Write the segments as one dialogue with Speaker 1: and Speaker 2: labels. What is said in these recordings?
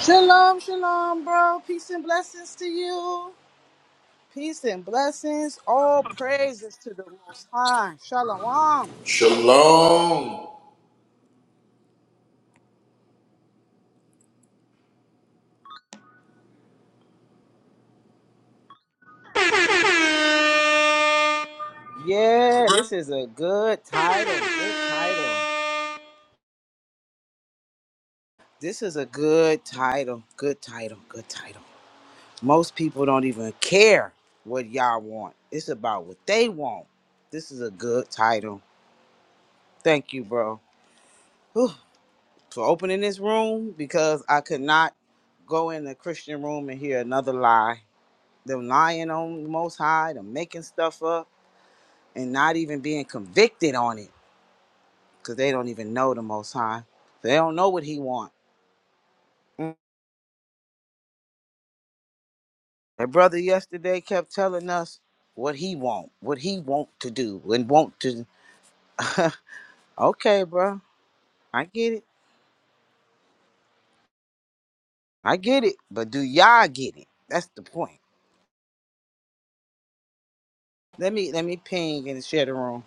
Speaker 1: Shalom, shalom, bro. Peace and blessings to you. Peace and blessings. All praises to the Most High. Shalom.
Speaker 2: Shalom.
Speaker 1: Yeah, this is a good title. Good title. This is a good title. Good title. Good title. Most people don't even care what y'all want. It's about what they want. This is a good title. Thank you, bro, Whew, for opening this room because I could not go in the Christian room and hear another lie. them lying on the Most High, them making stuff up, and not even being convicted on it because they don't even know the Most High. They don't know what He want. Mm. That brother yesterday kept telling us what he want, what he want to do, and want to. okay, bro, I get it, I get it, but do y'all get it? That's the point. Let me let me ping and share the room.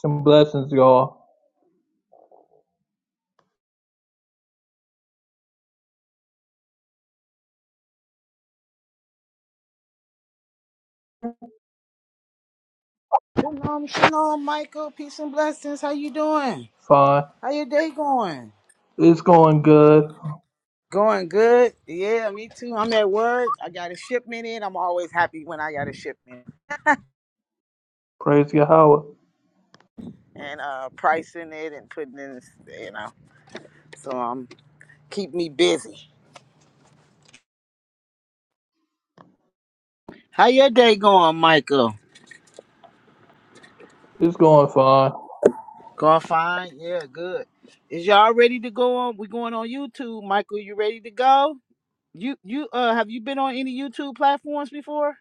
Speaker 3: Some blessings, y'all.
Speaker 1: Shalom, shalom, Michael. Peace and blessings. How you doing?
Speaker 3: Fine.
Speaker 1: How your day going?
Speaker 3: It's going good.
Speaker 1: Going good. Yeah, me too. I'm at work. I got a shipment in. I'm always happy when I got a shipment
Speaker 3: Praise Yahweh.
Speaker 1: and uh pricing it and putting in, you know. So um, keep me busy. How your day going, Michael?
Speaker 3: It's going fine.
Speaker 1: Going fine. Yeah, good. Is y'all ready to go on? We going on YouTube, Michael. You ready to go? You you uh have you been on any YouTube platforms before?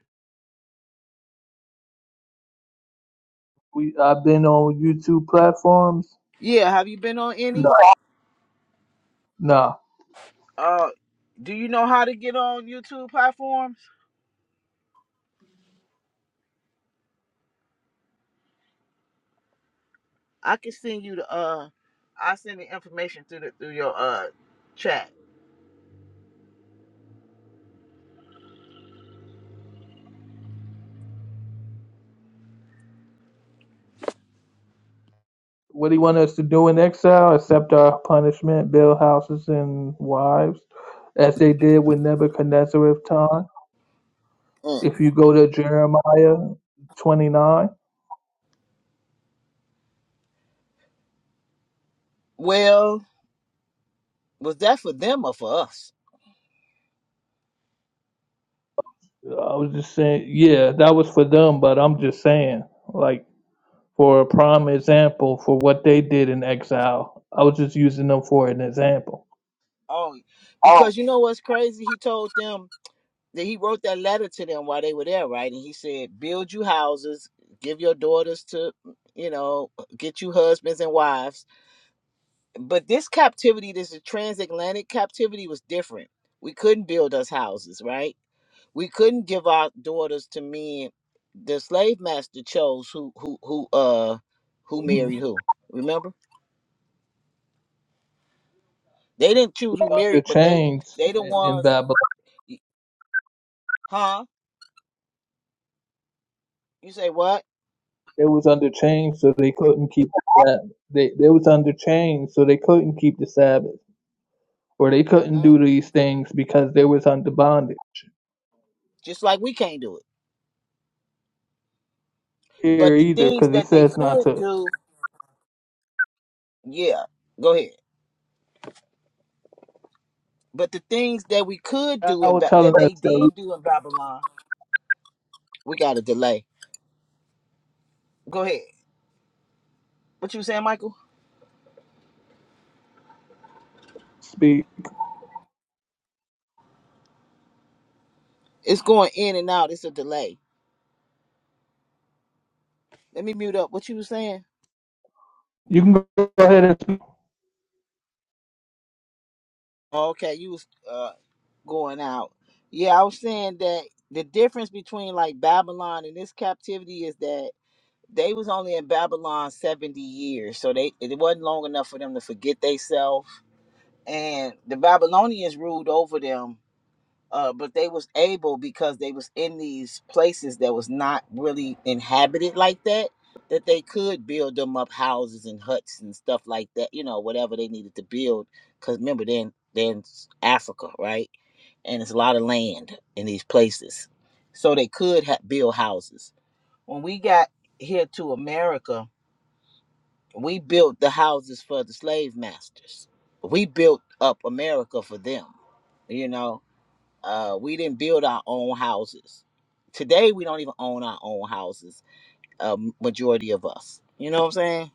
Speaker 3: We I've been on YouTube platforms.
Speaker 1: Yeah, have you been on any?
Speaker 3: No, no.
Speaker 1: Uh, do you know how to get on YouTube platforms? I can send you the uh I send the information through the through your uh chat.
Speaker 3: What do you want us to do in exile? Accept our punishment, build houses and wives, as they did with Nebuchadnezzar of time.
Speaker 1: Mm.
Speaker 3: If you go to Jeremiah 29.
Speaker 1: Well, was that for them or for us?
Speaker 3: I was just saying, yeah, that was for them, but I'm just saying, like, for a prime example for what they did in exile, I was just using them for an example.
Speaker 1: Oh Because you know what's crazy? He told them that he wrote that letter to them while they were there, right? And he said, "Build you houses, give your daughters to, you know, get you husbands and wives." but this captivity, this transatlantic captivity, was different. We couldn't build us houses, right? We couldn't give our daughters to men. The slave master chose who who who uh who married
Speaker 3: Under
Speaker 1: who. Remember, they didn't choose who married, but they
Speaker 3: chains
Speaker 1: they the
Speaker 3: i- in
Speaker 1: ones,
Speaker 3: Babylon,
Speaker 1: huh? You say what?
Speaker 3: they was under chains, so they couldn't keep the Sabbath. They they was under chains, so they couldn't keep the Sabbath, or they couldn't
Speaker 1: Mm,
Speaker 3: do these things because they was under bondage.
Speaker 1: just like we can't do it. But
Speaker 3: Here
Speaker 1: the
Speaker 3: either,
Speaker 1: things
Speaker 3: because it
Speaker 1: that they
Speaker 3: says not
Speaker 1: could
Speaker 3: to.
Speaker 1: do, yeah, go ahead. But the things that we could
Speaker 3: I
Speaker 1: do in
Speaker 3: was
Speaker 1: ba-
Speaker 3: telling
Speaker 1: that
Speaker 3: us
Speaker 1: they
Speaker 3: that we
Speaker 1: did do in Babylon, we got a delay. Go ahead. What you saying, Michael?
Speaker 3: speak.
Speaker 1: It's going in and out. It's a delay. Let me mute up. What you was saying?
Speaker 3: You can go ahead and speak.
Speaker 1: Oh, okay, you was uh going out. Yeah, I was saying that the difference between like Babylon and this captivity is that they was only in Babylon 70 years. So they it wasn't long enough for them to forget themselves. And the Babylonians ruled over them uh, but they was able because they was in these places that was not really inhabited like that that they could build them up houses and huts and stuff like that you know whatever they needed to build because remember then then africa right and it's a lot of land in these places so they could ha- build houses when we got here to america we built the houses for the slave masters we built up america for them you know uh, we didn't build our own houses. Today, we don't even own our own houses. A majority of us, you know what I'm saying?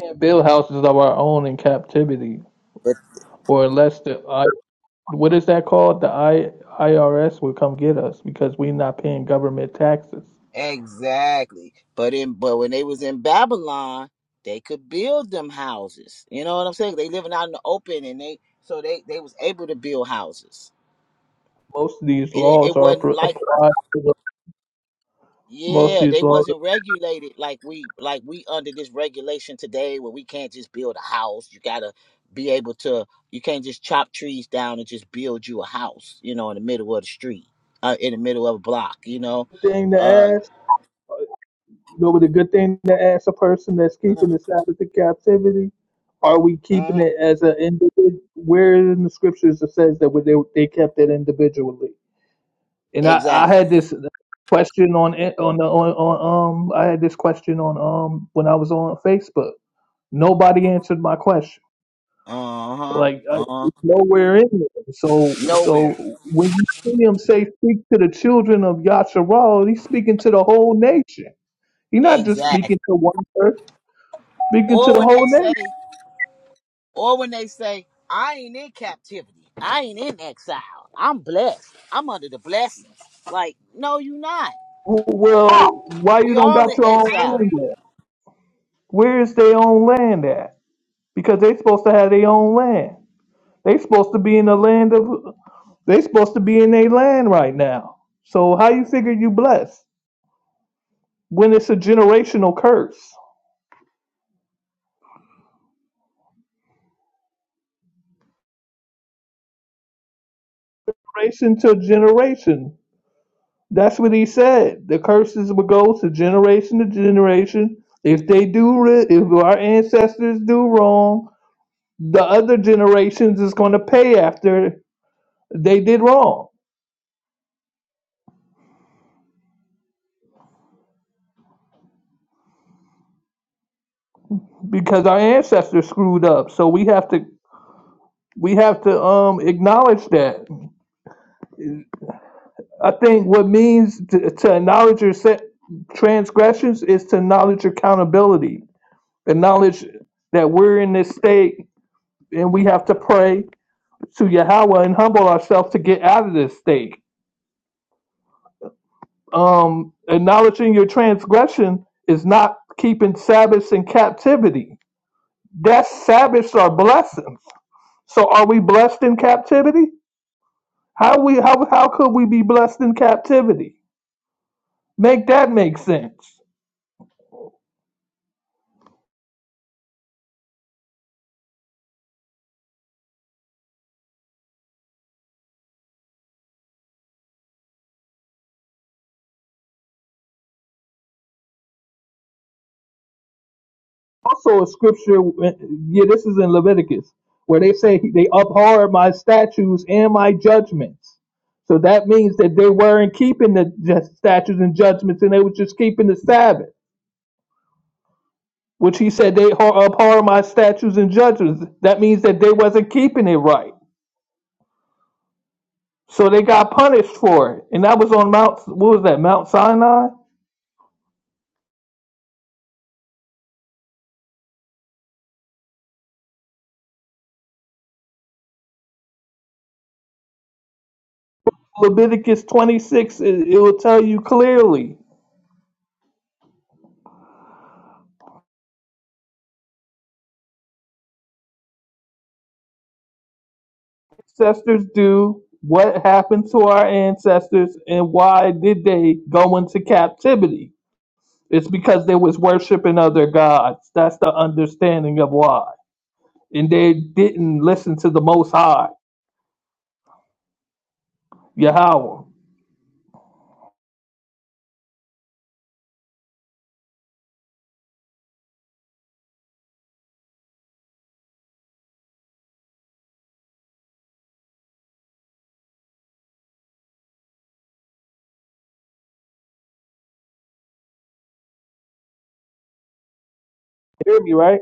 Speaker 3: can't build houses of our own in captivity,
Speaker 1: But
Speaker 3: or unless the I, what is that called? The I, IRS will come get us because we're not paying government taxes.
Speaker 1: exactly. But in but when they was in Babylon, they could build them houses. You know what I'm saying? They living out in the open, and they so they they was able to build houses.
Speaker 3: Most of these
Speaker 1: It
Speaker 3: laws
Speaker 1: it
Speaker 3: are
Speaker 1: wasn't
Speaker 3: pro-
Speaker 1: like
Speaker 3: applied to the, most of
Speaker 1: Yeah,
Speaker 3: these
Speaker 1: they
Speaker 3: laws.
Speaker 1: wasn't regulated like we like we under this regulation today where we can't just build a house. You gotta be able to you can't just chop trees down and just build you a house, you know, in the middle of the street, uh, in the middle of a block, you know.
Speaker 3: Are Good thing to
Speaker 1: Uh
Speaker 3: ask. You know what a good thing to ask a person that's
Speaker 1: uh
Speaker 3: keeping the Sabbath in captivity? Are we keeping
Speaker 1: uh,
Speaker 3: it as an individual? Where in the scriptures it says that we- they, they kept it individually? And I, I
Speaker 1: exactly.
Speaker 3: had this question on it- on the on, on um I had this question on um when I was on Facebook. Nobody answered my question.
Speaker 1: Uh-huh.
Speaker 3: Like uh,
Speaker 1: Uh
Speaker 3: it's nowhere in there. So
Speaker 1: nowhere.
Speaker 3: so when you see him say speak to the children of Yasharal, he's speaking to the whole nation. He's not just
Speaker 1: Exactly.
Speaker 3: speaking to one person, speaking to
Speaker 1: Or
Speaker 3: the
Speaker 1: when
Speaker 3: whole
Speaker 1: they
Speaker 3: nation.
Speaker 1: say or when they say I ain't in captivity. I ain't in exile. I'm blessed. I'm under the blessings. Like, no, you not.
Speaker 3: W- Well, why you
Speaker 1: We
Speaker 3: don't
Speaker 1: all in
Speaker 3: got your own
Speaker 1: exile.
Speaker 3: land at? Where is their own land at? Because they supposed to have their own land. They supposed to be in the land of They supposed to be in their land right now. So how you figure you blessed when it's a generational curse? Generation to generation. That's what he said. The curses will go to generation to generation. If they do, ri- if our ancestors do wrong, the other generations is going to pay after they did wrong because our ancestors screwed up. So we have to we have to um acknowledge that. I think what means to, to acknowledge your se- transgressions is to acknowledge accountability, acknowledge that we're in this state and we have to pray to Yahweh and humble ourselves to get out of this state. Um, acknowledging your transgression is not keeping Sabbaths in captivity. That Sabbaths are blessings. So are we blessed in captivity? How we how how could we be blessed in captivity? Make that make sense. also a scripture. eh, Yeah, this is in Leviticus where they say they abhor my statutes and my judgments. So that means that they weren't keeping the ju- statutes and judgments, and they were just keeping the Sabbath, which he said they abhor abhor my statutes and judgments. That means that they wasn't keeping it right, so they got punished for it. And that was on Mount. What was that? Mount Sinai. Leviticus 26. It, it will tell you clearly ancestors do, what happened to our ancestors, and why did they go into captivity. It's because they was worshiping other gods. That's the understanding of why. And they didn't listen to the Most High, Yahweh. You hear me, right?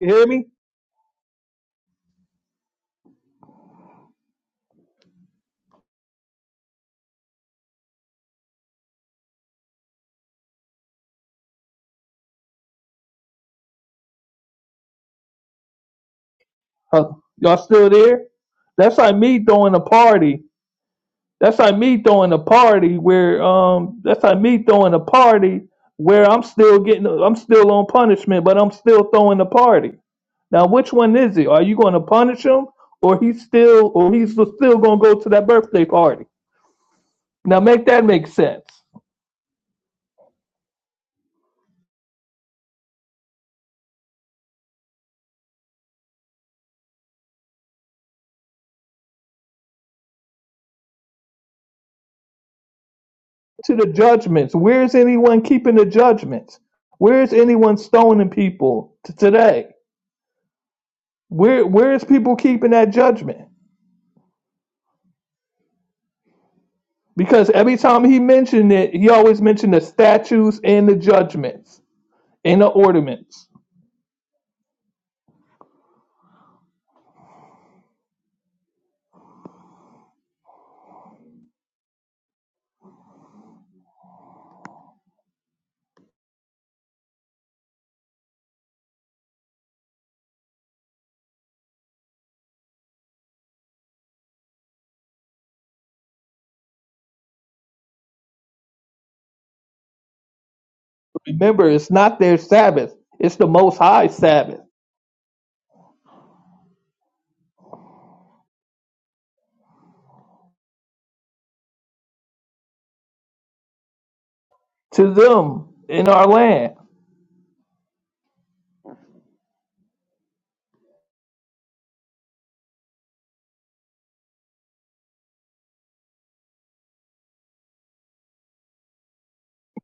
Speaker 3: You hear me? Huh. Y'all still there? That's like me throwing a party. That's like me throwing a party where um. That's like me throwing a party where I'm still getting. I'm still on punishment, but I'm still throwing a party. Now, which one is it? Are you going to punish him, or he's still, or he's still going to go to that birthday party? Now, make that make sense. To the judgments, where is anyone keeping the judgments? Where is anyone stoning people t- today? Where where is people keeping that judgment? Because every time he mentioned it, he always mentioned the statues and the judgments and the ornaments. Remember, it's not their Sabbath; it's the Most High Sabbath to them in our land.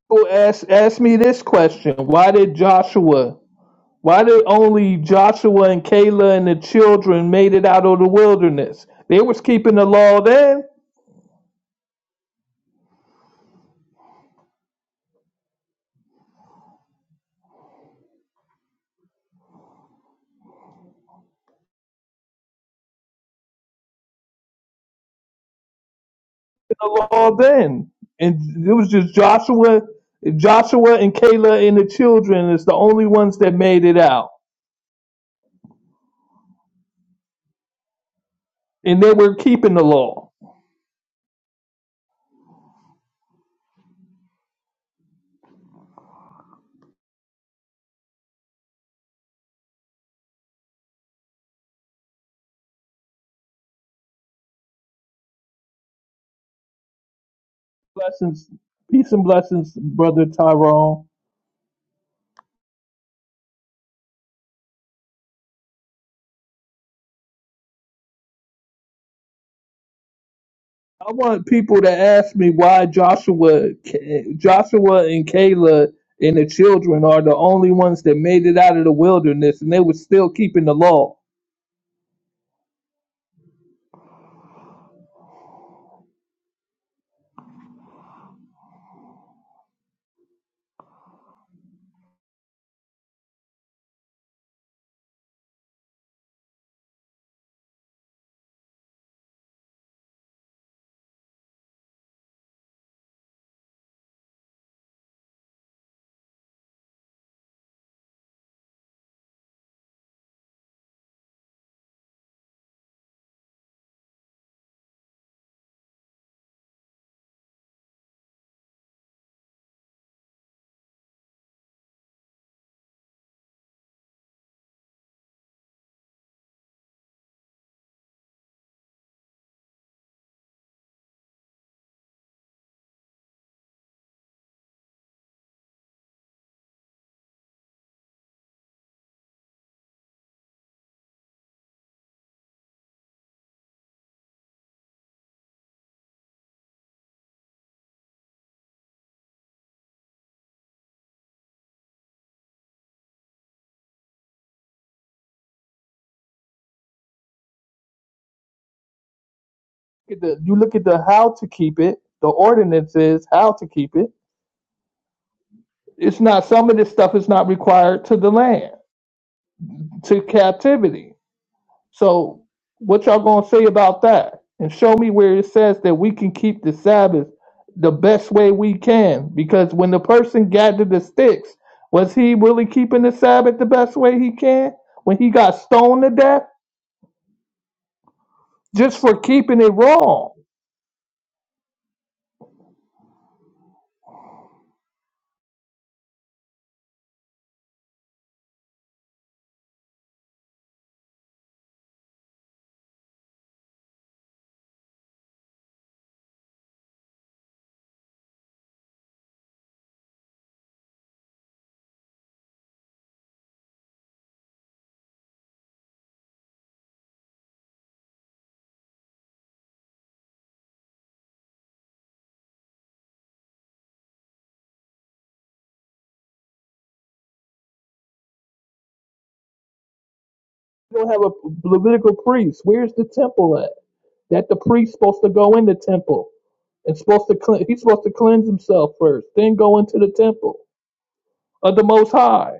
Speaker 3: Well, ask ask me this question: Why did Joshua? Why did only Joshua and Caleb and the children made it out of the wilderness? They was keeping the law then, the law then, and it was just Joshua, Joshua and Caleb and the children is the only ones that made it out, and they were keeping the law. Blessings, peace and blessings, brother Tyrone. I want people to ask me why Joshua, Joshua and Caleb and the children are the only ones that made it out of the wilderness, and they were still keeping the law. at the- You look at the how to keep it, the ordinances, how to keep it. It's not some of this stuff is not required to the land, to captivity. So what y'all gonna say about that? And show me where it says that we can keep the Sabbath the best way we can. Because when the person gathered the sticks, was he really keeping the Sabbath the best way he can? When he got stoned to death just for keeping it wrong. You don't have a Levitical priest. Where's the temple at? That the priest supposed to go in the temple and supposed to cle- he's supposed to cleanse himself first, then go into the temple of the Most High.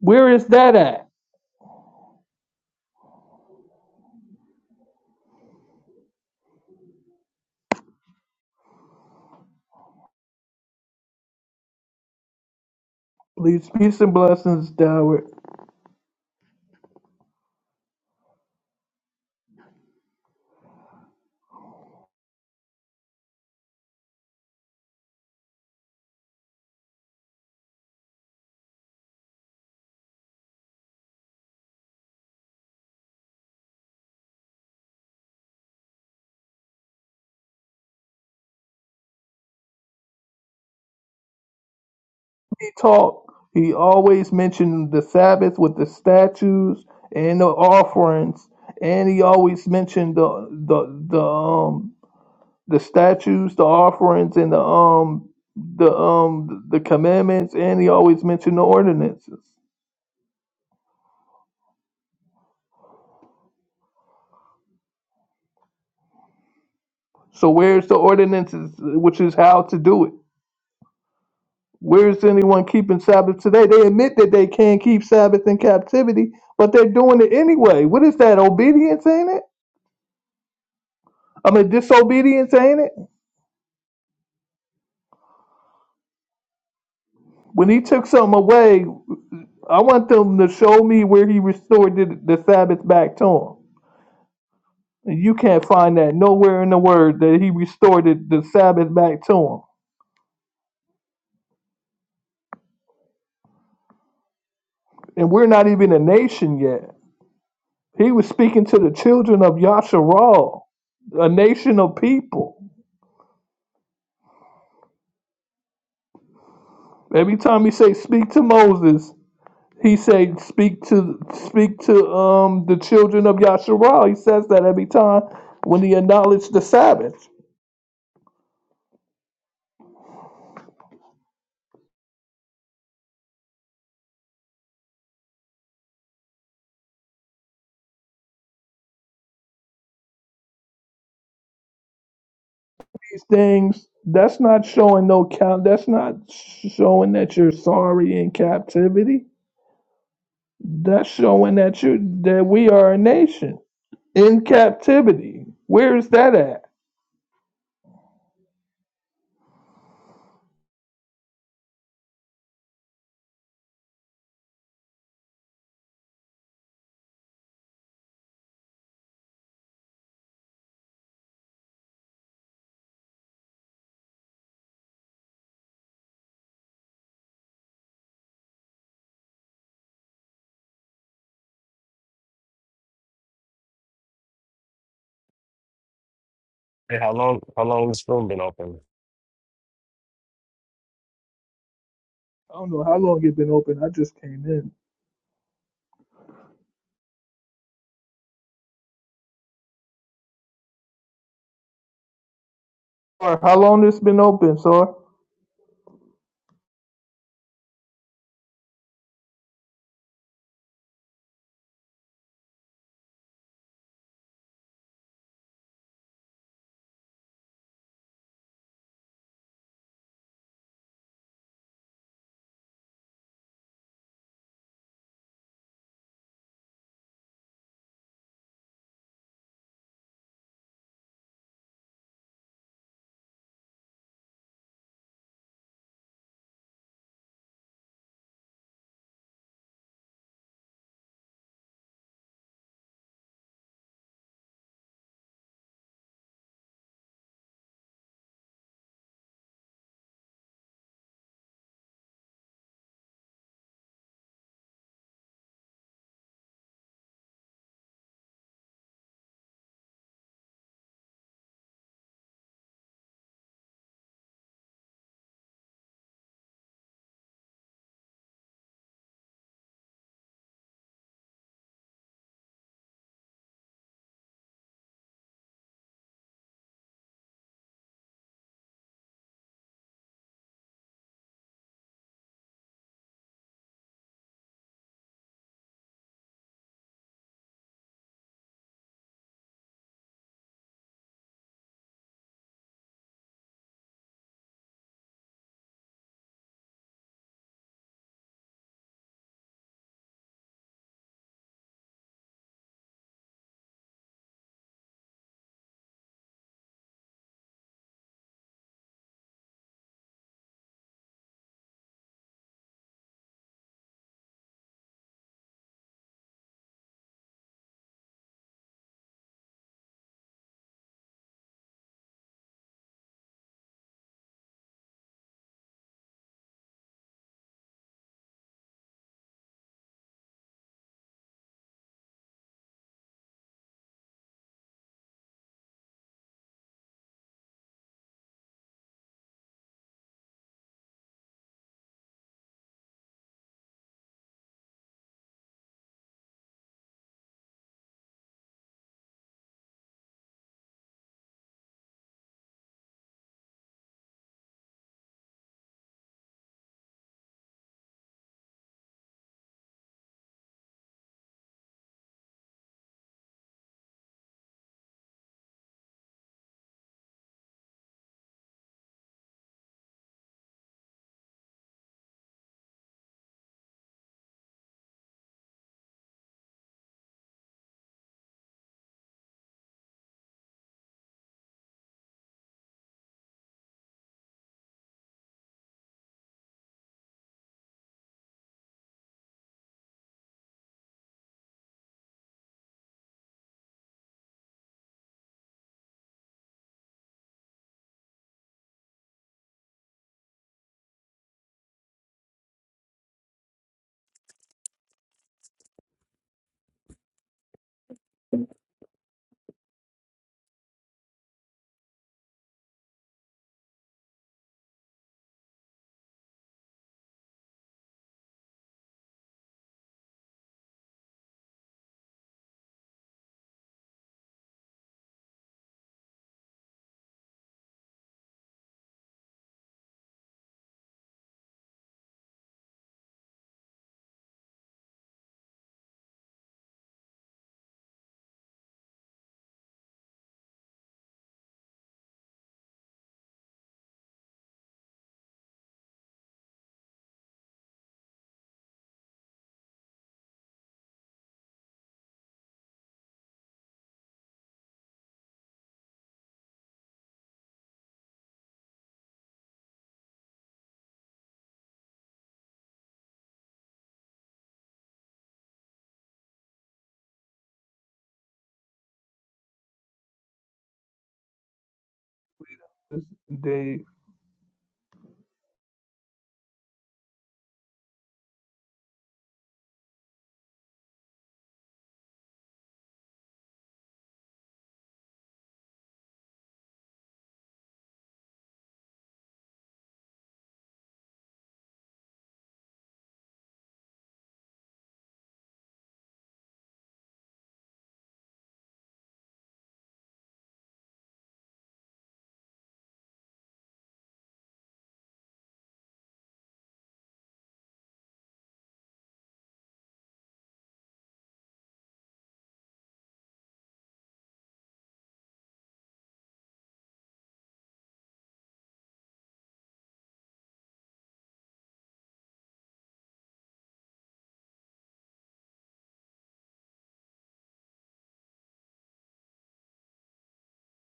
Speaker 3: Where is that at? Please, peace and blessings, Doward. He taught. He always mentioned the Sabbath with the statues and the offerings, and he always mentioned the the the um the statues, the offerings, and the um the um the commandments, and he always mentioned the ordinances. So where's the ordinances, which is how to do it? Where's anyone keeping Sabbath today? They admit that they can't keep Sabbath in captivity, but they're doing it anyway. What is that obedience, ain't it? I mean, disobedience, ain't it? When he took something away, I want them to show me where he restored the, the Sabbath back to him. And you can't find that nowhere in the Word that he restored the, the Sabbath back to him. And we're not even a nation yet. He was speaking to the children of Yasharal, a nation of people. Every time he say speak to Moses, he say speak to speak to um the children of Yasharal. He says that every time when he acknowledged the Sabbath. these things, that's not showing no count. That's not showing that you're sorry in captivity. That's showing that you that we are a nation in captivity. Where is that at?
Speaker 4: Hey, how long? How long this room been open?
Speaker 3: I don't know how long it has been open. I just came in. Or how long it's been open, sir? Dave,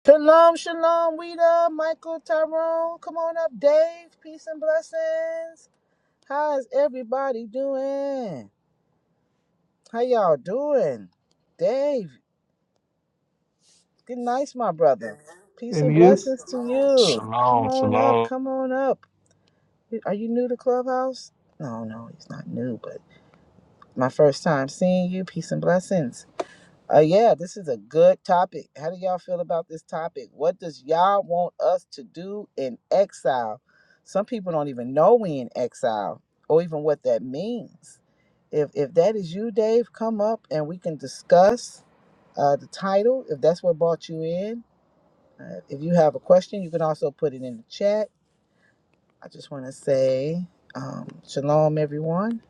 Speaker 1: Shalom, shalom, Wida, Michael, Tyrone. Come on up, Dave. Peace and blessings. How's everybody doing? How y'all doing? Dave, good night, my brother. Peace and
Speaker 3: and you?
Speaker 1: blessings to you. Come
Speaker 4: Shalom,
Speaker 1: on up,
Speaker 4: shalom.
Speaker 1: come on up. Are you new to Clubhouse? No, no, he's not new, but my first time seeing you. Peace and blessings. Uh, yeah, this is a good topic. How do y'all feel about this topic? What does y'all want us to do in exile? Some people don't even know we in exile or even what that means. If if that is you, Dave, come up and we can discuss uh, the title if that's what brought you in. Uh, if you have a question, you can also put it in the chat. I just want to say um, shalom, everyone.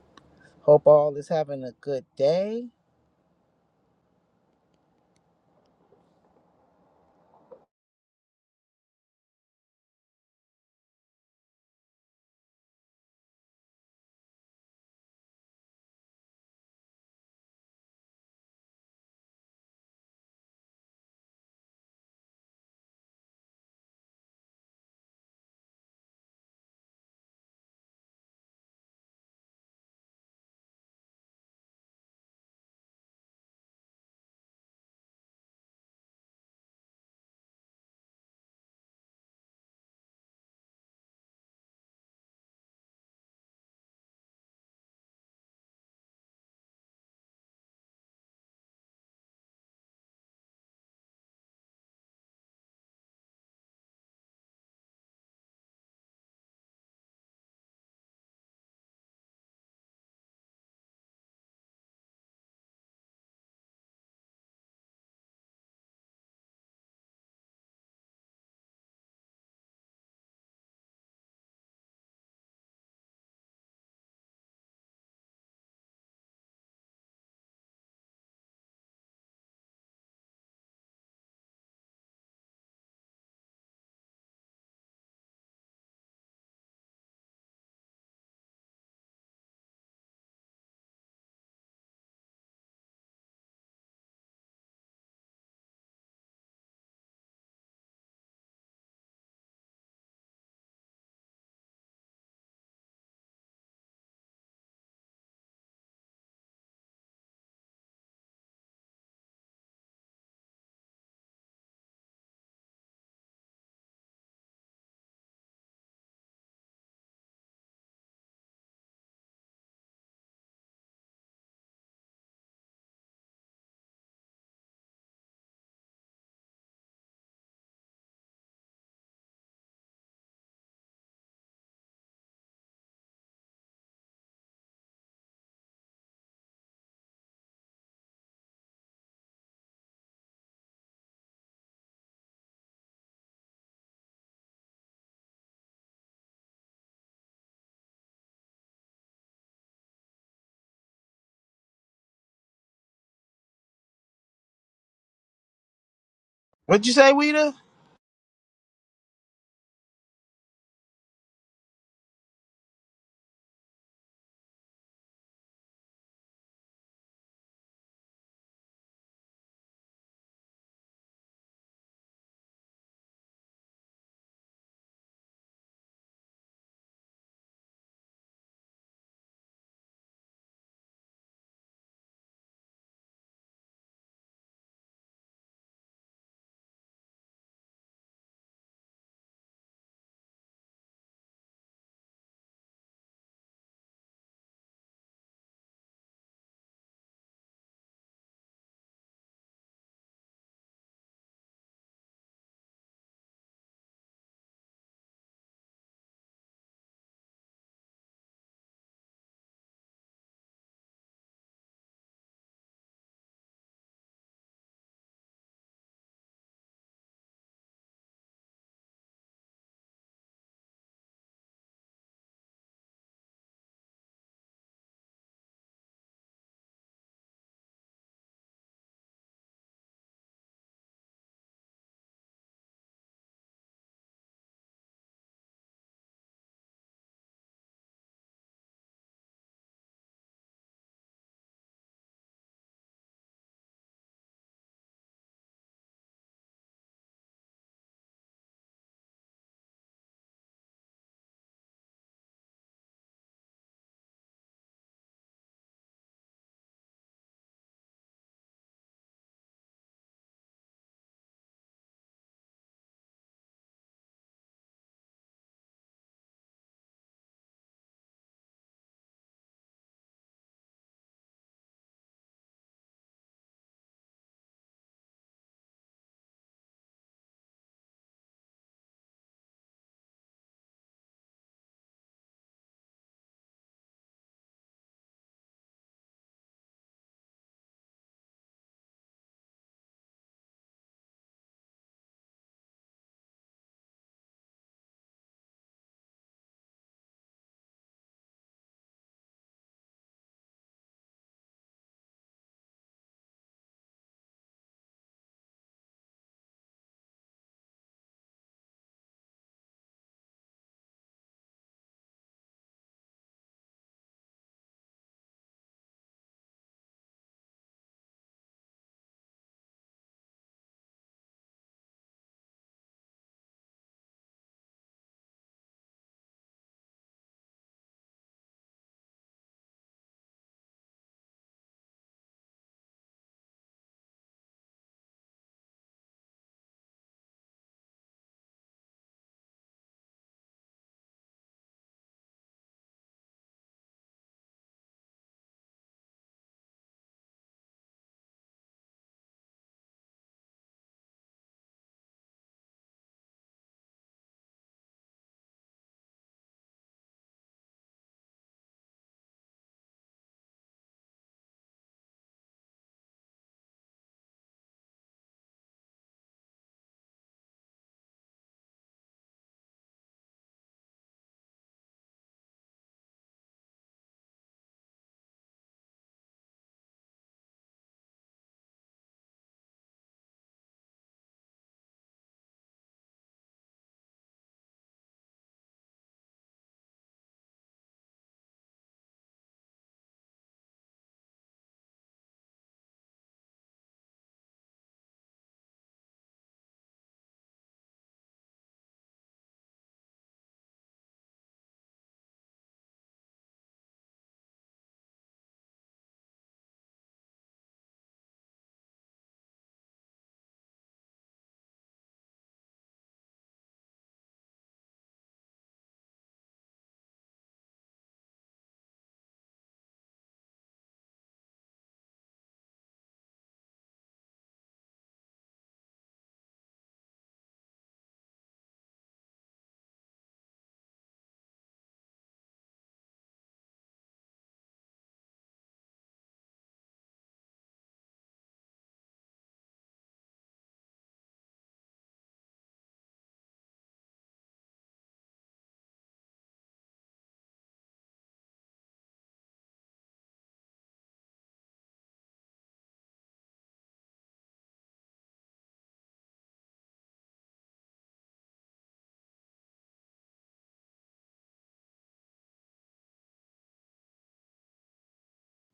Speaker 1: Hope all is having a good day.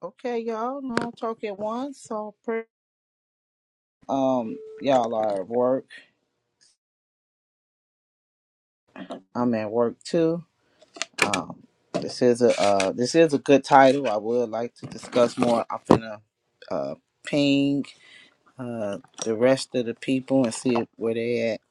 Speaker 1: Okay, y'all. No talk at once. So prayer. Um, y'all are at work. I'm at work too. Um, this is a uh, this is a good title. I would like to discuss more. I'm finna uh ping uh the rest of the people and see where they at.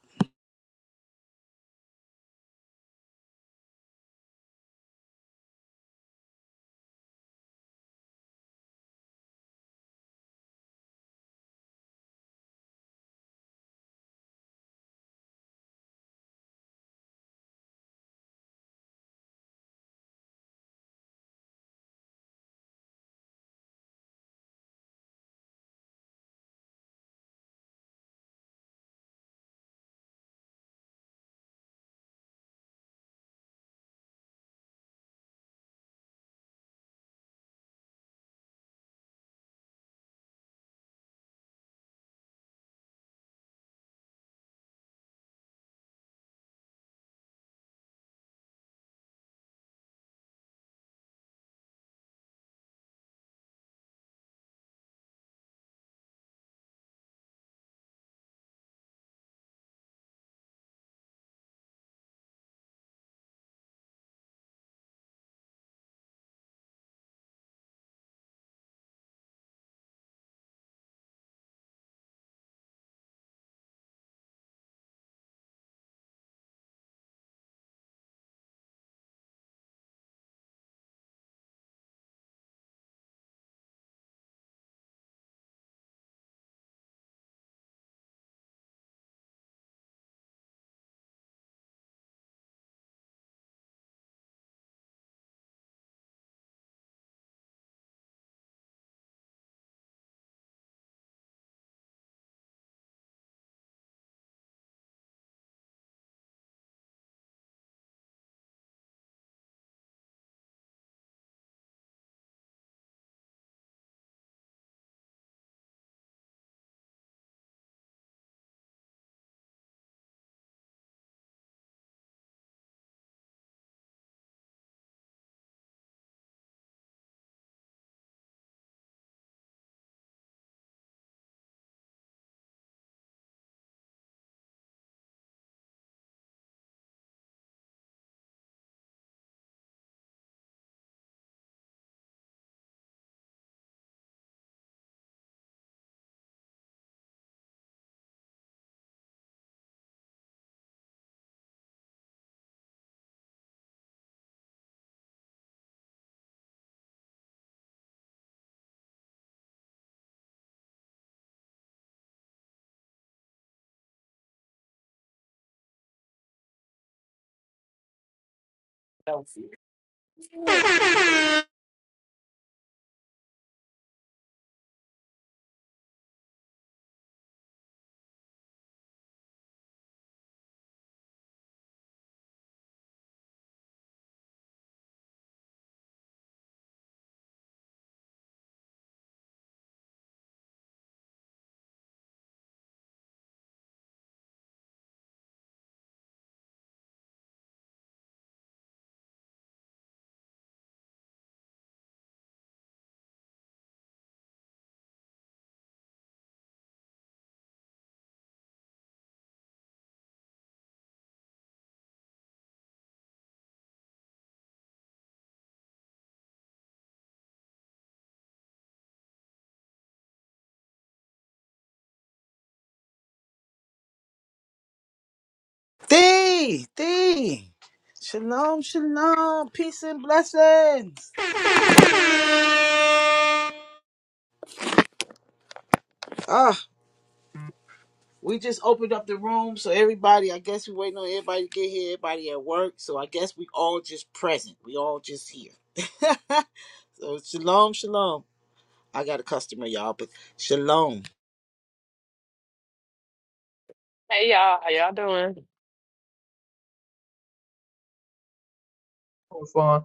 Speaker 5: Hey
Speaker 1: D D. Shalom, shalom, peace and blessings. Ah, we just opened up the room, so everybody. I guess we waiting on everybody to get here. Everybody at work, so I guess we all just present. We all just here. so shalom, shalom. I got a customer, y'all, but shalom.
Speaker 5: y'all, how y'all doing?
Speaker 3: Oh, fine.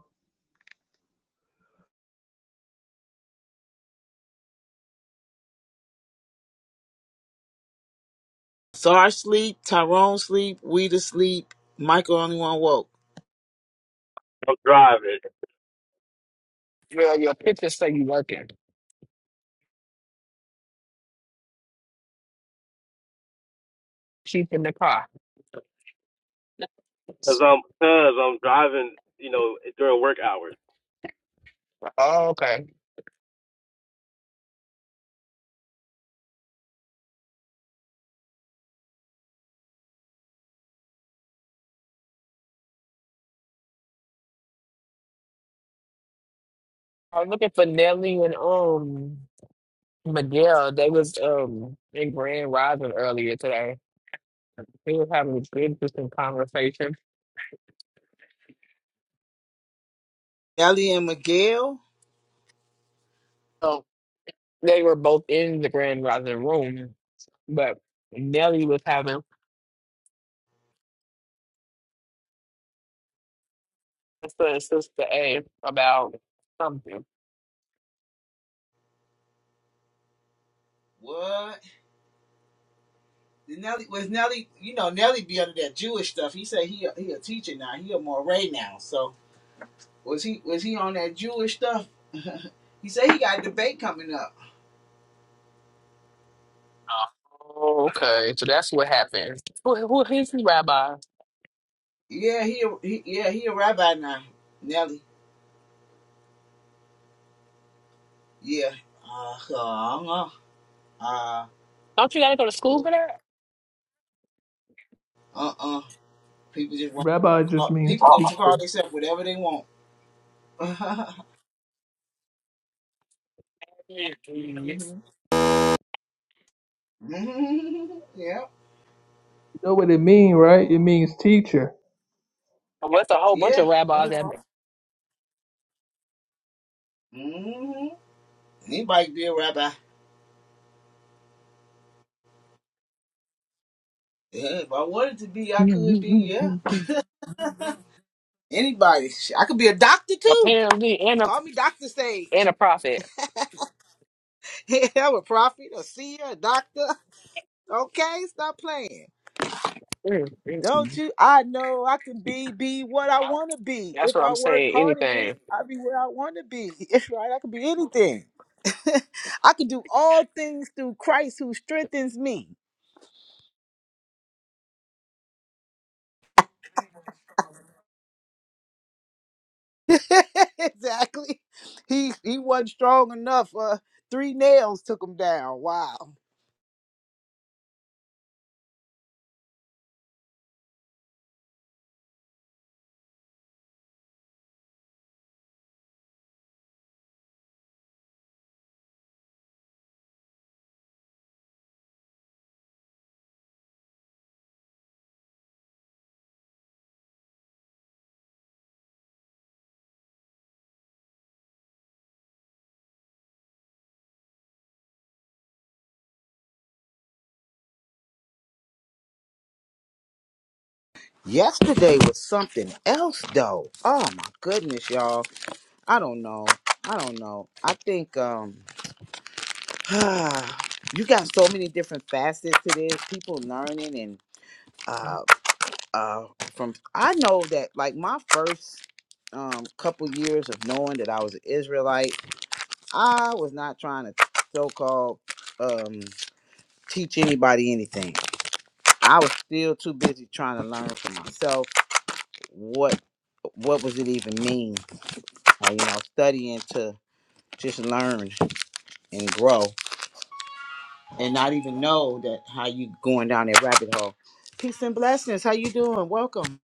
Speaker 1: Sar sleep, Tyrone sleep, Weeda sleep, Michael only one woke.
Speaker 4: I'm driving
Speaker 5: Girl, your picture say you working. Sheep in the car.
Speaker 4: because I'm because I'm driving. You know, during work hours.
Speaker 5: Oh, okay. I was looking for Nelly and um Miguel. They was um in Grand Rising earlier today. They was having an interesting conversation.
Speaker 1: Nelly and Miguel.
Speaker 5: So they were both in the Grand Rising room, but Nelly was having a sister and sister A about something.
Speaker 1: What? Did Nelly was Nelly you know, Nelly be under that Jewish stuff. He said he a, he a teacher now, he a moray now. So was he was he on that Jewish stuff? He said he got a debate coming up.
Speaker 5: Okay, so that's what happened. Who who is his rabbi?
Speaker 1: Yeah, he, a- he yeah, he a rabbi now. Nelly. Yeah. Uh uh uh
Speaker 5: Don't you gotta go to school
Speaker 1: uh
Speaker 5: for that?
Speaker 1: uh uh people just want
Speaker 3: Rabbi
Speaker 1: to
Speaker 3: just
Speaker 1: call,
Speaker 3: means
Speaker 1: people gonna call
Speaker 3: teacher.
Speaker 1: themselves whatever they want. Mm
Speaker 5: Well,
Speaker 1: Mhm. Mm Mhm. Yeah.
Speaker 3: You know what it means, right? It means teacher.
Speaker 5: it's a whole bunch
Speaker 1: Yeah.
Speaker 5: of rabbis that
Speaker 1: Mm-hmm. Anybody could be a rabbi. Yeah, if I wanted to be, I could be. Yeah. Anybody. Sh- I could be a doctor too.
Speaker 5: apparently and a
Speaker 1: Call me Doctor Sage.
Speaker 5: and a prophet.
Speaker 1: I'm a prophet, a seer, a doctor. Okay, stop playing. Don't you? I know I can be be what I want to be.
Speaker 5: That's
Speaker 1: If
Speaker 5: what
Speaker 1: I
Speaker 5: I'm
Speaker 1: work
Speaker 5: saying.
Speaker 1: hard at it,
Speaker 5: Anything.
Speaker 1: I'll be where I want to be. That's right. I could be anything. I can do all things through Christ who strengthens me. exactly. He he wasn't strong enough. Uh, three nails took him down. Wow. Yesterday was something else though. Oh my goodness, y'all. I don't know. I don't know. I think um you got so many different facets to this. People learning and uh uh from I know that like my first um couple years of knowing that I was an Israelite, I was not trying to so called um. teach anybody anything. I was still too busy trying to learn for myself what what was it even mean, uh, you know, studying to just learn and grow and not even know that how you going down that rabbit hole. Peace and blessings. How you doing? Welcome.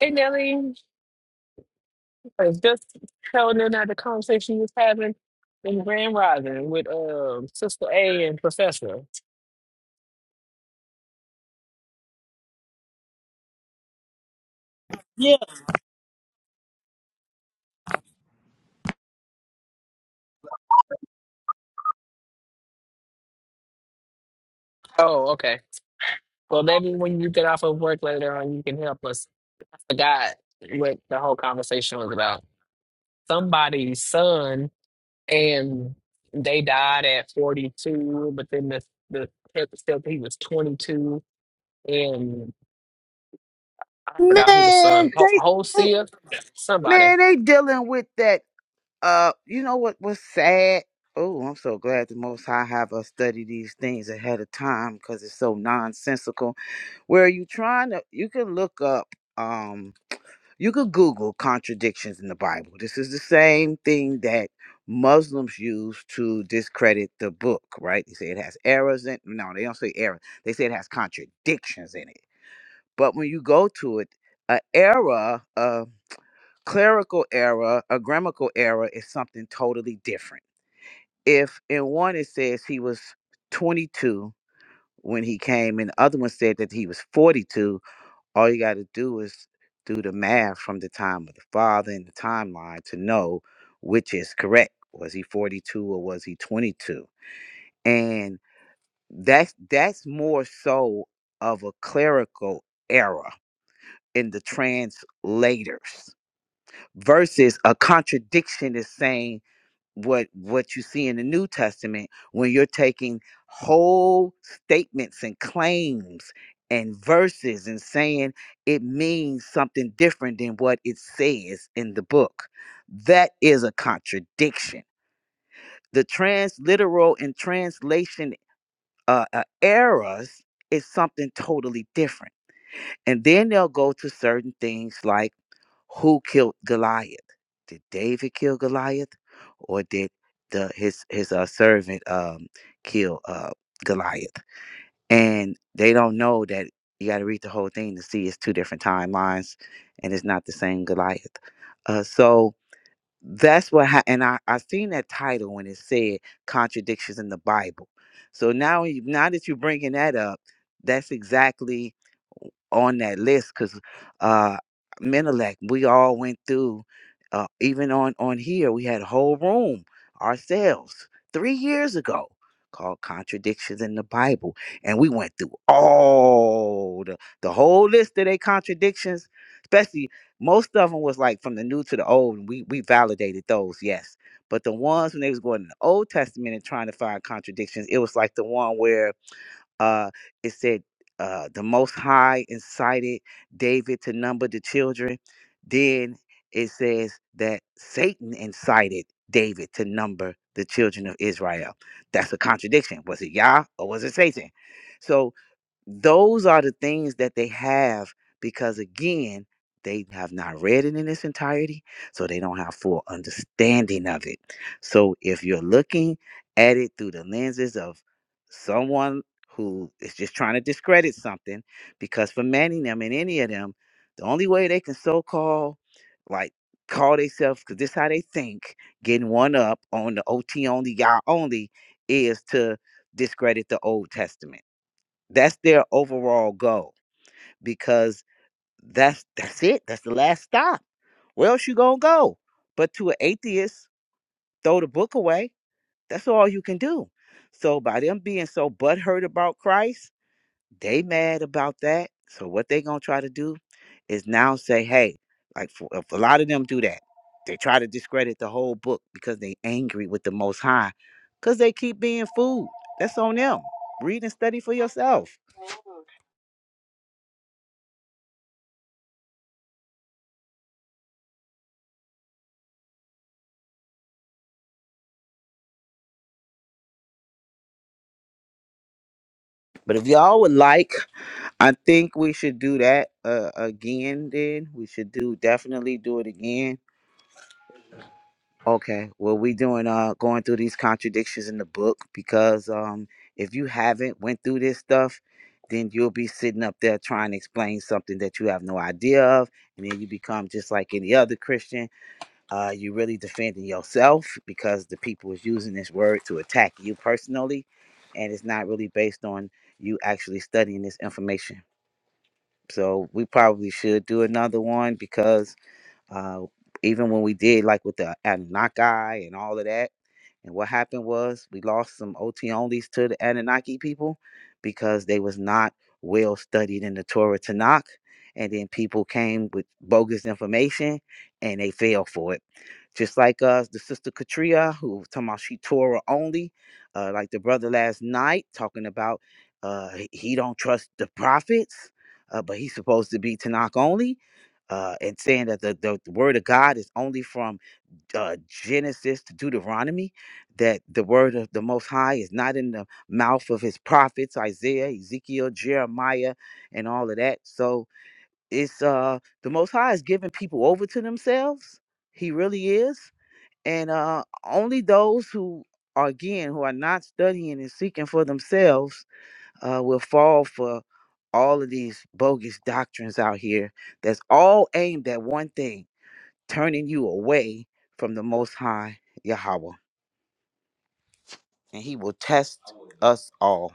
Speaker 5: Hey Nelly, I was just telling them that the conversation you was having in Grand Rising with um Sister A and Professor.
Speaker 1: Yeah.
Speaker 5: Oh, okay. Well, maybe when you get off of work later on, you can help us. I forgot what the whole conversation was about. Somebody's son. and they died at 42 but then the the test said he was 22 and i forgot who the son
Speaker 1: Man,
Speaker 5: Ho-
Speaker 1: they, they
Speaker 5: Hosea somebody
Speaker 1: man, they dealing with that uh you know what was sad? Oh, I'm so glad the most high have us study these things ahead of time because it's so nonsensical where you trying to you can look up um you could google contradictions in the bible this is the same thing that muslims use to discredit the book right they say it has errors in no they don't say errors they say it has contradictions in it but when you go to it a error a clerical error a grammatical error is something totally different if in one it says he was 22 when he came and the other one said that he was 42 all you got to do is do the math from the time of the father and the timeline to know which is correct. Was he 42 or was he 22? And that's that's more so of a clerical error in the translators versus a contradiction is saying what what you see in the New Testament when you're taking whole statements and claims and verses and saying it means something different than what it says in the book. That is a contradiction. The transliteral and translation uh, uh, errors is something totally different. And then they'll go to certain things like who killed Goliath? Did David kill Goliath, or did the his his uh, servant um kill uh Goliath? And they don't know that you got to read the whole thing to see it's two different timelines, and it's not the same Goliath. Uh, so that's what ha- and I, I seen that title when it said contradictions in the bible so now you, now that you're bringing that up that's exactly on that list because uh Menelec, we all went through uh even on on here we had a whole room ourselves three years ago called contradictions in the bible and we went through all the, the whole list of their contradictions especially most of them was like from the new to the old and we we validated those yes but the ones when they was going in the old testament and trying to find contradictions it was like the one where uh it said uh the most high incited david to number the children then it says that satan incited david to number the children of israel that's a contradiction was it yah or was it satan so those are the things that they have because, again, they have not read it in its entirety, so they don't have full understanding of it. So, if you're looking at it through the lenses of someone who is just trying to discredit something, because for many of them and any of them, the only way they can so called like call themselves because this how they think, getting one up on the OT only, y'all only, is to discredit the Old Testament that's their overall goal because that's that's it. That's the last stop. Where else you gonna go? But to an atheist, throw the book away. That's all you can do. So by them being so butthurt about Christ, they mad about that. So what they gonna try to do is now say, hey, like for, if a lot of them do that. They try to discredit the whole book because they angry with the Most High, cause they keep being fooled. That's on them. Read and study for yourself. But if y'all would like, I think we should do that uh, again. Then we should do definitely do it again. Okay. Well, we doing uh going through these contradictions in the book because um if you haven't went through this stuff, then you'll be sitting up there trying to explain something that you have no idea of, and then you become just like any other Christian. Uh, you really defending yourself because the people is using this word to attack you personally, and it's not really based on you actually studying this information. So we probably should do another one because uh, even when we did like with the Anunnaki and all of that, and what happened was we lost some OT onlys to the Anunnaki people because they was not well studied in the Torah Tanakh. And then people came with bogus information and they fell for it. Just like us, the sister Katria, who was talking about she Torah only, uh, like the brother last night talking about uh, he he don't trust the prophets, uh, but he's supposed to be Tanakh only, uh, and saying that the, the the word of God is only from uh, Genesis to Deuteronomy, that the word of the Most High is not in the mouth of his prophets, Isaiah, Ezekiel, Jeremiah, and all of that. So it's uh, the Most High is giving people over to themselves. He really is. And uh, only those who are, again, who are not studying and seeking for themselves uh, will fall for all of these bogus doctrines out here that's all aimed at one thing turning you away from the Most High Yahweh, and He will test us all.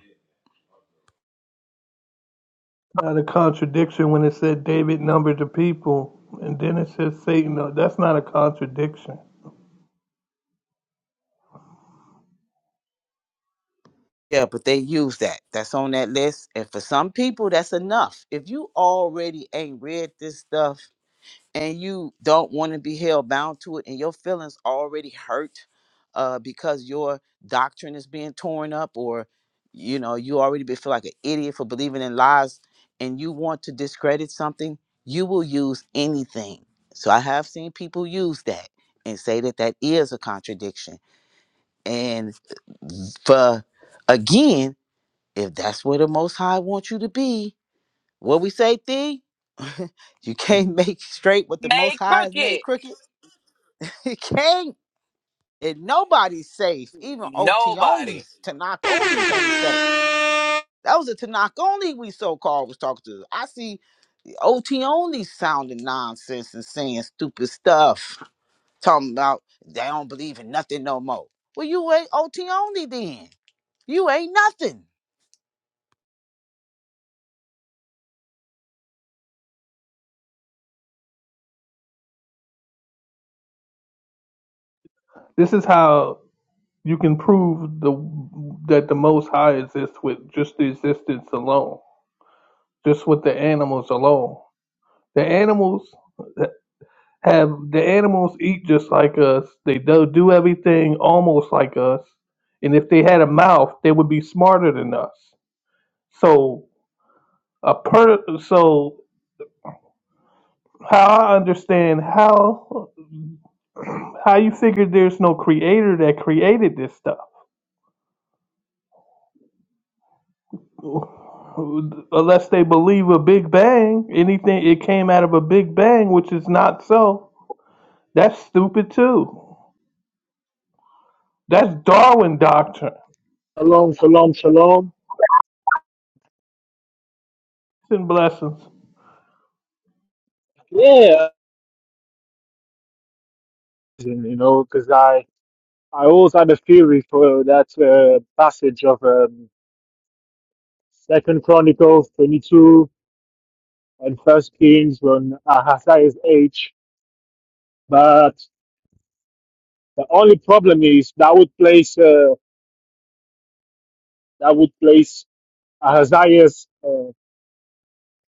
Speaker 3: not a contradiction when it said David numbered the people, and then it says Satan. No, that's not a contradiction.
Speaker 1: Yeah, but they use that. That's on that list. And for some people, that's enough. If you already ain't read this stuff, and you don't want to be held bound to it and your feelings already hurt uh, because your doctrine is being torn up or you know you already be, feel like an idiot for believing in lies and you want to discredit something you will use anything so i have seen people use that and say that that is a contradiction and uh, for again if that's where the most high wants you to be what we say, Thee? you can't make straight what the Most
Speaker 5: May
Speaker 1: High has made
Speaker 5: Crooked.
Speaker 1: crooked. you can't. And nobody's safe. Even OT
Speaker 5: Nobody.
Speaker 1: onlys, Tanakh onlys ain't safe. That was a Tanakh only we so called was talking to. I see OT only sounding nonsense and saying stupid stuff. Talking about they don't believe in nothing no more. Well, you ain't OT only then. You ain't nothing.
Speaker 3: This is how you can prove the that the Most High exists with just the existence alone, just with the animals alone. The animals have the animals eat just like us. They do do everything almost like us, and if they had a mouth, they would be smarter than us. So a per so how I understand how. How you figure there's no creator that created this stuff? Unless they believe a big bang, anything it came out of a big bang, which is not so. That's stupid too. That's Darwin doctrine.
Speaker 6: Shalom, shalom, shalom.
Speaker 3: And blessings.
Speaker 6: Yeah, and, you know, because I I always had a theory for that uh, passage of um, Second Chronicles twenty two and First Kings when Ahaziah's age. But the only problem is that would place uh, that would place Ahaziah's uh,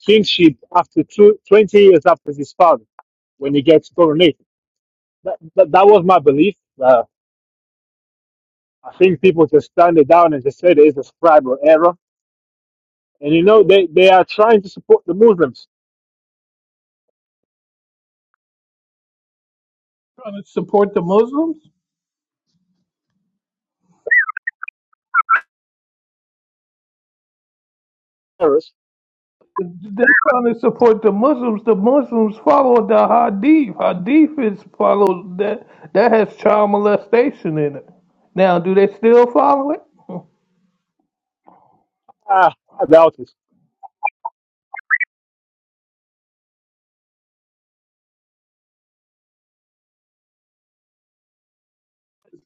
Speaker 6: kingship after two, twenty years after his father when he gets coronated. That, that, that was my belief. Uh, I think people just turned it down and just said it's a scribal error And you know they, they are trying to support the Muslims.
Speaker 3: Trying to support the Muslims?
Speaker 6: Terrorists?
Speaker 3: They're trying to support the Muslims. The Muslims follow the Hadith. Hadith is follows that that has child molestation in it. Now, do they still follow it?
Speaker 6: Ah, I doubt it.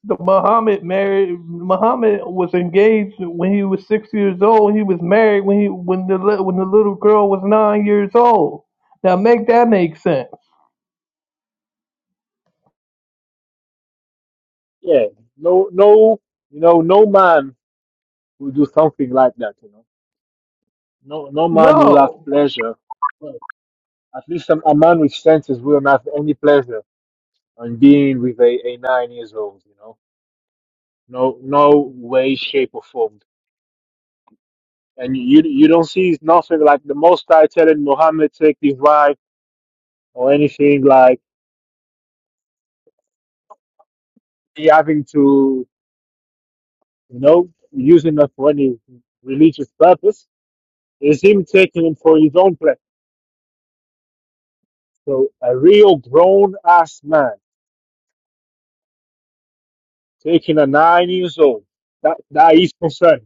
Speaker 3: The Muhammad married. Muhammad was engaged when he was six years old. He was married when he when the li- when the little girl was nine years old. Now make that make sense.
Speaker 6: Yeah, no, no, you know, no man will do something like that. You know, no, no man will have
Speaker 3: No,
Speaker 6: pleasure. Well, at least a, a man with senses will not have any pleasure on being with a, a nine years old. You know, no, no way, shape, or form. And you you don't see nothing like the Most High telling Muhammad take his wife or anything like he having to. you know, using it for any religious purpose, is him taking it for his own pleasure. So a real grown ass man taking a nine years old, that that is concerned.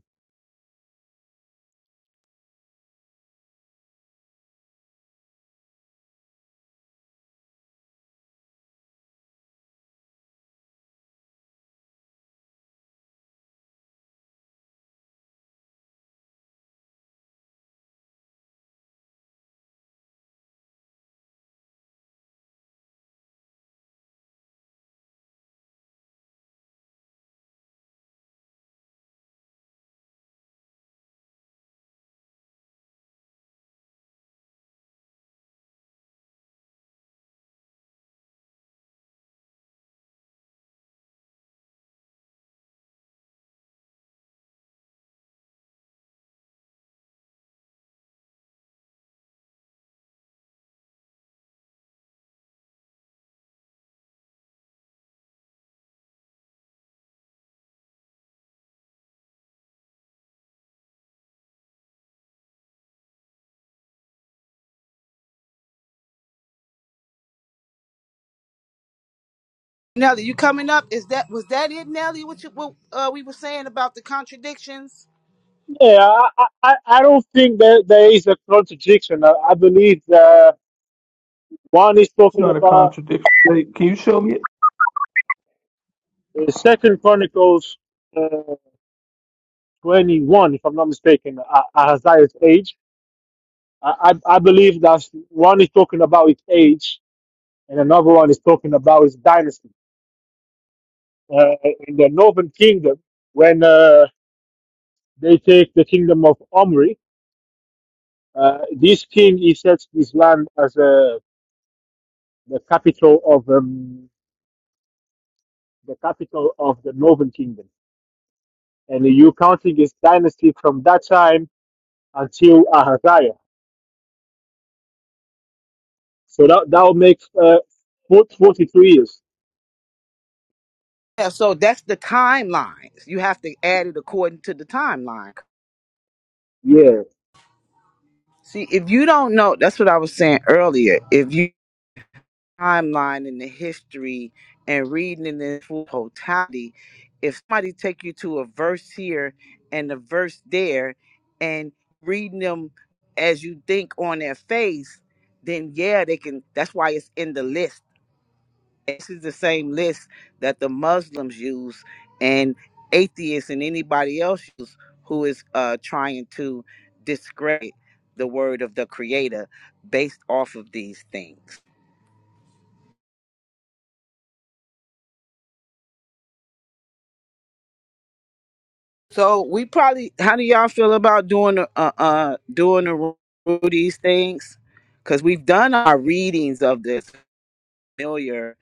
Speaker 1: Nelly, you coming up? Is that was that it, Nelly? What you what uh, we were saying about the contradictions?
Speaker 6: Yeah, I I, I I don't think that there is a contradiction. I, I believe that one is
Speaker 3: it's
Speaker 6: talking
Speaker 3: not a
Speaker 6: about
Speaker 3: contradiction. Wait, can you show me it?
Speaker 6: uh, Second Chronicles uh, twenty one, if I'm not mistaken, uh, Ahaziah's age. I, I I believe that one is talking about his age, and another one is talking about his dynasty uh, in the northern kingdom when uh, they take the kingdom of Omri. Uh, this king he sets this land as uh, the capital of um, the capital of the northern kingdom, and you counting his dynasty from that time until Ahaziah. So that that will make uh, 42 years.
Speaker 1: Yeah, so that's the timelines. You have to add it according to the timeline.
Speaker 6: Yeah,
Speaker 1: See, if you don't know, that's what I was saying earlier. If you timeline in the history and reading in the full totality, if somebody take you to a verse here and a verse there, and reading them as you think on their face, then yeah, they can. That's why it's in the list. This is the same list that the Muslims use and atheists and anybody else use who is uh, trying to discredit the word of the Creator based off of these things. So we probably, how do y'all feel about doing a- uh, uh doing a ru- these things? Because we've done our readings of this familiar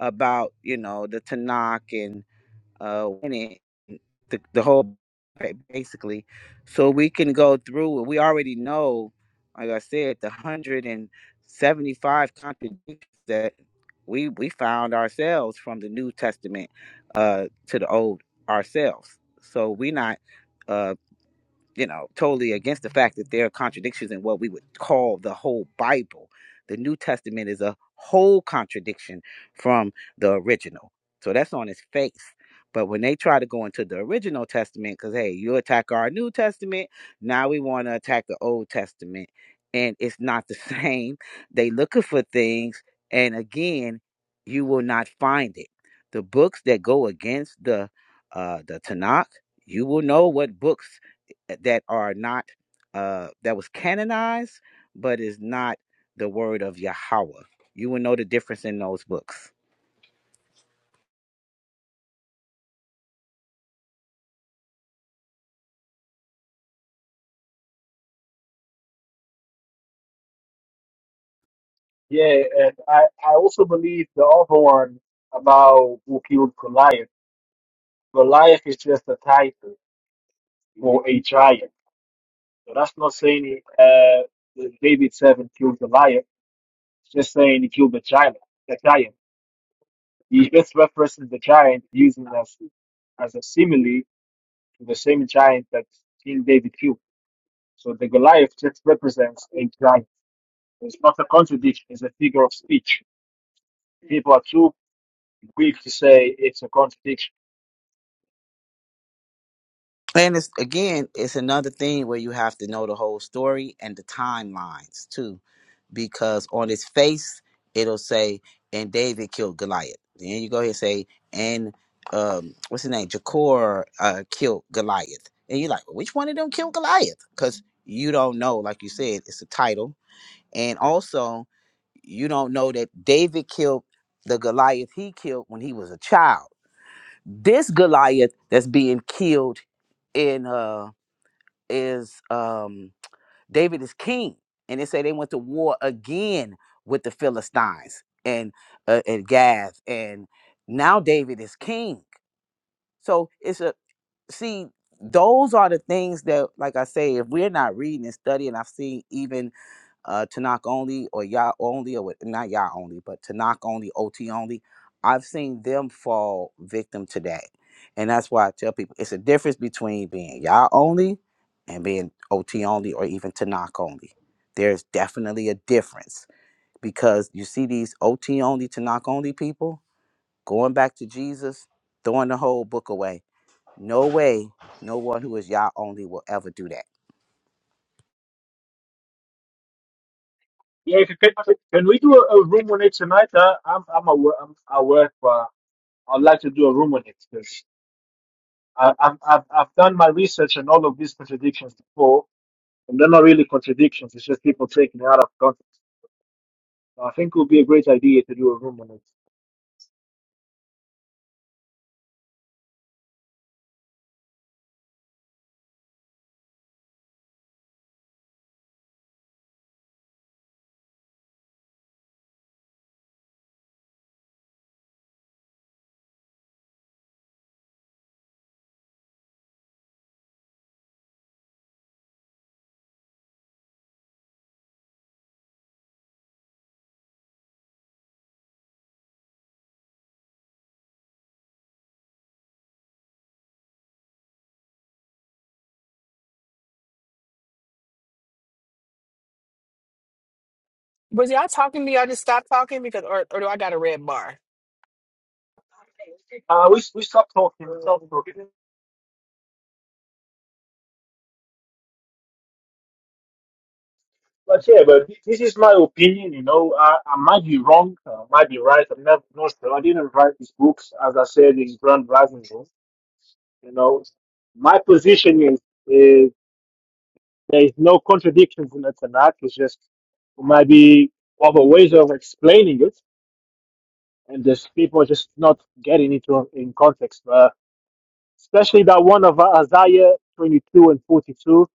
Speaker 1: about you know the Tanakh and. uh win it the, the whole basically so we can go through we already know like i said the 175 contradictions that we we found ourselves from the new testament uh to the old ourselves so we're not uh you know, totally against the fact that there are contradictions in what we would call the whole Bible. The New Testament is a whole contradiction from the original. So that's on its face. But when they try to go into the original testament, because hey, you attack our New Testament, now we want to attack the Old Testament. And it's not the same. They looking for things, and again, you will not find it. The books that go against the uh the Tanakh, you will know what books that are not uh that was canonized but is not the word of Yahweh. You will know the difference in those books.
Speaker 6: yeah, and I I also believe the other one about who killed Goliath. Goliath is just a title for a giant So that's not saying uh, David seven killed Goliath. It's just saying he killed the giant. The giant. He just references the giant using as as a simile to the same giant that King David killed. So the Goliath just represents a giant. It's not a contradiction. It's a figure of speech. People are too quick to say it's a contradiction.
Speaker 1: And it's again, it's another thing where you have to know the whole story and the timelines too, because on its face it'll say, "And David killed Goliath." Then you go ahead and say, "And um, what's his name? Jakor uh, killed Goliath." And you're like, well, "Which one of them killed Goliath?" Because you don't know, like you said, it's a title And also, you don't know that David killed the Goliath he killed when he was a child. This Goliath that's being killed in uh is um David is king. And they say they went to war again with the Philistines and uh, and Gath and now David is king. So it's a see those are the things that like I say if we're not reading and studying I've seen even uh, Tanakh only or Yah only or what- not Yah only, but Tanakh only, OT only. I've seen them fall victim to that, and that's why I tell people it's a difference between being Yah only and being OT only or even Tanakh only. There's definitely a difference because you see these OT only, Tanakh only people going back to Jesus, throwing the whole book away. No way, no one who is Yah only will ever do that
Speaker 6: Yeah, if you can, can we do a, a room on it tonight? Uh, I'm I'm awa- I'm at work, but I'd like to do a room on it because I, I've, I've, I've done my research on all of these contradictions before, and they're not really contradictions. It's just people taking it out of context. I think it would be a great idea to do a room on it.
Speaker 5: Was y'all talking to me? Y'all just stopped talking because, or, or do I got a red bar?
Speaker 6: Uh, we we stopped talking. We stopped talking. But yeah, but thi- this is my opinion. You know, I, I might be wrong. I might be right. I'm not, no sure. I didn't write these books, as I said in Grand Rising Room. You know, my position is, is there is no contradictions in the Tanakh. It's just it might be other ways of explaining it and there's people just not getting it on- in context. Uh, especially that one of uh, Isaiah 22 and 42.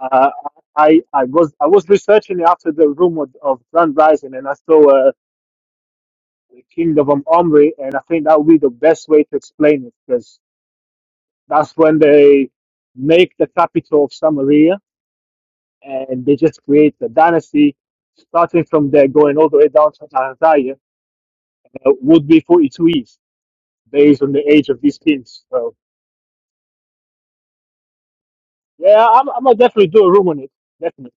Speaker 6: Uh, I I was I was researching after the room of, of Grand Rising, and I saw uh, the Kingdom of um, Omri, and I think that would be the best way to explain it because that's when they make the capital of Samaria, and they just create the dynasty. Starting from there, going all the way down to Isaiah, uh, would be 42 years based on the age of these kings. So. Yeah, I'm, I'm gonna definitely do a room on it. Definitely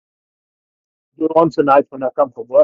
Speaker 6: do one tonight when I come from work.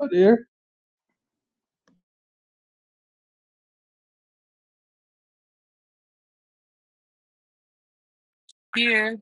Speaker 3: Oh, there.
Speaker 5: here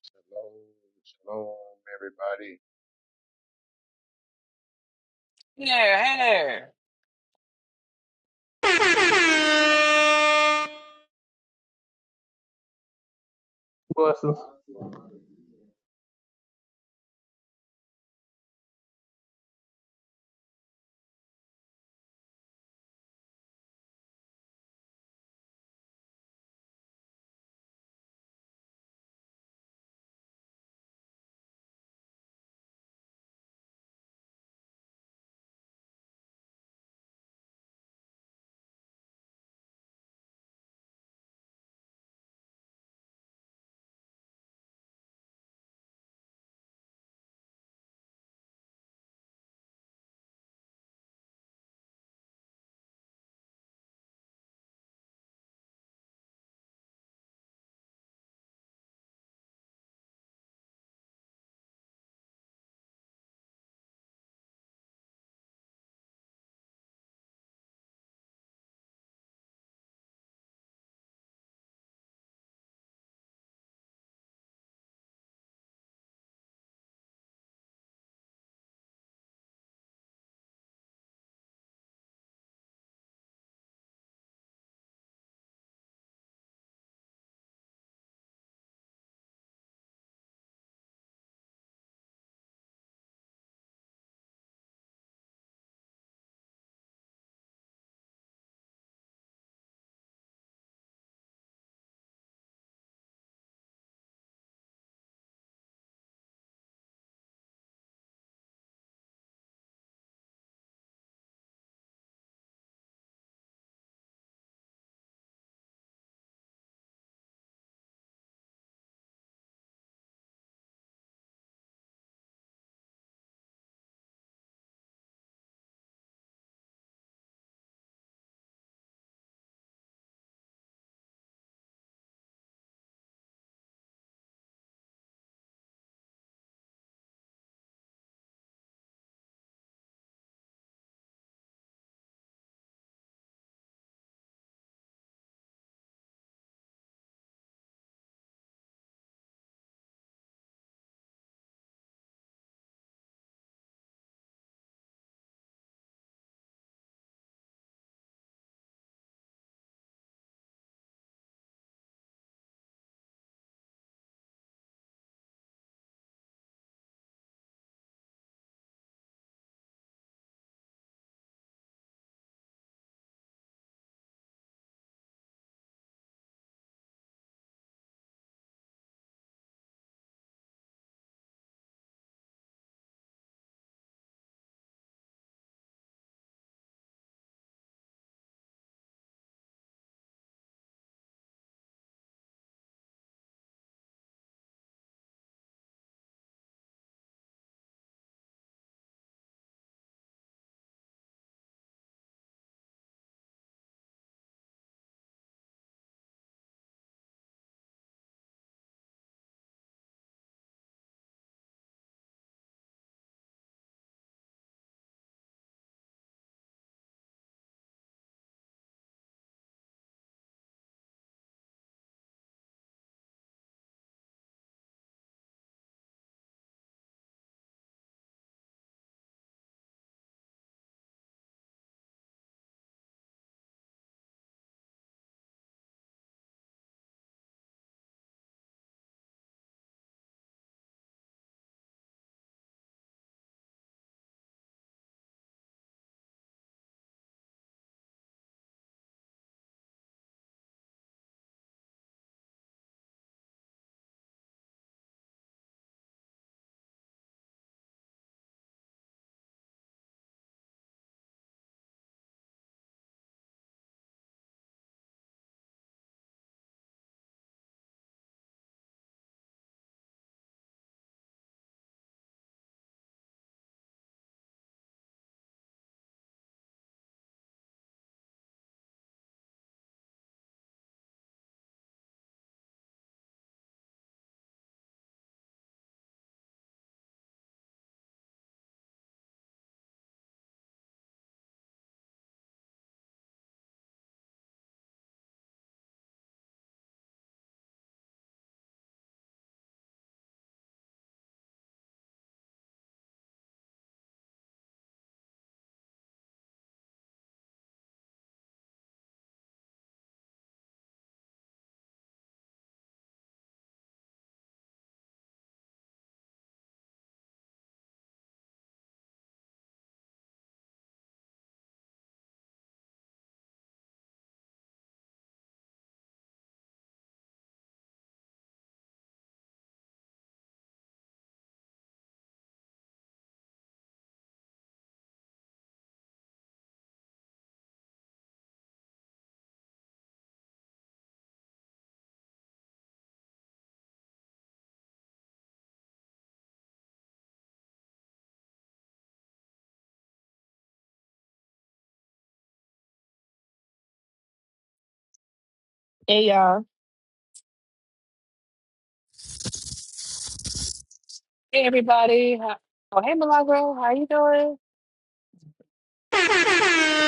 Speaker 7: Shalom, shalom, everybody.
Speaker 5: There, hey there.
Speaker 3: Blessings.
Speaker 8: Hey y'all.
Speaker 5: hey everybody Hi- oh hey milagro how you doing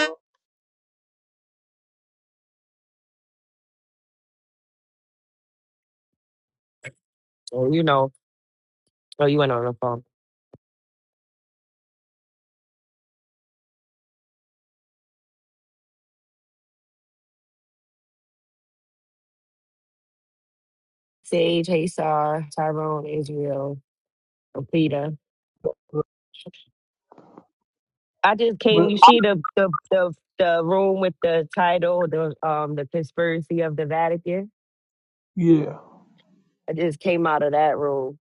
Speaker 8: Oh, you know. Oh, you went on the phone. Sage, Haysar, Tyrone, Israel, Peter. I just came.
Speaker 3: But
Speaker 8: You see the the the the room with the title, the um the conspiracy of the Vatican.
Speaker 3: yeah,
Speaker 8: I just came out of that room.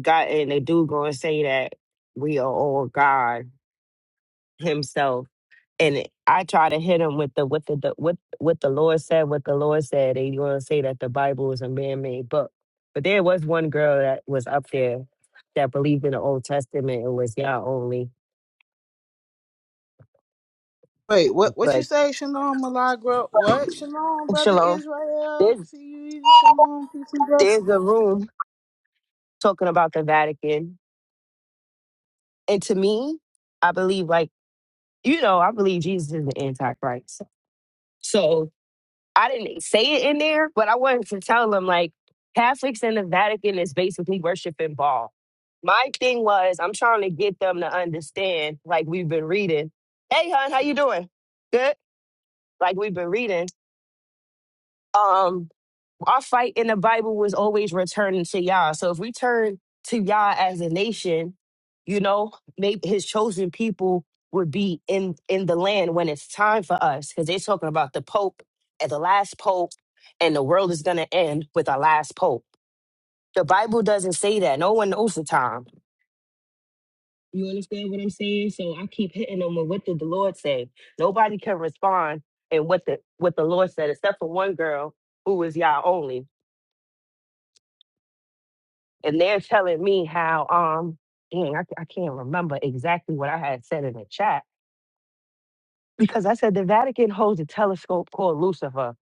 Speaker 8: Got and the dude gonna say that we are all God Himself. and it- I try to hit him with the with the, the with what the Lord said, what the Lord said. They want to say that the Bible is a man-made book, but there was one girl that was up there that believed in the Old Testament. It was Yah only,
Speaker 1: Wait, what? What you
Speaker 8: but
Speaker 1: say? Shalom, Malagra. What? Shalom, brother
Speaker 8: Shalom.
Speaker 1: Israel.
Speaker 8: There's
Speaker 1: See you either. Shalom, peace and
Speaker 8: there's
Speaker 1: blessings.
Speaker 8: a room talking about the Vatican, and to me, I believe like you know I believe Jesus is the Antichrist. So I didn't say it in there, but I wanted to tell them like Catholics in the Vatican is basically worshiping Baal. My thing was I'm trying to get them to understand, like we've been reading. Hey, hon, how you doing? Good. Like we've been reading. Um, our fight in the Bible was always returning to Yah. So if we turn to Yah as a nation, you know, maybe his chosen people would be in in the land when it's time for us. Because they're talking about the Pope and the last Pope, and the world is gonna end with our last Pope. The Bible doesn't say that. No one knows the time. You understand what I'm saying? So I keep hitting them with what did the Lord say? Nobody can respond and what the what the Lord said, except for one girl who was Yah only. and they're telling me how um dang I, I can't remember exactly what I had said in the chat because I said the Vatican holds a telescope called Lucifer.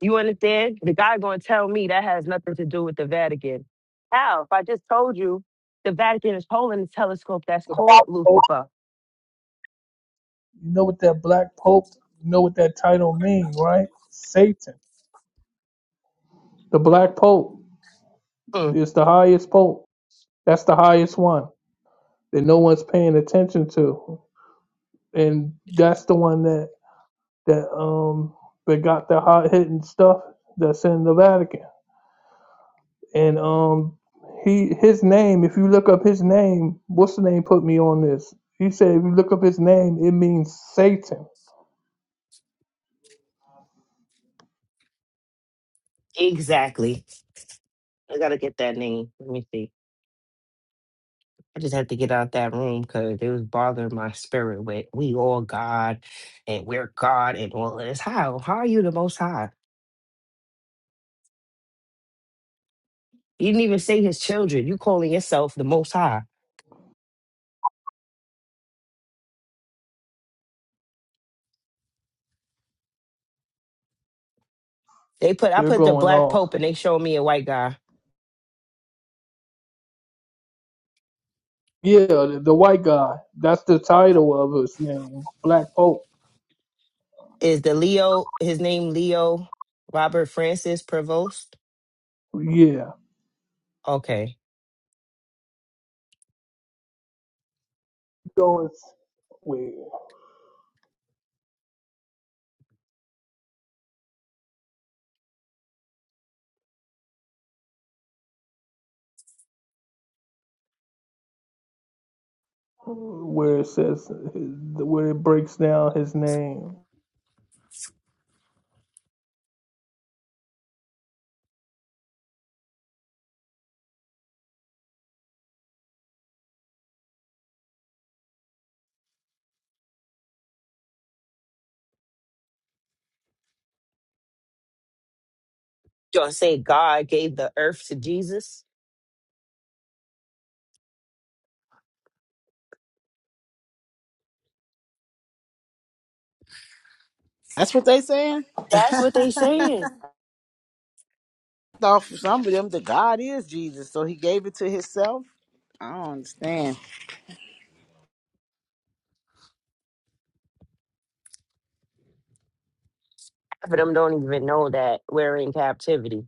Speaker 8: You understand? The guy gonna tell me that has nothing to do with the Vatican. How? If I just told you the Vatican is holding a telescope that's
Speaker 3: the black
Speaker 8: called
Speaker 3: pope.
Speaker 8: Lucifer.
Speaker 3: You know what that black pope? You know what that title mean, right? Satan. The black pope
Speaker 8: Mm,
Speaker 3: is the highest pope. That's the highest one that no one's paying attention to. and that's the one that that um that got the hot hitting stuff that's in the Vatican. And um he his name, if you look up his name, what's the name put me on this? He said if you look up his name, it means Satan.
Speaker 8: exactly. I gotta get that name. Let me see. I just had to get out that room because it was bothering my spirit with we all God and we're God and all of this. How? How are you the most high? You didn't even say his children. You calling yourself the Most High. They put I
Speaker 3: They're
Speaker 8: put the
Speaker 3: going
Speaker 8: black
Speaker 3: off.
Speaker 8: pope and they showed me a white guy.
Speaker 3: Yeah, the, the white guy. That's the title of his name, Black Pope.
Speaker 8: Is the Leo his name Leo Robert Francis Prevost?
Speaker 3: Yeah,
Speaker 8: Okay.
Speaker 3: going where where it says where it breaks down his name,
Speaker 8: You gonna say God gave the earth to Jesus?
Speaker 1: That's what they saying.
Speaker 8: That's what they saying.
Speaker 1: Thought for some of them, the God is Jesus, so He gave it to Himself. I don't understand.
Speaker 8: Half of them don't even know that we're in captivity.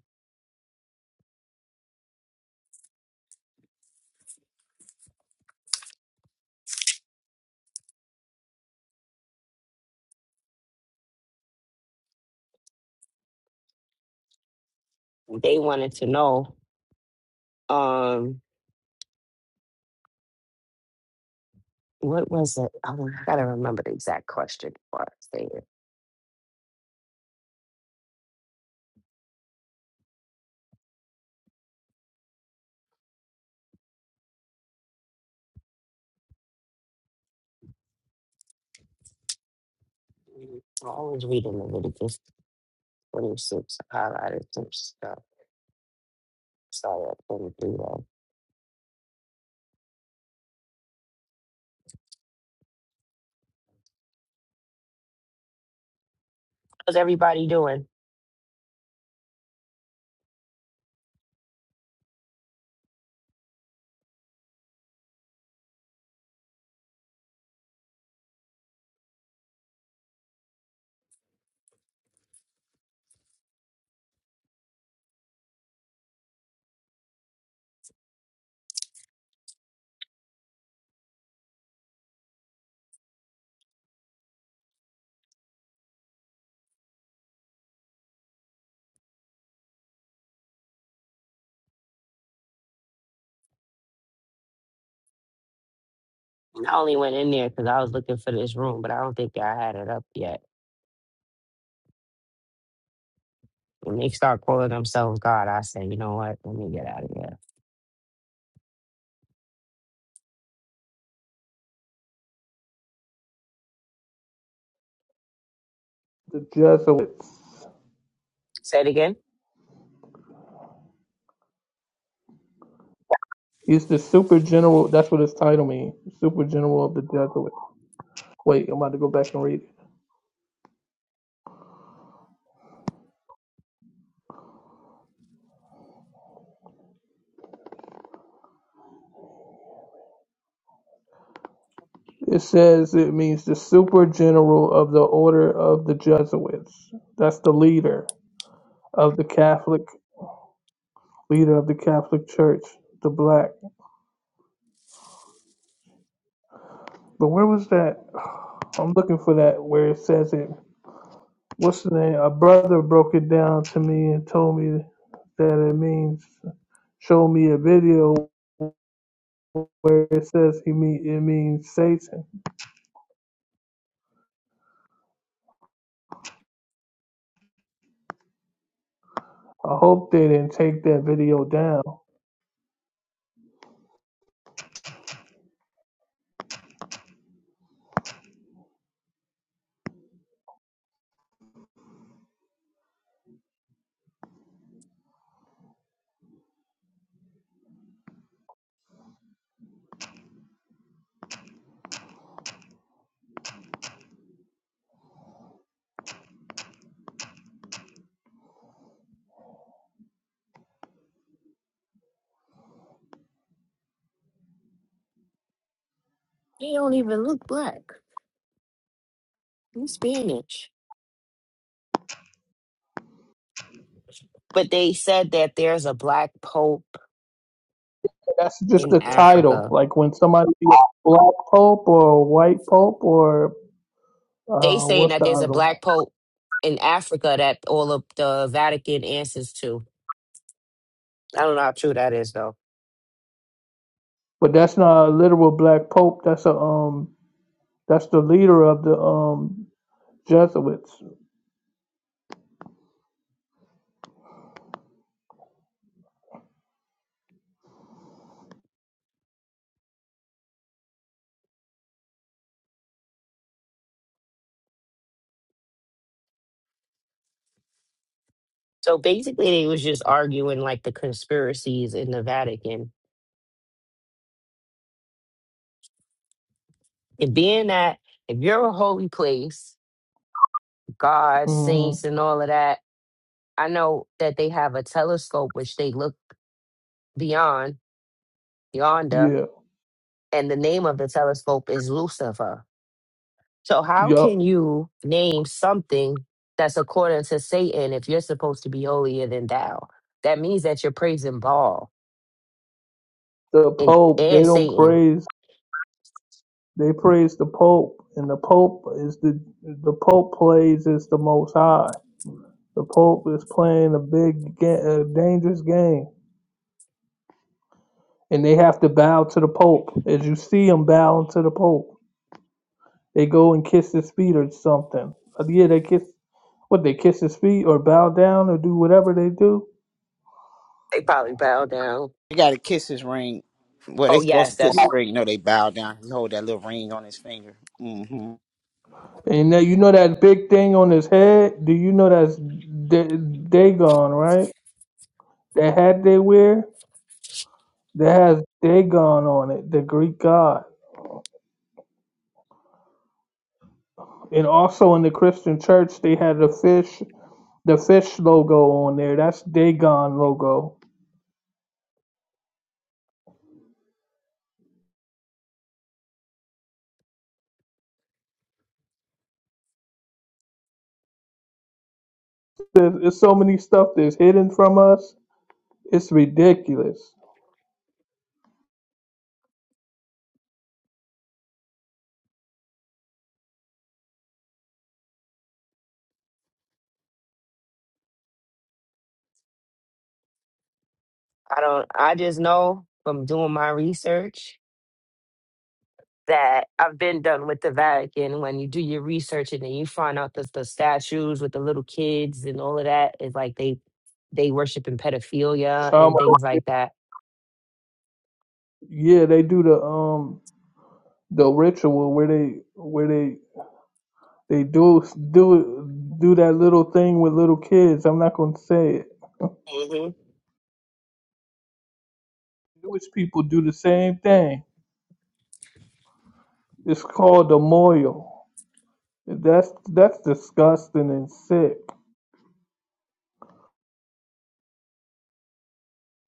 Speaker 8: They wanted to know. Um, what was it? I don't- I gotta remember the exact question before I say it. I always reading Leviticus twenty six. I highlighted some stuff. Sorry, I couldn't do that. How's everybody doing? And I only went in there because I was looking for this room, but I don't think I had it up yet. When they start calling themselves God, I say, you know what? Let me get out of here.
Speaker 3: the Jesuits.
Speaker 8: Say it again.
Speaker 3: He's the super general. That's what his title means. Super general of the Jesuits. Wait, I'm about to go back and read it. It says it means the super general of the order of the Jesuits. That's the leader of the Catholic leader of the Catholic Church, the black. But where was that? I'm looking for that where it says it. What's the name? A brother broke it down to me and told me that it means. Show me a video where it says he mean it means Satan. I hope they didn't take that video down.
Speaker 8: They don't even look black. I'm Spanish. But they said that there's a black pope
Speaker 3: That's just
Speaker 8: in
Speaker 3: the title.
Speaker 8: Africa.
Speaker 3: Like when somebody sees black pope or white pope or
Speaker 8: They
Speaker 3: uh,
Speaker 8: saying
Speaker 3: what's
Speaker 8: that
Speaker 3: the
Speaker 8: there's a
Speaker 3: other one?
Speaker 8: black pope in Africa that all of the Vatican answers to. I don't know how true that is though.
Speaker 3: But that's not a literal black pope. That's a um. That's the leader of the um Jesuits.
Speaker 8: So basically, they was just arguing like the conspiracies in the Vatican And being that if you're a holy place, God,
Speaker 3: hmm
Speaker 8: saints, and all of that, I know that they have a telescope which they look beyond, yonder,
Speaker 3: Yeah.
Speaker 8: and the name of the telescope is Lucifer. So, how can
Speaker 3: Yup.
Speaker 8: you name something that's according to Satan if you're supposed to be holier than thou? That means that you're praising Baal
Speaker 3: The
Speaker 8: and,
Speaker 3: pope. They
Speaker 8: and
Speaker 3: don't
Speaker 8: Satan.
Speaker 3: praise. They praise the pope, and the pope is the the pope plays is the most high. The pope is playing a big, ga- a dangerous game and they have to bow to the Pope. As you see them bowing to the Pope, they go and kiss his feet or something. Uh, Yeah, they kiss. What they kiss his feet or bow down or do whatever they do.
Speaker 8: They probably bow down.
Speaker 1: They got to kiss His ring. Well, they
Speaker 8: Oh,
Speaker 1: supposed to
Speaker 8: yes,
Speaker 1: kiss
Speaker 8: that's,
Speaker 3: Yeah.
Speaker 1: His ring. You know, they bow down. He hold that little ring on his finger. hmm
Speaker 3: And that you know that big thing on his head. Do you know that's Da- Dagon, right? That hat they wear that has Dagon on it, the Greek god. And also in the Christian church, they had the fish, the fish logo on there. That's Dagon logo There's, there's so many stuff that's hidden from us. It's ridiculous.
Speaker 8: I don't, I just know from doing my research that I've been done with the Vatican when you do your research and then you find out that the statues with the little kids and all of that is like they they worship in pedophilia
Speaker 3: Shaman,
Speaker 8: and things like that.
Speaker 3: yeah, they do the um the ritual where they where they they do do do that little thing with little kids. I'm not gonna say it.
Speaker 8: hmm
Speaker 3: Jewish people do the same thing. It's called the moil. That's that's disgusting and sick.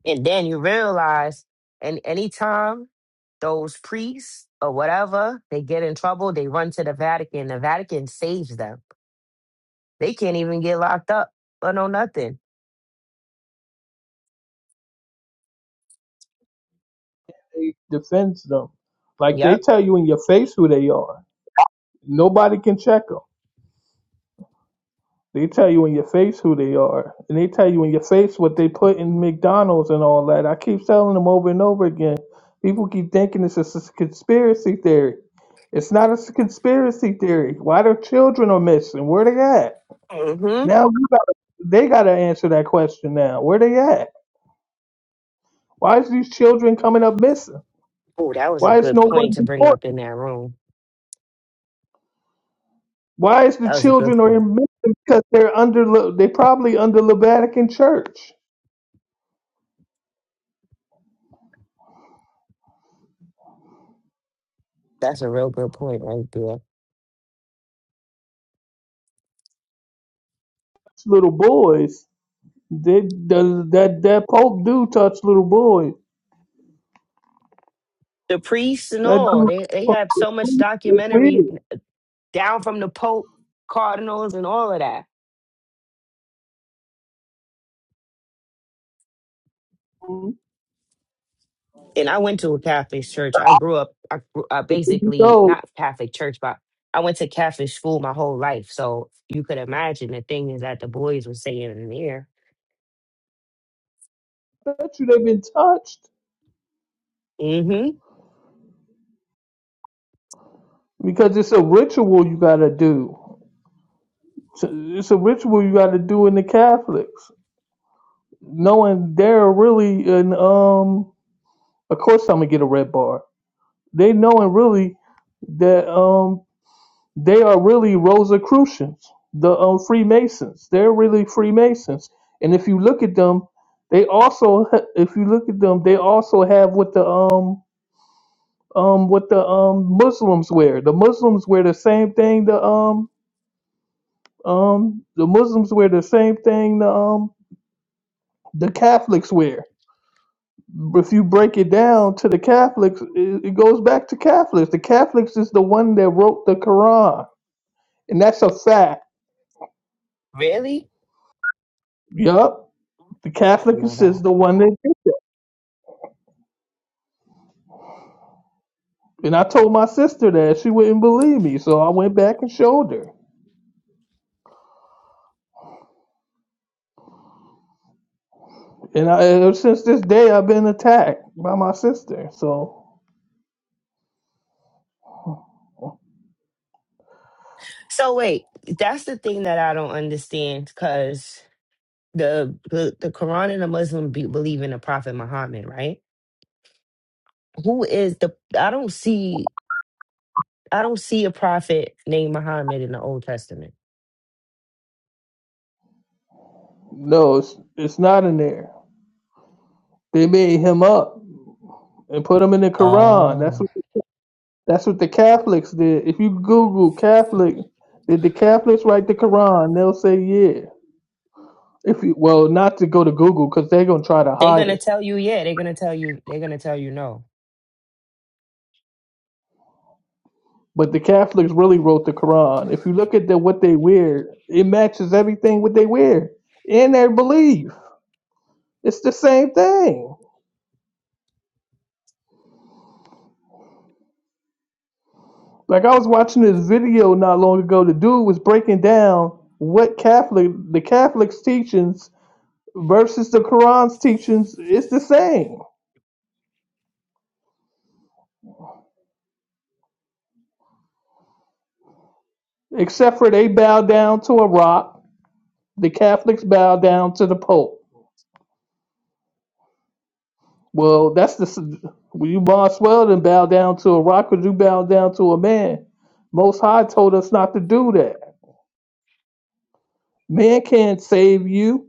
Speaker 8: And then you realize, and anytime those priests or whatever they get in trouble, they run to the Vatican. The Vatican saves them. They can't even get locked up or no nothing.
Speaker 3: They defend them like they
Speaker 8: Yep.
Speaker 3: tell you in your face who they are. Nobody can check them. They tell you in your face who they are, and they tell you in your face what they put in McDonald's and all that. I keep telling them over and over again. People keep thinking it's a s- conspiracy theory. It's not a s- conspiracy theory. Why their children are missing? Where they at?
Speaker 8: hmm
Speaker 3: Now we gotta, they got to answer that question. Now where they at? Why is these children coming up missing?
Speaker 8: Oh, that was a
Speaker 3: Why is
Speaker 8: good
Speaker 3: no one
Speaker 8: point to bring up
Speaker 3: reporting?
Speaker 8: in that room.
Speaker 3: Why is the
Speaker 8: That was a good
Speaker 3: children
Speaker 8: point.
Speaker 3: are missing because they're under Le- they probably under the Vatican Church.
Speaker 8: That's a real good point right there.
Speaker 3: little boys They the, that that Pope do touch little boys.
Speaker 8: The priests and
Speaker 3: That
Speaker 8: all, they they
Speaker 3: dude
Speaker 8: have so much
Speaker 3: is
Speaker 8: documentary
Speaker 3: weird.
Speaker 8: down from the Pope, cardinals, and all of that. And I went to a Catholic church. I grew up, I, grew- I basically
Speaker 3: No,
Speaker 8: not Catholic church, but I went to Catholic school my whole life. So you could imagine the things that the boys were saying in there.
Speaker 3: that should have been touched
Speaker 8: Mm-hmm.
Speaker 3: because it's a ritual you got to do. It's a it's a ritual you got to do in the Catholics, knowing they're really an um. Of course, I'm gonna get a red bar. They knowing really that um They are really Rosicrucians, the um, Freemasons. They're really Freemasons, and if you look at them, they also, ha- if you look at them, they also have what the um um what the um Muslims wear. The Muslims wear the same thing. The um um the Muslims wear the same thing. The um the Catholics wear. If you break it down to the Catholics, it, it goes back to Catholics. The Catholics is the one that wrote the Quran, and that's a fact.
Speaker 8: Really?
Speaker 3: Yup. The
Speaker 8: I didn't
Speaker 3: Catholic
Speaker 8: know
Speaker 3: is the
Speaker 8: that.
Speaker 3: one that did. And I told my sister that she wouldn't believe me, so I went back and showed her. And I, ever since this day, I've been attacked by my sister. So
Speaker 8: So wait, that's the thing that I don't understand because the, the the Quran and the Muslim be, believe in the Prophet Muhammad, right? who is the I don't see I don't see a prophet named Muhammad in the Old Testament.
Speaker 3: no, it's it's not in there. They made him up and put him in the Quran. That's
Speaker 8: Oh.
Speaker 3: what that's what the Catholics did. If you Google Catholic, did the Catholics write the Quran? They'll say yeah. If you well, not to go to Google because they're gonna try to
Speaker 8: They're
Speaker 3: hide
Speaker 8: gonna
Speaker 3: it.
Speaker 8: tell you, yeah, they're gonna tell you, they're gonna tell you no.
Speaker 3: But the Catholics really wrote the Quran. If you look at the, what they wear, it matches everything what they wear in their belief. It's the same thing. Like I was watching this video not long ago. The dude was breaking down what Catholic the Catholics' teachings versus the Quran's teachings is the same, except for they bow down to a rock. The Catholics bow down to the Pope. Well, that's the. Well, you might as well then bow down to a rock as you bow down to a man. Most High told us not to do that. Man can't save you.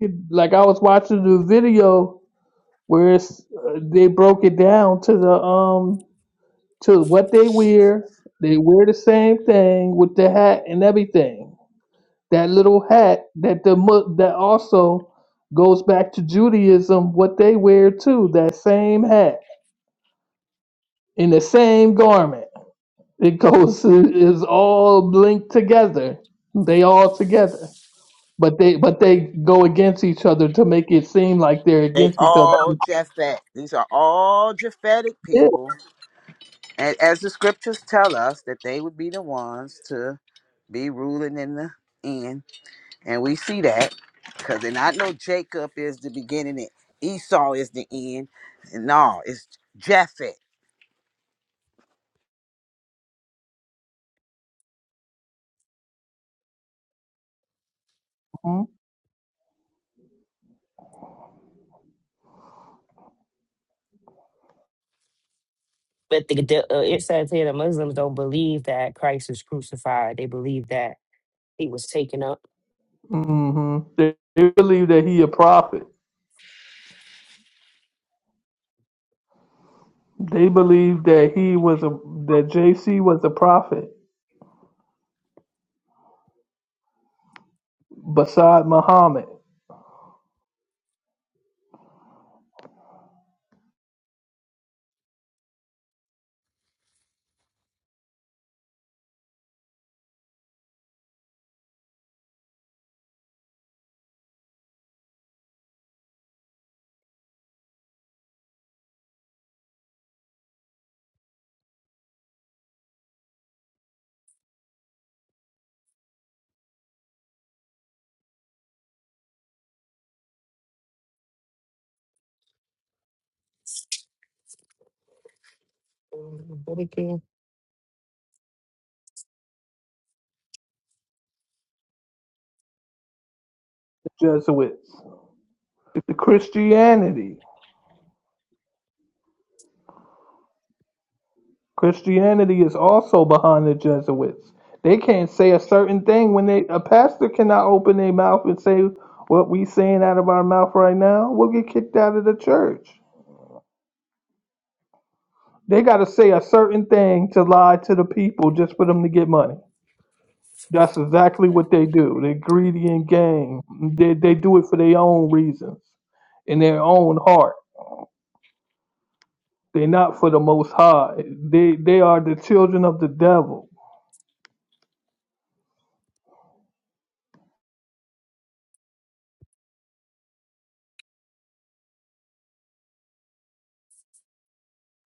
Speaker 3: It- Like I was watching the video where it's, uh, they broke it down to the um to what they wear. They wear the same thing with the hat and everything. That little hat that the mu- that also goes back to Judaism. What they wear too. That same hat in the same garment. because it is all linked together. They all together, but they but they go against each other to make it seem like they're
Speaker 1: They
Speaker 3: against each other.
Speaker 1: all Japhet. These are all Japhetic
Speaker 3: Yeah.
Speaker 1: people. And as the scriptures tell us that they would be the ones to be ruling in the end. And we see that because and I know Jacob is the beginning and Esau is the end. No, it's Japhet.
Speaker 8: But the, the, uh, it says here the Muslims don't believe that Christ was crucified. They believe that he was taken up.
Speaker 3: hmm They, they believe that he a prophet. They believe that he was a that JC was a prophet beside Muhammad,
Speaker 8: What
Speaker 3: the Jesuits, It's the Christianity. Christianity is also behind the Jesuits. They can't say a certain thing when they a pastor cannot open their mouth and say what we saying out of our mouth right now. We'll get kicked out of the church. They got to say a certain thing to lie to the people just for them to get money. That's exactly what they do. They're greedy and gang. They they do it for their own reasons, in their own heart. They're not for the Most High. They they are the children of the devil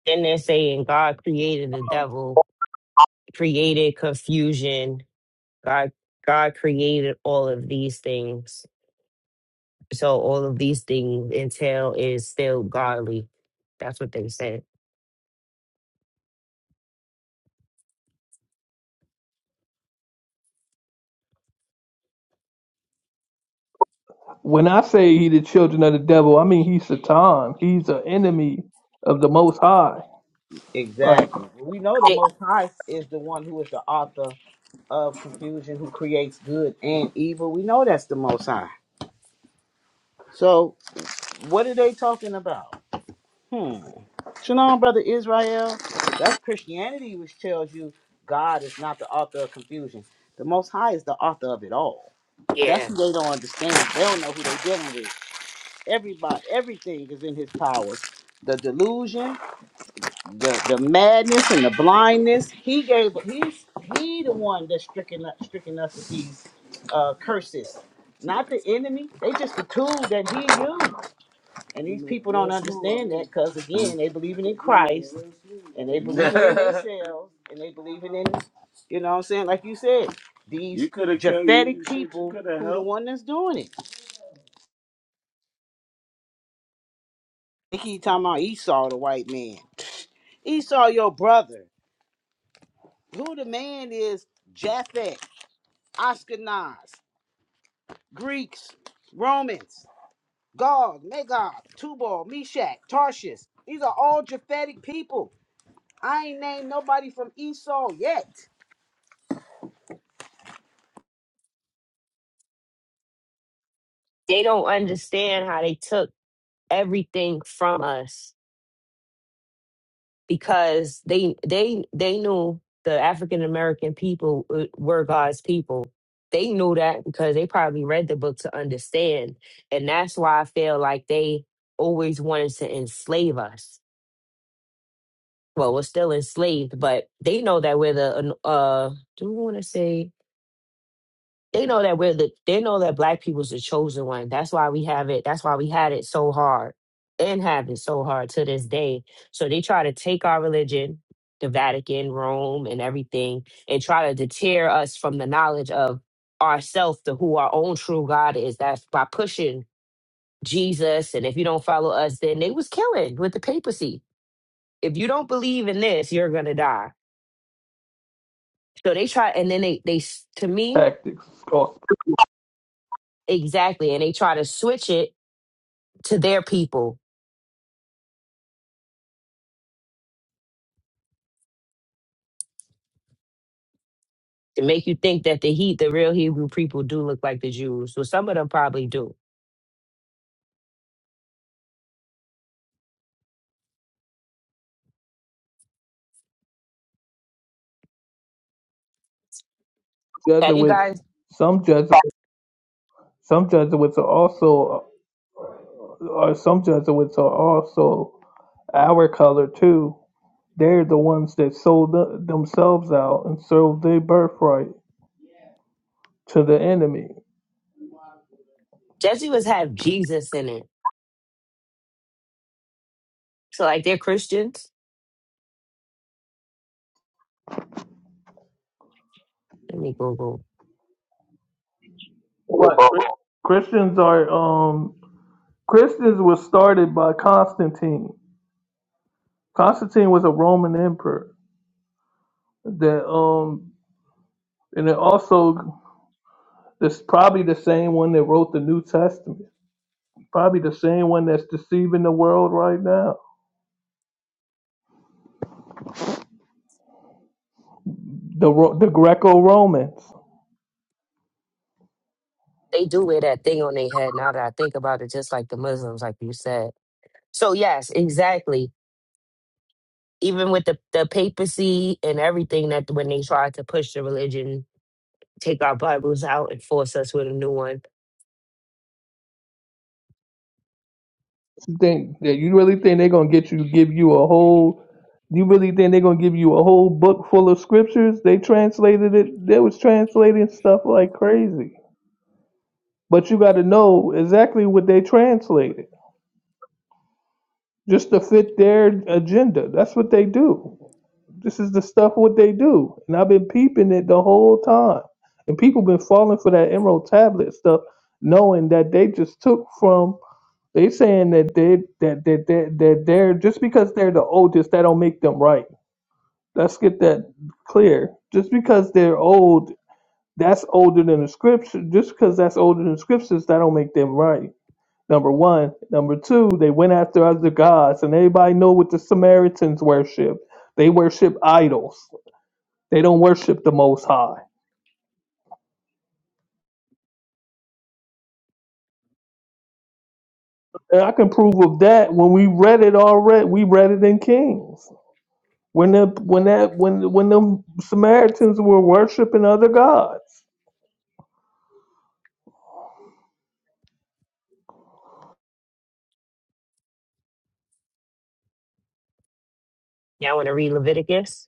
Speaker 8: Then they're saying God created the devil, created confusion. God, God created all of these things. So all of these things entail is still godly. That's what they said.
Speaker 3: When I say he the children of the devil, I mean he's Satan. He's an enemy of the Most High. Like
Speaker 1: Exactly. We know the
Speaker 8: They,
Speaker 1: Most High is the one who is the author of confusion, who creates good and evil. We know that's the Most High. So, what are they talking about? Hmm. You know, brother Israel, that's Christianity, which tells you God is not the author of confusion. The Most High is the author of it all. That's
Speaker 8: yeah.
Speaker 1: who they don't understand. They don't know who they're dealing with. Everybody, everything is in His power. The delusion, the, the madness, and the blindness. He gave. He's he the one that's stricken us, stricken us with these uh, curses. Not the enemy. They just the tool that he used. And these people don't understand that because again, they believing in Christ and they believe in themselves and they believe in you know what I'm saying? Like you said, these you could have killed. You, Japhetic you people could have who the helped. one that's doing it. They keep talking about Esau, the white man. Esau, your brother. Who the man is Japhet, Ashkenaz, Greeks, Romans, Gog, Magog, Tubal, Meshach, Tarshish. These are all Japhetic people. I ain't named nobody from Esau yet.
Speaker 8: They don't understand how they took everything from us because they they they knew the African American people uh, were God's people. They knew that because they probably read the book to understand. And that's why I feel like they always wanted to enslave us. Well, we're still enslaved, but they know that we're the uh do we want to say they know that we're the they know that black people's the chosen one. That's why we have it. That's why we had it so hard and have it so hard to this day. So they try to take our religion, the Vatican, Rome, and everything, and try to deter us from the knowledge of ourself, to who our own true God is. That's by pushing Jesus. And if you don't follow us, then they was killing with the papacy. If you don't believe in this, you're gonna die. So they try, and then they they s- to me
Speaker 3: tactics, or
Speaker 8: exactly, and they try to switch it to their people to make you think that the he, the real Hebrew people, do look like the Jews. So some of them probably do. Have you
Speaker 3: Jesuits.
Speaker 8: guys?
Speaker 3: Some Jesuits, some Jesuits are also, or some Jesuits are also our color too. They're the ones that sold the, themselves out and sold their birthright to the enemy.
Speaker 8: Jesuits have Jesus in it, so like they're Christians. Let me Google.
Speaker 3: But Christians are um Christians were started by Constantine. Constantine was a Roman emperor That um, and it also it's probably the same one that wrote the New Testament. Probably the same one that's deceiving the world right now. The Ro- the Greco Romans.
Speaker 8: They do wear that thing on their head. Now that I think about it, just like the Muslims, like you said. So yes, exactly. Even with the the papacy and everything that when they tried to push the religion, take our Bibles out and force us with a new one.
Speaker 3: You think that you really think they're gonna get you? Give you a whole? You really think they're gonna give you a whole book full of scriptures? They translated it. They was translating stuff like crazy. But you got to know exactly what they translated just to fit their agenda. That's what they do. This is the stuff what they do, and I've been peeping it the whole time. And people been falling for that Emerald Tablet stuff, knowing that they just took from. They saying that they that that that that they're just because they're the oldest, that don't make them right. Let's get that clear. Just because they're old, that's older than the scripture. Just because that's older than scriptures, that don't make them right. Number one, number two, they went after other gods, and everybody know what the Samaritans worship. They worship idols. They don't worship the Most High. And I can prove of that when we read it already. We read it in Kings when the when that when when them Samaritans were worshiping other gods.
Speaker 8: Y'all want to read Leviticus?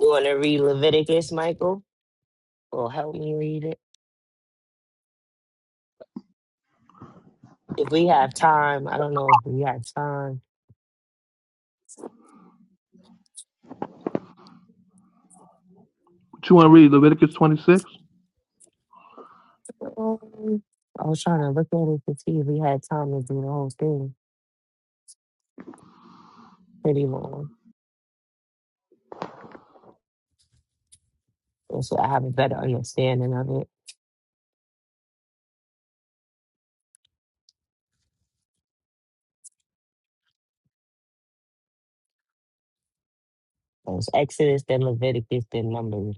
Speaker 8: You want to read Leviticus, Michael? Well, help me read it. If we have time, I don't know if we have time.
Speaker 3: What you want to read Leviticus twenty six?
Speaker 8: Um, I was trying to look at it to see if we had time to do the whole thing. Pretty long. And so I have a better understanding of it. It was Exodus, then Leviticus, then Numbers.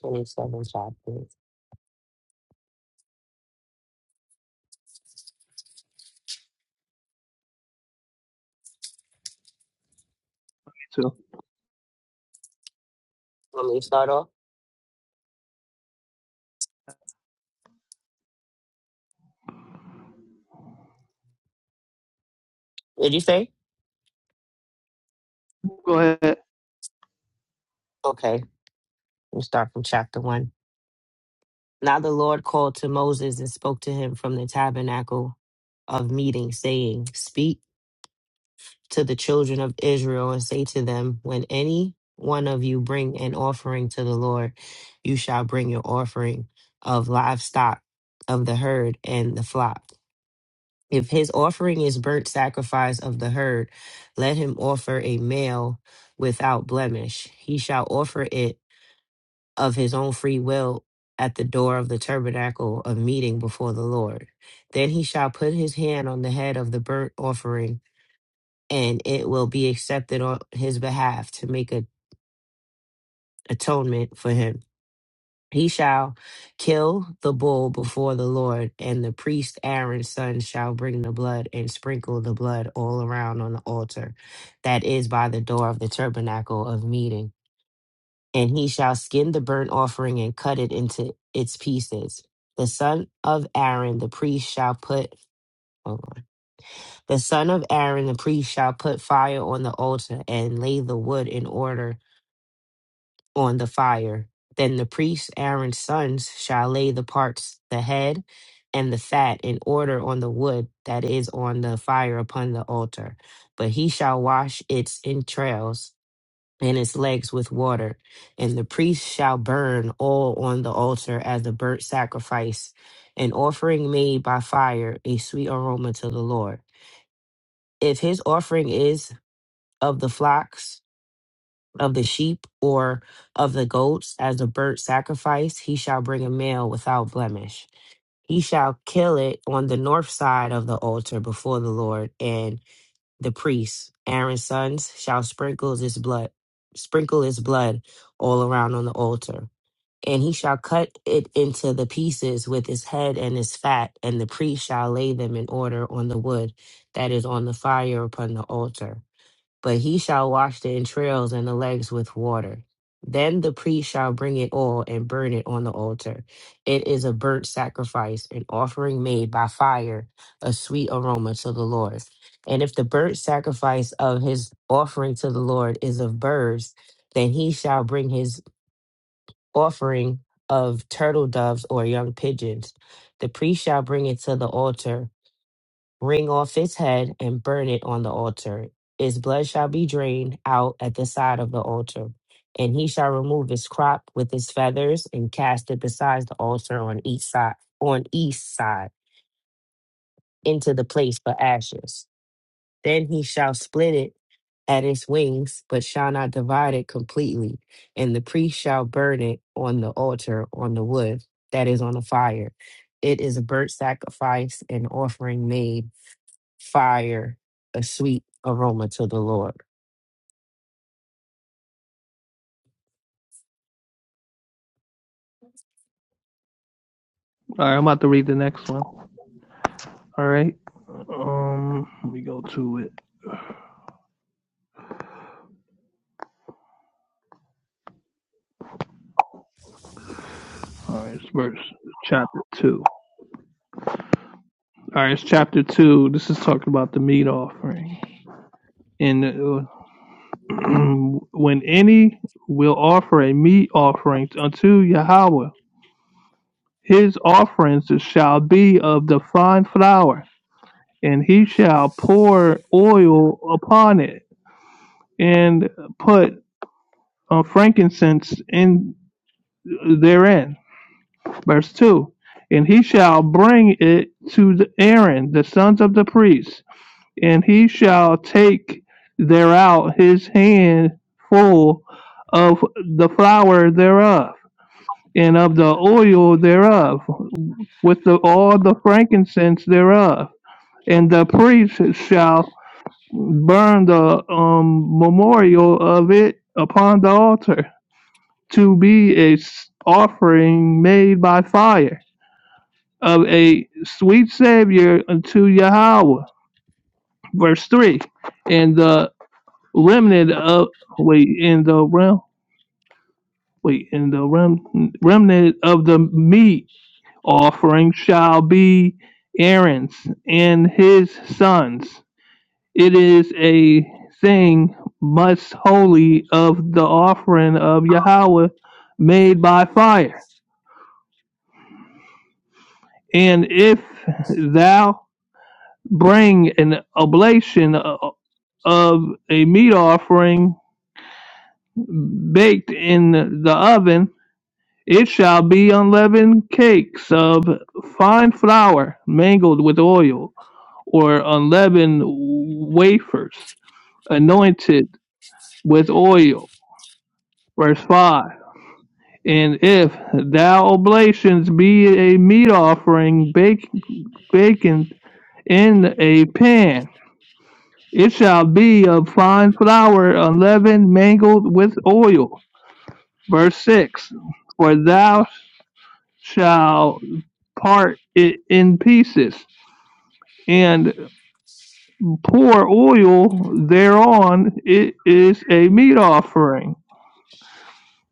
Speaker 8: 27 chapters.
Speaker 3: Two.
Speaker 8: Let me to start off. What Did you say?
Speaker 3: Go ahead.
Speaker 8: Okay, we'll start from chapter 1. Now the Lord called to Moses and spoke to him from the tabernacle of meeting, saying, Speak. to the children of Israel and say to them, When any one of you bring an offering to the Lord, you shall bring your offering of livestock of the herd and the flock. If his offering is burnt sacrifice of the herd, let him offer a male without blemish. He shall offer it of his own free will at the door of the tabernacle of meeting before the Lord. Then he shall put his hand on the head of the burnt offering and it will be accepted on his behalf to make a atonement for him. He shall kill the bull before the Lord, and the priest Aaron's son shall bring the blood and sprinkle the blood all around on the altar that is by the door of the tabernacle of meeting. And he shall skin the burnt offering and cut it into its pieces. The son of Aaron, the priest, shall put, hold on. The son of Aaron, the priest, shall put fire on the altar and lay the wood in order on the fire. Then the priest Aaron's sons shall lay the parts, the head, and the fat in order on the wood that is on the fire upon the altar. But he shall wash its entrails and its legs with water. And the priest shall burn all on the altar as a burnt sacrifice, an offering made by fire, a sweet aroma to the Lord. If his offering is of the flocks, of the sheep or of the goats as a burnt sacrifice, he shall bring a male without blemish. He shall kill it on the north side of the altar before the Lord, and the priests, Aaron's sons, shall sprinkle his blood, sprinkle his blood all around on the altar. And he shall cut it into the pieces with his head and his fat, and the priest shall lay them in order on the wood that is on the fire upon the altar but he shall wash the entrails and the legs with water. Then the priest shall bring it all and burn it on the altar. It is a burnt sacrifice, an offering made by fire, a sweet aroma to the Lord. And if the burnt sacrifice of his offering to the Lord is of birds, then he shall bring his offering of turtle doves or young pigeons. The priest shall bring it to the altar wring off its head and burn it on the altar. Its blood shall be drained out at the side of the altar, and he shall remove its crop with its feathers and cast it besides the altar on each side on east side into the place for ashes. Then he shall split it at its wings, but shall not divide it completely, and the priest shall burn it on the altar on the wood that is on the fire. It is a burnt sacrifice, an offering made fire, a sweet aroma to the Lord.
Speaker 3: All right, I'm about to read the next one. All right. Um, let me go to it. All right, it's verse chapter two. All right, it's chapter two. This is talking about the meat offering. And uh, when any will offer a meat offering unto Yahweh, his offerings shall be of the fine flour, and he shall pour oil upon it, and put uh, frankincense in therein. Verse two, and he shall bring it to the Aaron, the sons of the priests, and he shall take thereout his hand full of the flour thereof and of the oil thereof, with the, all the frankincense thereof. And the priest shall burn the um, memorial of it upon the altar to be a s- offering made by fire of a sweet savior unto Yahweh. Verse three, and the remnant of wait, in the rem wait, in the rem remnant of the meat offering shall be Aaron's and his sons. It is a thing most holy of the offering of Yahweh made by fire. And if thou bring an oblation of a meat offering baked in the oven, it shall be unleavened cakes of fine flour mingled with oil or unleavened wafers anointed with oil. Verse 5 And if thou oblations be a meat offering baked in a pan, it shall be of fine flour unleavened mangled with oil. Verse 6 For thou shalt part it in pieces, and pour oil thereon. It is a meat offering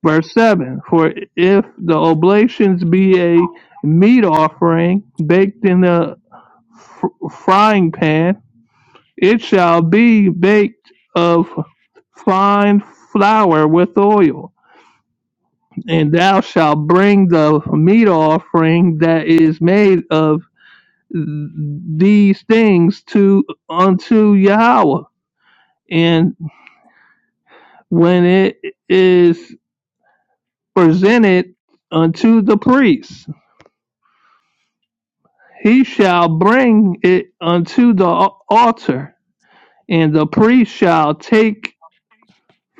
Speaker 3: Verse 7 For if the oblations be a meat offering baked in a f- frying pan, it shall be baked of fine flour with oil. And thou shalt bring the meat offering that is made of these things to unto Yahweh. And when it is presented unto the priest, he shall bring it unto the al- altar, and the priest shall take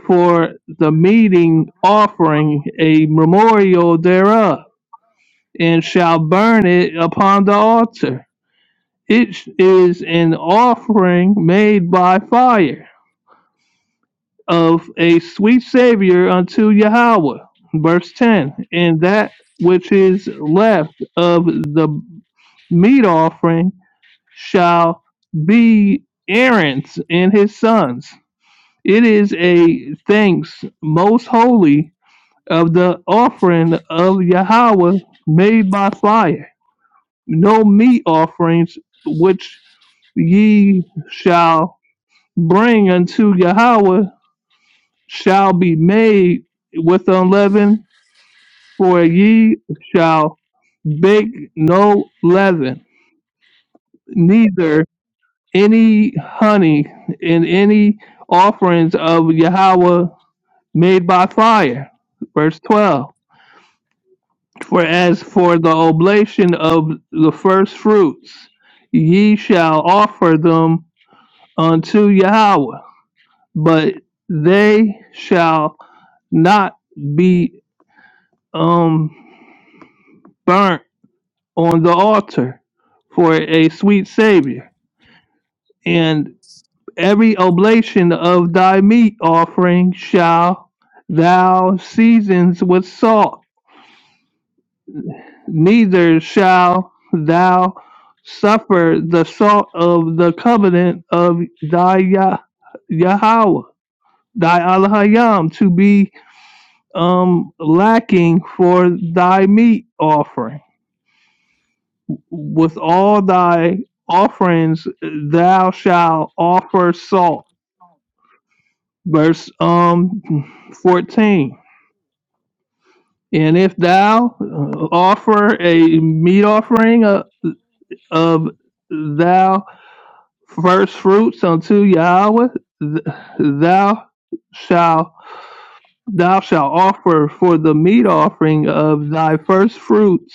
Speaker 3: for the meeting offering a memorial thereof, and shall burn it upon the altar. It sh- is an offering made by fire of a sweet Savior unto Yahweh. Verse 10 And that which is left of the meat offering shall be Aaron's and his sons. It is a thanks most holy of the offering of Yahweh made by fire. No meat offerings which ye shall bring unto Yahweh shall be made with unleavened, for ye shall bake no leaven, neither any honey in any offerings of Yahweh made by fire. Verse 12. For as for the oblation of the first fruits, ye shall offer them unto Yahweh, but they shall not be um, burnt on the altar for a sweet Savior. And Every oblation of thy meat offering shall thou season with salt, neither shall thou suffer the salt of the covenant of thy Yah- Yahweh, thy Allahayam, to be um, lacking for thy meat offering. With all thy offerings thou shalt offer salt. Verse um, 14 And if thou uh, offer a meat offering of, of thou first fruits unto Yahweh, th- thou shalt thou shalt offer for the meat offering of thy first fruits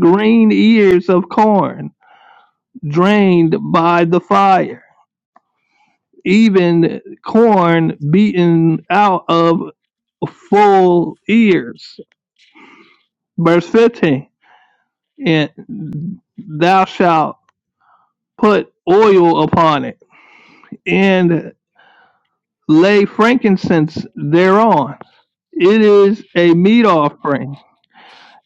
Speaker 3: green ears of corn drained by the fire, even corn beaten out of full ears. Verse fifteen. And thou shalt put oil upon it, and lay frankincense thereon. It is a meat offering,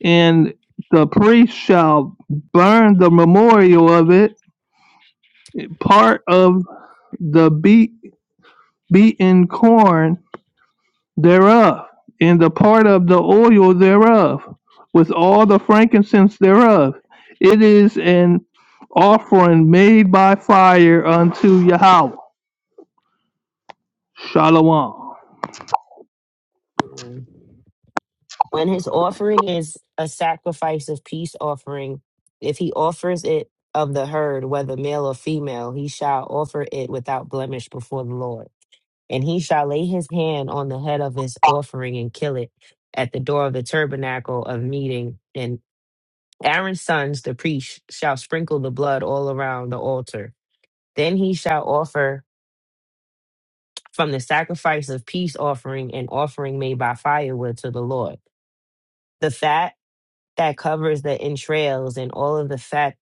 Speaker 3: and the priest shall burn the memorial of it, part of the beat, beaten corn thereof, and the part of the oil thereof, with all the frankincense thereof. It is an offering made by fire unto Yahweh. Shalom.
Speaker 8: Mm. When his offering is a sacrifice of peace offering, if he offers it of the herd, whether male or female, he shall offer it without blemish before the Lord. And he shall lay his hand on the head of his offering and kill it at the door of the tabernacle of meeting. And Aaron's sons, the priest, shall sprinkle the blood all around the altar. Then he shall offer from the sacrifice of peace offering and offering made by firewood to the Lord. The fat that covers the entrails and all of the fat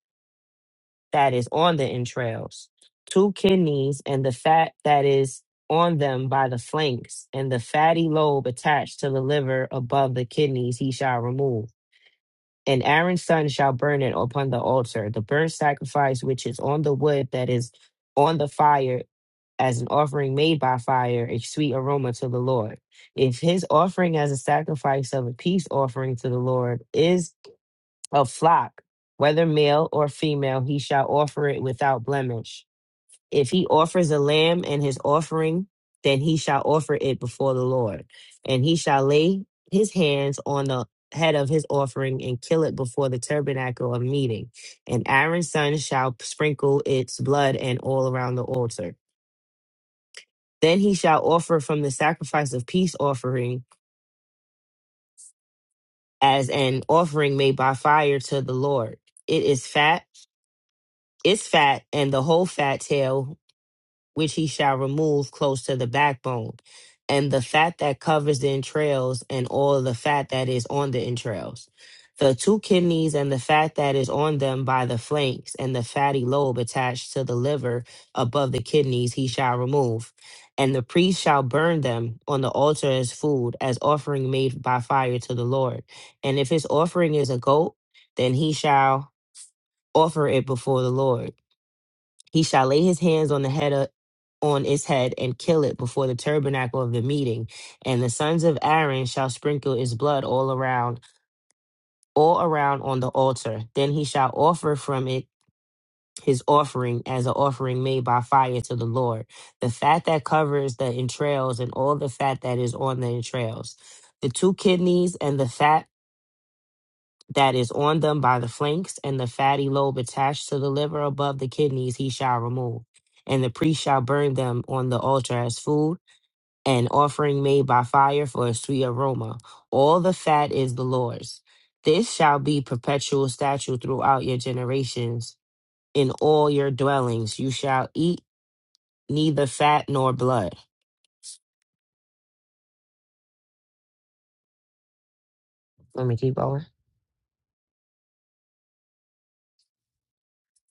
Speaker 8: that is on the entrails, two kidneys and the fat that is on them by the flanks, and the fatty lobe attached to the liver above the kidneys he shall remove and Aaron's son shall burn it upon the altar, the burnt sacrifice which is on the wood that is on the fire, as an offering made by fire, a sweet aroma to the Lord. If his offering as a sacrifice of a peace offering to the Lord is a flock, whether male or female, he shall offer it without blemish if he offers a lamb and his offering, then he shall offer it before the Lord, and he shall lay his hands on the head of his offering and kill it before the tabernacle of meeting. And Aaron's son shall sprinkle its blood and all around the altar. Then he shall offer from the sacrifice of peace offering as an offering made by fire to the Lord. It is fat, its fat, and the whole fat tail which he shall remove close to the backbone, and the fat that covers the entrails, and all the fat that is on the entrails, the two kidneys, and the fat that is on them by the flanks, and the fatty lobe attached to the liver above the kidneys, he shall remove. And the priest shall burn them on the altar as food, as offering made by fire to the Lord. And if his offering is a goat, then he shall offer it before the Lord he shall lay his hands on the head of, on its head and kill it before the tabernacle of the meeting. And the sons of Aaron shall sprinkle its blood all around, all around on the altar. Then he shall offer from it his offering as an offering made by fire to the Lord. The fat that covers the entrails and all the fat that is on the entrails. The two kidneys and the fat that is on them by the flanks, and the fatty lobe attached to the liver above the kidneys he shall remove. And the priest shall burn them on the altar as food, an offering made by fire for a sweet aroma. All the fat is the Lord's. This shall be perpetual statute throughout your generations. In all your dwellings you shall eat neither fat nor blood. Let me keep going.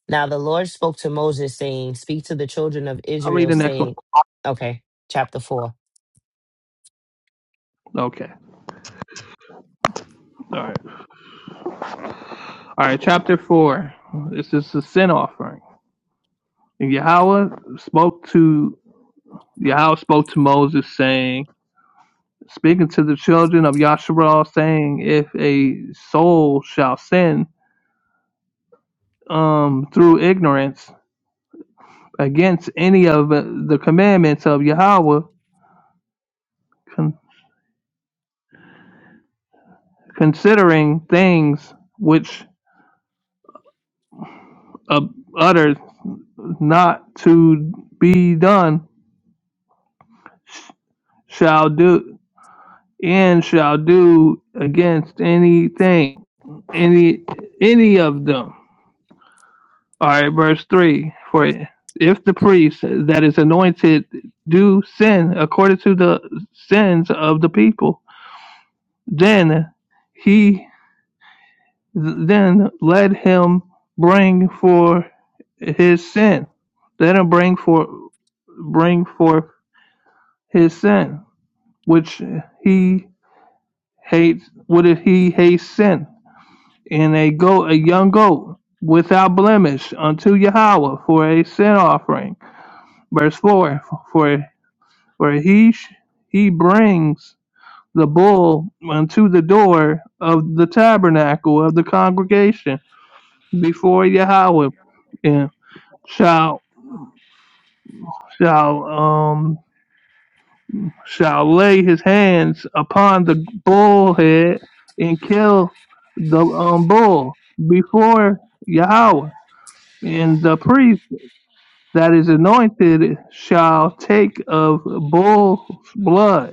Speaker 8: Now the Lord spoke to Moses, saying, Speak to the children of
Speaker 3: I'll read
Speaker 8: Israel,
Speaker 3: the next one.
Speaker 8: saying, Okay, chapter 4,
Speaker 3: Okay. All right. All right. Chapter four. This is the sin offering. And Yahweh spoke to Yahweh spoke to Moses, saying, speaking to the children of Yasharal, saying, if a soul shall sin um, through ignorance against any of the commandments of Yahweh, con- considering things which uh, uttered not to be done, shall do. and shall do against anything, any any of them. All right, verse three. For if the priest that is anointed do sin according to the sins of the people, then he then let him bring for his sin. Let him bring for bring forth his sin, which he hates. What if he hates sin? and a goat, a young goat without blemish unto Yahweh for a sin offering. Verse four, for for he sh- he brings the bull unto the door of the tabernacle of the congregation before Yahweh, and shall shall um shall lay his hands upon the bull head and kill the um, bull before Yahweh, and the priest. that is anointed shall take of bull's blood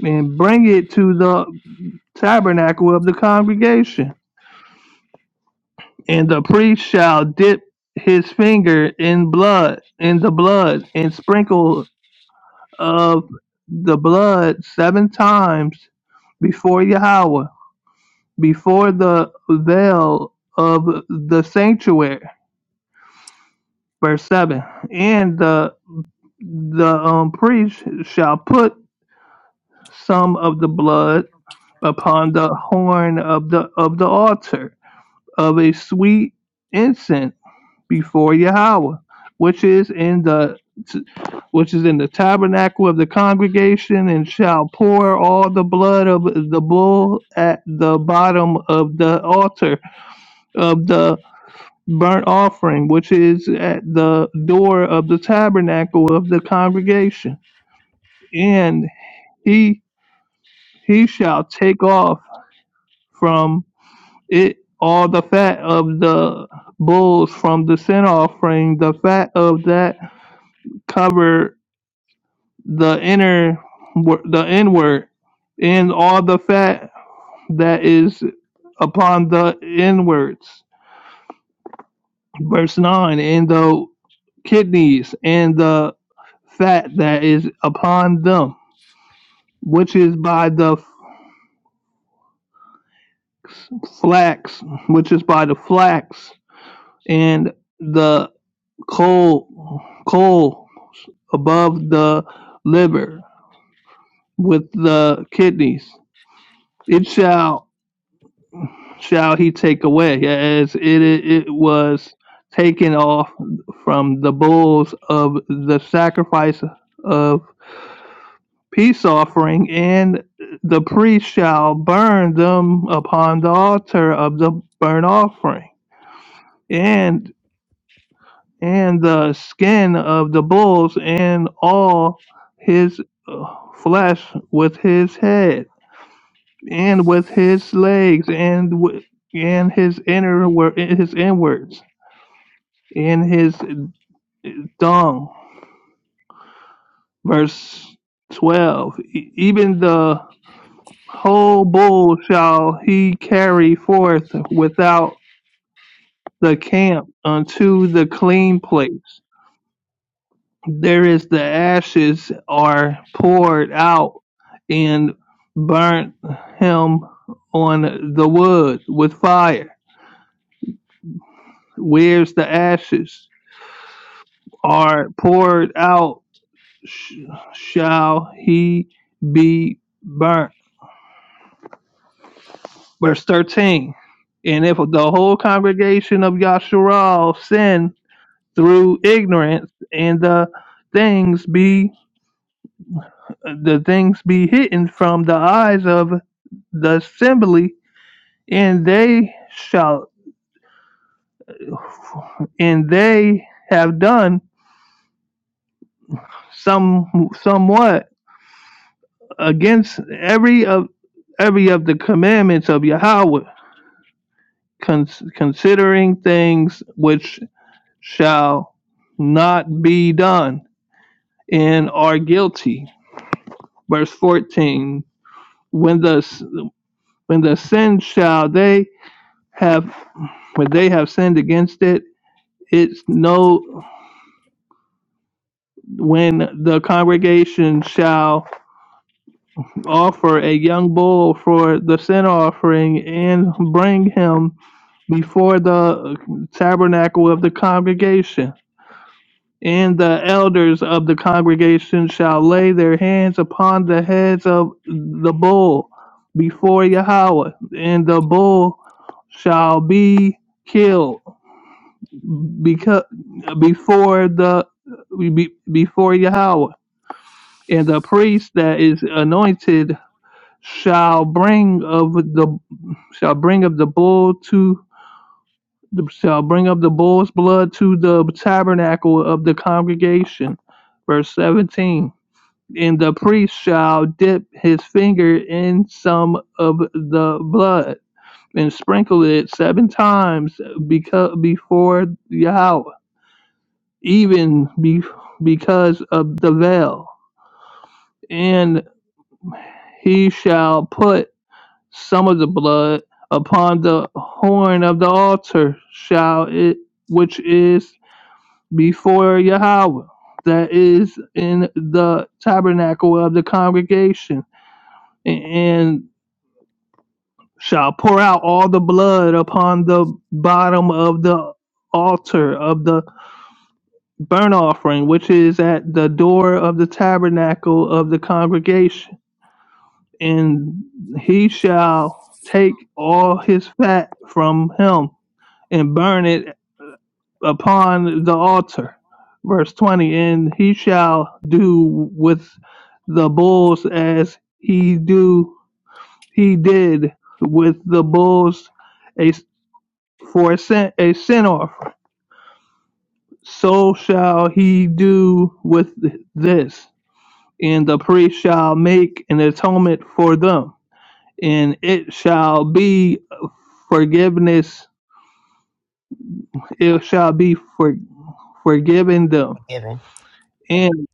Speaker 3: and bring it to the tabernacle of the congregation. And the priest shall dip his finger in blood, in the blood, and sprinkle of the blood seven times before Yahweh, before the veil of the sanctuary. Verse seven. And the the um, priest shall put some of the blood upon the horn of the of the altar of a sweet incense before Yahweh, which is in the which is in the tabernacle of the congregation, and shall pour all the blood of the bull at the bottom of the altar of the burnt offering, which is at the door of the tabernacle of the congregation, and he he shall take off from it all the fat of the bulls from the sin offering, the fat of that covered the inner, the inward, and all the fat that is upon the inwards. Verse 9, and the kidneys and the fat that is upon them, which is by the flax, which is by the flax, and the coal, coal above the liver with the kidneys. It shall shall he take away, as it it was taken off from the bulls of the sacrifice of peace offering, and the priest shall burn them upon the altar of the burnt offering, and and the skin of the bulls and all his uh, flesh with his head and with his legs and w- and his inner wor- his inwards and his dung. Verse twelve. "E- Even the whole bull shall he carry forth without the camp unto the clean place. There is the ashes are poured out and burnt him on the wood with fire. Where's the ashes? are poured out, sh- shall he be burnt. Verse 13. And if the whole congregation of Yasharal sin through ignorance, and the things be the things be hidden from the eyes of the assembly, and they shall and they have done some somewhat against every of every of the commandments of Yahweh con- considering things which shall not be done and are guilty. Verse 14 when the when the sin shall they have when they have sinned against it it's no when the congregation shall offer a young bull for the sin offering and bring him before the tabernacle of the congregation And the elders of the congregation shall lay their hands upon the heads of the bull before Yahweh, and the bull shall be killed because before the be- before Yahweh, and the priest that is anointed shall bring of the shall bring of the bull to shall bring of the bull's blood to the tabernacle of the congregation. Verse seventeen and the priest shall dip his finger in some of the blood and sprinkle it seven times beca- before Yahweh, even be- because of the veil. And he shall put some of the blood upon the horn of the altar, shall it, which is before Yahweh, that is in the tabernacle of the congregation. And shall pour out all the blood upon the bottom of the altar of the burnt offering, which is at the door of the tabernacle of the congregation. And he shall take all his fat from him and burn it upon the altar. Verse 20 And he shall do with the bulls as he do he did with the bulls a for a sin, a sin offering. So shall he do with this, and the priest shall make an atonement for them, and it shall be forgiveness. It shall be for, forgiven them,
Speaker 8: forgiven.
Speaker 3: and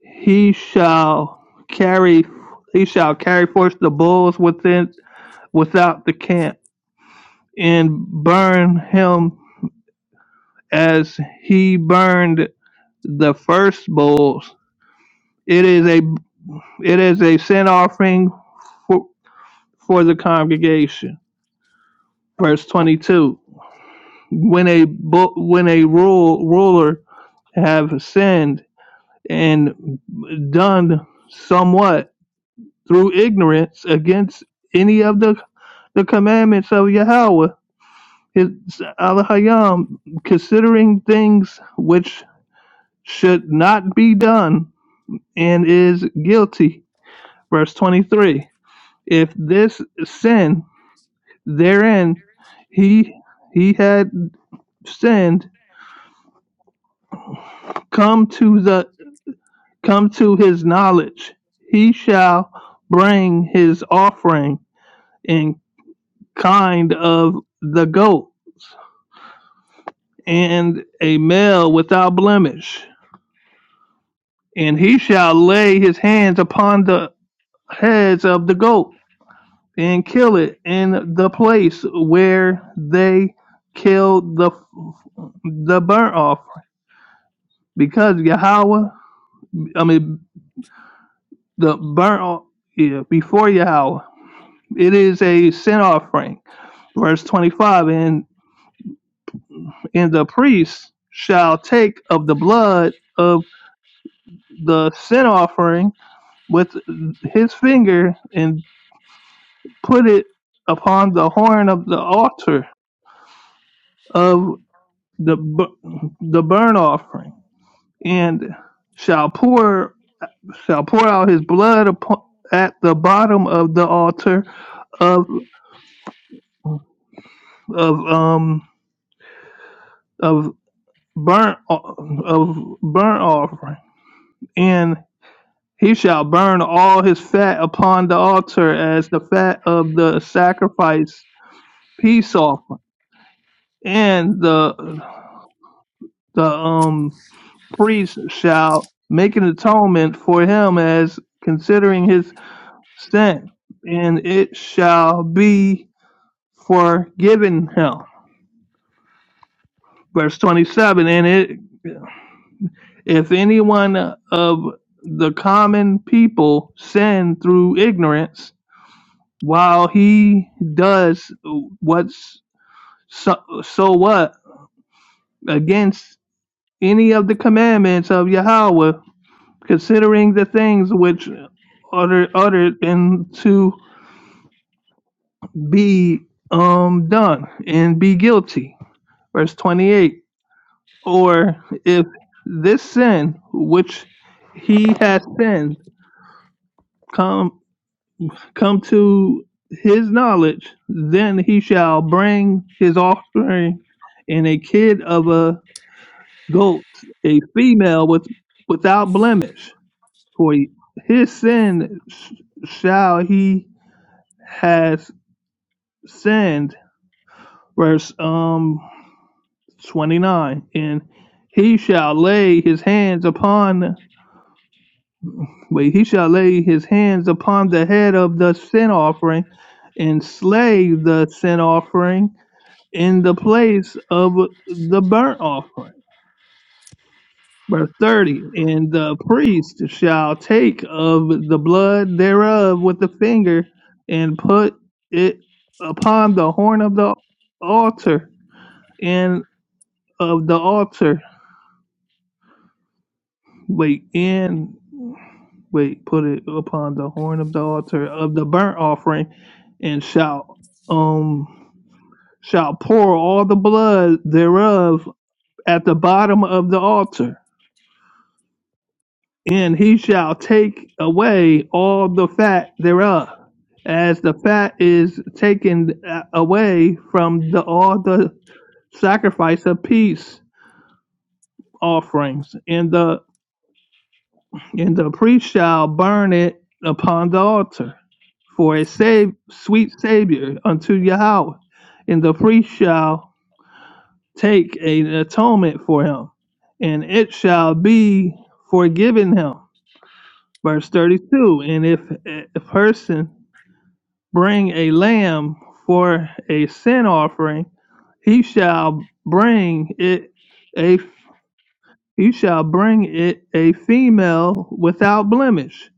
Speaker 3: he shall carry he shall carry forth the bulls within without the camp, and burn him as he burned the first bulls. It is a It is a sin offering for, for the congregation. Verse 22. When a bu- when a rule, ruler have sinned and done somewhat through ignorance against any of the the commandments of Yahweh, his Alahayam, considering things which should not be done, and is guilty. Verse 23. If this sin Therein he he had sinned come to the come to his knowledge. He shall bring his offering in kind of the goats and a male without blemish, and he shall lay his hands upon the heads of the goat and kill it in the place where they killed the the burnt offering, because Yahweh, I mean the burnt yeah, before Yahweh. It is a sin offering. Verse 25 And, and the priest shall take of the blood of the sin offering with his finger and put it upon the horn of the altar of the bu- the burnt offering and shall pour shall pour out his blood upon, at the bottom of the altar of of um of burnt of burnt offering, and he shall burn all his fat upon the altar as the fat of the sacrifice peace offering, and the the um priest shall make an atonement for him as considering his sin, and it shall be forgiven him. Verse twenty seven, and it If anyone of the common people sin through ignorance, while he does what's so, so what against any of the commandments of Yahweh, considering the things which uttered, uttered and to be um done and be guilty. Verse 28. Or if this sin which he has sinned come. come to his knowledge, then he shall bring his offspring and a kid of a goat, a female with without blemish. For his sin sh- shall he has sinned. Verse um twenty nine, and he shall lay his hands upon wait, he shall lay his hands upon the head of the sin offering and slay the sin offering in the place of the burnt offering. Verse 30 And the priest shall take of the blood thereof with the finger and put it upon the horn of the altar and of the altar. Wait, and wait, put it upon the horn of the altar of the burnt offering and shall um shall pour all the blood thereof at the bottom of the altar and he shall take away all the fat thereof, as the fat is taken uh, away from the all the sacrifice of peace offerings, and the and the priest shall burn it upon the altar for a save, sweet savior unto Yahweh, and the priest shall take an atonement for him, and it shall be forgiven him. Verse thirty-two, and if a a person bring a lamb for a sin offering, he shall bring it a he shall bring it a female without blemish.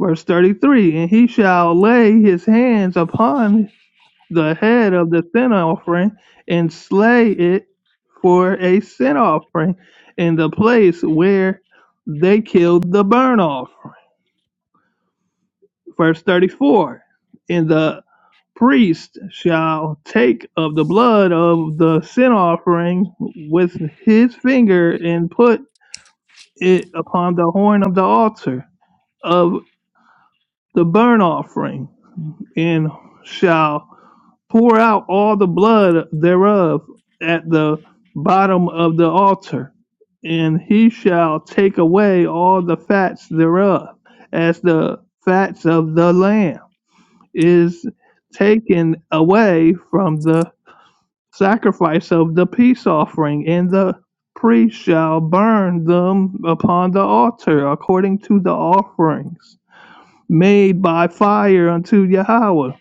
Speaker 3: Verse thirty three, and he shall lay his hands upon the head of the sin offering and slay it for a sin offering in the place where they killed the burnt offering. Verse thirty four. In the priest shall take of the blood of the sin offering with his finger and put it upon the horn of the altar of the burnt offering, and shall pour out all the blood thereof at the bottom of the altar. And he shall take away all the fats thereof, as the fats of the lamb is taken away from the sacrifice of the peace offering, and the priest shall burn them upon the altar according to the offerings made by fire unto Yahweh.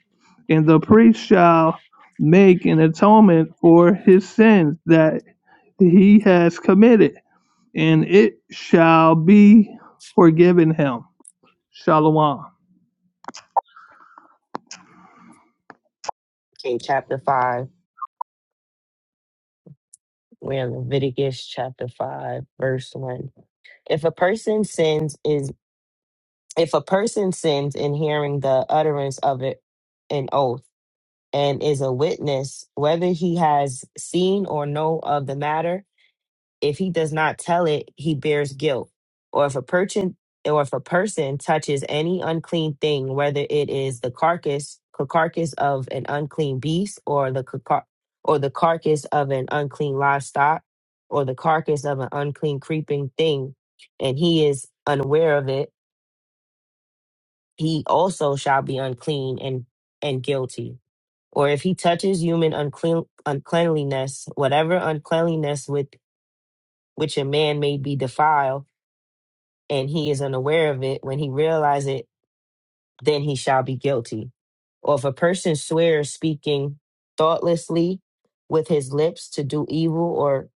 Speaker 3: And the priest shall make an atonement for his sins that he has committed, and it shall be forgiven him. Shalom. I'm
Speaker 8: Okay, chapter 5. We're in Leviticus chapter 5, verse 1. If a person sins is if a person sins in hearing the utterance of it an oath and is a witness, whether he has seen or know of the matter, If he does not tell it, he bears guilt. Or if a person or if a person touches any unclean thing, whether it is the carcass ca- carcass of an unclean beast or the ca- car- or the carcass of an unclean livestock or the carcass of an unclean creeping thing, and he is unaware of it, he also shall be unclean and and guilty or if he touches human unclean, uncleanliness, whatever uncleanliness with which a man may be defiled, and he is unaware of it, when he realize it, then he shall be guilty. Or if a person swears speaking thoughtlessly with his lips to do evil or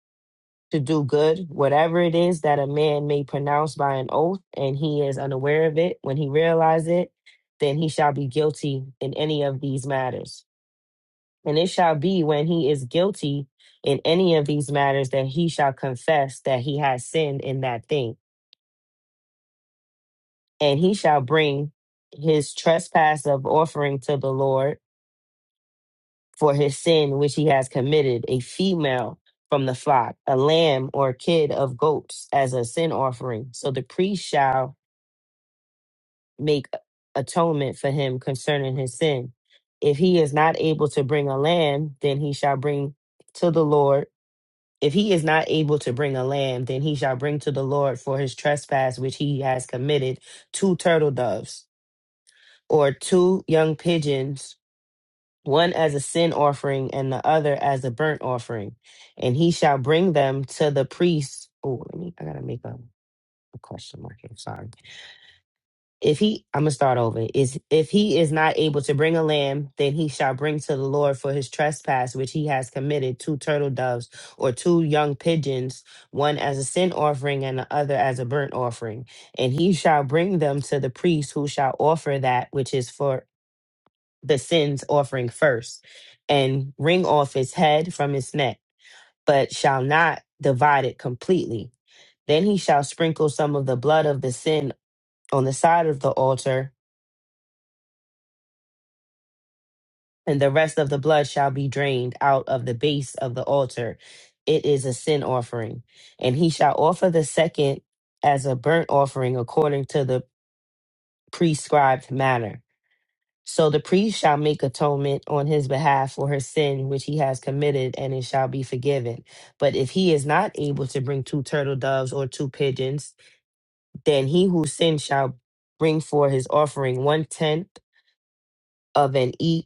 Speaker 8: to do good, whatever it is that a man may pronounce by an oath, and he is unaware of it, when he realize it, then he shall be guilty in any of these matters. And it shall be when he is guilty in any of these matters that he shall confess that he has sinned in that thing and he shall bring his trespass of offering to the Lord for his sin which he has committed, a female from the flock, a lamb or kid of goats as a sin offering. So the priest shall make atonement for him concerning his sin. If he is not able to bring a lamb, then he shall bring to the Lord. If he is not able to bring a lamb, then he shall bring to the Lord for his trespass which he has committed two turtle doves or two young pigeons, one as a sin offering and the other as a burnt offering, and he shall bring them to the priest. Oh, let me, I gotta make a, a question mark here. Sorry. If he, I'm gonna start over. Is if he is not able to bring a lamb, then he shall bring to the Lord for his trespass which he has committed two turtle doves or two young pigeons, one as a sin offering and the other as a burnt offering, and he shall bring them to the priest, who shall offer that which is for the sins offering first and wring off his head from his neck, but shall not divide it completely. Then he shall sprinkle some of the blood of the sin on the side of the altar, and the rest of the blood shall be drained out of the base of the altar. It is a sin offering. And he shall offer the second as a burnt offering according to the prescribed manner So the priest shall make atonement on his behalf for his sin which he has committed, and it shall be forgiven. But if he is not able to bring two turtle doves or two pigeons, then he who sinned shall bring for his offering one tenth of an e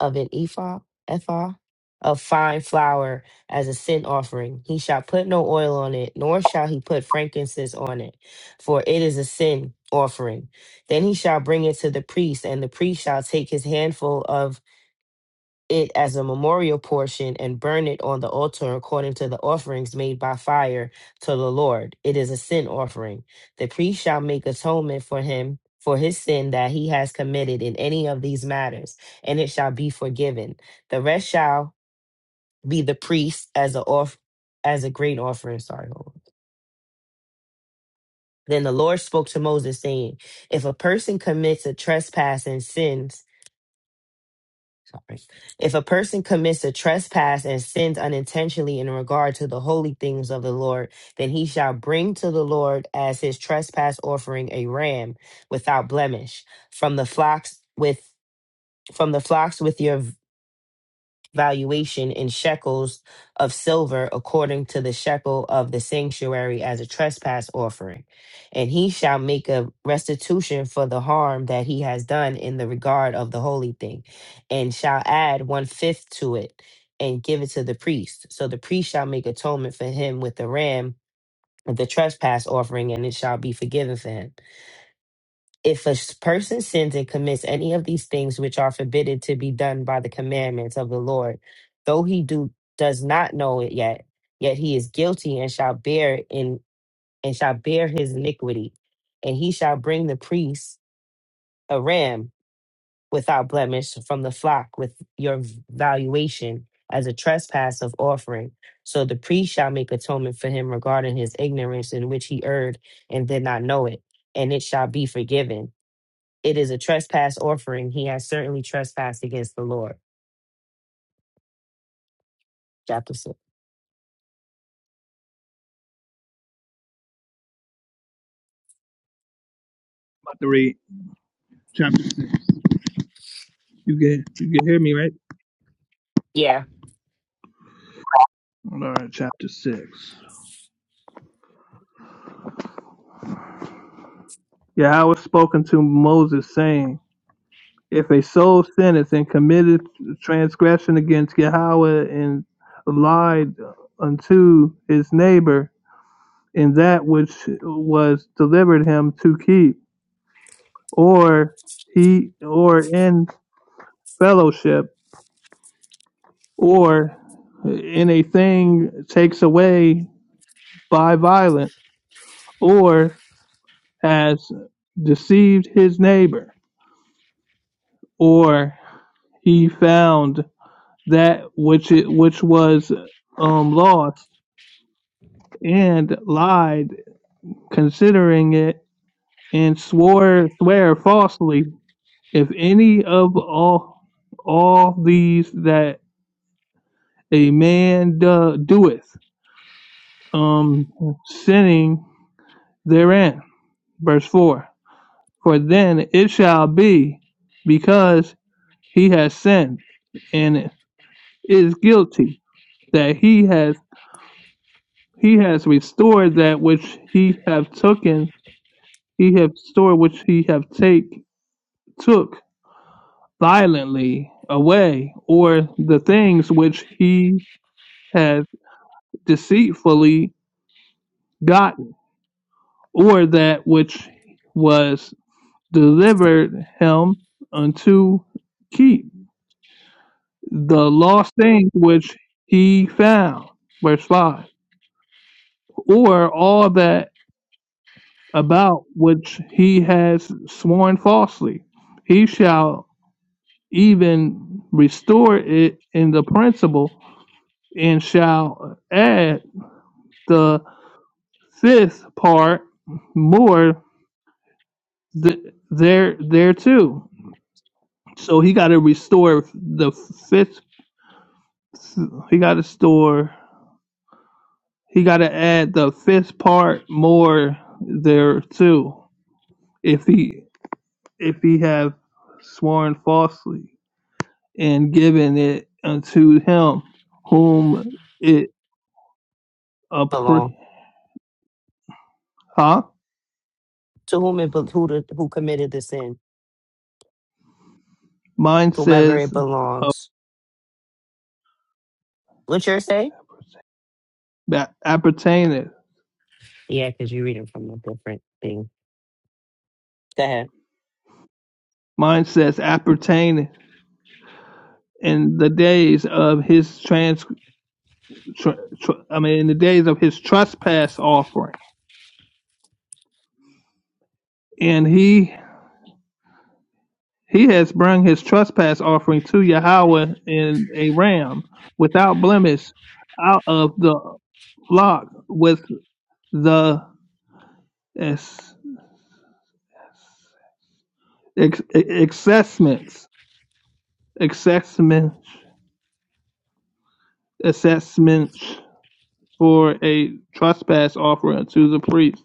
Speaker 8: of an ephah ephah of fine flour as a sin offering. He shall put no oil on it, nor shall he put frankincense on it, for it is a sin offering. Then he shall bring it to the priest, and the priest shall take his handful of it as a memorial portion and burn it on the altar according to the offerings made by fire to the Lord. It is a sin offering. The priest shall make atonement for him for his sin that he has committed in any of these matters, and it shall be forgiven. The rest shall be the priest as a off as a great offering. Sorry. hold on. Then the Lord spoke to Moses, saying, If a person commits a trespass and sins, Sorry. If a person commits a trespass and sins unintentionally in regard to the holy things of the Lord, then he shall bring to the Lord as his trespass offering a ram without blemish from the flocks with from the flocks with your valuation in shekels of silver according to the shekel of the sanctuary as a trespass offering. And he shall make a restitution for the harm that he has done in the regard of the holy thing, and shall add one fifth to it and give it to the priest. So the priest shall make atonement for him with the ram of the trespass offering, and it shall be forgiven for him. If a s- person sins and commits any of these things which are forbidden to be done by the commandments of the Lord, though he do does not know it yet, yet he is guilty and shall bear in and shall bear his iniquity, and he shall bring the priest a ram without blemish from the flock with your v- valuation as a trespass of offering. So the priest shall make atonement for him regarding his ignorance in which he erred and did not know it, and it shall be forgiven it is a trespass offering. He has certainly trespassed against the Lord. Chapter six.
Speaker 3: about to read chapter 6. You can, you can hear me, right?
Speaker 8: Yeah,
Speaker 3: All right, chapter 6. Yahweh spoken to Moses, saying, If a soul sinneth and committeth transgression against Yahweh and lied unto his neighbor in that which was delivered him to keep, or he or in fellowship, or in a thing takes away by violence, or has deceived his neighbor, or he found that which it, which was um, lost and lied considering it and swore swear falsely if any of all all these that a man do, doeth um sinning therein verse 4 for then it shall be because he has sinned and is guilty that he has he has restored that which he have taken he have restored which he have take took violently away, or the things which he had deceitfully gotten, or that which was delivered him unto keep, the lost things which he found. Verse 5. Or all that about which he has sworn falsely, he shall even restore it in the principal, and shall add the fifth part more th- there there too. So he got to restore the fifth. He got to store. He got to add the fifth part more there too. If he if he have sworn falsely and given it unto him whom it appre-
Speaker 8: belong
Speaker 3: huh?
Speaker 8: to whom it be- who the, who committed the sin,
Speaker 3: Mine
Speaker 8: whomever it
Speaker 3: says uh,
Speaker 8: belongs. What you're saying?
Speaker 3: appertaineth.
Speaker 8: Yeah, because you're reading from a different thing. Go ahead.
Speaker 3: Mine says appertaineth in the days of his trans, tr tr- I mean, in the days of his trespass offering, and he he has brought his trespass offering to Yahweh in a ram without blemish out of the flock with the ex, ex, assessments, assessments, assessments for a trespass offering to the priest.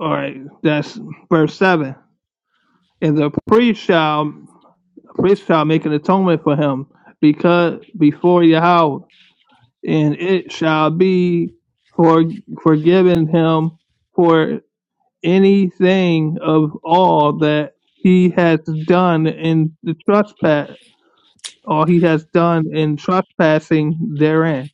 Speaker 3: All right, that's verse seven. And the priest shall Christ shall make an atonement for him because before Yahweh, and it shall be for forgiven him for anything of all that he has done in the trespass or he has done in trespassing therein.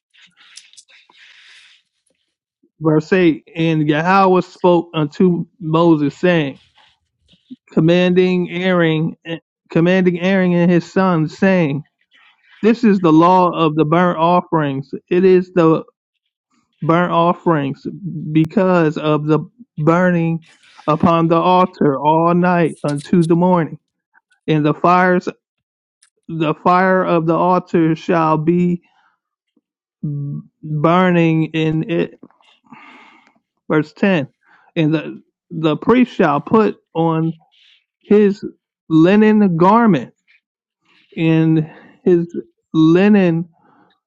Speaker 3: Verse eight and Yahweh spoke unto Moses, saying, commanding Aaron commanding Aaron and his sons, saying, This is the law of the burnt offerings. It is the burnt offerings because of the burning upon the altar all night unto the morning. And the fires the fire of the altar shall be burning in it. Verse ten. And the the priest shall put on his linen garment and his linen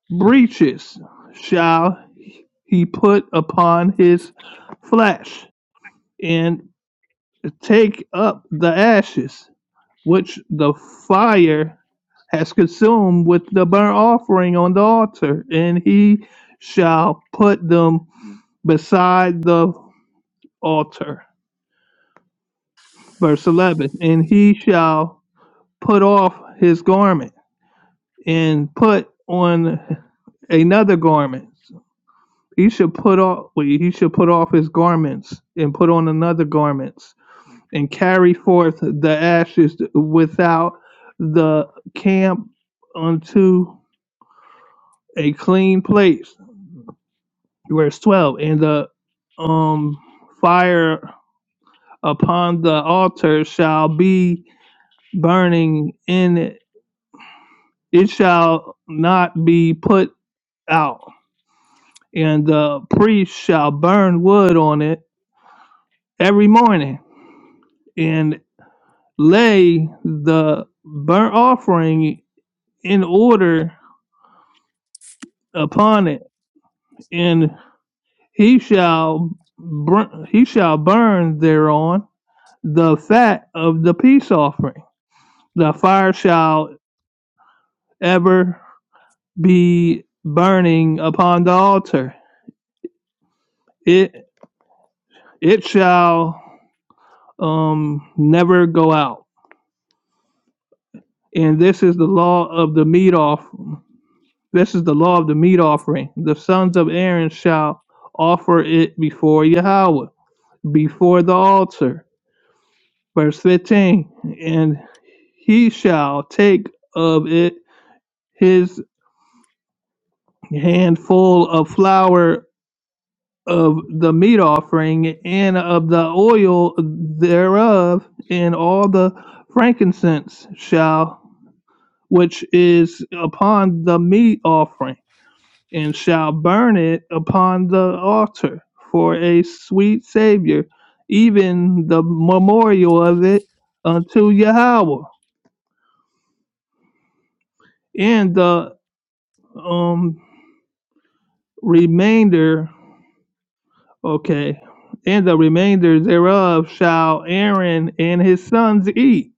Speaker 3: breeches shall. he put upon his flesh, and take up the ashes which the fire has consumed with the burnt offering on the altar, and he shall put them beside the altar. Verse 11 And he shall put off his garment and put on another garment. He should put off wait, he should put off his garments and put on another garment. and carry forth the ashes without the camp unto a clean place. Verse 12 And the um, fire upon the altar shall be burning in it, it shall not be put out. And the priest shall burn wood on it every morning and lay the burnt offering in order upon it and he shall br- he shall burn thereon the fat of the peace offering. The fire shall ever be burning upon the altar. It it shall um never go out. And this is the law of the meat off. This is the law of the meat offering. The sons of Aaron shall offer it before Yahweh, before the altar Verse 15 And he shall take of it his handful of flour of the meat offering and of the oil thereof, and all the frankincense shall which is upon the meat offering, and shall burn it upon the altar for a sweet Savior, even the memorial of it unto Yahweh. and the um remainder okay and the remainder thereof shall aaron and his sons eat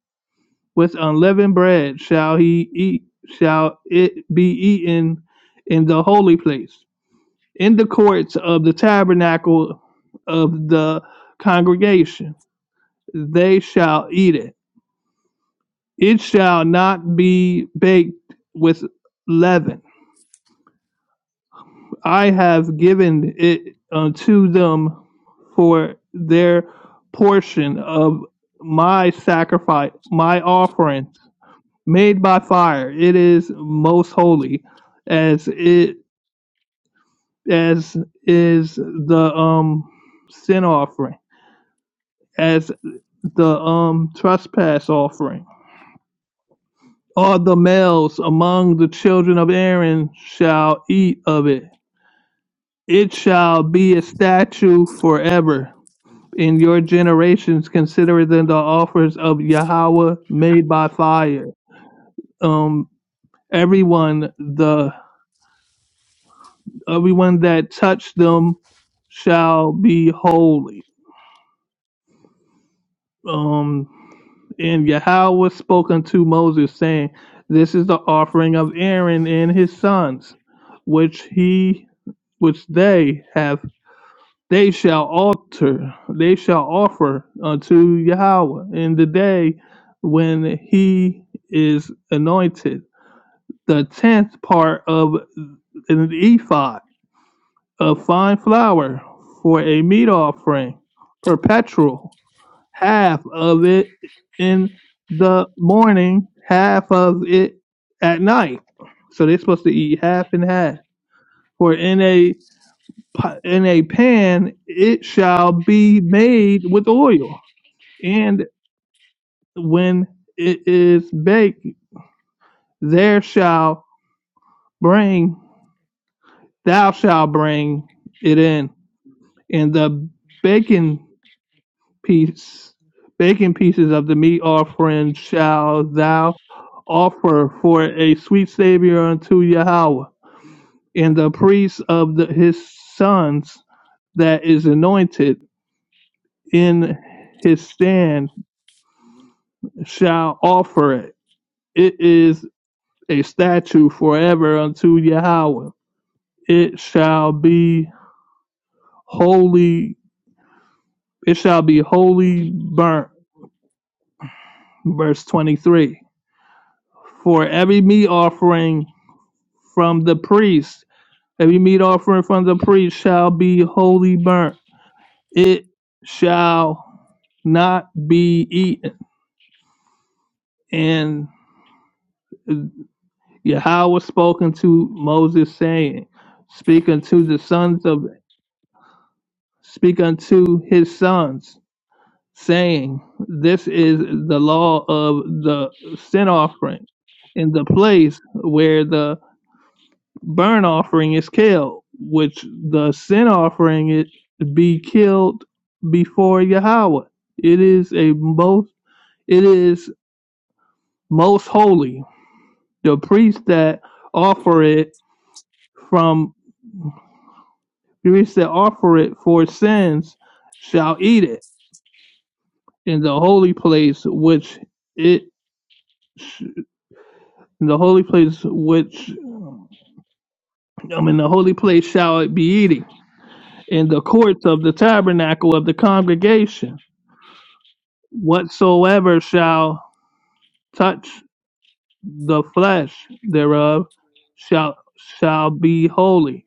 Speaker 3: with unleavened bread shall he eat shall it be eaten in the holy place in the courts of the tabernacle of the congregation they shall eat it it shall not be baked with leaven I have given it unto them for their portion of my sacrifice, my offering made by fire. It is most holy, as it as is the um sin offering, as the um trespass offering. All the males among the children of Aaron shall eat of it. It shall be a statute forever In your generations consider them the offers of Yahweh made by fire. Um, everyone the everyone that touched them shall be holy. Um, and Yahweh spoke unto Moses, saying, This is the offering of Aaron and his sons, which he which they have they shall alter, they shall offer unto Yahweh in the day when he is anointed the tenth part of an ephod of fine flour for a meat offering, perpetual, half of it in the morning, half of it at night. So they're supposed to eat half and half. For in a in a pan it shall be made with oil and when it is baked there shall bring thou shalt bring it in and the bacon piece bacon pieces of the meat offering shall thou offer for a sweet savior unto Yahweh and the priest of the, his sons that is anointed in his stand shall offer it. It is a statute forever unto Yahweh. It shall be holy. It shall be wholly burnt. Verse 23. For every meat offering from the priest, every meat offering from the priest shall be wholly burnt. It shall not be eaten. And Yahweh spoken to Moses, saying, Speaking to the sons of speak unto his sons, saying, This is the law of the sin offering in the place where the burnt offering is killed, which the sin offering it be killed before Yahweh. It is a most it is most holy. The priests that offer it from priests that offer it for sins shall eat it in the holy place which it in the holy place which I mean the holy place shall it be eating in the courts of the tabernacle of the congregation whatsoever shall touch the flesh thereof shall shall be holy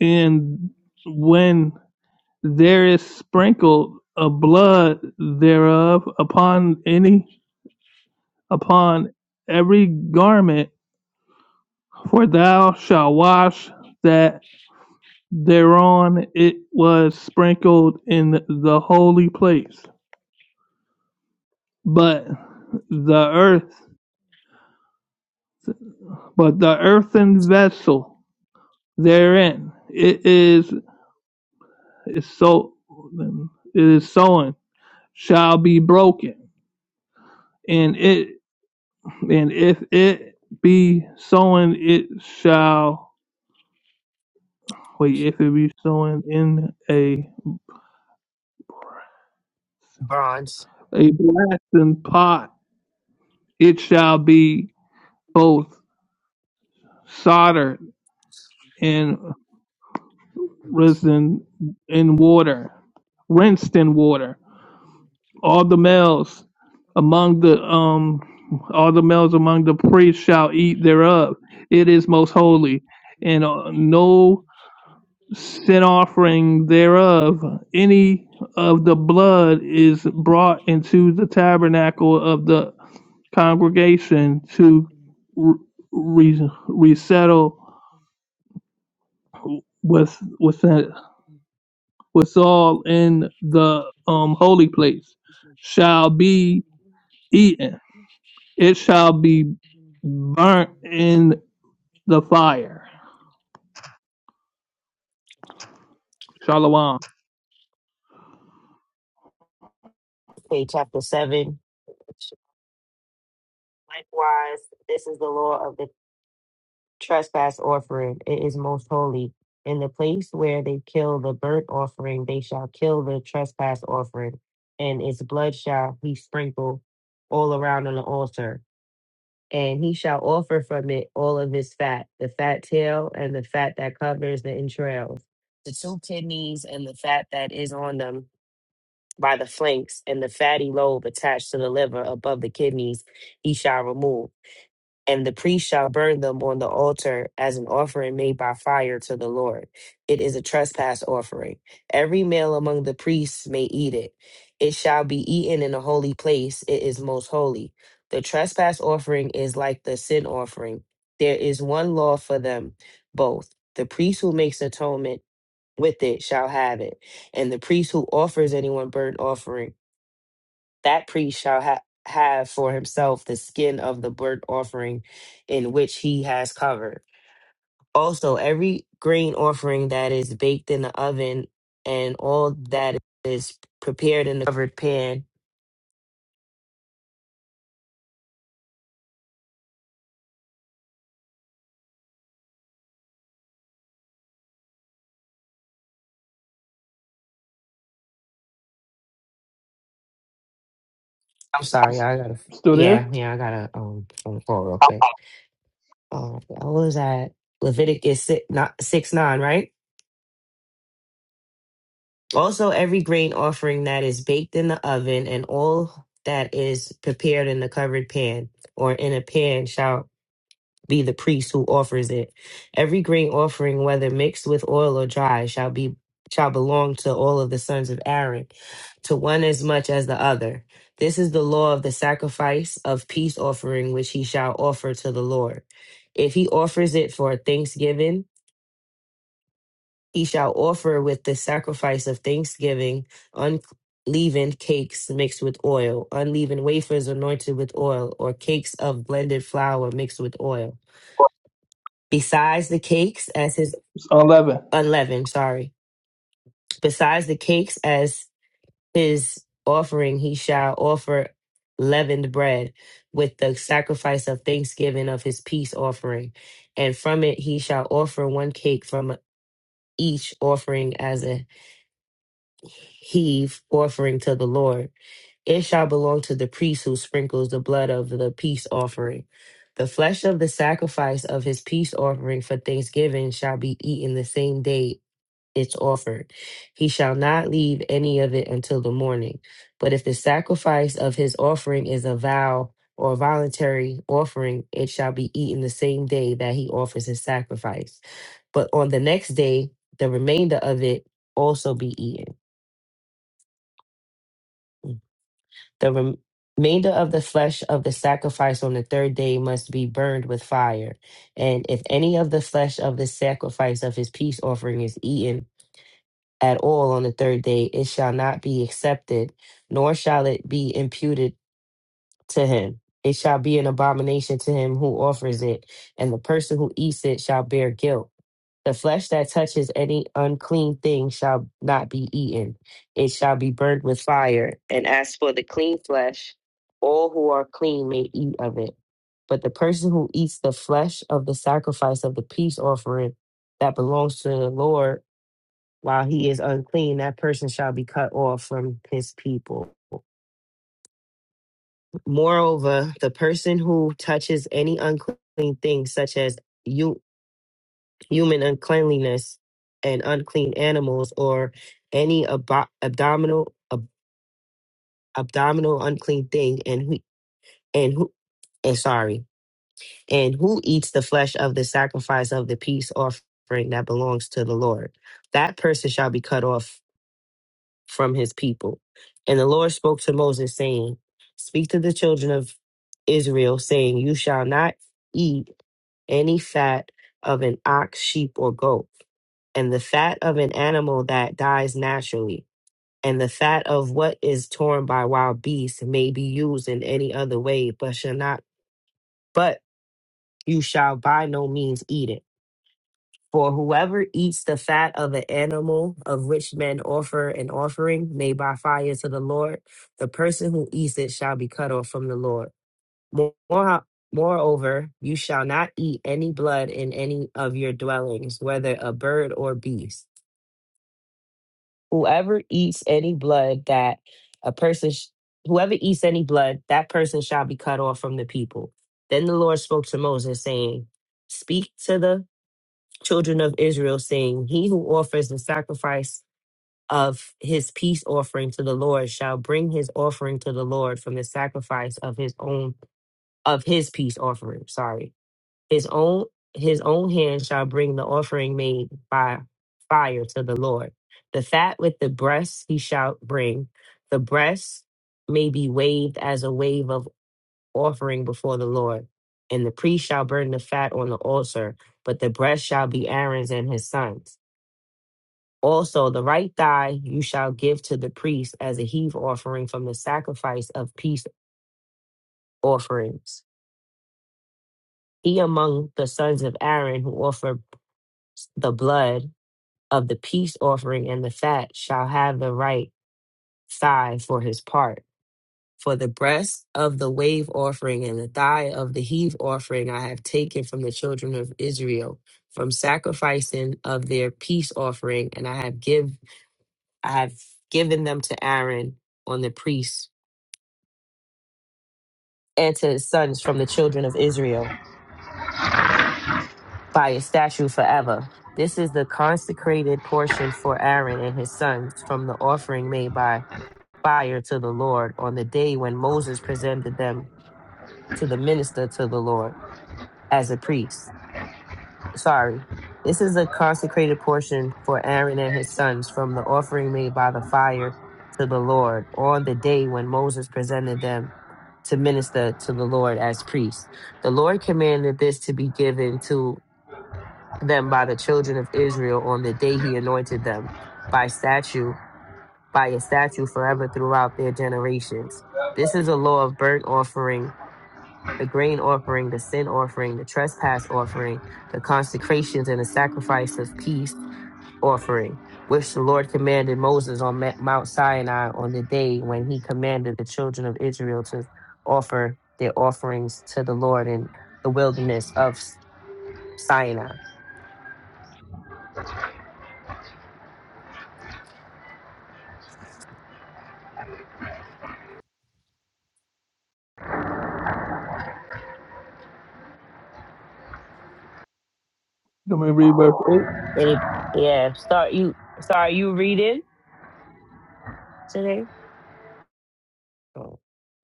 Speaker 3: and when there is sprinkled a blood thereof upon any upon every garment for thou shalt wash that Thereon it was sprinkled in the holy place, but the earth, but the earthen vessel therein it is is so it is sown shall be broken, and it and if it be sown, it shall wait. If it be sown in a
Speaker 8: Bronze.
Speaker 3: a blastened pot, it shall be both soldered and. risen in in water, rinsed in water. All the males among the um, all the males among the priests shall eat thereof. It is most holy, and uh, no sin offering thereof. Any of the blood is brought into the tabernacle of the congregation to re- re- resettle with with what's all in the um, holy place shall be eaten. It shall be burnt in the fire. Shalom.
Speaker 8: Okay, chapter seven. Likewise, this is the law of the trespass offering. It is most holy. In the place where they kill the burnt offering, they shall kill the trespass offering, and its blood shall he sprinkle all around on the altar. And he shall offer from it all of his fat, the fat tail and the fat that covers the entrails, the two kidneys and the fat that is on them by the flanks, and the fatty lobe attached to the liver above the kidneys, he shall remove and the priest shall burn them on the altar as an offering made by fire to the Lord. It is a trespass offering. Every male among the priests may eat it. It shall be eaten in a holy place. It is most holy. The trespass offering is like the sin offering. There is one law for them both. The priest who makes atonement with it shall have it, and the priest who offers anyone burnt offering that priest shall ha- have for himself the skin of the burnt offering in which he has covered. Also, every grain offering that is baked in the oven and all that is prepared in the covered pan I'm sorry. I gotta.
Speaker 3: Still there?
Speaker 8: Yeah, yeah. I gotta um phone call real quick. Uh, I was at Leviticus six, not, six nine, right? Also, every grain offering that is baked in the oven and all that is prepared in the covered pan or in a pan shall be the priest who offers it. Every grain offering, whether mixed with oil or dry, shall be shall belong to all of the sons of Aaron, to one as much as the other. This is the law of the sacrifice of peace offering which he shall offer to the Lord. If he offers it for thanksgiving, he shall offer with the sacrifice of thanksgiving unleavened cakes mixed with oil, unleavened wafers anointed with oil, or cakes of blended flour mixed with oil besides the cakes as his
Speaker 3: It's 11.
Speaker 8: unleavened, sorry, besides the cakes as his offering, he shall offer leavened bread with the sacrifice of thanksgiving of his peace offering. And from it he shall offer one cake from each offering as a heave offering to the Lord. It shall belong to the priest who sprinkles the blood of the peace offering. The flesh of the sacrifice of his peace offering for thanksgiving shall be eaten the same day it's offered. He shall not leave any of it until the morning. But if the sacrifice of his offering is a vow or voluntary offering, it shall be eaten the same day that he offers his sacrifice. But on the next day, the remainder of it also be eaten. The rem- remainder of the flesh of the sacrifice on the third day must be burned with fire. And if any of the flesh of the sacrifice of his peace offering is eaten, at all on the third day, it shall not be accepted, nor shall it be imputed to him. It shall be an abomination to him who offers it, and the person who eats it shall bear guilt. The flesh that touches any unclean thing shall not be eaten, it shall be burned with fire. And as for the clean flesh, all who are clean may eat of it. But the person who eats the flesh of the sacrifice of the peace offering that belongs to the Lord, while he is unclean, that person shall be cut off from his people. Moreover, the person who touches any unclean thing, such as you, human uncleanliness and unclean animals, or any abo- abdominal ab- abdominal unclean thing, and who and who and sorry, and who eats the flesh of the sacrifice of the peace offering that belongs to the Lord, that person shall be cut off. from his people. And the Lord spoke to Moses, saying, Speak to the children of Israel, saying, You shall not eat any fat of an ox, sheep, or goat, and the fat of an animal that dies naturally, and the fat of what is torn by wild beasts may be used in any other way, but shall not, but you shall by no means eat it for whoever eats the fat of an animal of which men offer an offering made by fire to the Lord, the person who eats it shall be cut off from the Lord. More- Moreover, you shall not eat any blood in any of your dwellings, whether a bird or beast. Whoever eats any blood that a person, sh- whoever eats any blood, that person shall be cut off from the people. Then the Lord spoke to Moses, saying, Speak to the children of Israel, saying, He who offers the sacrifice of his peace offering to the Lord shall bring his offering to the Lord from the sacrifice of his own of his peace offering. Sorry. His own his own hand shall bring the offering made by fire to the Lord. The fat with the breasts he shall bring. The breasts may be waved as a wave of offering before the Lord. And the priest shall burn the fat on the altar, but the breast shall be Aaron's and his sons. Also, the right thigh you shall give to the priest as a heave offering from the sacrifice of peace offerings. He among the sons of Aaron who offer the blood of the peace offering and the fat shall have the right thigh for his part. For the breast of the wave offering and the thigh of the heave offering I have taken from the children of Israel, from sacrificing of their peace offering, and I have give I have given them to Aaron on the priests and to his sons from the children of Israel by a statute forever. This is the consecrated portion for Aaron and his sons from the offering made by fire to the Lord on the day when Moses presented them to the minister to the Lord as a priest. sorry. This is a consecrated portion for Aaron and his sons from the offering made by the fire to the Lord on the day when Moses presented them to minister to the Lord as priests. The Lord commanded this to be given to them by the children of Israel on the day he anointed them by statue, by a statue forever throughout their generations. This is a law of burnt offering the grain offering, the sin offering, the trespass offering, the consecrations and the sacrifice of peace offering, which the Lord commanded Moses on Ma- Mount Sinai on the day when he commanded the children of Israel to offer their offerings to the Lord in the wilderness of S- Sinai.
Speaker 3: You want me to read verse 8?
Speaker 8: Any, yeah, start you. Sorry, you reading today? Oh,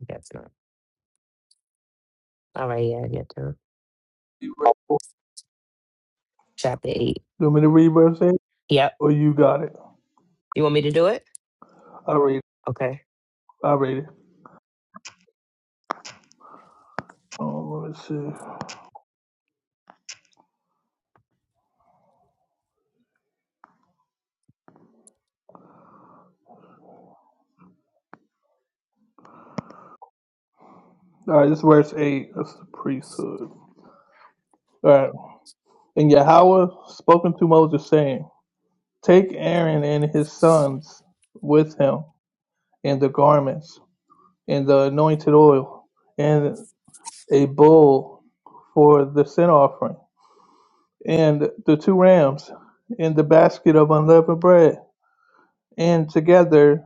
Speaker 8: that's not. All right, yeah, I get to
Speaker 3: You
Speaker 8: chapter eight.
Speaker 3: want me to read verse 8?
Speaker 8: Yep.
Speaker 3: Or you got it?
Speaker 8: You want me to do it?
Speaker 3: I'll read it.
Speaker 8: Okay. Okay,
Speaker 3: I'll read it. Oh, let me see. All right, this is verse 8. That's the priesthood. All right. And Yahweh spoke unto Moses, saying, Take Aaron and his sons with him, and the garments, and the anointed oil, and a bull for the sin offering, and the two rams, and the basket of unleavened bread. And together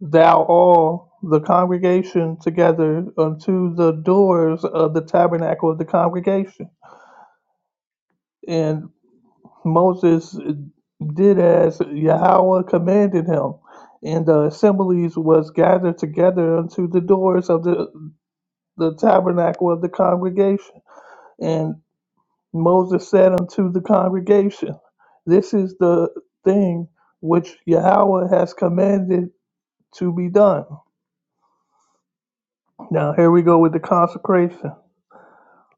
Speaker 3: thou all the congregation together unto the doors of the tabernacle of the congregation. and Moses did as Yahweh commanded him, and the assemblies was gathered together unto the doors of the, the tabernacle of the congregation. And Moses said unto the congregation, This is the thing which Yahweh has commanded to be done. Now here we go with the consecration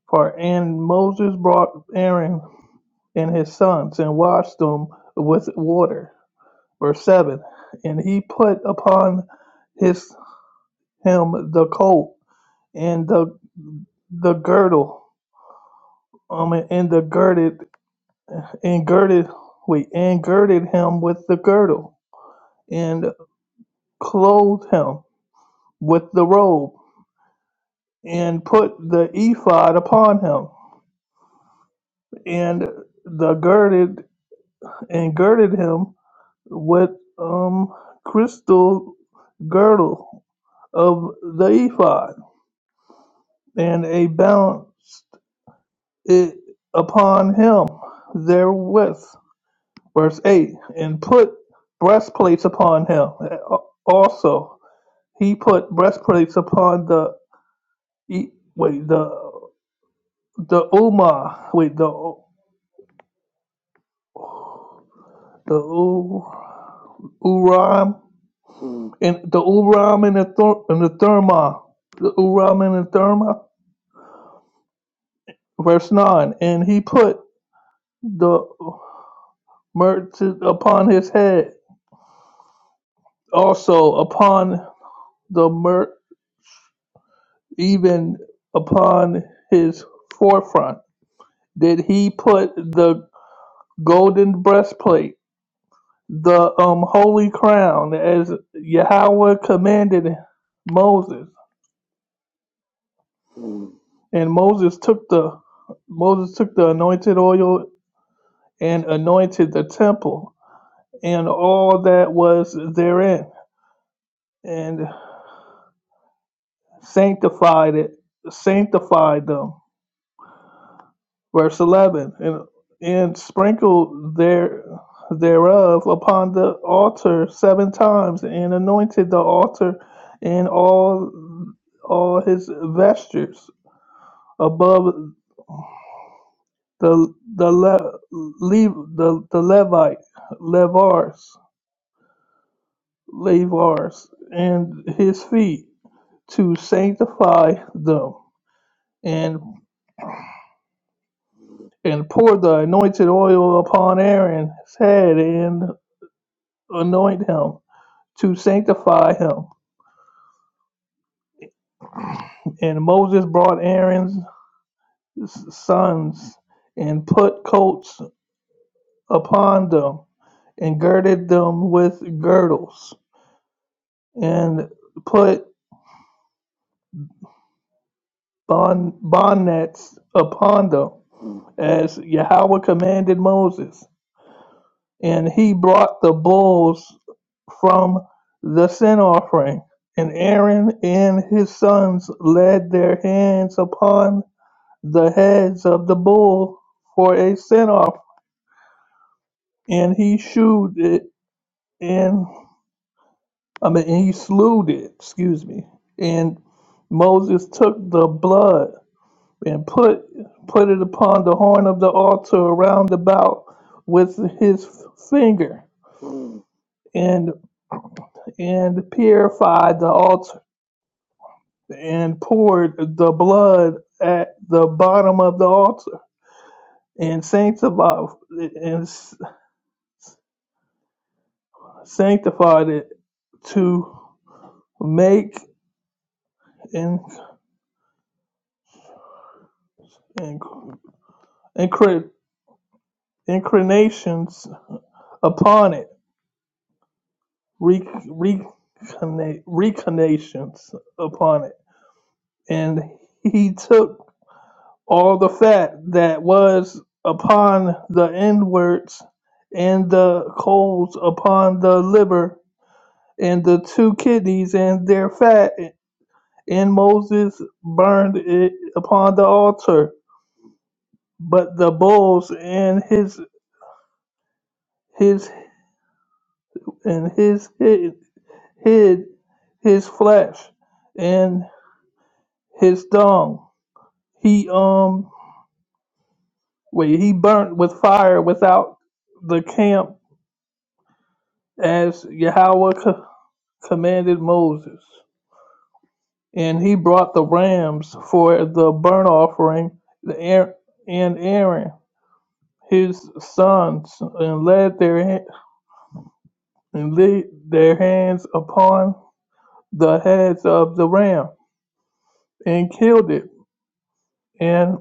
Speaker 3: part. And Moses brought Aaron and his sons and washed them with water verse 7 and he put upon his him the coat and the the girdle um and the girded and girded wait and girded him with the girdle and clothed him with the robe and put the ephod upon him and the girded and girded him with um crystal girdle of the ephod and a balance it upon him therewith. Verse 8 And put breastplates upon him. Also, he put breastplates upon the, E- wait, the, the Umah, wait, the, the U, Uram, and the Uram and the, Thur, and the Therma, the Uram and the Therma. Verse 9 And he put the merchant upon his head, also upon the myrrh Even upon his forefront did he put the golden breastplate, the um, holy crown, as Yahweh commanded Moses. And Moses took the Moses took the anointed oil and anointed the temple and all that was therein, and sanctified it, sanctified them Verse 11 And, and sprinkle there, thereof upon the altar seven times, and anointed the altar and all, all his vestures above the, the, le, le, the, the Levite, Levars, Levars, and his feet to sanctify them. And and pour the anointed oil upon Aaron's head and anoint him. to sanctify him. And Moses brought Aaron's sons and put coats upon them and girded them with girdles and put bond, bonnets upon them as Yahweh commanded Moses. And he brought the bulls from the sin offering. And Aaron and his sons laid their hands upon the heads of the bull for a sin off, and he shewed it, and I mean, and he slew it. Excuse me. And Moses took the blood and put put it upon the horn of the altar around about with his finger, and and purified the altar, and poured the blood at the bottom of the altar, and sanctified and sanctified it to make in, in, incre- incarnations upon it, re, reconna- recarnations upon it. And he took all the fat that was upon the inwards and the coals upon the liver and the two kidneys and their fat, and Moses burned it upon the altar But the bulls and his his and his hid, hid his flesh and his dung. He um wait he burnt with fire without the camp as Yahweh co- commanded Moses. And he brought the rams for the burnt offering the Aar- and Aaron his sons and laid their ha- and laid their hands upon the heads of the ram and killed it. And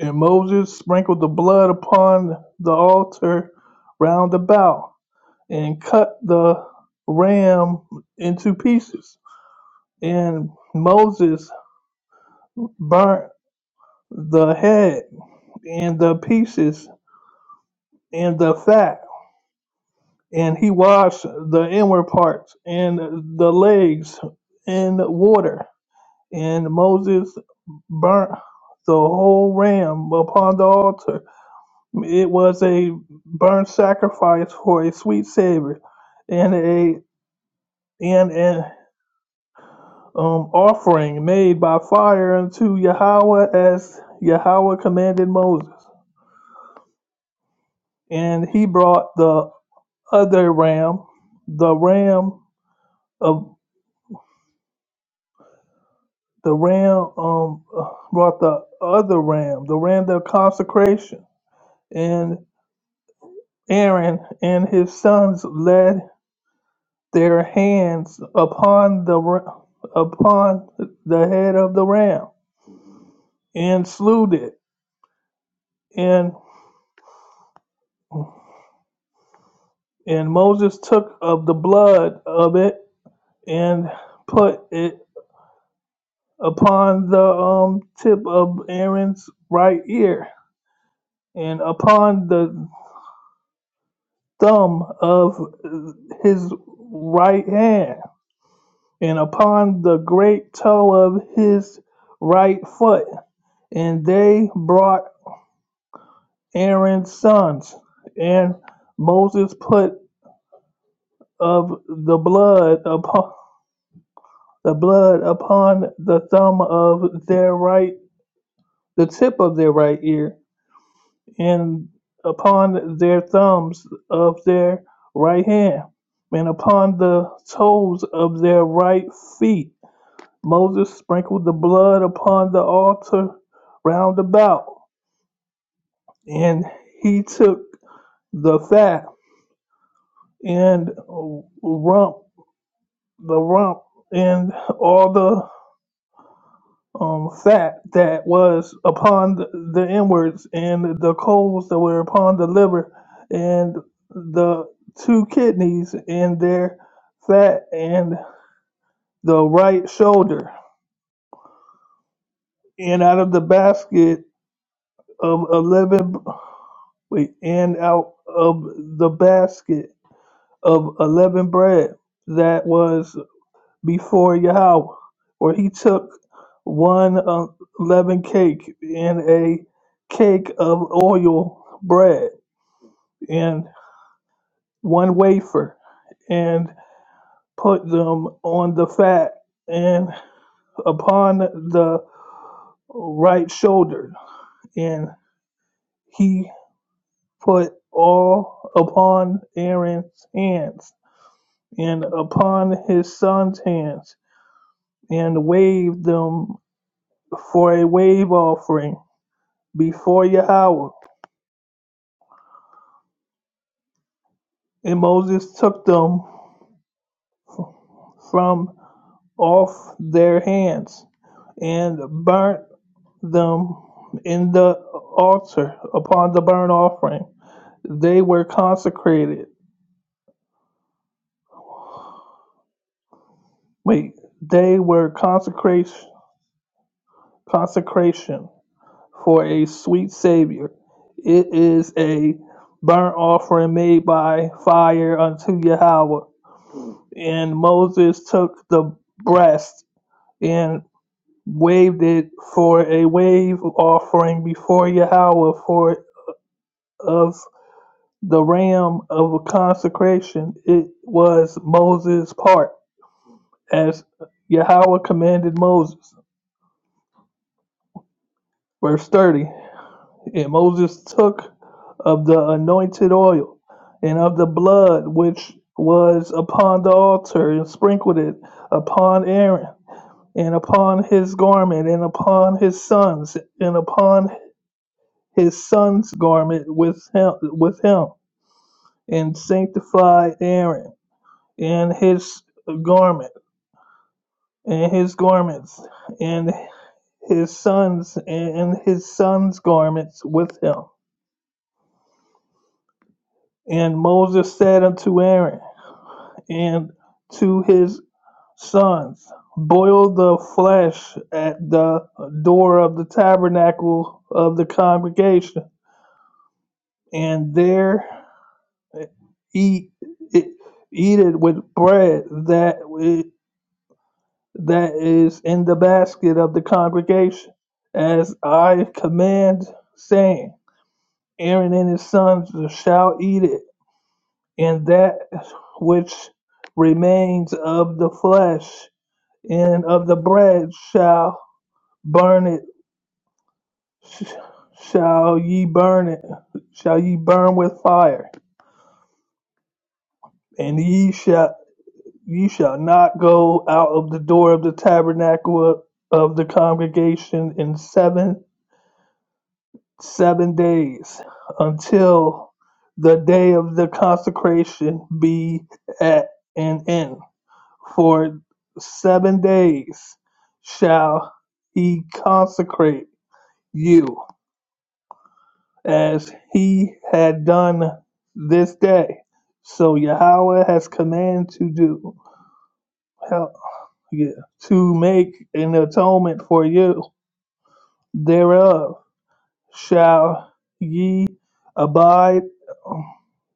Speaker 3: and Moses sprinkled the blood upon the altar round about, and cut the ram into pieces. And Moses burnt the head and the pieces and the fat, and he washed the inward parts and the legs in water. And Moses burnt the whole ram upon the altar It was a burnt sacrifice for a sweet savor, and a and an um, offering made by fire unto Yahweh as Yahweh commanded Moses. And he brought the other ram, the ram of the ram um brought the other ram, the ram of consecration, and Aaron and his sons led. their hands upon the ra- upon the head of the ram and slew it and and Moses took of the blood of it and put it upon the um, tip of Aaron's right ear and upon the thumb of his right hand and upon the great toe of his right foot and they brought Aaron's sons, and Moses put of the blood upon the blood upon the thumb of their right, the tip of their right ear, and upon their thumbs of their right hand, and upon the toes of their right feet. Moses sprinkled the blood upon the altar round about, and he took the fat and rump the rump and all the um, fat that was upon the, the inwards and the coals that were upon the liver and the two kidneys and their fat and the right shoulder and out of the basket of 11 wait and out of the basket of 11 bread that was before Yahweh, where he took one uh, leavened cake and a cake of oil bread and one wafer and put them on the fat and upon the right shoulder. And he put all upon Aaron's hands and upon his son's hands and waved them for a wave offering before Yahweh. And Moses took them from off their hands and burnt them in the altar upon the burnt offering. They were consecrated. Wait, they were consecration consecration for a sweet savior. It is a burnt offering made by fire unto Yahweh. And Moses took the breast and. waved it for a wave offering before Yahweh for of the ram of a consecration. It was Moses' part, as Yahweh commanded Moses. Verse 30 And Moses took of the anointed oil and of the blood which was upon the altar and sprinkled it upon Aaron and upon his garment and upon his sons and upon his son's garment with him, with him and sanctified Aaron and his garment and his garments and his sons and his son's garments with him. And Moses said unto Aaron and to his sons, Boil the flesh at the door of the tabernacle of the congregation, and there eat it, eat it with bread that i- that is in the basket of the congregation, as I command, saying, Aaron and his sons shall eat it, and that which remains of the flesh and of the bread shall burn it. sh- Shall ye burn it? Shall ye burn with fire? And ye shall. Ye shall not go out of the door of the tabernacle of the congregation in seven seven days until the day of the consecration be at an end. For seven days shall he consecrate you, as he had done this day. So Yahweh has command to do. yeah, to make an atonement for you thereof. Shall ye abide?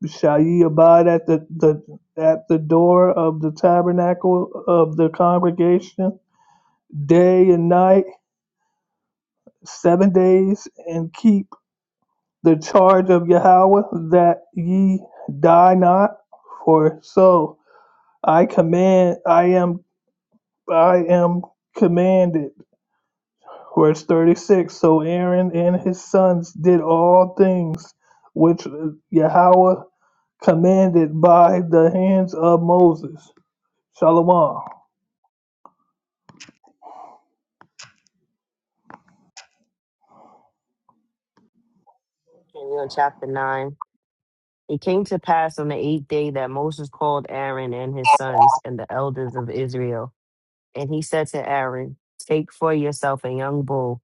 Speaker 3: Shall ye abide at the, the at the door of the tabernacle of the congregation day and night, seven days, and keep the charge of Yahweh that ye die not? For so I command, I am, I am commanded Verse 36 So Aaron and his sons did all things which Yahweh commanded by the hands of Moses. Shalom.
Speaker 8: we're on chapter nine. It came to pass on the eighth day that Moses called Aaron and his sons and the elders of Israel. And he said to Aaron, Take for yourself a young bull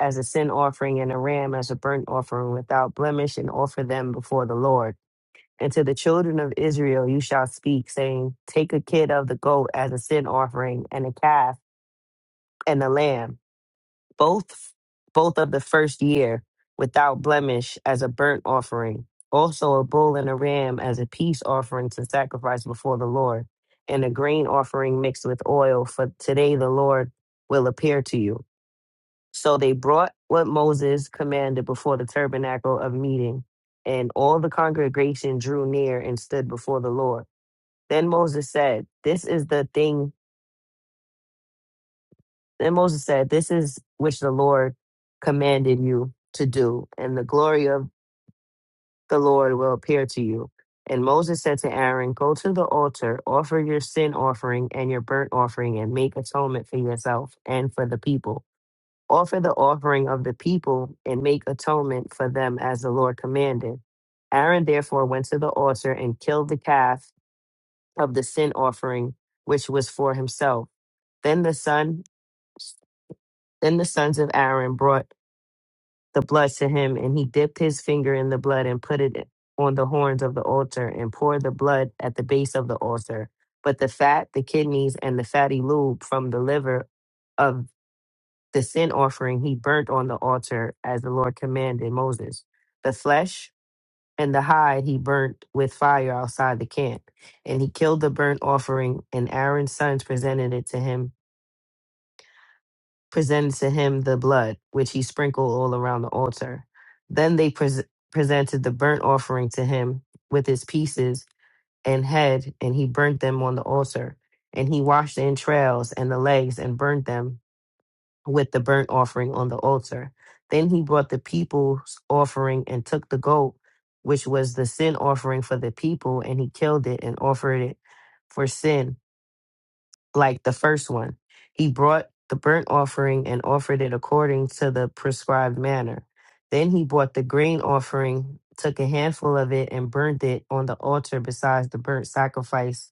Speaker 8: as a sin offering and a ram as a burnt offering without blemish and offer them before the Lord. And to the children of Israel you shall speak, saying, Take a kid of the goat as a sin offering and a calf and a lamb both both of the first year without blemish as a burnt offering also a bull and a ram as a peace offering to sacrifice before the lord and a grain offering mixed with oil for today the lord will appear to you so they brought what moses commanded before the tabernacle of meeting and all the congregation drew near and stood before the lord then moses said this is the thing Then Moses said, This is which the Lord commanded you to do, and the glory of the Lord will appear to you. And Moses said to Aaron, Go to the altar, offer your sin offering and your burnt offering, and make atonement for yourself and for the people. Offer the offering of the people and make atonement for them as the Lord commanded. Aaron therefore went to the altar and killed the calf of the sin offering, which was for himself. Then the son then the sons of Aaron brought the blood to him, and he dipped his finger in the blood and put it on the horns of the altar and poured the blood at the base of the altar. But the fat, the kidneys, and the fatty lube from the liver of the sin offering he burnt on the altar as the Lord commanded Moses. The flesh and the hide he burnt with fire outside the camp. And he killed the burnt offering, and Aaron's sons presented it to him presented to him the blood, which he sprinkled all around the altar. Then they pres- presented the burnt offering to him with its pieces and head, and he burnt them on the altar. And he washed the entrails and the legs and burnt them with the burnt offering on the altar. Then he brought the people's offering and took the goat, which was the sin offering for the people, and he killed it and offered it for sin like the first one. He brought the burnt offering and offered it according to the prescribed manner. Then he brought the grain offering, took a handful of it, and burnt it on the altar besides the burnt sacrifice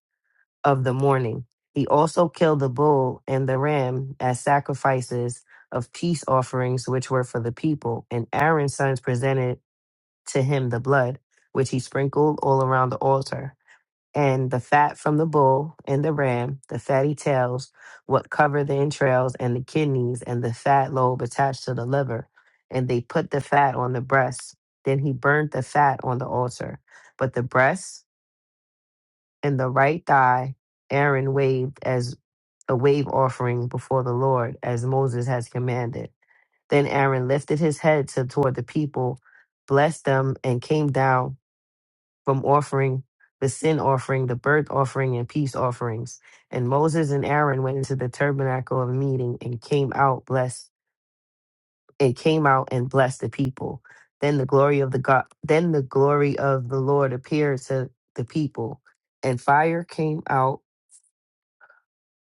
Speaker 8: of the morning. He also killed the bull and the ram as sacrifices of peace offerings, which were for the people. And Aaron's sons presented to him the blood, which he sprinkled all around the altar and the fat from the bull and the ram, the fatty tails, what cover the entrails and the kidneys, and the fat lobe attached to the liver. And they put the fat on the breast. Then he burned the fat on the altar. But the breast and the right thigh Aaron waved as a wave offering before the Lord, as Moses has commanded. Then Aaron lifted his head to toward the people, blessed them, and came down from offering the sin offering, the burnt offering, and peace offerings. And Moses and Aaron went into the tabernacle of meeting and came out blessed and came out and blessed the people. Then the glory of the God then the glory of the Lord appeared to the people, and fire came out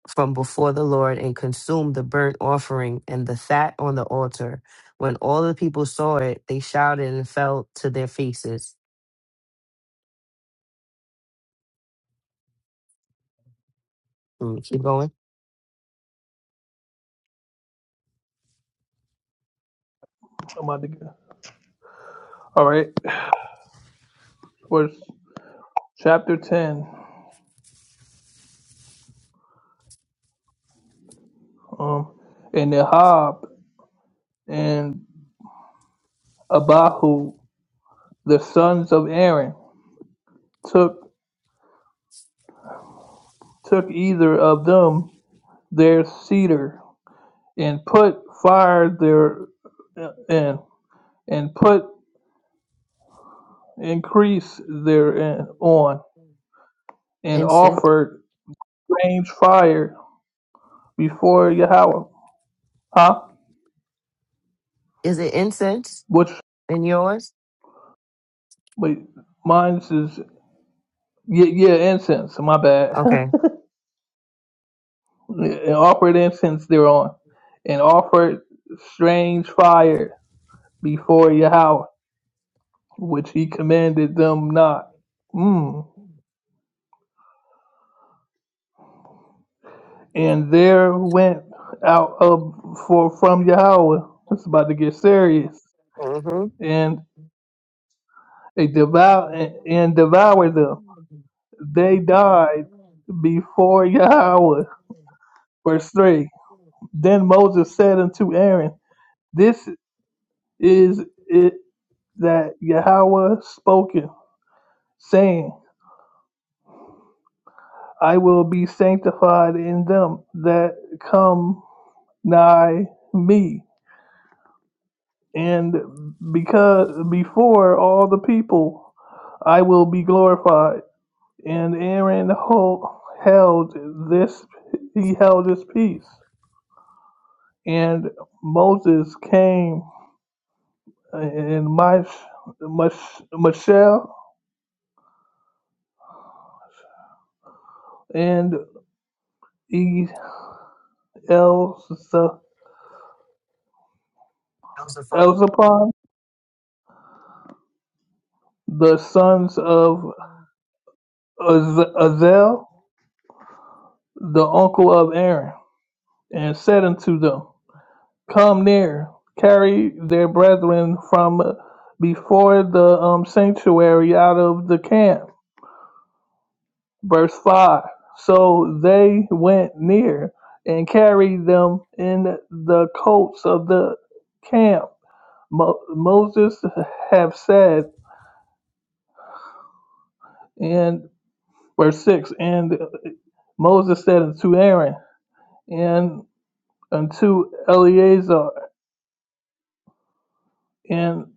Speaker 8: from before the Lord and consumed the burnt offering and the fat on the altar. When all the people saw it, they shouted and fell to their faces. Mm, Keep going.
Speaker 3: I'm about to get- All right, verse chapter 10. Um, and Ahab and Abihu, the sons of Aaron, took took either of them their cedar and put fire there and and put increase therein on, and
Speaker 8: Incense.
Speaker 3: offered strange fire before Yahweh. Huh?
Speaker 8: Is it incense
Speaker 3: Which
Speaker 8: in yours?
Speaker 3: wait, mine is yeah, yeah incense. My bad.
Speaker 8: Okay.
Speaker 3: and offered incense thereon, and offered strange fire before Yahweh, which he commanded them not. Mm. And there went out of for from Yahweh. It's about to get serious.
Speaker 8: Mm-hmm.
Speaker 3: And They devour and devoured them. They died before Yahweh. Verse three. Then Moses said unto Aaron, This is it that Yahweh spoken, saying, I will be sanctified in them that come nigh me, and because before all the people I will be glorified. And Aaron hold, held this he held his peace. And Moses came and Mich, Mich, Michelle and E.
Speaker 8: That was a phone.
Speaker 3: the sons of Azel, the uncle of Aaron, and said unto them, Come near, carry their brethren from before the um, sanctuary out of the camp Verse 5 So they went near and carried them in the coats of the camp. Mo- Moses have said, and verse 6 And Moses said unto Aaron and unto Eleazar in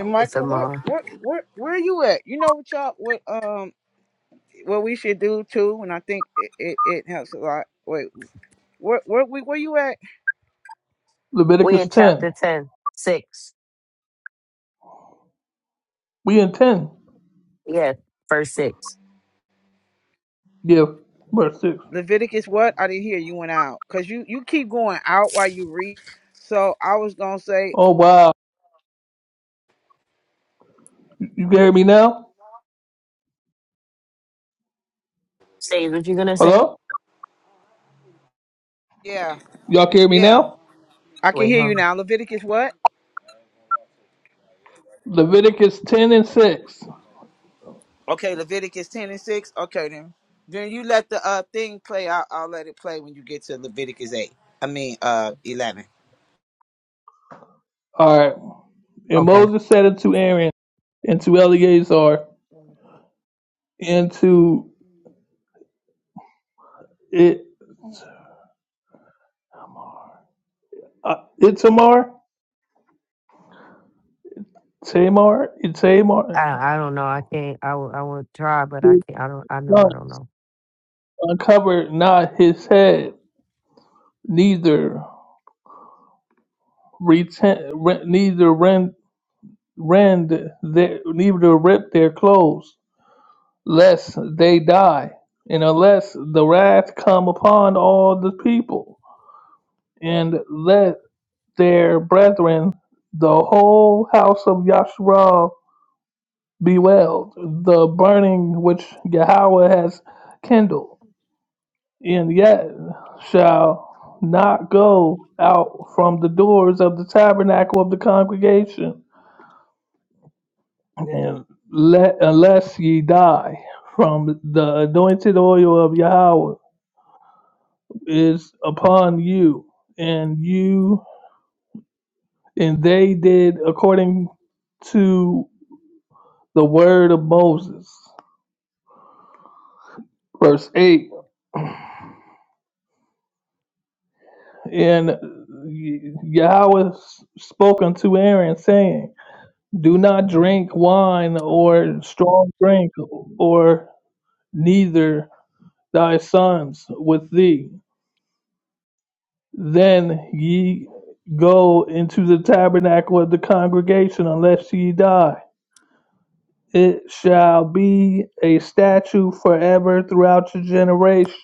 Speaker 1: And
Speaker 8: It's a
Speaker 1: Michael, where
Speaker 8: mar.
Speaker 1: where where where you at? You know what y'all what um what we should do too, and I think it, it, it helps a lot. Wait, where where we where you at?
Speaker 8: We
Speaker 3: Leviticus
Speaker 8: in
Speaker 3: 10.
Speaker 8: chapter ten six. 6.
Speaker 3: We intend
Speaker 8: Yes, verse 6.
Speaker 3: Yeah, verse 6.
Speaker 1: Leviticus what? I didn't hear you went out because you you keep going out while you read. So I was gonna say
Speaker 3: Oh, wow. You can hear me now?
Speaker 8: Say what you going to say?
Speaker 3: Hello?
Speaker 1: yeah
Speaker 3: Y'all can hear me
Speaker 1: yeah
Speaker 3: now?
Speaker 1: I can
Speaker 8: Wait,
Speaker 1: hear
Speaker 8: huh?
Speaker 1: you now. Leviticus what?
Speaker 3: Leviticus 10 and 6.
Speaker 1: Okay, Leviticus ten and six. Okay then then you let the uh thing play. I'll, I'll let it play when you get to Leviticus eight. I mean uh eleven.
Speaker 3: All right. And
Speaker 8: Okay.
Speaker 3: Moses said unto Aaron and to Eleazar and to it, uh, Itamar, Tamar, Itamar,
Speaker 8: I I don't know. I can't. I will. I will try, but I
Speaker 3: his
Speaker 8: can't. I don't. I know.
Speaker 3: son,
Speaker 8: I don't know.
Speaker 3: uncover not his head, neither retent, re, neither rend, rend their, neither rip their clothes, lest they die, and unless the wrath come upon all the people, and let their brethren, the whole house of Yashrab Bewailed the burning which Yahweh has kindled, and yet shall not go out from the doors of the tabernacle of the congregation, and let unless ye die. From the anointed oil of Yahweh is upon you, and you and they did according to the word of Moses. Verse 8 And uh, Yahweh spoke unto Aaron, saying, Do not drink wine or strong drink, or neither thy sons with thee. Then ye go into the tabernacle of the congregation, unless ye die. It shall be a statute forever throughout your generation."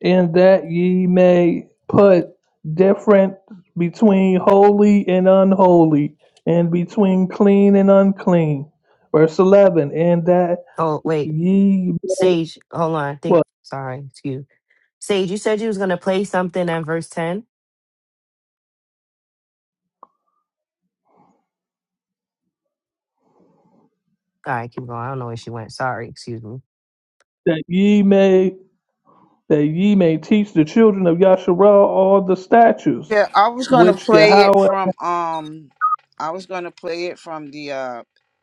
Speaker 3: in that ye may put difference between holy and unholy, and between clean and unclean. Verse eleven, and that
Speaker 8: Oh wait,
Speaker 3: ye
Speaker 8: Sage. Hold on. I
Speaker 3: what
Speaker 8: think. Sorry. Excuse. Sage, you said you was gonna play something at verse ten. All right, keep going. I don't know where she went. Sorry. Excuse me.
Speaker 3: that ye may that ye may teach the children of Yasharah all the statutes
Speaker 1: Yeah, I was gonna
Speaker 3: which
Speaker 1: play it
Speaker 3: Yahweh
Speaker 1: from um, I was gonna play it from the uh,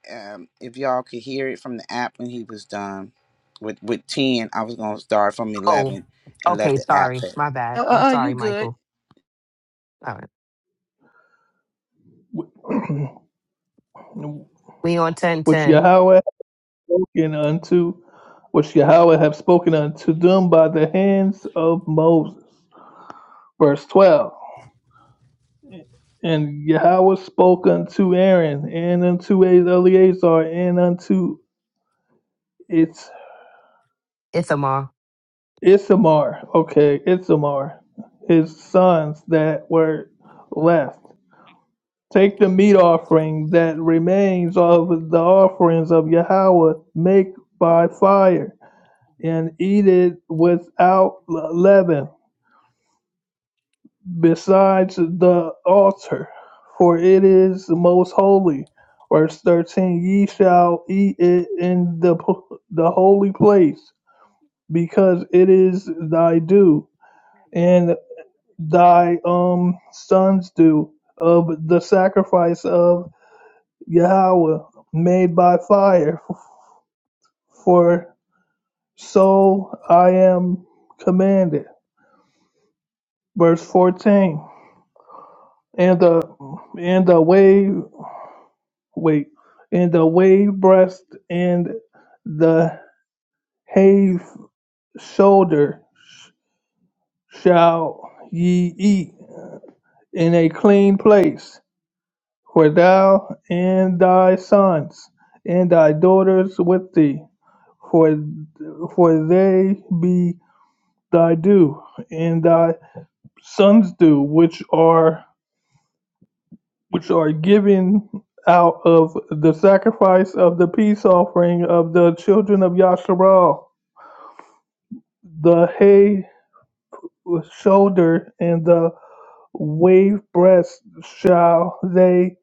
Speaker 1: um, if y'all could hear it from the app when he was done with with ten. I was gonna start from
Speaker 8: Oh,
Speaker 1: eleven and let
Speaker 8: okay.
Speaker 1: the app
Speaker 8: Sorry.
Speaker 1: play.
Speaker 8: My
Speaker 1: Uh,
Speaker 8: bad. I'm
Speaker 1: uh, uh you
Speaker 8: sorry,
Speaker 1: good?
Speaker 8: Michael. All right. We on
Speaker 3: which
Speaker 8: 1010.
Speaker 3: Yahweh hath spoken unto which Yahweh have spoken unto them by the hands of Moses. Verse twelve. And Yahweh spoke unto Aaron, and unto Eleazar, and unto its
Speaker 8: Ithamar.
Speaker 3: Isamar, okay, Isamar, his sons that were left. Take the meat offering that remains of the offerings of Yahweh, make by fire, and eat it without leaven. besides the altar, for it is most holy. Verse 13 Ye shall eat it in the, the holy place, because it is thy due, and thy um sons due of the sacrifice of Yahweh made by fire, for so I am commanded. Verse 14 and the and the way. wait, and the wave breast and the have shoulder shall ye eat in a clean place, for thou and thy sons and thy daughters with thee, for for they be thy due, and thy sons due, which are which are given out of the sacrifice of the peace offering of the children of Yasharal The hay shoulder and the wave breast shall they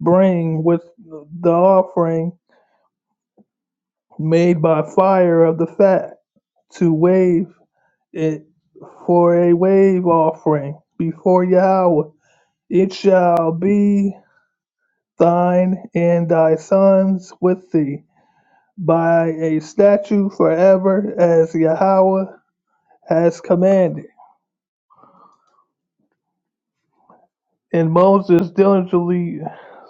Speaker 3: bring with the offering made by fire of the fat to wave it for a wave offering before Yahweh. It shall be thine and thy sons with thee by a statute forever as Yahweh has commanded. And Moses diligently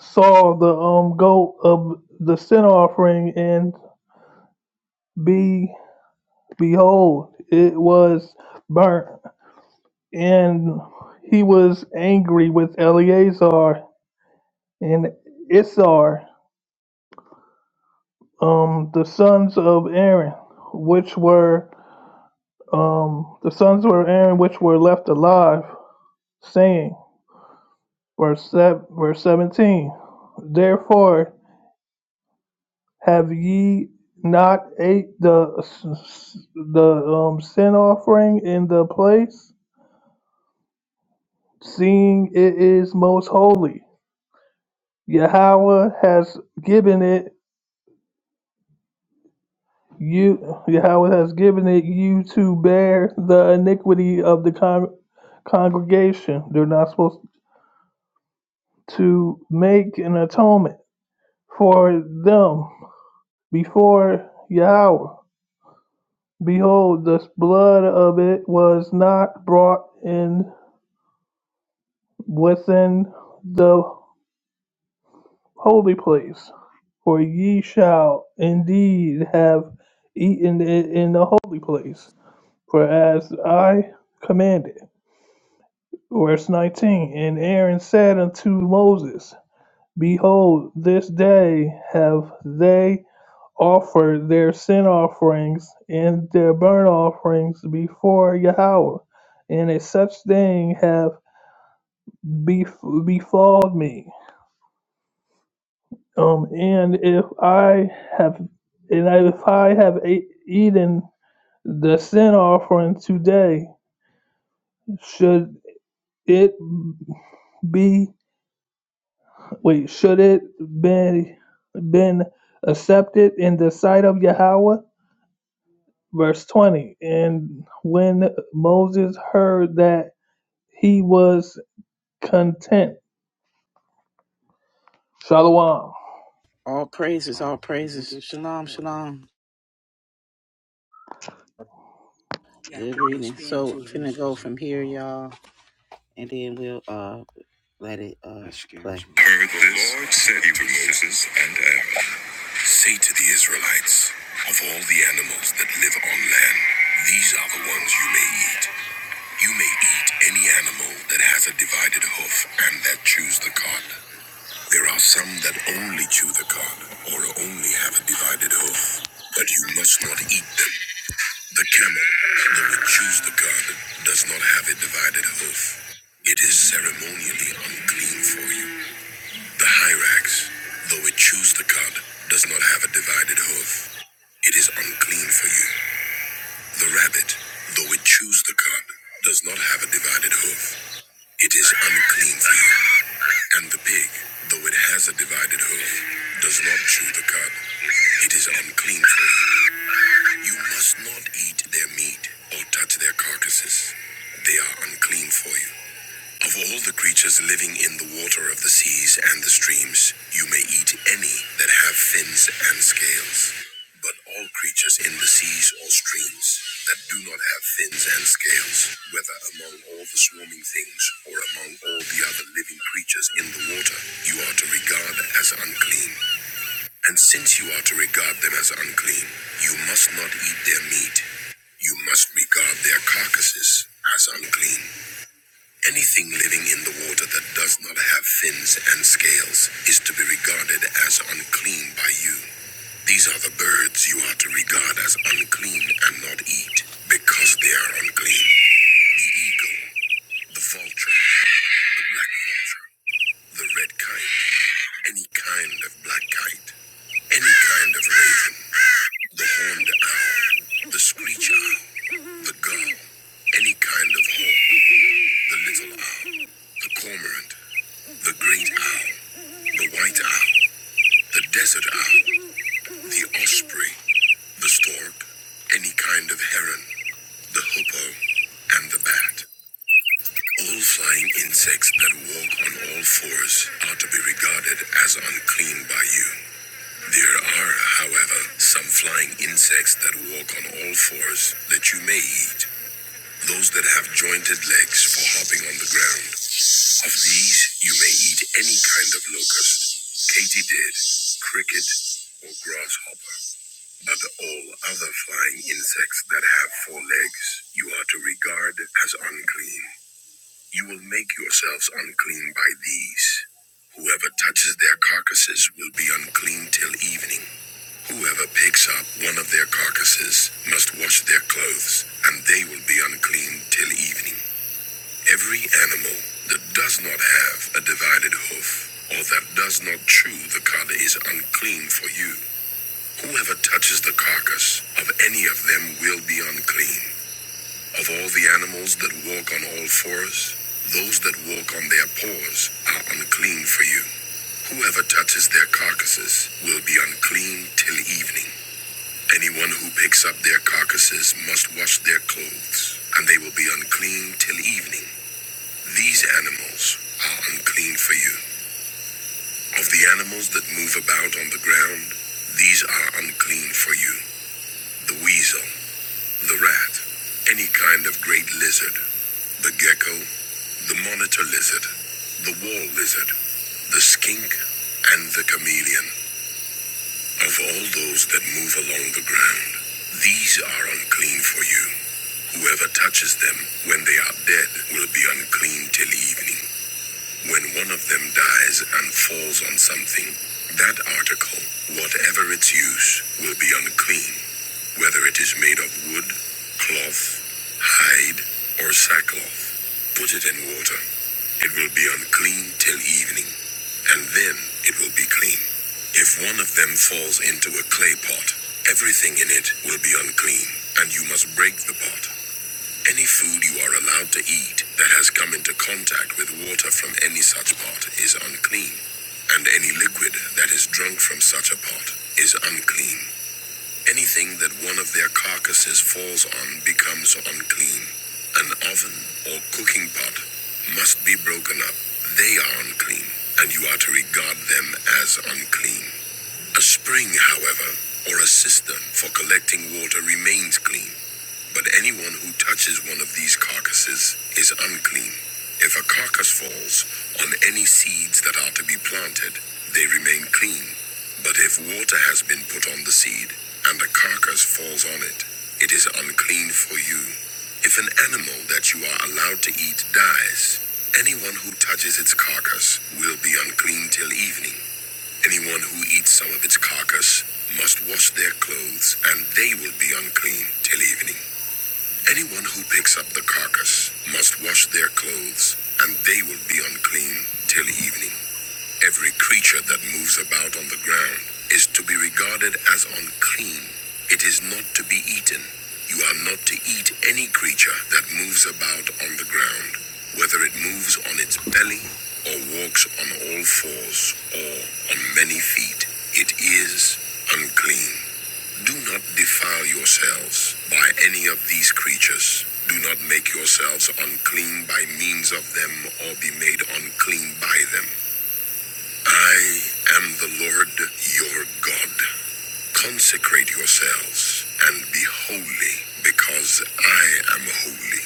Speaker 3: saw the um, goat of the sin offering, and be behold, it was burnt. And he was angry with Eleazar and Issar, um, the sons of Aaron, which were um, the sons of Aaron, which were left alive, saying, verse, sev- verse 17, Therefore Have ye not ate the s- the um, sin offering in the place, seeing it is most holy? Yahweh has given it you. Yahweh has given it you to bear the iniquity of the con- congregation. They're not supposed to make an atonement for them before Yahweh. Behold, the blood of it was not brought in within the holy place, for ye shall indeed have eaten it in the holy place, for as I commanded. Verse 19 And Aaron said unto Moses, Behold, this day have they offered their sin offerings and their burnt offerings before Yahweh, and a such thing have bef- befalled me. Um, and if I have, and if I have a- eaten the sin offering today, should it be? Wait, should it be been accepted in the sight of Yahweh? Verse twenty. And when Moses heard that, he was content. Shalom.
Speaker 1: All praises, all praises, shalom, shalom. Good reading. So finna go from here, y'all, and then we'll uh let it uh play. Heard this, said he to Moses and Aaron. Say to the Israelites, of all the animals that live on land, these are the ones you may eat. You may eat any animal that has a divided hoof and that chews the cud. There are some that only chew the cud or only have a divided hoof, but you must not eat them. The camel, though it chews the cud, does not have a divided hoof. It is ceremonially unclean for you. The hyrax, though it chews the cud, does not have a divided hoof. It is unclean for you. The rabbit, though it chews the cud, does not have a divided hoof. It is unclean for you. And the pig, though it has a divided hoof, does not chew the cud. It is unclean for you. You must not eat their meat or touch their carcasses. They are unclean for you. Of all the creatures living in the water of the seas and the streams, you may eat any that have fins and scales. But all creatures in the seas or streams that do not have fins and scales, whether among all the swarming things or among all the other living creatures in the water, you are to regard as unclean. And since you are to regard them as unclean, you must not eat their meat. You must regard their carcasses as unclean. Anything living in the water that does not have fins and scales is to be regarded as unclean by you. These are the birds you are to regard as unclean and not eat, because they are unclean. The eagle, the vulture, the black vulture, the red kite, any kind of black kite, any kind of raven, the horned owl, the screech owl, the gull, any kind of hawk, the little owl, the cormorant, the great owl, the white owl, the desert owl. the osprey, the stork, any kind of heron, the hoopoe, and the bat. All flying insects that walk on all fours are to be regarded as unclean by you. There are, however, some flying insects that walk on all fours that you may eat. Those that have jointed legs for hopping on the ground. Of these, you may eat any kind of locust, katydid, cricket, or grasshopper. of all other flying insects that have four legs, you are to regard as unclean. You will make yourselves unclean by these. Whoever touches their carcasses will be unclean till evening. Whoever picks up one of their carcasses must wash their clothes, and they will be unclean till evening. Every animal that does not have a divided hoof, or that does not chew the cud, is unclean for you. Whoever touches the carcass of any of them will be unclean. Of all the animals that walk on all fours, those that walk on their paws are unclean for you. Whoever touches their carcasses will be unclean till evening. Anyone who picks up their carcasses must wash their clothes, and they will be unclean till evening. These animals are unclean for you. Of the animals that move about on the ground, these are unclean for you. The weasel The rat, any kind of great lizard, the gecko, the monitor lizard, the wall lizard, the skink, and the chameleon. Of all those that move along the ground, these are unclean for you. Whoever touches them when they are dead will be unclean till evening. When one of them dies and falls on something, that article, whatever its use, will be unclean, whether it is made of wood, cloth, hide, or sackcloth. Put it in water. It will be unclean till evening, and then it will be clean. If one of them falls into a clay pot, everything in it will be unclean, and you must break the pot. Any food you are allowed to eat that has come into contact with water from any such pot is unclean, and any liquid that is drunk from such a pot is unclean. Anything that one of their carcasses falls on becomes unclean. An oven or cooking pot must be broken up. They are unclean, and you are to regard them as unclean. A spring, however, or a cistern for collecting water remains clean but anyone who touches one of these carcasses is unclean. If a carcass falls on any seeds that are to be planted, they remain clean. But if water has been put on the seed, and a carcass falls on it, it is unclean for you. If an animal that you are allowed to eat dies, anyone who touches its carcass will be unclean till evening. Anyone who eats some of its carcass must wash their clothes, and they will be unclean till evening. Anyone who picks up the carcass must wash their clothes, and they will be unclean till evening. Every creature that moves about on the ground is to be regarded as unclean. It is not to be eaten. You are not to eat any creature that moves about on the ground, whether it moves on its belly or walks on all fours or on many feet. It is unclean. Do not defile yourselves by any of these creatures. Do not make yourselves unclean by means of them or be made unclean by them. I am the Lord your God. Consecrate yourselves and be holy because I am holy.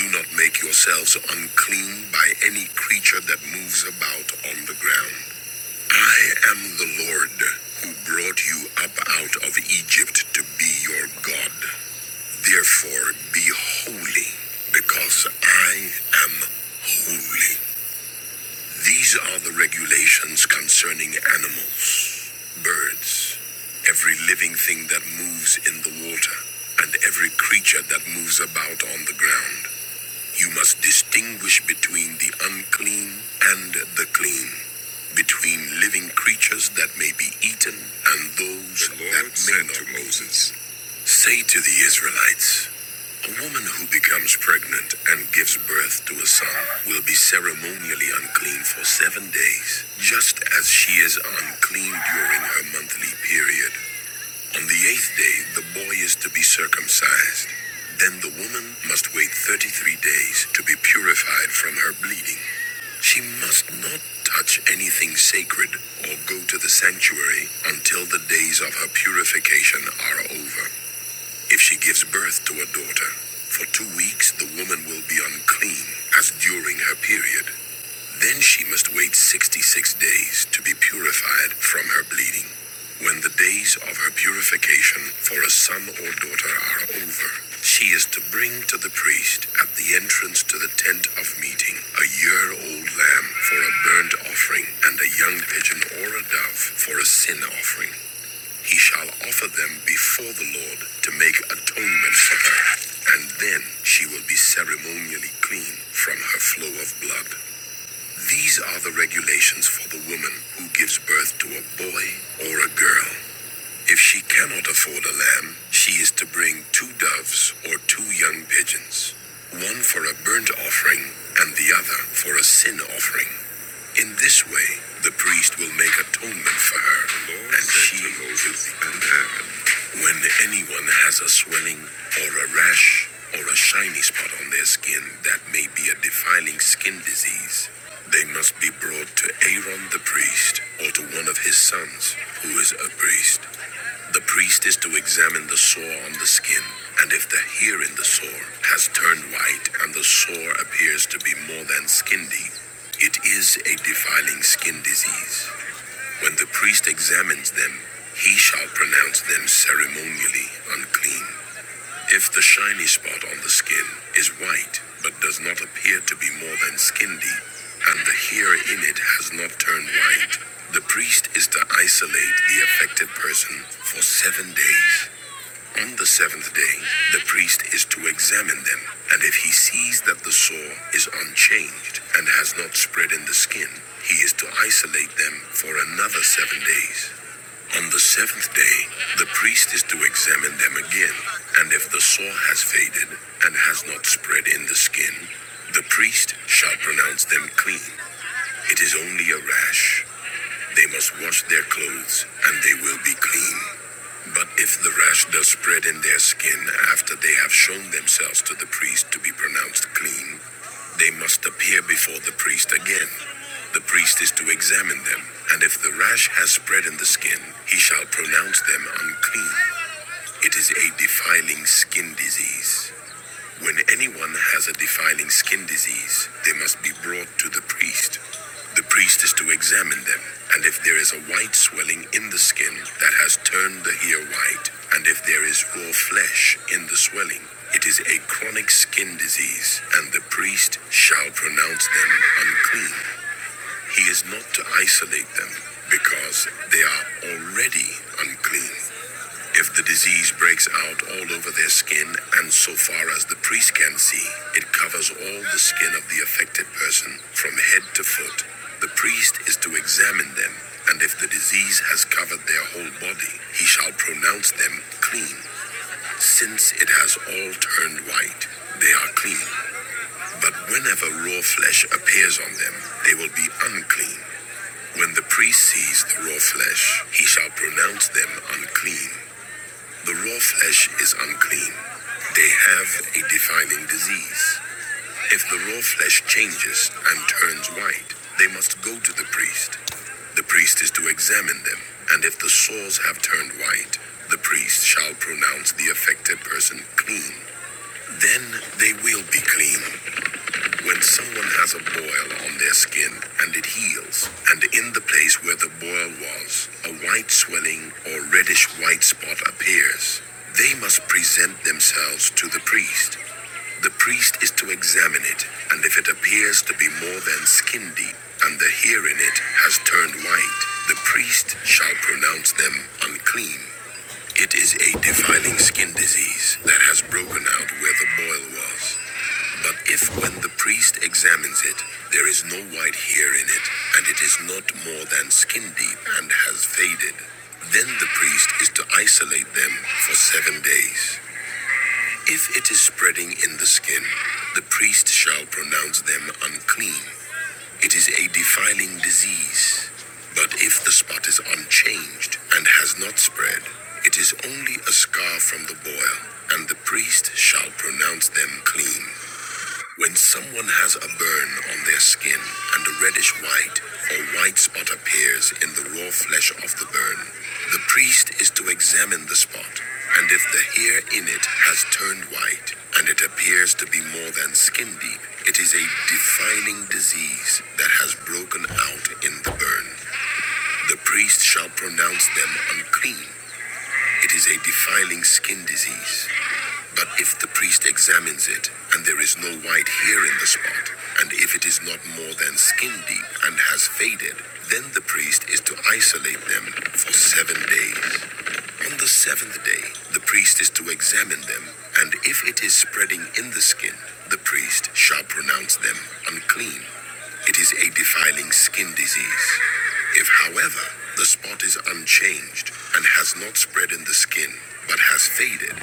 Speaker 1: Do not make yourselves unclean by any creature that moves about on the ground. I am the Lord who brought you up out of Egypt to be your God. Therefore, be holy, because I am holy. These are the regulations concerning animals, birds, every living thing that moves in the water, and every creature that moves about on the ground. You must distinguish between the unclean and the clean, between living creatures that may be eaten and those the Lord that may said not be eaten. The Lord said to Moses. Say to the Israelites, a woman who becomes pregnant and gives birth to a son will be ceremonially unclean for seven days, just as she is unclean during her monthly period. On the eighth day, the boy is to be circumcised. Then the woman must wait 33 days to be purified from her bleeding. She must not touch anything sacred or go to the sanctuary until the days of her purification are over. If she gives birth to a daughter, for two weeks the woman will be unclean as during her period. Then she must wait 66 days to be purified from her bleeding. When the days of her purification for a son or daughter are over, she is to bring to the priest at the entrance to the tent of meeting a year old lamb for a burnt offering and a young pigeon or a dove for a sin offering he shall offer them before the Lord to make atonement for her, and then she will be ceremonially clean from her flow of blood. These are the regulations for the woman who gives birth to a boy or a girl. If she cannot afford a lamb, she is to bring two doves or two young pigeons, one for a burnt offering and the other for a sin offering. In this way, the priest will make atonement for her, and she will be unharmed. When anyone has a swelling or a rash or a shiny spot on their skin that may be a defiling skin disease, they must be brought to Aaron the priest or to one of his sons who is a priest. The priest is to examine the sore on the skin, and if the hair in the sore has turned white and the sore appears to be more than skin deep, it is a defiling skin disease. When the priest examines them, he shall pronounce them ceremonially unclean. If the shiny spot on the skin is white but does not appear to be more than skin deep, and the hair in it has not turned white, the priest is to isolate the affected person for seven days. On the seventh day, the priest is to examine them, and if he sees that the sore is unchanged and has not spread in the skin, he is to isolate them for another seven days. On the seventh day, the priest is to examine them again, and if the sore has faded and has not spread in the skin, the priest shall pronounce them clean. It is only a rash. They must wash their clothes, and they will be clean. But if the rash does spread in their skin after they have shown themselves to the priest to be pronounced clean, they must appear before the priest again. The priest is to examine them, and if the rash has spread in the skin, he shall pronounce them unclean. It is a defiling skin disease. When anyone has a defiling skin disease, they must be brought to the priest. The priest is to examine them, and if there is a white swelling in the skin that has turned the hair white, and if there is raw flesh in the swelling, it is a chronic skin disease, and the priest shall pronounce them unclean. He is not to isolate them because they are already unclean. If the disease breaks out all over their skin, and so far as the priest can see, it covers all the skin of the affected person from head to foot. The priest is to examine them, and if the disease has covered their whole body, he shall pronounce them clean, since it has all turned white. They are clean, but whenever raw flesh appears on them, they will be unclean. When the priest sees the raw flesh, he shall pronounce them unclean. The raw flesh is unclean. They have a defiling disease. If the raw flesh changes and turns white, they must go to the priest. The priest is to examine them, and if the sores have turned white, the priest shall pronounce the affected person clean. Then they will be clean. When someone has a boil on their skin and it heals, and in the place where the boil was, a white swelling or reddish white spot appears, they must present themselves to the priest. The priest is to examine it, and if it appears to be more than skin deep, and the hair in it has turned white, the priest shall pronounce them unclean. It is a defiling skin disease that has broken out where the boil was. But if when the priest examines it, there is no white hair in it, and it is not more than skin deep and has faded, then the priest is to isolate them for seven days. If it is spreading in the skin, the priest shall pronounce them unclean. It is a defiling disease. But if the spot is unchanged and has not spread, it is only a scar from the boil, and the priest shall pronounce them clean. When someone has a burn on their skin and a reddish white or white spot appears in the raw flesh of the burn, the priest is to examine the spot, and if the hair in it has turned white and it appears to be more than skin deep, it is a defiling disease that has broken out in the burn. The priest shall pronounce them unclean. It is a defiling skin disease. But if the priest examines it, and there is no white hair in the spot, and if it is not more than skin deep and has faded, then the priest is to isolate them for seven days. On the seventh day, the priest is to examine them, and if it is spreading in the skin, the priest shall pronounce them unclean. It is a defiling skin disease. If, however, the spot is unchanged and has not spread in the skin, but has faded,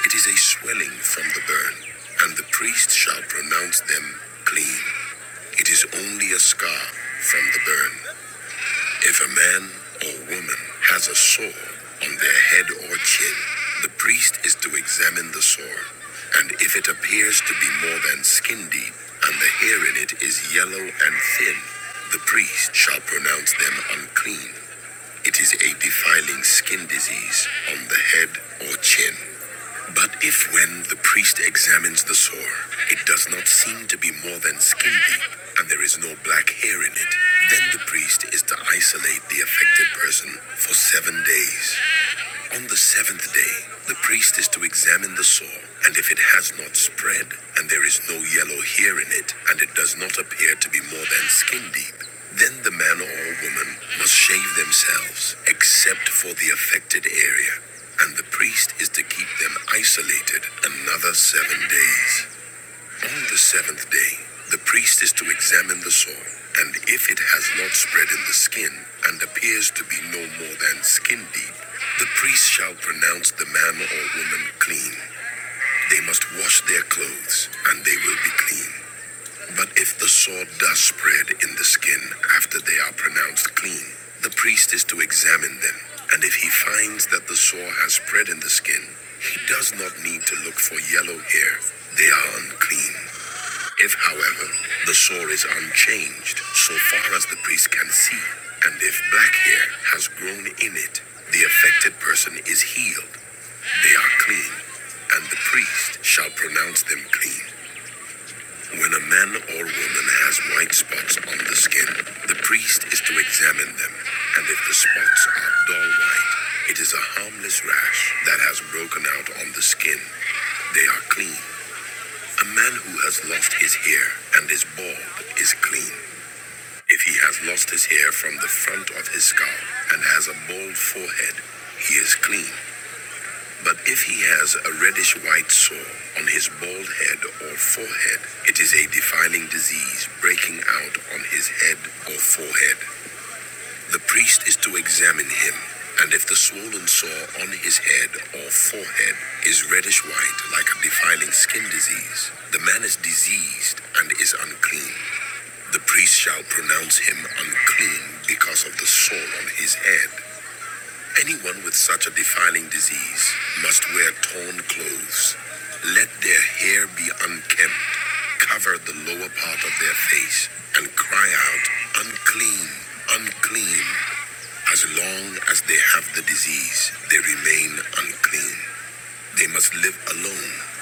Speaker 1: it is a swelling from the burn, and the priest shall pronounce them clean. It is only a scar from the burn. If a man or woman has a sore on their head or chin, the priest is to examine the sore, and if it appears to be more than skin deep, and the hair in it is yellow and thin, the priest shall pronounce them unclean. It is a defiling skin disease on the head or chin. But if when the priest examines the sore, it does not seem to be more than skin deep and there is no black hair in it, then the priest is to isolate the affected person for seven days. On the seventh day, the priest is to examine the sore, and if it has not spread, and there is no yellow hair in it, and it does not appear to be more than skin deep, then the man or woman must shave themselves, except for the affected area, and the priest is to keep them isolated another seven days. On the seventh day, the priest is to examine the sore, and if it has not spread in the skin and appears to be no more than skin deep, the priest shall pronounce the man or woman clean. They must wash their clothes, and they will be clean. But if the sore does spread in the skin after they are pronounced clean, the priest is to examine them, and if he finds that the sore has spread in the skin, he does not need to look for yellow hair. They are unclean. If, however, the sore is unchanged so far as the priest can see, and if black hair has grown in it, the affected person is healed. They are clean, and the priest shall pronounce them clean. When a man or woman has white spots on the skin, the priest is to examine them, and if the spots are dull white, it is a harmless rash that has broken out on the skin. They are clean. A man who has lost his hair and is bald is clean. If he has lost his hair from the front of his skull and has a bald forehead, he is clean. But if he has a reddish white sore on his bald head or forehead, it is a defiling disease breaking out on his head or forehead. The priest is to examine him, and if the swollen sore on his head or forehead is reddish white like a defiling skin disease, the man is diseased and is unclean. The priest shall pronounce him unclean because of the sore on his head. Anyone with such a defiling disease must wear torn clothes. Let their hair be unkempt, cover the lower part of their face, and cry out, unclean, unclean. As long as they have the disease, they remain unclean. They must live alone.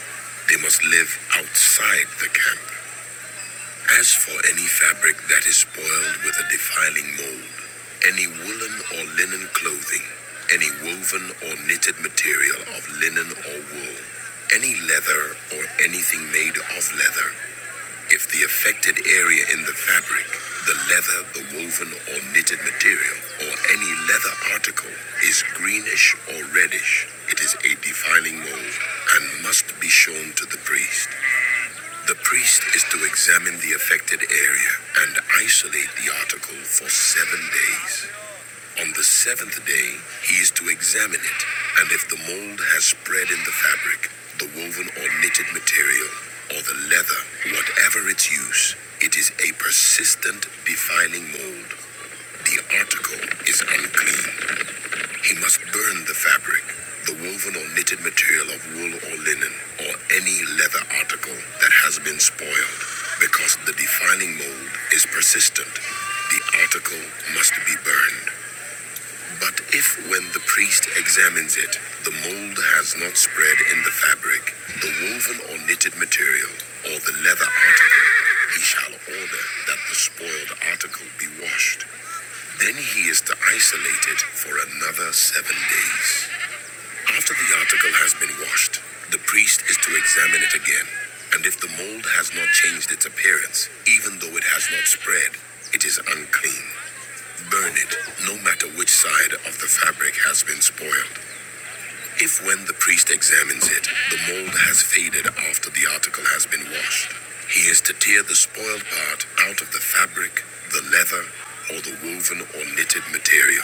Speaker 1: They must live outside the camp. As for any fabric that is spoiled with a defiling mold, any woolen or linen clothing, any woven or knitted material of linen or wool, any leather or anything made of leather, if the affected area in the fabric, the leather, the woven or knitted material, or any leather article is greenish or reddish, it is a defiling mold and must be shown to the priest. The priest is to examine the affected area and isolate the article for seven days. On the seventh day, he is to examine it, and if the mold has spread in the fabric, the woven or knitted material, or the leather, whatever its use, it is a persistent defiling mold. The article is unclean. He must burn the fabric, the woven or knitted material of wool or linen, or any leather article that has been spoiled, because the defiling mold is persistent. The article must be burned. But if, when the priest examines it, the mold has not spread in the fabric, the woven or knitted material, or the leather article, he shall order that the spoiled article be washed. Then he is to isolate it for another seven days. After the article has been washed, the priest is to examine it again. And if the mold has not changed its appearance, even though it has not spread, it is unclean. Burn it, no matter which side of the fabric has been spoiled. If when the priest examines it, the mold has faded after the article has been washed, he is to tear the spoiled part out of the fabric, the leather, or the woven or knitted material.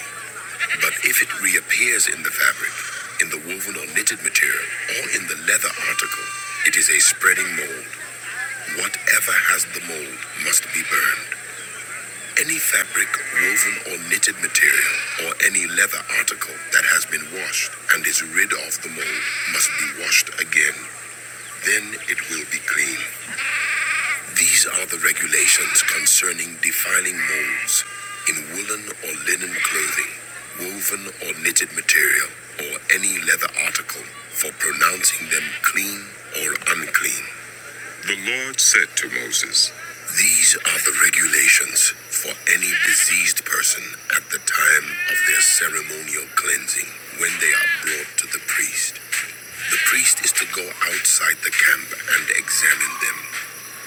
Speaker 1: But if it reappears in the fabric, in the woven or knitted material, or in the leather article, it is a spreading mold. Whatever has the mold must be burned. Any fabric, woven or knitted material, or any leather article that has been washed and is rid of the mold must be washed again. Then it will be clean. These are the regulations concerning defiling molds in woolen or linen clothing, woven or knitted material, or any leather article for pronouncing them clean or unclean. The Lord said to Moses, These are the regulations for any diseased person at the time of their ceremonial cleansing when they are brought to the priest. The priest is to go outside the camp and examine them.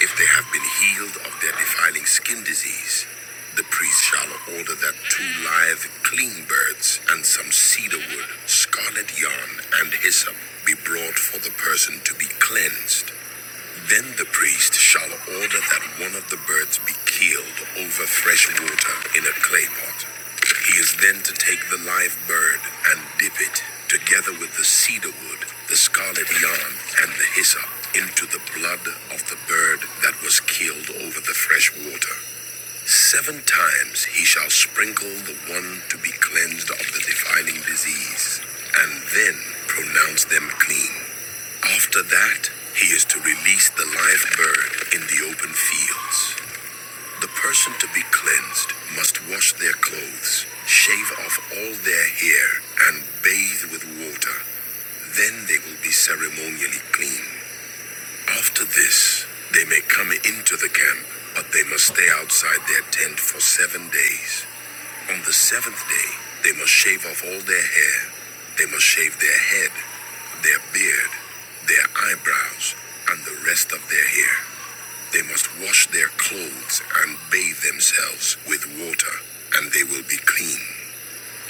Speaker 1: If they have been healed of their defiling skin disease, the priest shall order that two live, clean birds and some cedar wood, scarlet yarn, and hyssop be brought for the person to be cleansed. Then the priest shall order that one of the birds be killed over fresh water in a clay pot. He is then to take the live bird and dip it, together with the cedar wood, the scarlet yarn, and the hyssop, into the blood of the bird that was killed over the fresh water. Seven times he shall sprinkle the one to be cleansed of the defiling disease, and then pronounce them clean. After that, he is to release the live bird in the open fields. The person to be cleansed must wash their clothes, shave off all their hair, and bathe with water. Then they will be ceremonially clean. After this, they may come into the camp, but they must stay outside their tent for seven days. On the seventh day, they must shave off all their hair. They must shave their head, their beard, their eyebrows, and the rest of their hair. They must wash their clothes and bathe themselves with water, and they will be clean.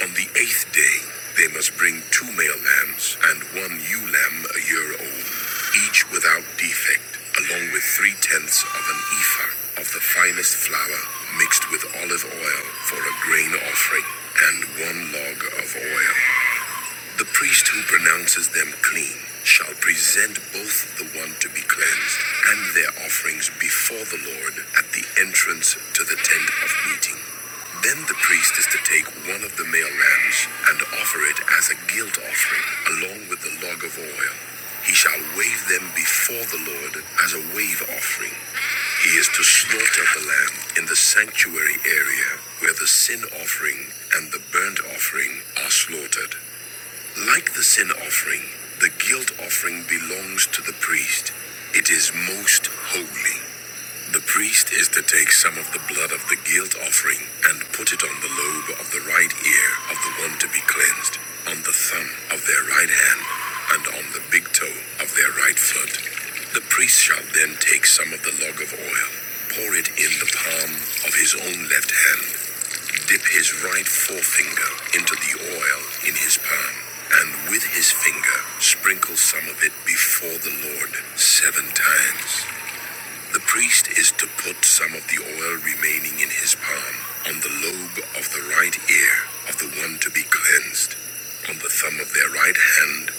Speaker 1: On the eighth day, they must bring two male lambs and one ewe lamb a year old, each without defect, along with three tenths of an ephah of the finest flour mixed with olive oil for a grain offering, and one log of oil. The priest who pronounces them clean shall present both the one to be cleansed and their offerings before the Lord at the entrance to the tent of meeting. Then the priest is to take one of the male lambs and offer it as a guilt offering along with the log of oil. He shall wave them before the Lord as a wave offering. He is to slaughter the lamb in the sanctuary area where the sin offering and the burnt offering are slaughtered. Like the sin offering, the guilt offering belongs to the priest. It is most holy. The priest is to take some of the blood of the guilt offering and put it on the lobe of the right ear of the one to be cleansed, on the thumb of their right hand, and on the big toe of their right foot. The priest shall then take some of the log of oil, pour it in the palm of his own left hand, dip his right forefinger into the oil in his palm, and with his finger sprinkle some of it before the Lord seven times. The priest is to put some of the oil remaining in his palm on the lobe of the right ear of the one to be cleansed, on the thumb of their right hand,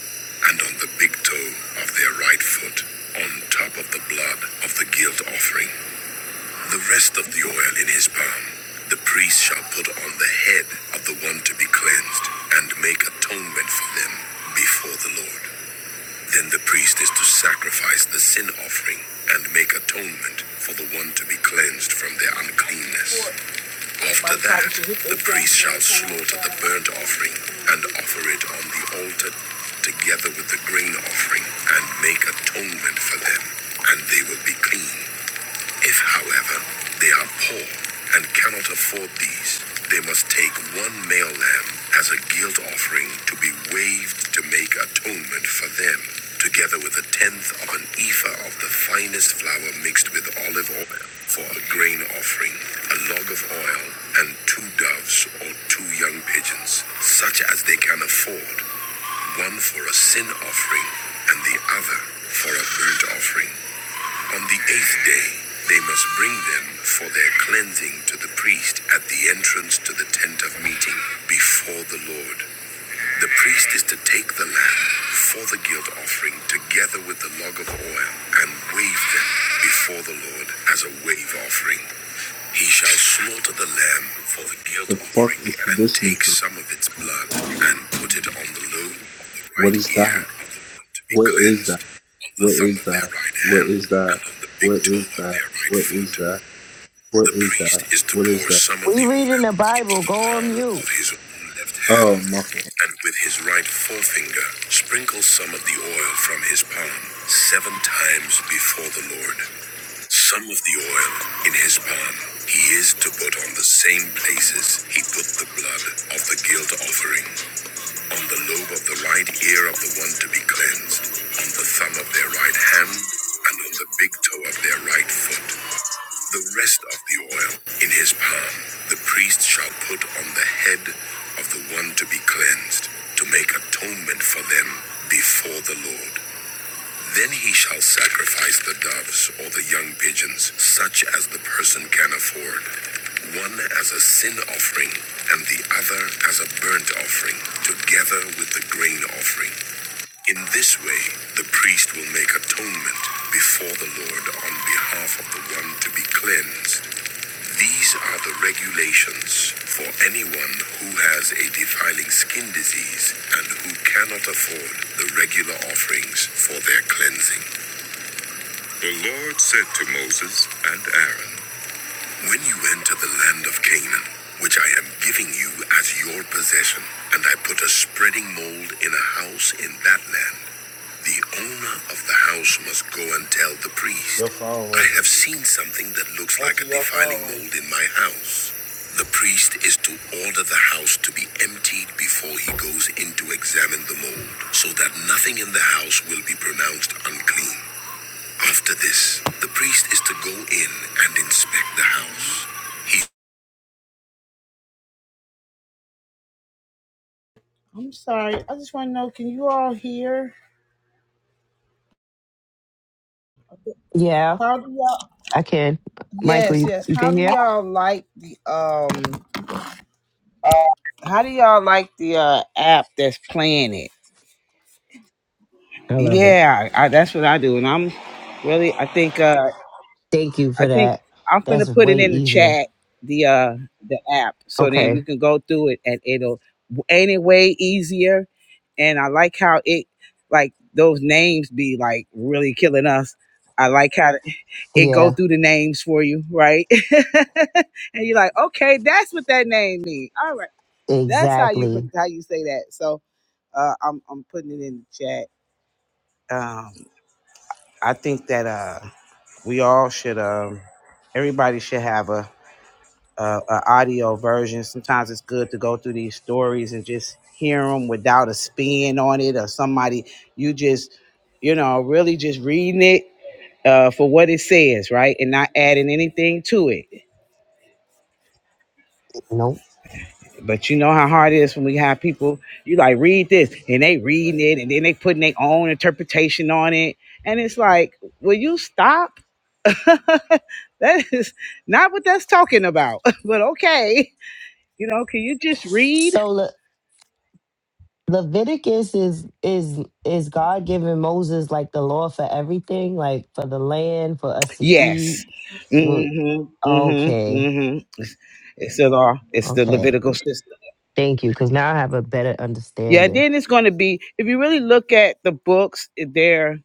Speaker 1: and on the big toe of their right foot, on top of the blood of the guilt offering. The rest of the oil in his palm the priest shall put on the head of the one to be cleansed, and make atonement for them before the Lord. Then the priest is to sacrifice the sin offering and make atonement for the one to be cleansed from their uncleanness. After that, the priest shall slaughter the burnt offering and offer it on the altar together with the grain offering and make atonement for them, and they will be clean. If, however, they are poor and cannot afford these, they must take one male lamb as a guilt offering to be waved to make atonement for them, together with a tenth of an ephah of the finest flour mixed with olive oil for a grain offering, a log of oil, and two doves or two young pigeons, such as they can afford, one for a sin offering and the other for a burnt offering. On the eighth day, they must bring them for their cleansing to the priest at the entrance to the tent of meeting before the Lord. The priest is to take the lamb for the guilt offering together with the log of oil and wave them before the Lord as a wave offering. He shall slaughter the lamb for the guilt
Speaker 9: The fuck
Speaker 1: offering
Speaker 9: is
Speaker 1: and
Speaker 9: tradition?
Speaker 1: take some of its blood and put it on the lobe of the
Speaker 9: What
Speaker 1: right
Speaker 9: is
Speaker 1: ear
Speaker 9: that?
Speaker 1: of the one to be
Speaker 9: What is that?
Speaker 1: cleansed, on the
Speaker 9: What
Speaker 1: thumb
Speaker 9: is
Speaker 1: of their
Speaker 9: that?
Speaker 1: right
Speaker 9: What
Speaker 1: hand,
Speaker 9: is
Speaker 1: and
Speaker 9: that?
Speaker 1: on the big
Speaker 9: What
Speaker 1: toe
Speaker 9: is
Speaker 1: of
Speaker 9: that?
Speaker 1: their right
Speaker 9: What
Speaker 1: foot.
Speaker 9: is that? What
Speaker 1: The
Speaker 9: is
Speaker 1: priest
Speaker 9: that?
Speaker 1: is to
Speaker 9: What
Speaker 1: pour
Speaker 9: is that?
Speaker 1: some of
Speaker 8: We
Speaker 1: the oil
Speaker 8: reading the
Speaker 1: into
Speaker 8: Bible.
Speaker 1: the
Speaker 8: Go on
Speaker 1: palm of
Speaker 8: mute.
Speaker 1: his own left hand,
Speaker 9: Oh, my
Speaker 1: and with his right forefinger sprinkle some of the oil from his palm seven times before the Lord. Some of the oil in his palm he is to put on the same places he put the blood of the guilt offering, on the lobe of the right ear of the one to be cleansed, on the thumb of their right hand, and on the big toe of their right foot. The rest of the oil in his palm the priest shall put on the head of the one to be cleansed, to make atonement for them before the Lord. Then he shall sacrifice the doves or the young pigeons, such as the person can afford, one as a sin offering and the other as a burnt offering, together with the grain offering. In this way, the priest will make atonement before the Lord on behalf of the one to be cleansed these are the regulations for anyone who has a defiling skin disease and who cannot afford the regular offerings for their cleansing. The Lord said to Moses and Aaron, When you enter the land of Canaan, which I am giving you as your possession, and I put a spreading mold in a house in that land, the owner of the house must go and tell the priest. I have seen something that looks like a defiling mold in my house. The priest is to order the house to be emptied before he goes in to examine the mold, so that nothing in the house will be pronounced unclean. After this, the priest is to go in and inspect the house. He- I'm sorry, I just want to know can you all hear?
Speaker 8: Yeah,
Speaker 1: How do y'all?
Speaker 8: I can. Michael,
Speaker 1: Yes,
Speaker 8: you,
Speaker 1: yes.
Speaker 8: you
Speaker 1: How
Speaker 8: can
Speaker 1: do
Speaker 8: hear?
Speaker 1: y'all like the um? How do y'all like the uh, app that's playing it?
Speaker 8: I love it.
Speaker 1: Yeah, I, that's what I do, and I'm really. I think. Uh,
Speaker 8: Thank you
Speaker 1: I
Speaker 8: for
Speaker 1: think
Speaker 8: that.
Speaker 1: I'm gonna
Speaker 8: That's
Speaker 1: put it
Speaker 8: way
Speaker 1: in the
Speaker 8: easier.
Speaker 1: chat. The uh, the app, so then you
Speaker 8: Okay.
Speaker 1: can go through it, and it'll ain't it way easier. And I like how it like those names be like really killing us. I like how it go
Speaker 8: Yeah,
Speaker 1: through the names for you, right? and you're like, okay, that's what that name means. All right. That's how you put
Speaker 8: exactly.
Speaker 1: how you say that. So uh, I'm I'm putting it in the chat. Um, I think that uh, we all should. Um, everybody should have a, a, a audio version. Sometimes it's good to go through these stories and just hear them without a spin on it or somebody. You just, you know, really just reading it uh, for what it says, right, and not adding anything to it.
Speaker 8: Nope.
Speaker 1: But you know how hard it is when we have people, you like read this and they reading it and then they putting their own interpretation on it. And it's like, will you stop? that is not what that's talking about. but okay. You know, can you just read?
Speaker 8: So Le- Leviticus is is is God giving Moses like the law for everything, like for the land, for us to eat.
Speaker 1: Yes.
Speaker 8: When-
Speaker 1: Mm-hmm. Mm-hmm.
Speaker 8: Okay,
Speaker 1: Mm-hmm. It's the law. It's the
Speaker 8: okay.
Speaker 1: Levitical system.
Speaker 8: Thank you, because now I have a better
Speaker 1: Yeah, and
Speaker 8: understanding.
Speaker 1: then it's gonna be if you really look at the books, they're.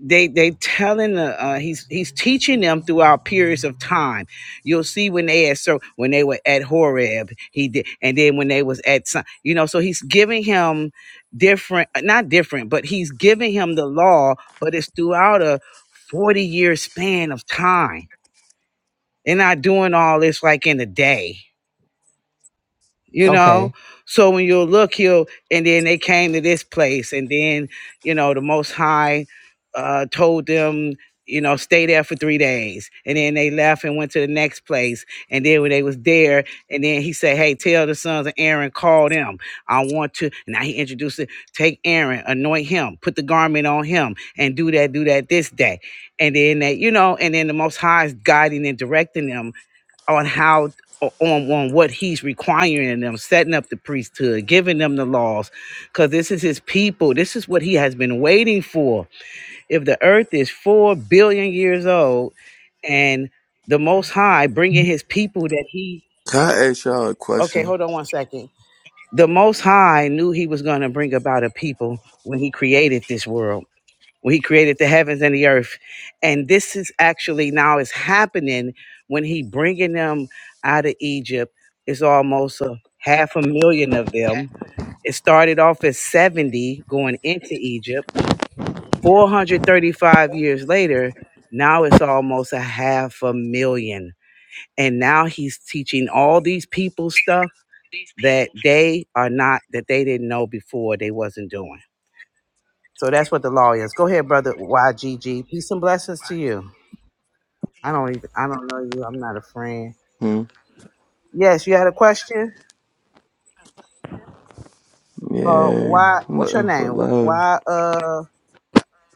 Speaker 1: they they telling the uh, he's he's teaching them throughout periods of time. You'll see when they at so when they were at Horeb, he did, and then when they was at some, you know. So he's giving him different, uh, not different, but he's giving him the law, but it's throughout a forty year span of time. They're not doing all this like in a day you know
Speaker 8: Okay.
Speaker 1: so when you look he'll and then they came to this place and then you know the most high uh told them you know stay there for three days and then they left and went to the next place and then when they was there and then he said hey tell the sons of aaron call them i want to and now he introduced it take aaron anoint him put the garment on him and do that do that this day and then they you know and then the most high is guiding and directing them on how on on what he's requiring them setting up the priesthood giving them the laws because this is his people this is what he has been waiting for if the earth is four billion years old and the most high bringing his people that he
Speaker 10: Can I ask y'all a
Speaker 1: okay
Speaker 10: question?
Speaker 1: hold on one second the most high knew he was going to bring about a people when he created this world when he created the heavens and the earth and this is actually now is happening when he bringing them out of egypt it's almost a half a million of them it started off as 70 going into egypt 435 years later now it's almost a half a million and now he's teaching all these people stuff that they are not that they didn't know before they wasn't doing so that's what the law is go ahead brother ygg peace and blessings to you I don't even. I don't know you. I'm not a friend.
Speaker 10: Hmm?
Speaker 1: Yes, you had a question. Uh,
Speaker 10: Yeah,
Speaker 1: why?
Speaker 10: I'm
Speaker 1: What's your
Speaker 10: looking for
Speaker 1: name?
Speaker 10: love.
Speaker 1: Why? Uh,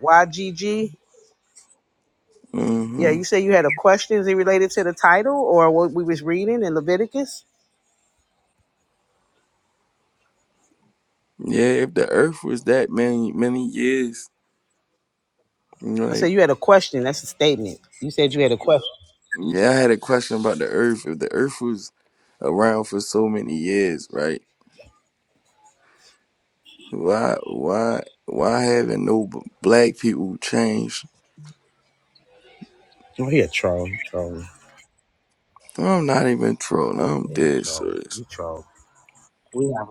Speaker 1: YGG. Yeah,
Speaker 10: hmm
Speaker 1: you said you had a question. Is it related to the title or what we was reading in Leviticus?
Speaker 10: Yeah, if the Earth was that many many years,
Speaker 1: I said
Speaker 10: like
Speaker 1: you had a question. That's a statement. You said you had a question.
Speaker 10: yeah, I had a question about the Earth. If the Earth was around for so many years, right? Why, why, why haven't no b- black people changed?
Speaker 1: Oh, he a troll. He trolling.
Speaker 10: I'm not even trolling.
Speaker 1: Yeah,
Speaker 10: I'm
Speaker 1: he
Speaker 10: dead
Speaker 1: troll.
Speaker 10: serious.
Speaker 1: You troll. We have.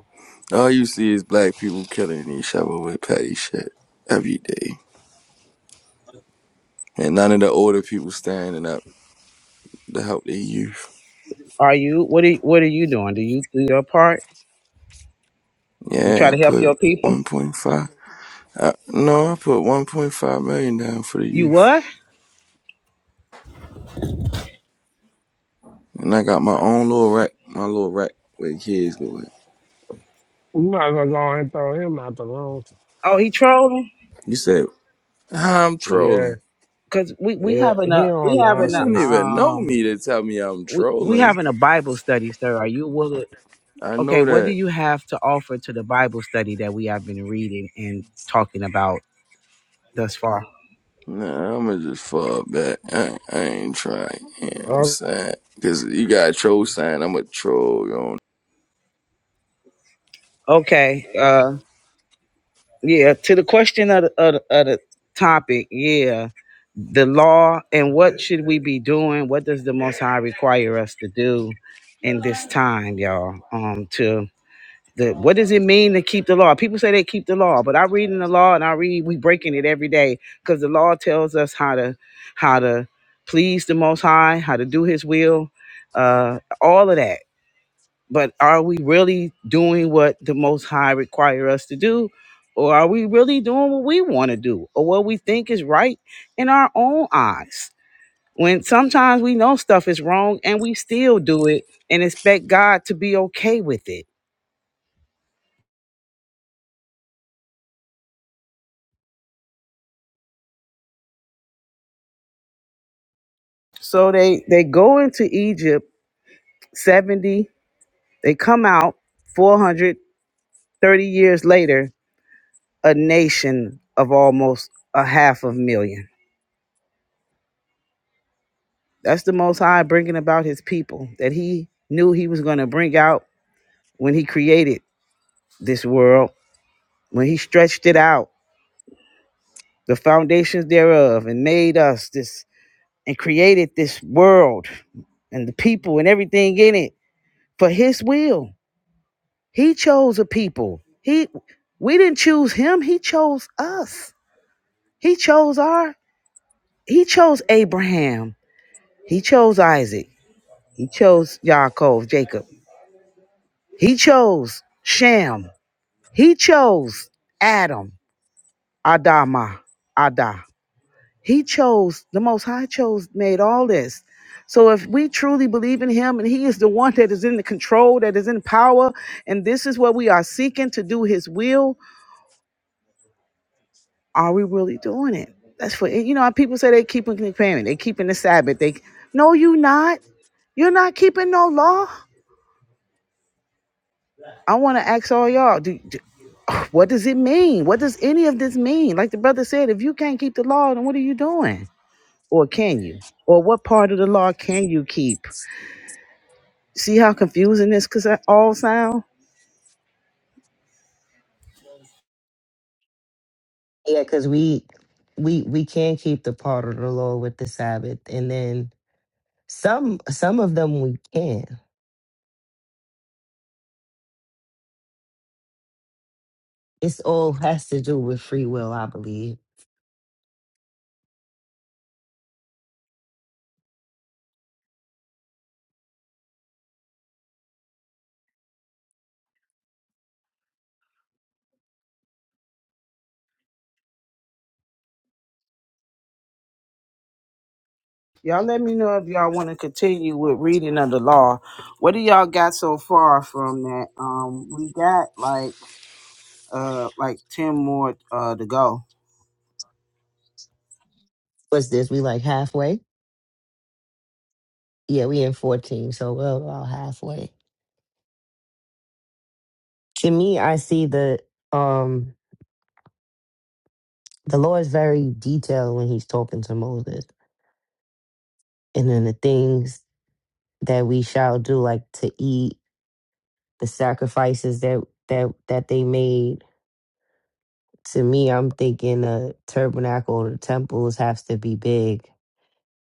Speaker 10: All you see is black people killing each other with petty shit every day, and none of the older people standing up to help their youth.
Speaker 1: Are you? What are? What are you doing? Do you do your part? You
Speaker 10: Yeah,
Speaker 1: try
Speaker 10: I
Speaker 1: to help
Speaker 10: put
Speaker 1: your people.
Speaker 10: 1.5. I, no, I put 1.5 million down for the
Speaker 1: You
Speaker 10: youth,
Speaker 1: what?
Speaker 10: and I got my own little rack, my little rack where the kids go at.
Speaker 11: You might as well go and throw him out the room.
Speaker 1: Oh, he trolling.
Speaker 10: You said "Ah, I'm
Speaker 11: Yeah,
Speaker 10: trolling.
Speaker 1: Cause we we
Speaker 11: yeah,
Speaker 1: having
Speaker 11: he
Speaker 1: a we
Speaker 11: on
Speaker 10: I
Speaker 1: having a
Speaker 10: don't
Speaker 11: nonsense.
Speaker 10: even know
Speaker 1: um
Speaker 10: me to tell me I'm
Speaker 1: we we
Speaker 10: trolling.
Speaker 1: having a Bible study, sir. Are you willing?
Speaker 10: I
Speaker 1: Okay,
Speaker 10: know
Speaker 1: what do
Speaker 10: that.
Speaker 1: you have to offer to the Bible study that we have been reading and talking about thus far?
Speaker 10: Nah, I'ma just fall back. I, I ain't trying. You know what I'm
Speaker 11: Uh,
Speaker 10: saying? Cause you got a troll sign. I'm a troll. You know
Speaker 1: Okay, uh, yeah. To the question of the, of the, of the topic, yeah, the law and what should we be doing? What does the Most High require us to do in this time, y'all? Um, to The, what does it mean to keep the law? People say they keep the law, but I read in the law and I read we breaking it every day because the law tells us how to how to please the Most High, how to do His will, uh, all of that. But are we really doing what the Most High require us to do, or are we really doing what we want to do or what we think is right in our own eyes? When sometimes we know stuff is wrong and we still do it and expect God to be okay with it So they they go into Egypt 70, they come out 430 years later, a nation of almost a half of million. That's the most high bringing about his people that he knew he was going to bring out when he created this world, when he stretched it out, the foundations thereof and made us this and created this world and the people and everything in it for his will. He chose a people. He we didn't choose him, he chose us. He chose our he chose Abraham. He chose Isaac. He chose Yaakov, Jacob. He chose Shem. He chose Adam, Adama, Ada. He chose the most high chose made all this. So if we truly believe in him and he is the one that is in the control, that is in power, and this is what we are seeking to do his will, Are we really doing it? That's what you know. People say they keeping the commandment, they keeping the Sabbath. They no, you not. You're not keeping no law. I want to ask all y'all. Do, do, what does it mean? What does any of this mean? Like the brother said, if you can't keep the law, then what are you doing? Or can you? Or what part of the law can you keep? See how confusing this cause I all sound?
Speaker 8: Yeah, because we we we can keep the part of the law with the Sabbath, and then some some of them we can. It's all has to do with free will, I believe.
Speaker 1: Y'all let me know if y'all want to continue with reading of the law. What do y'all got so far from that? Um, we got like uh like ten more uh to go.
Speaker 8: What's this? We like halfway? Yeah, we in fourteen, so we're about halfway. To me, I see the um the Lord is very detailed when He's talking to Moses, and then the things that we shall do, like to eat the sacrifices that that that they made to me i'm thinking the tabernacle or the temples has to be big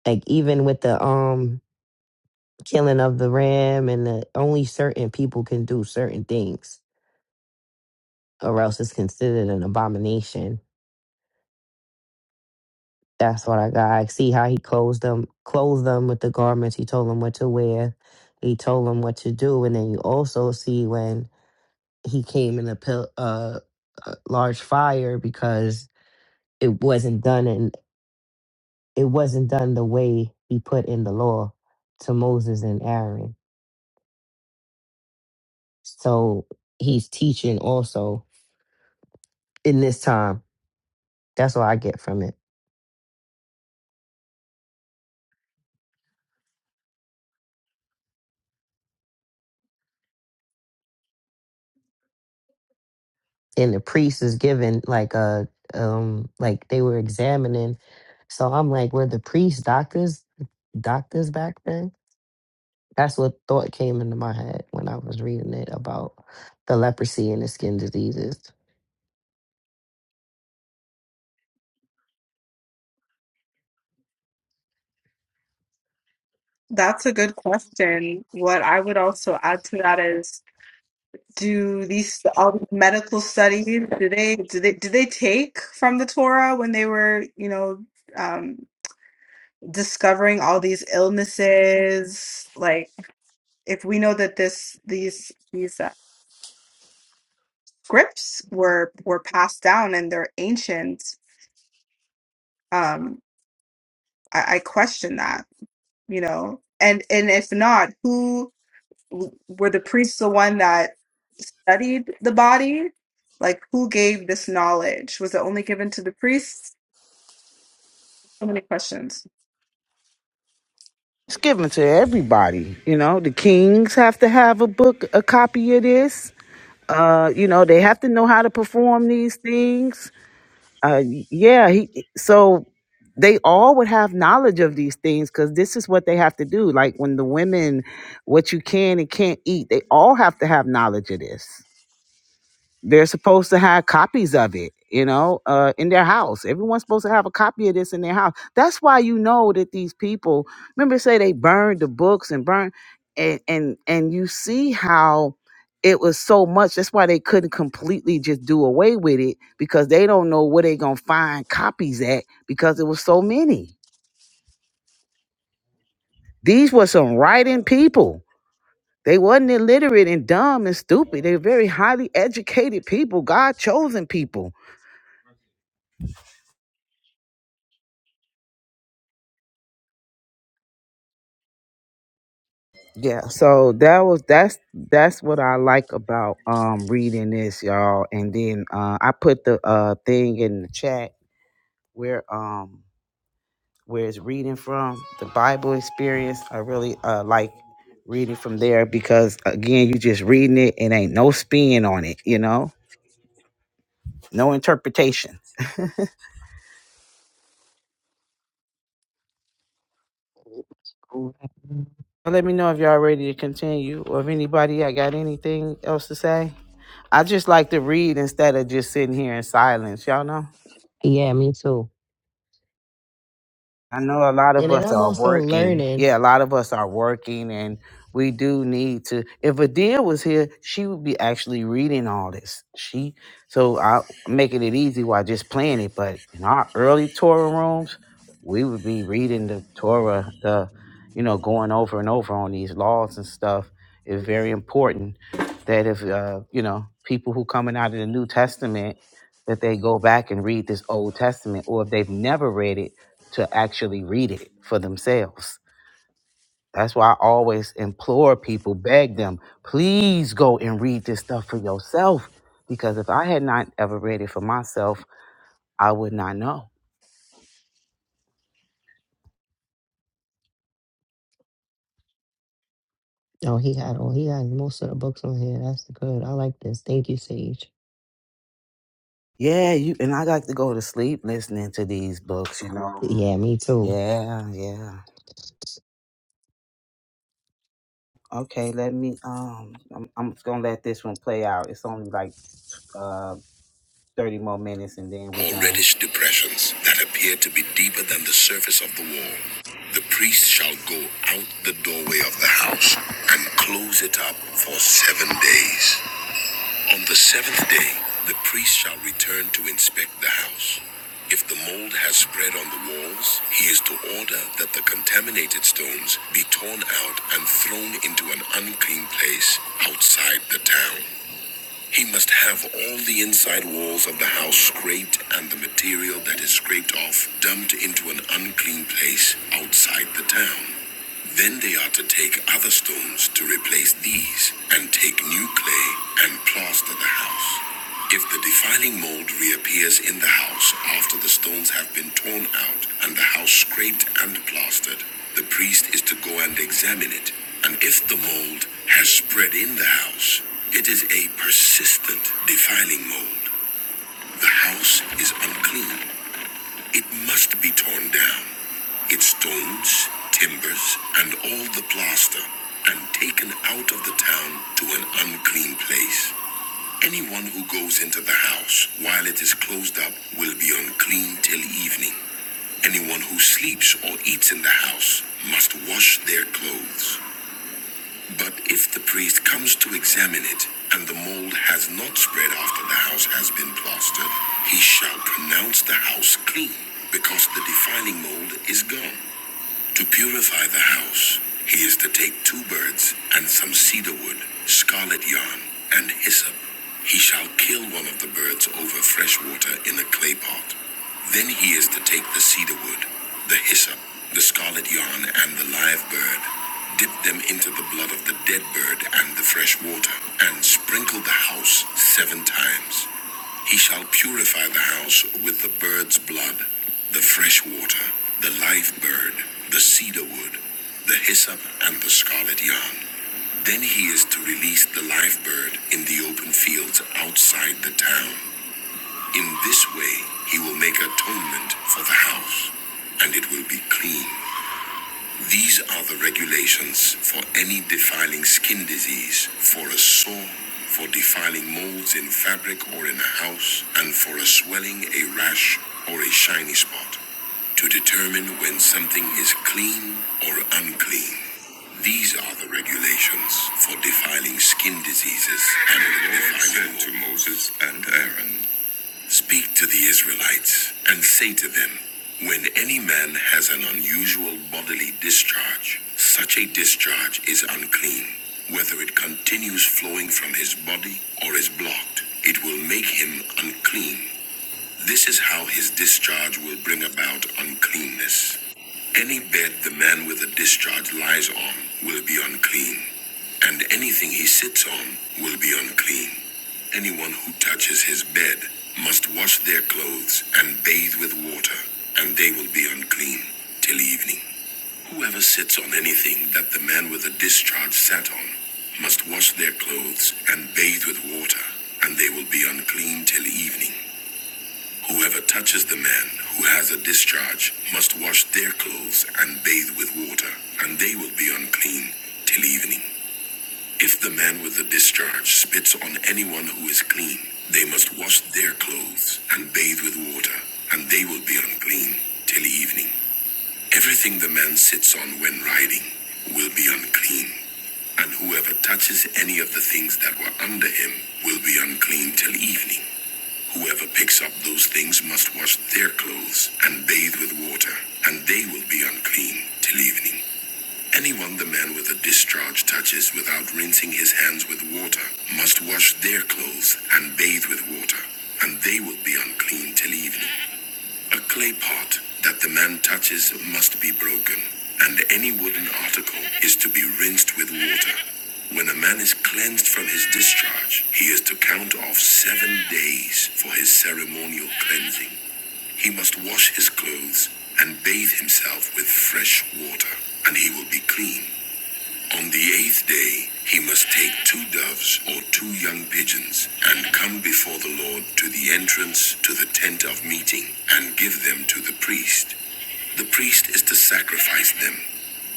Speaker 8: like even with the um killing of the ram and the only certain people can do certain things or else it's considered an abomination that's what i got I see how he clothes them clothed them with the garments he told them what to wear he told them what to do and then you also see when he came in a pill uh a large fire because. it wasn't done and it wasn't done the way he put in the law to Moses and Aaron. So he's teaching also in this time. That's what I get from it. And the priest is given like a um like they were examining. So I'm like, were the priests doctors doctors back then? That's what thought came into my head when I was reading it about the leprosy and the skin diseases.
Speaker 12: That's a good question. What I would also add to that is, do these all these medical studies, do they do they do they take from the Torah when they were, you know, um, discovering all these illnesses? Like, if we know that this these these uh, scripts were were passed down and they're ancient, um, I, I question that, you know. And and if not, who? w- were the priests the one that studied the body? Like, who gave this knowledge? Was it only given to the priests? So many questions.
Speaker 1: It's given to everybody. You know, the kings have to have a book, a copy of this. Uh, you know, they have to know how to perform these things. Uh, yeah. He, so they all would have knowledge of these things because this is what they have to do. Like when the women, what you can and can't eat, they all have to have knowledge of this. They're supposed to have copies of it, you know, uh, in their house. Everyone's supposed to have a copy of this in their house. That's why you know that these people remember say they burned the books and burned and and and you see how it was so much. That's why they couldn't completely just do away with it because they don't know where they gonna find copies at because it was so many. These were some writing people. They wasn't illiterate and dumb and stupid. They were very highly educated people, God chosen people Yeah, so that was that's that's what I like about um reading this, y'all. And then uh I put the uh thing in the chat where um where it's reading from the Bible experience. I really uh like reading from there because again, you just reading it and ain't no spin on it, you know, no interpretation. Let me know if y'all ready to continue or if anybody I got anything else to say. I just like to read instead of just sitting here in silence, y'all know.
Speaker 8: Yeah, me too.
Speaker 1: I know a lot of
Speaker 8: And then
Speaker 1: us
Speaker 8: I'm
Speaker 1: are
Speaker 8: also
Speaker 1: working.
Speaker 8: learning.
Speaker 1: Yeah, a lot of us are working, and we do need to. If Adia was here, she would be actually reading all this. She so I am making it easy while just playing it. But in our early Torah rooms, we would be reading the Torah, the you know, going over and over on these laws and stuff. It's very important that if uh, you know people who coming out of the New Testament that they go back and read this Old Testament, or if they've never read it to actually read it for themselves. That's why I always implore people, beg them, please go and read this stuff for yourself. Because if I had not ever read it for myself, I would not know.
Speaker 8: Oh, he had all he had most of the books on here. That's good. I like this. Thank you, Sage.
Speaker 1: Yeah, you and I like to go to sleep listening to these books, you know.
Speaker 8: Yeah, me too.
Speaker 1: Yeah, yeah. Okay, let me um I'm I'm just gonna let this one play out. It's only like uh thirty more minutes and then we're more done. reddish depressions that appear to be deeper than the surface of the wall. The priest shall go out the doorway of the house and close it up for seven days. On the seventh day, the priest shall return to inspect the house. If the mold has spread on the walls, he is to order that the contaminated stones be torn out and thrown into an unclean place outside the town. He must have all the inside walls of the house scraped and the material that is scraped off dumped into an unclean place outside the town. Then they are to take other stones to replace these and take new clay and plaster the house. If the defiling mold reappears in the house after the stones have been torn out and the house scraped and plastered, the priest is to go and examine it. And if the mold has spread in the house, it is a persistent defiling mold. The house is unclean. It must be torn down. Its stones, timbers, and all the plaster, and taken out of the town to an unclean place. Anyone who goes into the house while it is closed up will be unclean till evening. Anyone who sleeps or eats in the house must wash their clothes. But if the priest comes to examine it, and the mold has not spread after the house has been plastered, he shall pronounce the house clean, because the defiling mold is gone. To purify the house, he is to take two birds and some cedar wood, scarlet yarn, and hyssop. He shall kill one of the birds over fresh water in a clay pot. Then he is to take the cedar wood, the hyssop, the scarlet yarn, and the live bird, dip them into the blood of the dead bird and the fresh water, and sprinkle the house seven times. He shall purify the house with the bird's blood, the fresh water, the live bird, the cedar wood, the hyssop, and the scarlet yarn. Then he is to release the live bird in the open fields outside the town. In this way, he will make atonement for the house, and it will be clean. These are the regulations for any defiling skin disease, for a sore, for defiling molds in fabric or in a house, and for a swelling, a rash, or a shiny spot, to determine when something is clean or unclean. These are the regulations for defiling skin diseases and the Lord defiling said molds. to Moses and Aaron. Speak to the Israelites and say to them, When any man has an unusual bodily discharge, such a discharge is unclean. Whether it continues flowing from his body or is blocked, it will make him unclean. This is how his discharge will bring about uncleanness. Any bed the man with a discharge lies on will be unclean, and anything he sits on will be unclean. Anyone who touches his bed must wash their clothes and bathe with water, and they will be unclean till evening. Whoever sits on anything that the man with a discharge sat on must wash their clothes and bathe with water, and they will be unclean till evening. Whoever touches the man who has a discharge must wash their clothes and bathe with water, and they will be unclean till evening. If the man with the discharge spits on anyone who is clean, they must wash their clothes and bathe with water, and they will be unclean till evening. Everything the man sits on when riding will be unclean, and whoever touches any of the things that were under him will be unclean till evening. Whoever picks up those things must wash their clothes and bathe with water, and they will be unclean till evening. Anyone the man with a discharge touches without rinsing his hands with water must wash their clothes and bathe with water, and they will be unclean till evening. A clay pot that the man touches must be broken, and any wooden article is to be rinsed with water. When a man is cleansed from his discharge, he is to count off seven days for his ceremonial cleansing. He must wash his clothes and bathe himself with fresh water, and he will be clean. On the eighth day, he must take two doves or two young pigeons and come before the Lord to the entrance to the tent of meeting and give them to the priest. The priest is to sacrifice them,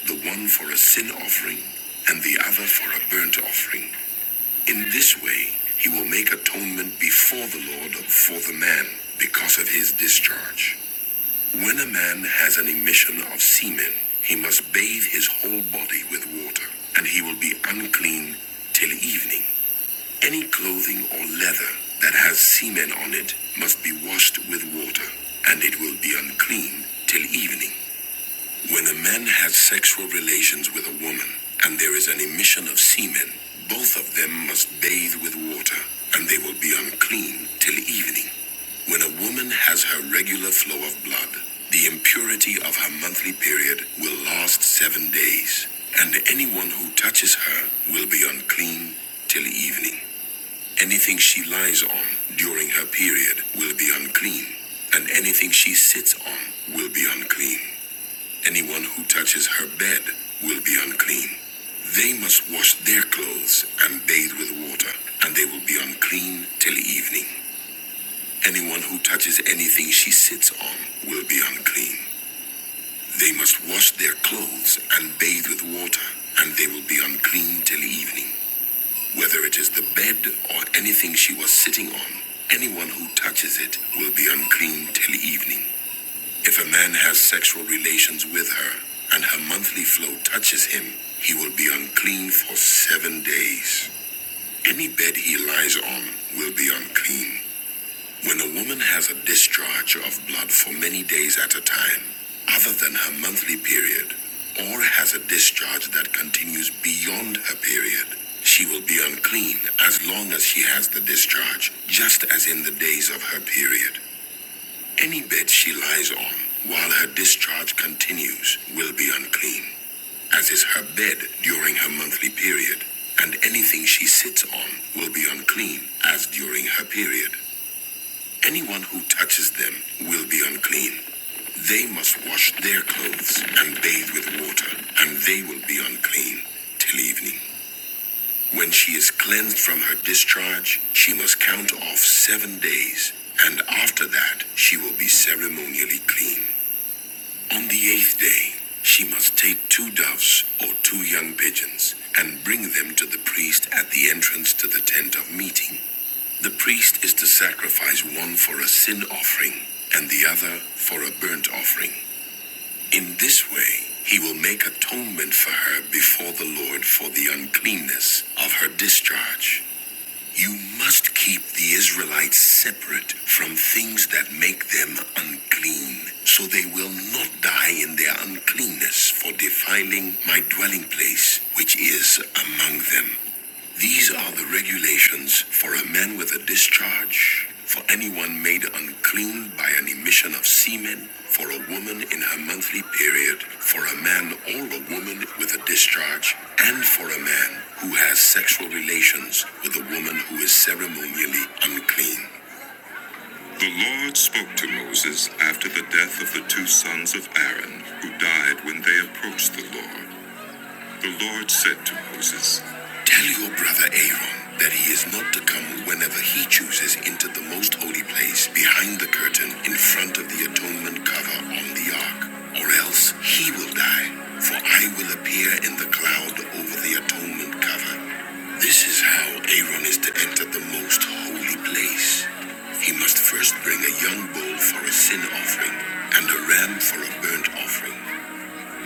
Speaker 1: the one for a sin offering and the other for a burnt offering. In this way, he will make atonement before the Lord for the man because of his discharge. When a man has an emission of semen, he must bathe his whole body with water, and he will be unclean till evening. Any clothing or leather that has semen on it must be washed with water, and it will be unclean till evening. When a man has sexual relations with a woman and there is an emission of semen, both of them must bathe with water and they will be unclean till evening. When a woman has her regular flow of blood, the impurity of her monthly period will last seven days, and anyone who touches her will be unclean till evening. Anything she lies on during her period will be unclean, and anything she sits on will be unclean. Anyone who touches her bed will be unclean. They must wash their clothes and bathe with water, and they will be unclean till evening. Anyone who touches anything she sits on will be unclean. They must wash their clothes and bathe with water, and they will be unclean till evening. Whether it is the bed or anything she was sitting on, anyone who touches it will be unclean till evening. If a man has sexual relations with her and her monthly flow touches him, he will be unclean for seven days. Any bed he lies on will be unclean. When a woman has a discharge of blood for many days at a time, other than her monthly period, or has a discharge that continues beyond her period, she will be unclean as long as she has the discharge, just as in the days of her period. Any bed she lies on while her discharge continues will be unclean, as is her bed during her monthly period, and anything she sits on will be unclean, as during her period. Anyone who touches them will be unclean. They must wash their clothes and bathe with water, and they will be unclean till evening. When she is cleansed from her discharge, she must count off seven days, and after that, she will be ceremonially clean. On the eighth day, she must take two doves or two young pigeons and bring them to the priest at the entrance to the tent of meeting. The priest is to sacrifice one for a sin offering and the other for a burnt offering. In this way, he will make atonement for her before the Lord for the uncleanness of her discharge. You must keep the Israelites separate from things that make them unclean, so they will not die in their uncleanness for defiling my dwelling place, which is among them. These are the regulations for a man with a discharge, for anyone made unclean by an emission of semen, for a woman in her monthly period, for a man or a woman with a discharge, and for a man who has sexual relations with a woman who is ceremonially unclean, who died when they approached the Lord. The Lord said to Moses, Tell your brother Aaron that he is not to come whenever he chooses into the most holy place behind the curtain in front of the atonement cover on the ark, or else he will die, for I will appear in the cloud over the atonement cover. This is how Aaron is to enter the most holy place. He must first bring a young bull for a sin offering and a ram for a burnt offering.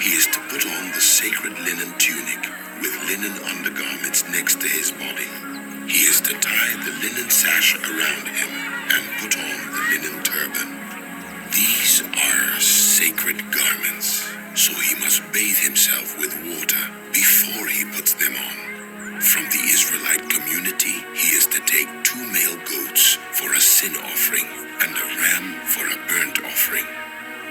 Speaker 1: He is to put on the sacred linen tunic with linen undergarments next to his body. He is to tie the linen sash around him and put on the linen turban. These are sacred garments, so he must bathe himself with water before he puts them on. From the Israelite community, he is to take two male goats for a sin offering and a ram for a burnt offering.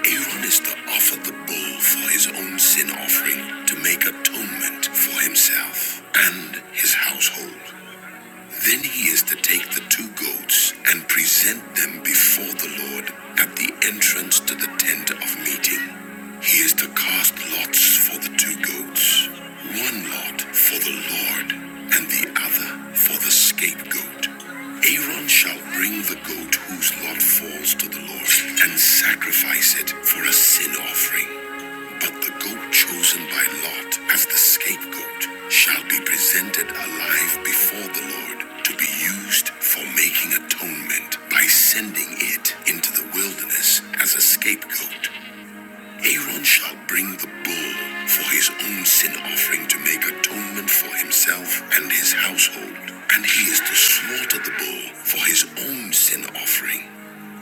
Speaker 1: Aaron is to offer the bull for his own sin offering to make atonement for himself and his household. Then he is to take the two goats and present them before the Lord at the entrance to the tent of meeting. He is to cast lots for the two goats, one lot for the Lord and the other for the scapegoat. Aaron shall bring the goat whose lot falls to the Lord and sacrifice it for a sin offering. But the goat chosen by Lot as the scapegoat shall be presented alive before the Lord to be used for making atonement by sending it into the wilderness as a scapegoat. Aaron shall bring the bull for his own sin offering to make atonement for himself and his household, and he is to slaughter the bull for his own sin offering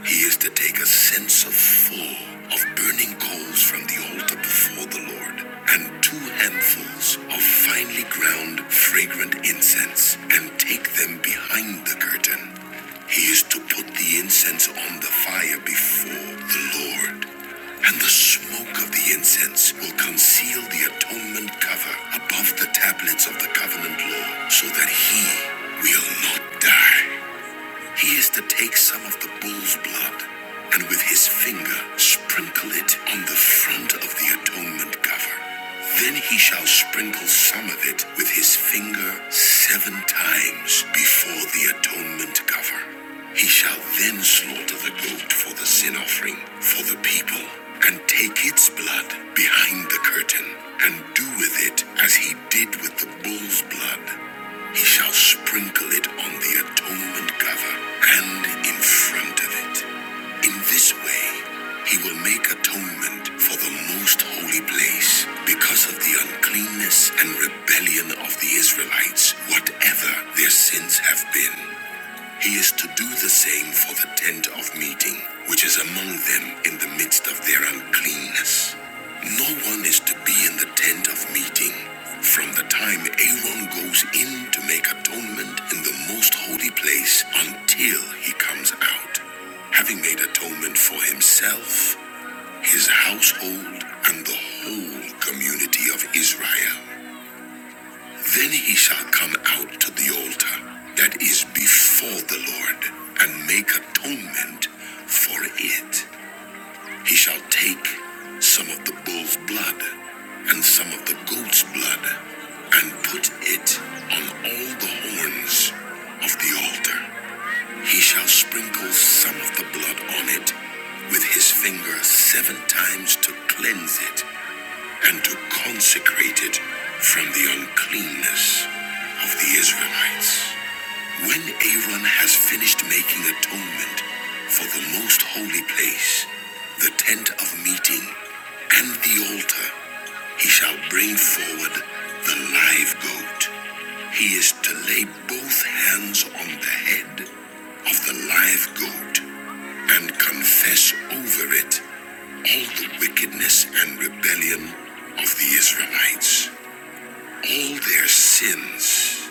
Speaker 1: he is to take a censer full of burning coals from the altar before the Lord, and two handfuls of finely ground fragrant incense, and take them behind the curtain. He is to put the incense on the fire before the Lord, and the smoke of the incense will conceal the atonement cover above the tablets of the covenant law, so that he will not die. He is to take some of the bull's blood and with his finger sprinkle it on the front of the atonement cover. Then he shall sprinkle some of it with his finger seven times before the atonement cover. He shall then slaughter the goat for the sin offering for the people and take its blood behind the curtain and do with it as he did with the bull's blood he shall sprinkle it on the atonement cover and in front of it. In this way, he will make atonement for the most holy place because of the uncleanness and rebellion of the Israelites, whatever their sins have been. He is to do the same for the tent of meeting, which is among them in the midst of their uncleanness. No one is to be in the tent of meeting from the time Aaron goes in to make atonement in the most holy place until he comes out, having made atonement for himself, his household, and the whole community of Israel. Then he shall come out to the altar that is before the Lord and make atonement for it. He shall take some of the bull's blood and some of the goat's blood and put it on all the horns of the altar. He shall sprinkle some of the blood on it with his finger seven times to cleanse it, and to consecrate it from the uncleanness of the Israelites. When Aaron has finished making atonement for the most holy place, the tent of meeting, and the altar, he shall bring forward the live goat. He is to lay both hands on the head of the live goat and confess over it all the wickedness and rebellion of the Israelites, all their sins,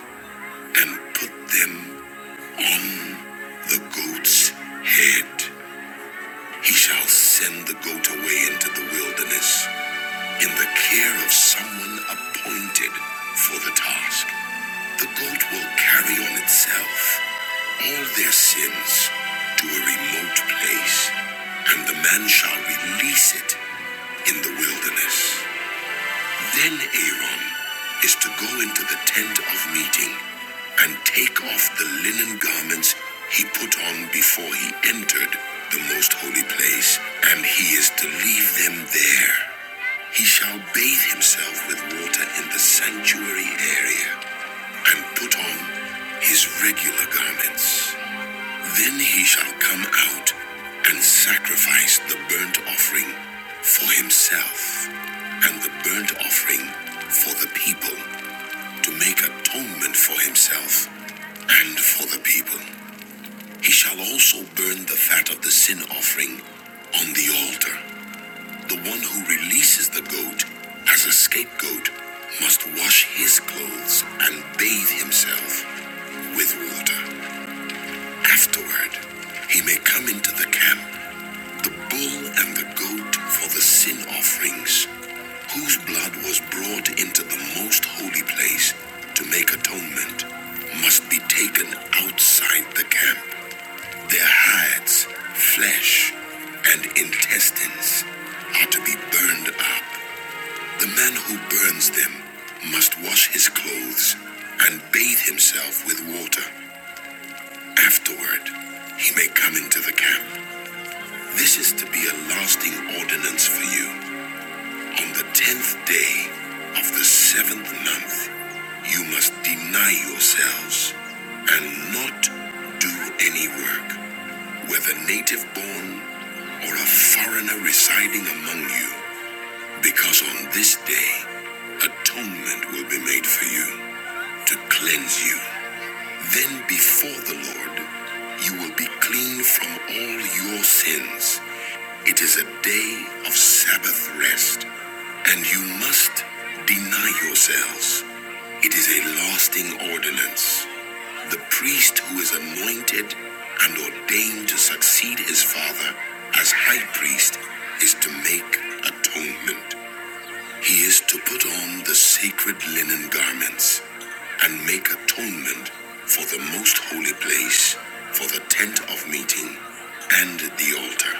Speaker 1: and put them on the goat's head. He shall send the goat away into the wilderness in the care of someone appointed for the task. The goat will carry on itself all their sins to a remote place, and the man shall release it in the wilderness. Then Aaron is to go into the tent of meeting and take off the linen garments he put on before he entered the most holy place, and he is to leave them there. He shall bathe himself with water in the sanctuary area and put on his regular garments. Then he shall come out and sacrifice the burnt offering for himself and the burnt offering for the people to make atonement for himself and for the people. He shall also burn the fat of the sin offering on the altar. The one who releases the goat as a scapegoat must wash his clothes and bathe himself with water. Afterward, he may come into the camp the bull and the goat for the sin offerings, whose blood was brought into the most holy place to make atonement, must be taken outside the camp. Their hides, flesh, and intestines are to be burned up. The man who burns them must wash his clothes and bathe himself with water. Afterward, he may come into the camp. This is to be a lasting ordinance for you. On the tenth day of the seventh month, you must deny yourselves and not do any work, whether native born or a foreigner residing among you, because on this day atonement will be made for you to cleanse you. Then before the Lord, you will be clean from all your sins. It is a day of Sabbath rest, and you must deny yourselves. It is a lasting ordinance. The priest who is anointed and ordained to succeed his father as high priest is to make atonement. He is to put on the sacred linen garments and make atonement for the most holy place, for the tent of meeting, and the altar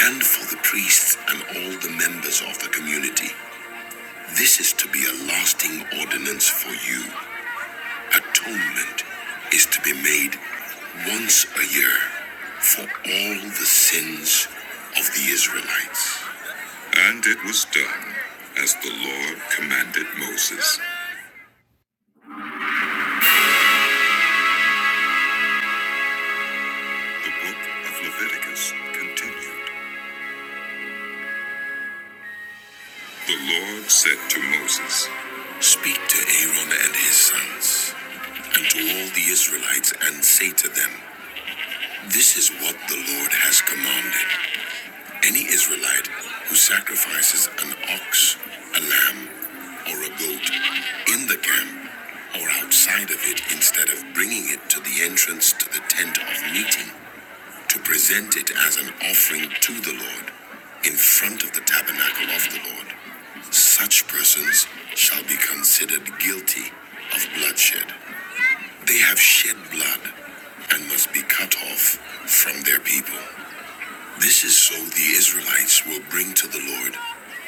Speaker 1: and for the priests and all the members of the community. This is to be a lasting ordinance for you. Atonement is to be made once a year for all the sins of the Israelites. And it was done as the Lord commanded Moses. The book of Leviticus continued. The Lord said to Moses, Speak to Aaron and his sons, and to all the Israelites, and say to them, This is what the Lord has commanded. Any Israelite who sacrifices an ox, a lamb, or a goat in the camp or outside of it instead of bringing it to the entrance to the tent of meeting to present it as an offering to the Lord in front of the tabernacle of the Lord, such persons shall be considered guilty of bloodshed. They have shed blood and must be cut off from their people. This is so the Israelites will bring to the Lord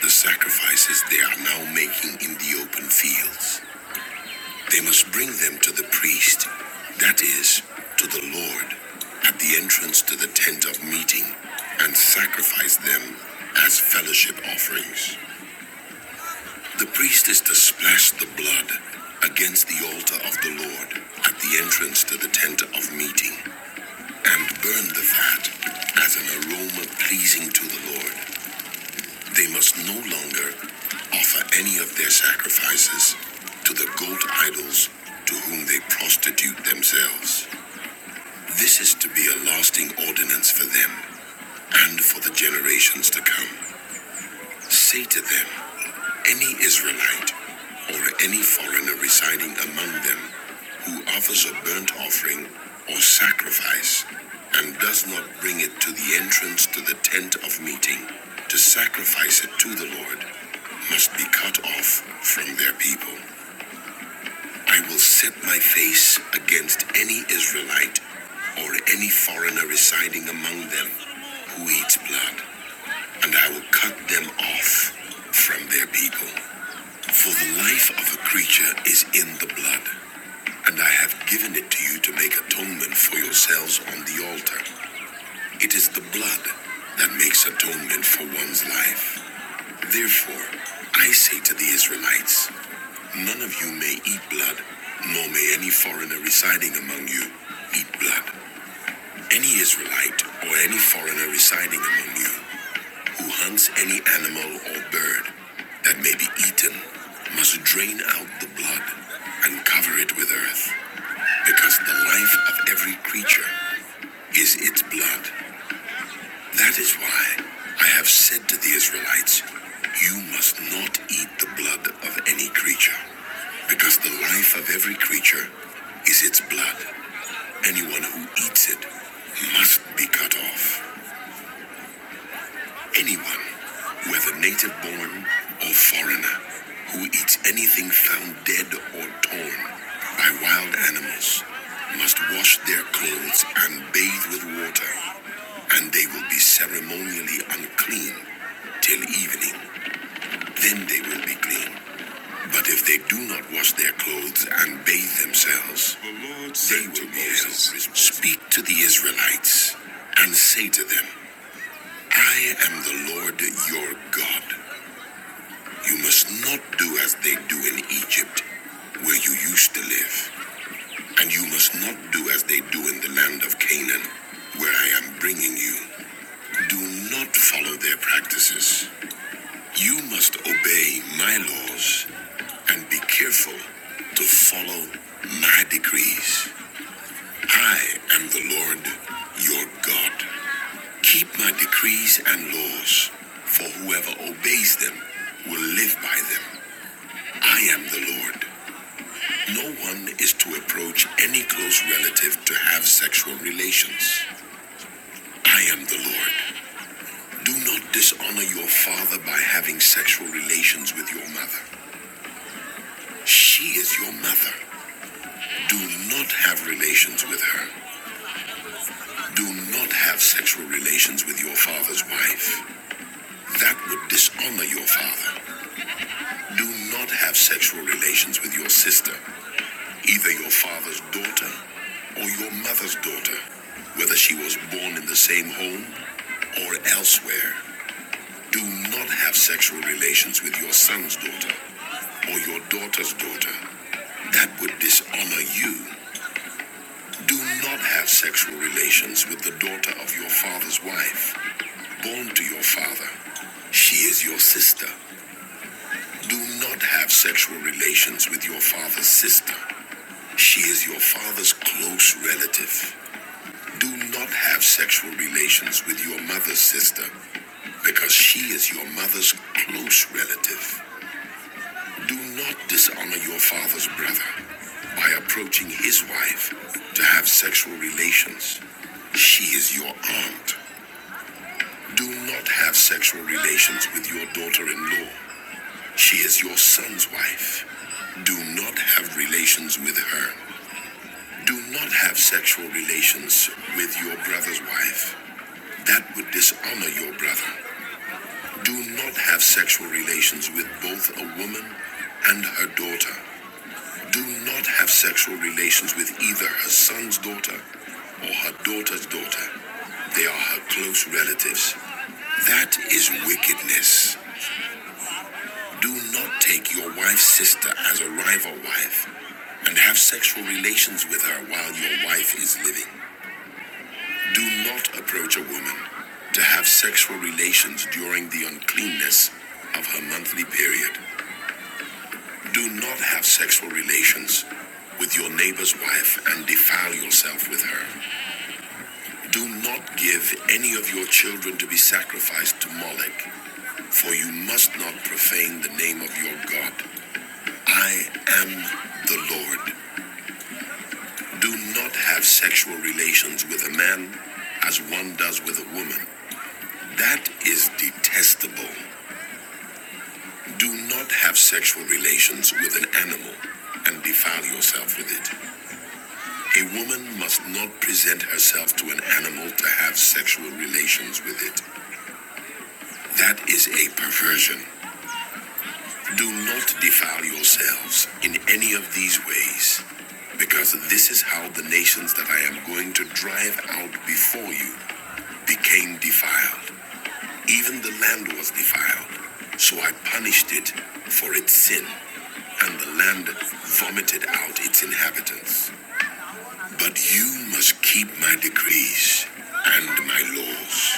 Speaker 1: the sacrifices they are now making in the open fields. They must bring them to the priest, that is, to the Lord, at the entrance to the tent of meeting, and sacrifice them as fellowship offerings. The priest is to splash the blood against the altar of the Lord at the entrance to the tent of meeting, and burn the fat as an aroma pleasing to the Lord. They must no longer offer any of their sacrifices to the gold idols to whom they prostitute themselves. This is to be a lasting ordinance for them and for the generations to come. Say to them, any Israelite or any foreigner residing among them who offers a burnt offering or sacrifice and does not bring it to the entrance to the tent of meeting to sacrifice it to the Lord must be cut off from their people. I will set my face against any Israelite or any foreigner residing among them who eats blood, and I will cut them off from their people. For the life of a creature is in the blood, and I have given it to you to make atonement for yourselves on the altar. It is the blood that makes atonement for one's life. Therefore, I say to the Israelites, None of you may eat blood, nor may any foreigner residing among you eat blood. Any Israelite or any foreigner residing among you who hunts any animal or bird that may be eaten must drain out the blood and cover it with earth, because the life of every creature is its blood. That is why I have said to the Israelites, You must not eat the blood of any creature, because the life of every creature is its blood. Anyone who eats it must be cut off. Anyone, whether native born or foreigner, who eats anything found dead or torn by wild animals must wash their clothes and bathe with water, and they will be ceremonially unclean till evening. Then they will be clean. But if they do not wash their clothes and bathe themselves, they will be held. Speak to the Israelites and say to them, I am the Lord your God. You must not do as they do in Egypt, where you used to live. And you must not do as they do in the land of Canaan, where I am bringing you. Do not follow their practices. You must obey my laws and be careful to follow my decrees. I am the Lord your God. Keep my decrees and laws, for whoever obeys them will live by them. I am the Lord. No one is to approach any close relative to have sexual relations. I am the Lord. Do not dishonor your father by having sexual relations with your mother. She is your mother. Do not have relations with her. Do not have sexual relations with your father's wife. That would dishonor your father. Do not have sexual relations with your sister, either your father's daughter or your mother's daughter whether she was born in the same home or elsewhere. Do not have sexual relations with your son's daughter or your daughter's daughter. That would dishonor you. Do not have sexual relations with the daughter of your father's wife, born to your father. She is your sister. Do not have sexual relations with your father's sister. She is your father's close relative. Do not have sexual relations with your mother's sister because she is your mother's close relative. Do not dishonor your father's brother by approaching his wife to have sexual relations. She is your aunt. Do not have sexual relations with your daughter in law. She is your son's wife. Do not have relations with her. Do not have sexual relations with your brother's wife. That would dishonor your brother. Do not have sexual relations with both a woman and her daughter. do not have sexual relations with either her son's daughter or her daughter's daughter. They are her close relatives. That is wickedness. Do not take your wife's sister as a rival wife and have sexual relations with her while your wife is living. Do not approach a woman to have sexual relations during the uncleanness of her monthly period. Do not have sexual relations with your neighbor's wife and defile yourself with her. Do not give any of your children to be sacrificed to Molech, for you must not profane the name of your God. I am the Lord. Do not have sexual relations with a man as one does with a woman. That is detestable. Do not have sexual relations with an animal and defile yourself with it. A woman must not present herself to an animal to have sexual relations with it. That is a perversion. Do not defile yourselves in any of these ways, because this is how the nations that I am going to drive out before you became defiled. Even the land was defiled, so I punished it for its sin, and the land vomited out its inhabitants. But you must keep my decrees and my laws.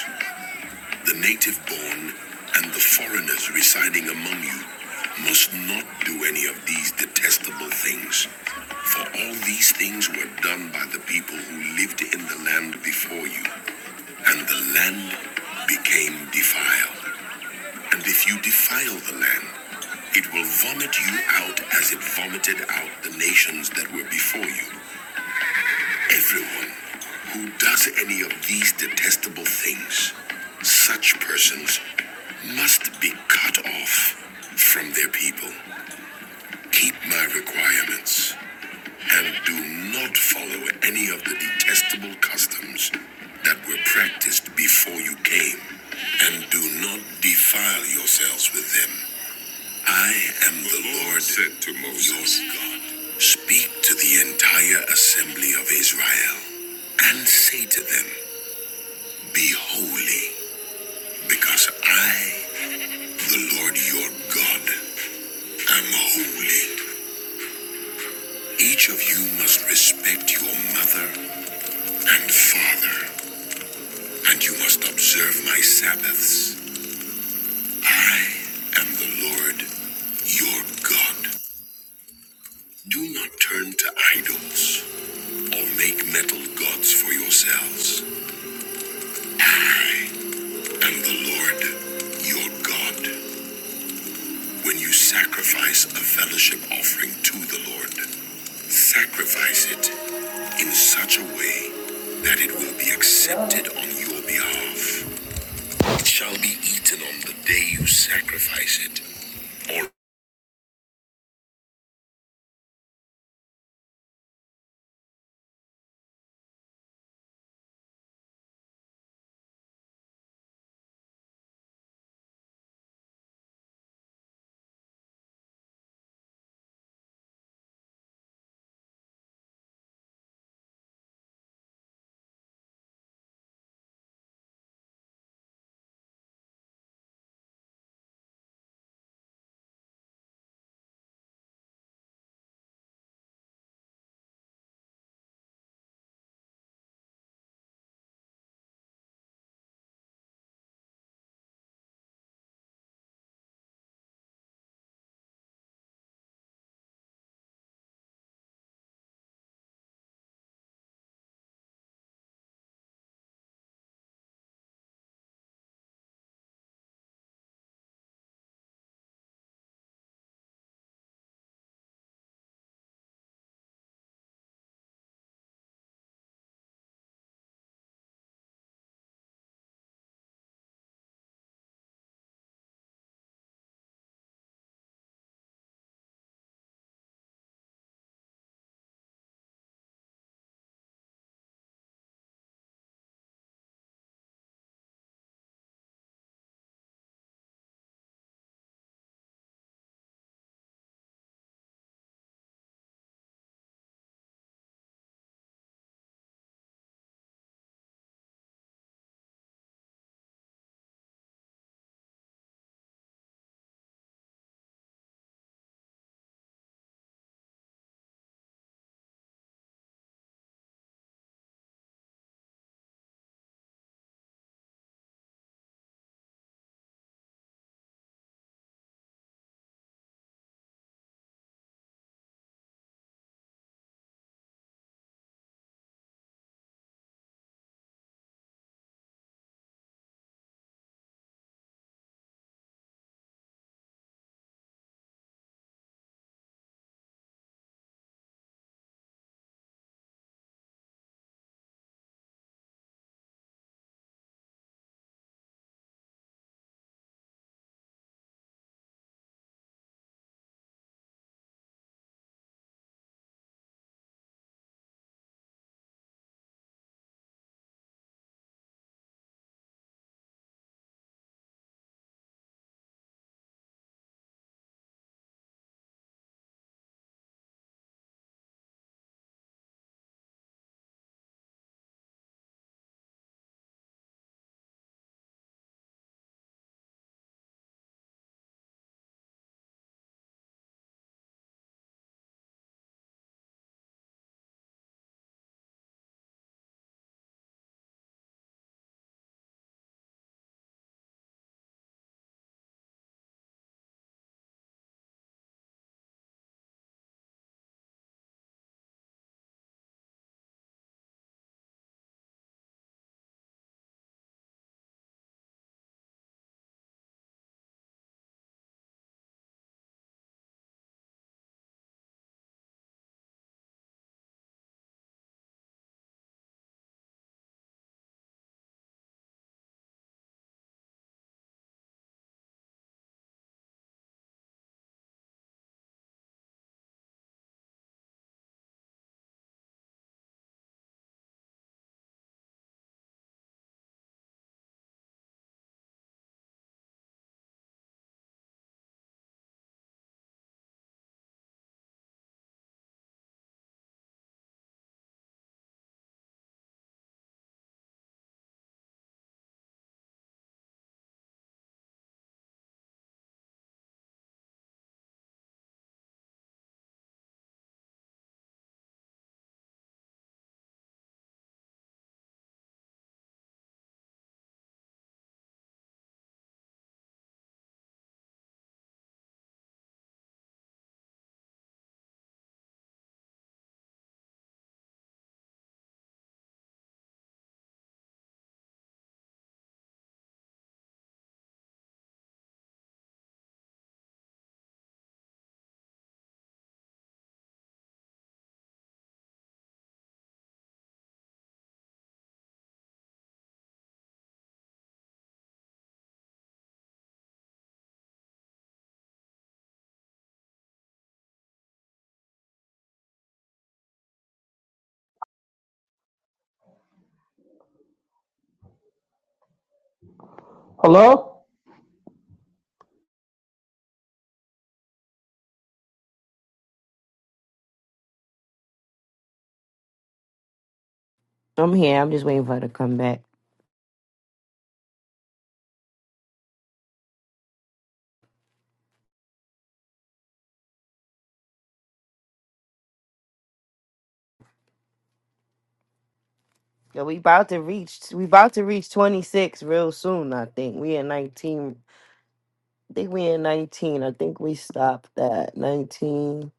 Speaker 1: The native born and the foreigners residing among you must not do any of these detestable things, for all these things were done by the people who lived in the land before you, and the land became defiled. And if you defile the land, it will vomit you out as it vomited out the nations that were before you. Everyone who does any of these detestable things, such persons must be cut off from their people. Keep my requirements and do not follow any of the detestable customs that were practiced before you came, and do not defile yourselves with them. I am the the Lord Lord said to Moses, your God. Speak to the entire assembly of Israel and say to them, Be holy, because I, the Lord your God, am holy. Each of you must respect your mother and father, and you must observe my Sabbaths. I am the Lord your God. Do not turn to idols or make metal gods for yourselves. And the Lord your God, when you sacrifice a fellowship offering to the Lord, sacrifice it in such a way that it will be accepted on your behalf. It shall be eaten on the day you sacrifice it.
Speaker 3: Hello.
Speaker 8: I'm here. I'm just waiting for her to come back. Yo, we about to reach we about to reach 26 real soon, I think. We in 19. I think we in 19. I think we stopped at 19,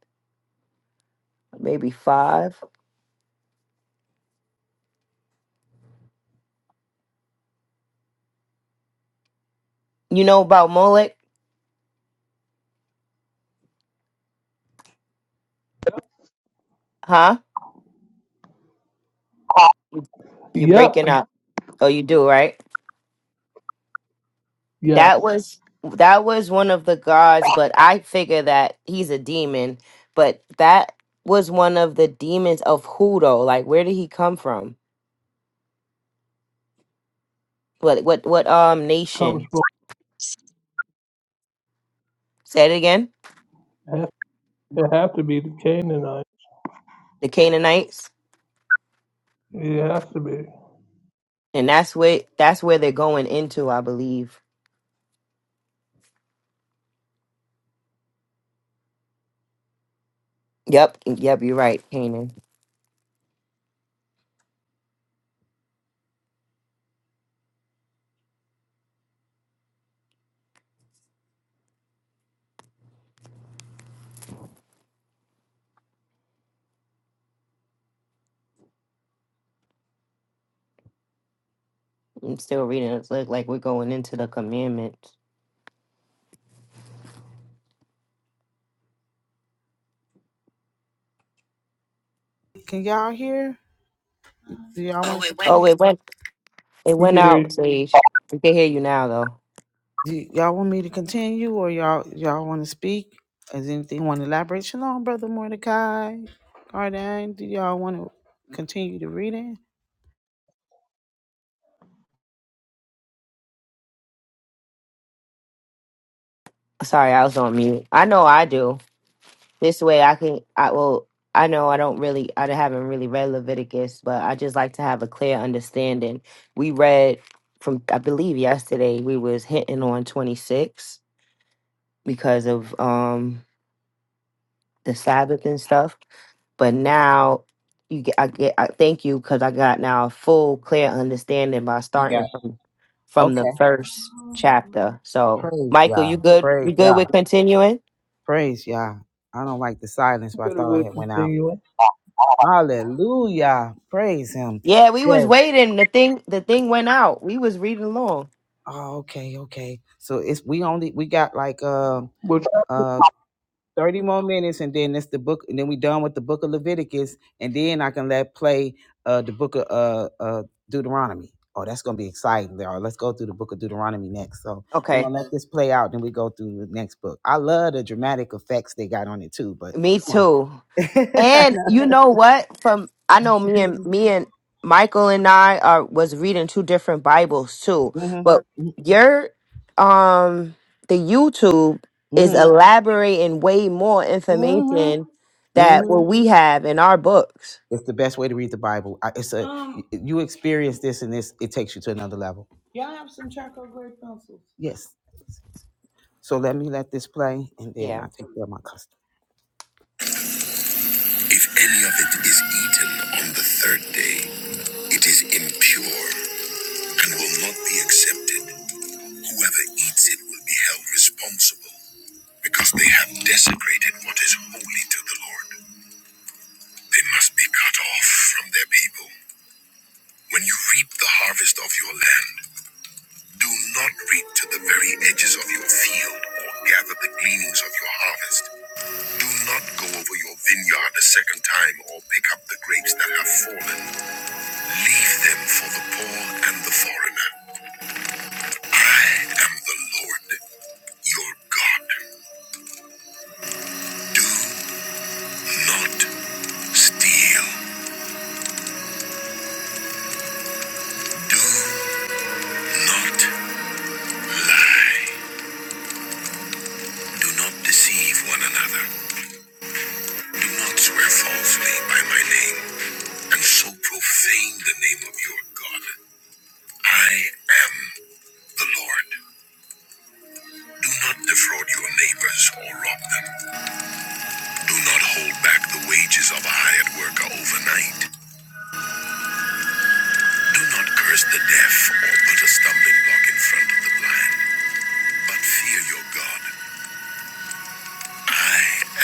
Speaker 8: maybe five. You know about Molech? Huh? You're breaking
Speaker 3: Yep.
Speaker 8: up. Oh, you do, right?
Speaker 3: Yes.
Speaker 8: That was that was one of the gods, but I figure that he's a demon. But that was one of the demons of Hudo. Like, where did he come from? What what what um
Speaker 3: Comes
Speaker 8: nation? Say it again.
Speaker 3: from. It has to be the Canaanite.
Speaker 8: The Canaanites,
Speaker 3: It has to be.
Speaker 8: and that's where that's where they're going into, I believe. Yep, yep, you're right, Canaan. I'm still reading. It's like like we're going into the commandments.
Speaker 1: Can y'all hear? Do y'all want oh, wait,
Speaker 8: Oh, it went it
Speaker 3: We
Speaker 8: went
Speaker 3: can hear
Speaker 8: out,
Speaker 3: you.
Speaker 8: Sage. We can hear you now, though.
Speaker 1: Do y'all want me to continue or y'all y'all want to speak? Is anything want to elaborate? Shalom, brother Mordecai. Cardine, do y'all want to continue the reading?
Speaker 8: Sorry, I was on mute. I know I do. This way I can, I will, I know I don't really, I haven't really read Leviticus, but I just like to have a clear understanding. We read from, I believe yesterday, we was hitting on 26 because of um the Sabbath and stuff. But now you get, I get, I thank you because I got now a full clear understanding by
Speaker 1: You
Speaker 8: starting
Speaker 1: got
Speaker 8: from, from
Speaker 1: it.
Speaker 8: the first chapter. So
Speaker 1: Praise
Speaker 8: Michael, you
Speaker 1: Yah.
Speaker 8: good?
Speaker 1: Praise
Speaker 8: You good
Speaker 1: Yah.
Speaker 8: with continuing?
Speaker 1: Praise Yah. I don't like the silence, but I
Speaker 3: Better
Speaker 1: thought
Speaker 3: we'll
Speaker 1: I had went out.
Speaker 3: continue it.
Speaker 1: Hallelujah. Praise him.
Speaker 8: Yeah, we was
Speaker 1: Yes.
Speaker 8: waiting. The thing the thing went out. We was reading along.
Speaker 1: Oh, okay, okay. So it's we only we got like uh
Speaker 3: What?
Speaker 1: uh 30 more minutes and then it's the book and then we done with the book of Leviticus and then I can let play uh the book of uh uh Deuteronomy. Oh, that's gonna be exciting. There, let's go through the book of Deuteronomy next. So we're
Speaker 8: Okay.
Speaker 1: gonna let this play out, then we go through the next book. I love the dramatic effects they got on it too, but
Speaker 8: Me
Speaker 1: come on.
Speaker 8: too. And
Speaker 1: hmm
Speaker 8: you know what? From I know me and me and Michael and I are was reading two different Bibles too.
Speaker 1: hmm
Speaker 8: But your um the YouTube is
Speaker 1: hmm
Speaker 8: elaborating way more information that
Speaker 1: hmm
Speaker 8: what we have in our books.
Speaker 1: It's the best way to read the Bible. I- It's a Um, y- you experience this and this. It takes you to another level. Yes. So let me let this play, and then
Speaker 8: Yeah.
Speaker 1: I take care of my customer. If any of it is eaten on the third day, it is impure and will not be accepted. Whoever eats it will be held responsible because they have desecrated what is holy to the Lord. They must be cut off from their people. When you reap the harvest of your land, do not reap to the very edges of your field or gather the gleanings of your harvest. Do not go over your vineyard a second time or pick up the grapes that have fallen. Leave them for the poor and the foreigner. I am the Lord your God. Do not steal. Do not lie. Do not deceive one another. Do not swear falsely by my name. and so profane the name of your God. I am the Lord. Do not defraud your neighbors or rob them. Do not hold back the wages of a hired worker overnight. Do not curse the deaf or put a stumbling block in front of the blind, but fear your God. I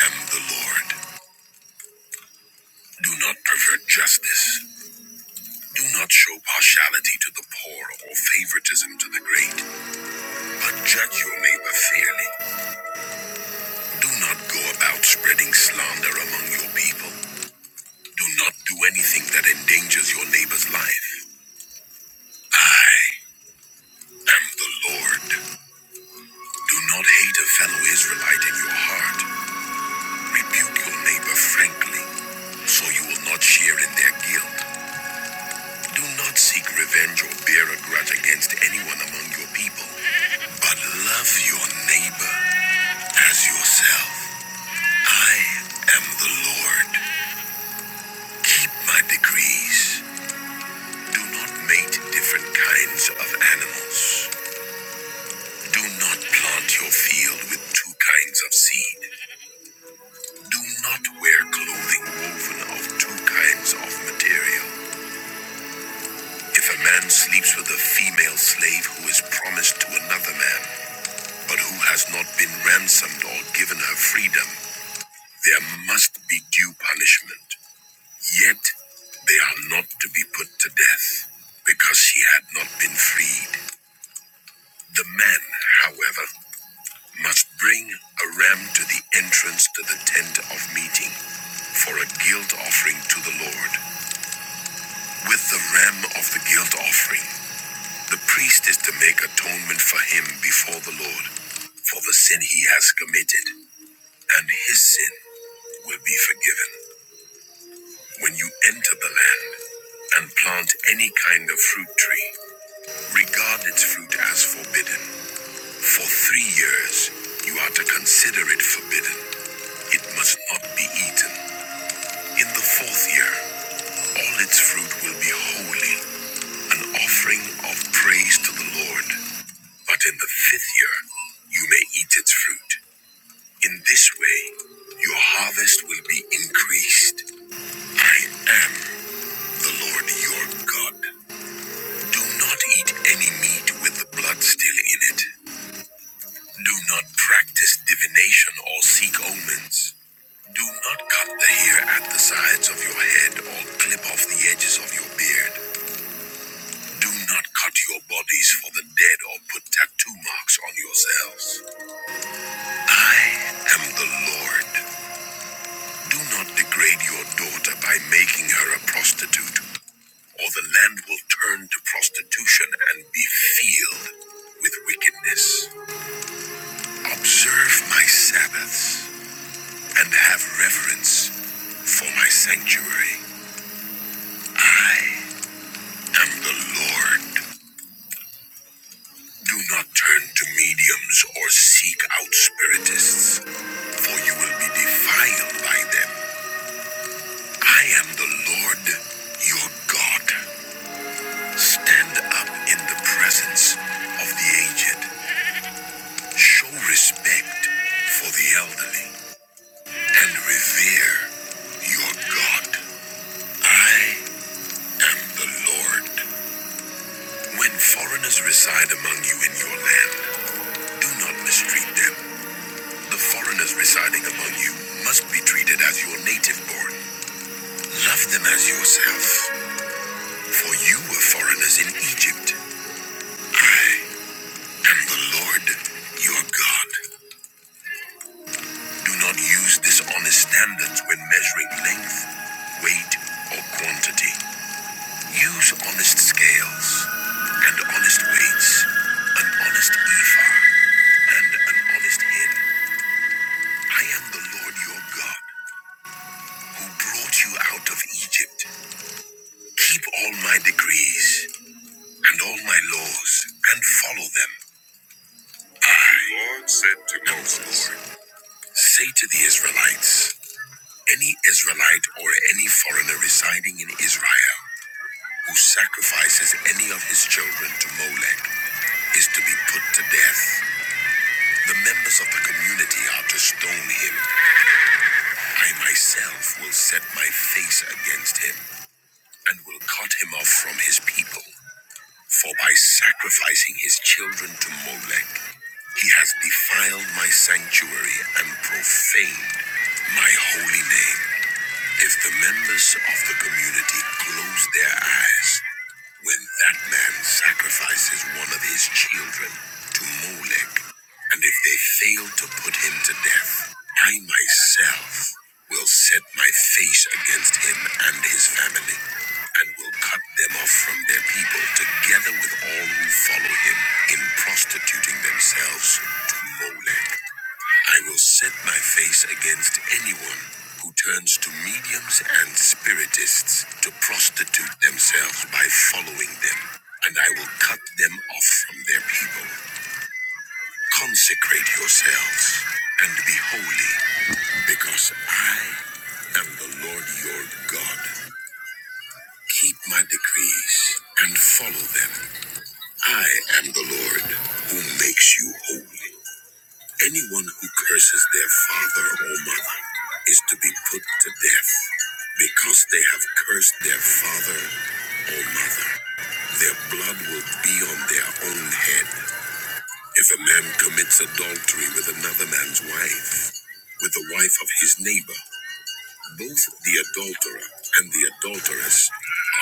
Speaker 1: am the Lord. Do not pervert justice. Do not show partiality to the poor or favoritism to the great, but judge your neighbor fairly. Do not go about spreading slander among your people. Do not do anything that endangers your neighbor's life. I am the Lord. Do not hate a fellow Israelite in your heart. Rebuke your neighbor frankly, so you will not share in their guilt. Do not seek revenge or bear a grudge against anyone among your people, but love your neighbor as yourself. I am the Lord. Keep my decrees. Do not mate different kinds of animals. Do not plant your field with two kinds of seed. Do not wear clothing woven of two kinds of material. If a man sleeps with a female slave who is promised to another man, but who has not been ransomed or given her freedom, there must be due punishment. Yet they are not to be put to death because she had not been freed. The man, however, must bring a ram to the entrance to the tent of meeting for a guilt offering to the Lord. With the ram of the guilt offering, the priest is to make atonement for him before the Lord for the sin he has committed, and his sin will be forgiven. When you enter the land and plant any kind of fruit tree, regard its fruit as forbidden For three years, you are to consider it forbidden. It must not be eaten. In the fourth year, all its fruit will be holy, an offering of praise to the Lord. But in the fifth year, you may eat its fruit. In this way, your harvest will be increased. I am the Lord your God. Do not eat any meat with the blood still in it. Do not practice divination or seek omens. Do not cut the hair at the sides of your head or clip off the edges of your beard. Do not cut your bodies for the dead or put tattoo marks on yourselves. I am the Lord. Do not degrade your daughter by making her a prostitute, or the land will turn to prostitution and be filled with wickedness. Observe my Sabbaths and have reverence for my sanctuary. I am the Lord. Do not turn to mediums or seek out spiritists, for you will be defiled by them. I am the Lord your God. Stand up in the presence of the aged, show respect for the elderly, and revere your God. I am the Lord. When foreigners reside among you in your land, do not mistreat them. The foreigners residing among you must be treated as your native born. Love them as yourself, for you were foreigners in Egypt. I am the Lord your God. Do not use dishonest standards when measuring length, weight, or quantity. Use honest scales and honest weights, an honest ephah and an honest hin. I am the Lord your God who brought you out of Egypt. Keep all my decrees and all my laws and follow them. I, the Lord said to Moses, Lord. Say to the Israelites, any Israelite or any foreigner residing in Israel who sacrifices any of his children to Molech is to be put to death. The members of the community are to stone him. I myself will set my face against him and will cut him off from his people. For by sacrificing his children to Molech, he has defiled my sanctuary and profaned my holy name. If the members of the community close their eyes when that man sacrifices one of his children to Molech, and if they fail to put him to death, I myself will set my face against him and his family, and will cut them off from their people together with all who follow him in prostituting themselves to Molech. I will set my face against anyone who turns to mediums and spiritists to prostitute themselves by following them, and I will cut them off from their people. Consecrate yourselves and be holy, because I am the Lord your God. Keep my decrees and follow them. I am the Lord who makes you holy. Anyone who curses their father or mother is to be put to death. Because they have cursed their father or mother, their blood will be on their own head. If a man commits adultery with another man's wife, with the wife of his neighbor, both the adulterer and the adulteress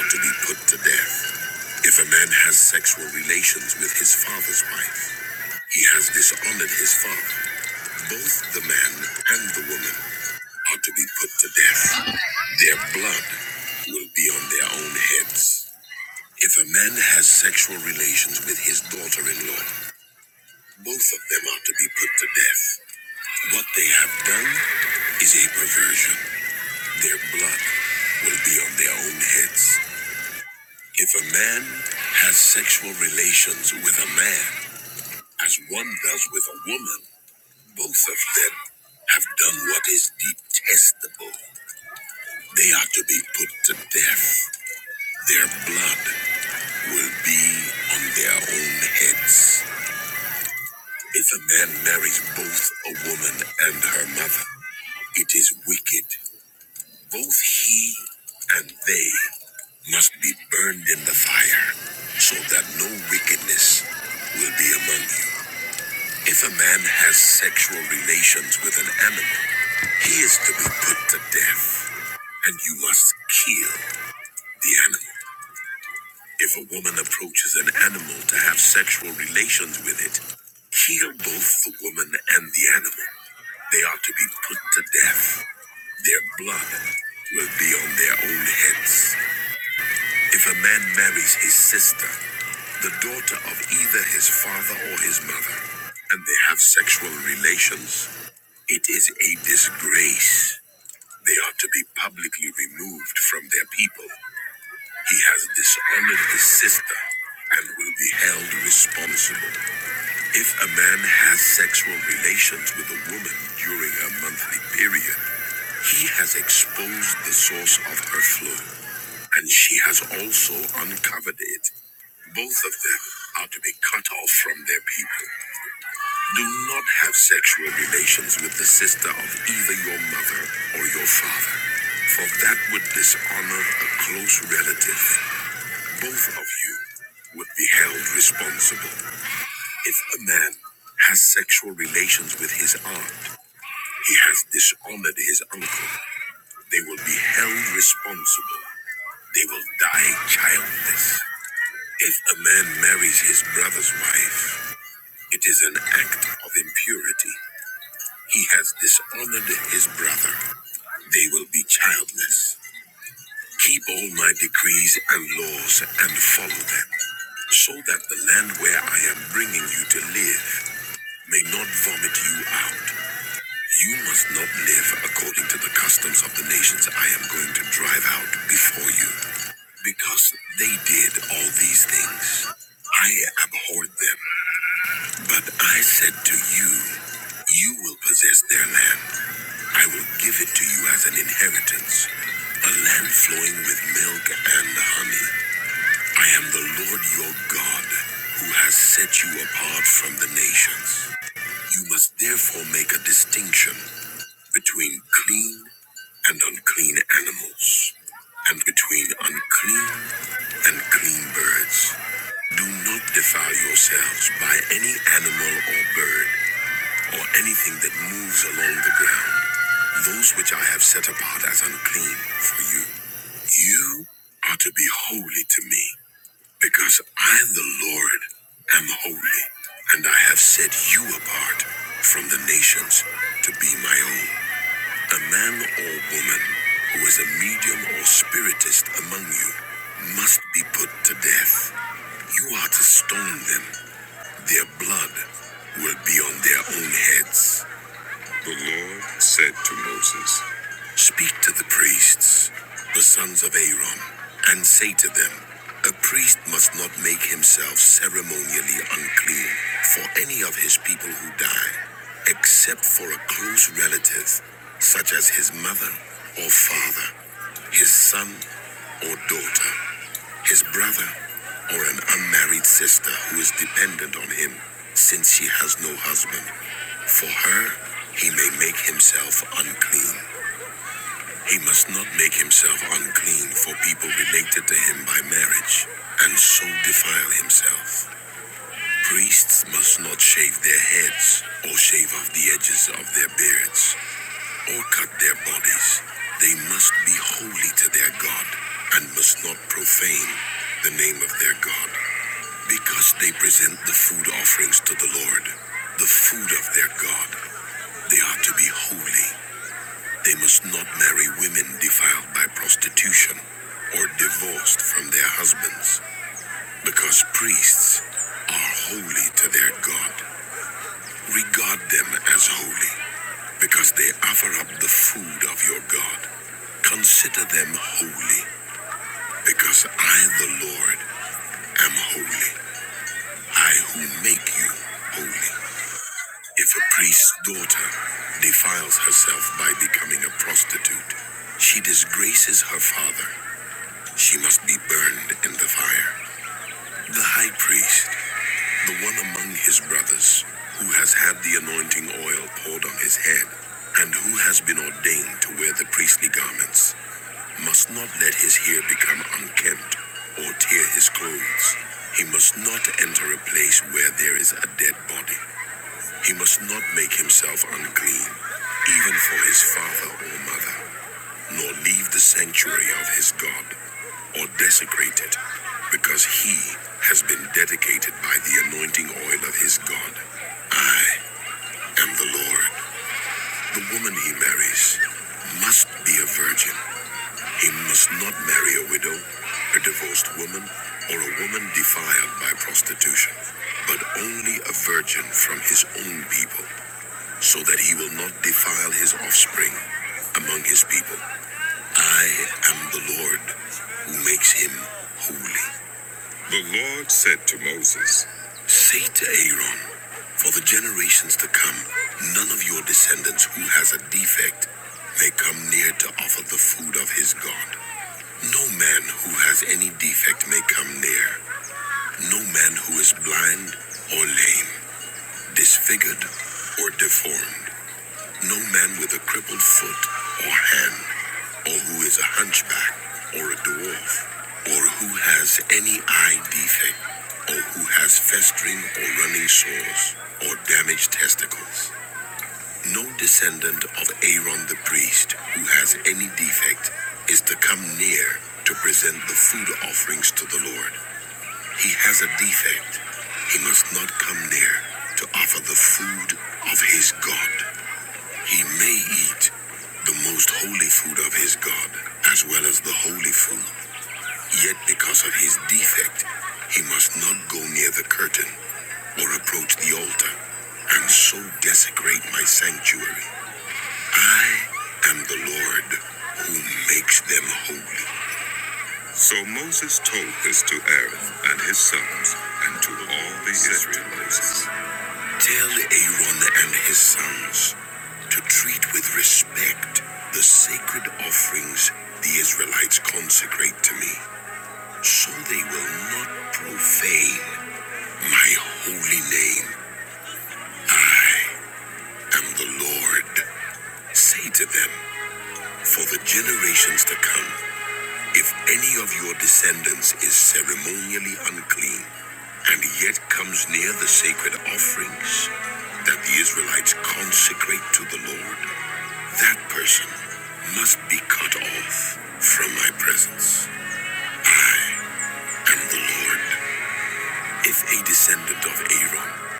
Speaker 1: are to be put to death. If a man has sexual relations with his father's wife, he has dishonored his father. Both the man and the woman are to be put to death. Their blood will be on their own heads. If a man has sexual relations with his daughter in law, both of them are to be put to death. What they have done is a perversion. Their blood will be on their own heads. If a man has sexual relations with a man, as one does with a woman, both of them have done what is detestable. They are to be put to death. Their blood will be on their own heads. If a man marries both a woman and her mother, it is wicked. Both he and they must be burned in the fire, so that no wickedness will be among you. If a man has sexual relations with an animal, he is to be put to death, and you must kill the animal. If a woman approaches an animal to have sexual relations with it, kill both the woman and the animal. They are to be put to death. Their blood will be on their own heads. If a man marries his sister, the daughter of either his father or his mother, and they have sexual relations, it is a disgrace. They are to be publicly removed from their people he has dishonored the sister and will be held responsible. If a man has sexual relations with a woman during her monthly period, he has exposed the source of her flow, and she has also uncovered it. Both of them are to be cut off from their people. Do not have sexual relations with the sister of either your mother or your father, for that would dishonor a close relative. Both of you would be held responsible. If a man has sexual relations with his aunt, he has dishonored his uncle. They will be held responsible. They will die childless. If a man marries his brother's wife, it is an act of impurity. He has dishonored his brother. They will be childless. Keep all my decrees and laws and follow them, so that the land where I am bringing you to live may not vomit you out. You must not live according to the customs of the nations I am going to drive out before you, because they did all these things. I abhorred them, but I said to you, You will possess their land. I will give it to you as an inheritance, a land flowing with milk and honey. I am the Lord your God, who has set you apart from the nations. You must therefore make a distinction between clean and unclean animals, and between unclean and clean birds. Do not defile yourselves by any animal or bird, or anything that moves along the ground, those which I have set apart as unclean for you. You are to be holy to me. Because I, the Lord, am holy, and I have set you apart from the nations to be my own. A man or woman who is a medium or spiritist among you must be put to death. You are to stone them. Their blood will be on their own heads. The Lord said to Moses, Speak to the priests, the sons of Aaron, and say to them, A priest must not make himself ceremonially unclean for any of his people who die, except for a close relative, such as his mother or father, his son or daughter his brother, or an unmarried sister who is dependent on him since she has no husband. For her, he may make himself unclean. He must not make himself unclean for people related to him by marriage, and so defile himself. Priests must not shave their heads, or shave off the edges of their beards, or cut their bodies. They must be holy to their God, and must not profane the name of their God. Because they present the food offerings to the Lord, the food of their God. They are to be holy. They must not marry women defiled by prostitution or divorced from their husbands, because priests are holy to their God. Regard them as holy, because they offer up the food of your God. Consider them holy, because I, the Lord, am holy. I who make you holy. If a priest's daughter defiles herself by becoming a prostitute, she disgraces her father. She must be burned in the fire. The high priest, the one among his brothers, who has had the anointing oil poured on his head, and who has been ordained to wear the priestly garments, must not let his hair become unkempt or tear his clothes. He must not enter a place where there is a dead body. He must not make himself unclean, even for his father or mother, nor leave the sanctuary of his God, or desecrate it, because he has been dedicated by the anointing oil of his God. I am the Lord. The woman he marries must be a virgin. He must not marry a widow, a divorced woman, or a woman defiled by prostitution, but only a virgin from his own people so that he will not defile his offspring among his people. I am the Lord who makes him holy. The Lord said to Moses, Say to Aaron, for the generations to come, none of your descendants who has a defect may come near to offer the food of his God. No man who has any defect may come near. No man who is blind or lame, disfigured or deformed. No man with a crippled foot or hand, or who is a hunchback, or a dwarf, or who has any eye defect, or who has festering or running sores, or damaged testicles. No descendant of Aaron the priest who has any defect is to come near to present the food offerings to the Lord. He has a defect. He must not come near to offer the food of his God. He may eat the most holy food of his God, as well as the holy food. Yet because of his defect, he must not go near the curtain or approach the altar, and so desecrate my sanctuary. I am the Lord who makes them holy. So Moses told this to Aaron and his sons and to all the Israelites. Tell Aaron and his sons to treat with respect the sacred offerings the Israelites consecrate to me, so they will not profane my holy name and the Lord. Say to them, for the generations to come, if any of your descendants is ceremonially unclean, and yet comes near the sacred offerings that the Israelites consecrate to the Lord, That person must be cut off from my presence. I am the Lord. If a descendant of Aaron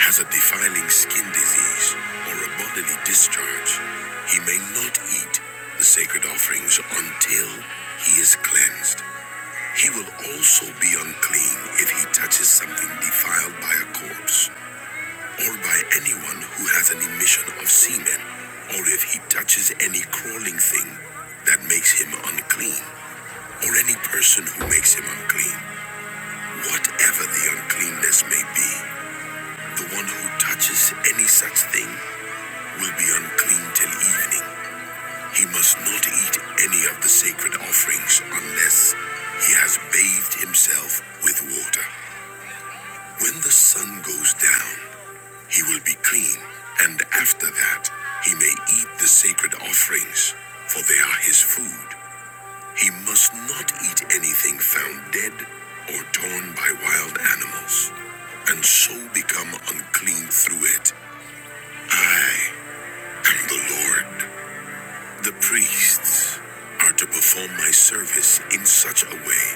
Speaker 1: has a defiling skin disease or a bodily discharge, he may not eat the sacred offerings until he is cleansed. He will also be unclean if he touches something defiled by a corpse. or by anyone who has an emission of semen, or if he touches any crawling thing that makes him unclean, or any person who makes him unclean, whatever the uncleanness may be, the one who touches any such thing will be unclean till evening. He must not eat any of the sacred offerings unless he has bathed himself with water. When the sun goes down, He will be clean, and after that he may eat the sacred offerings, for they are his food. He must not eat anything found dead or torn by wild animals, and so become unclean through it. I am the Lord. The priests are to perform my service in such a way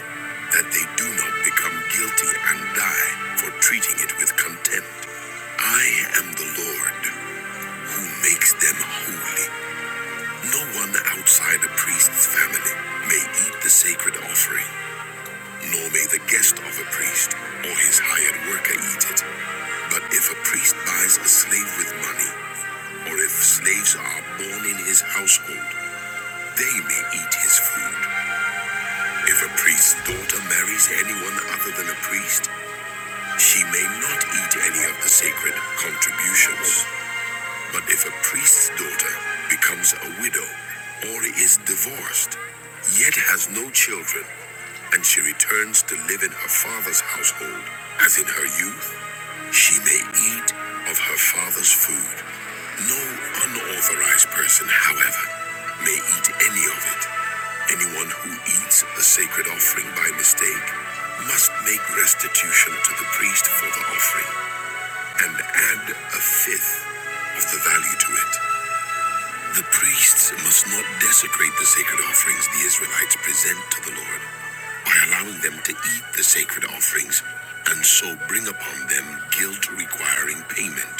Speaker 1: that they do not become guilty and die for treating it with contempt. I am the Lord who makes them holy. No one outside a priest's family may eat the sacred offering, nor may the guest of a priest or his hired worker eat it. But if a priest buys a slave with money, or if slaves are born in his household, they may eat his food. If a priest's daughter marries anyone other than a priest, she may not eat any of the sacred contributions. But if a priest's daughter becomes a widow or is divorced, yet has no children, and she returns to live in her father's household as in her youth, she may eat of her father's food. No unauthorized person, however, may eat any of it. Anyone who eats a sacred offering by mistake must make restitution to the priest for the offering and add a fifth of the value to it. The priests must not desecrate the sacred offerings the Israelites present to the Lord by allowing them to eat the sacred offerings and so bring upon them guilt requiring payment.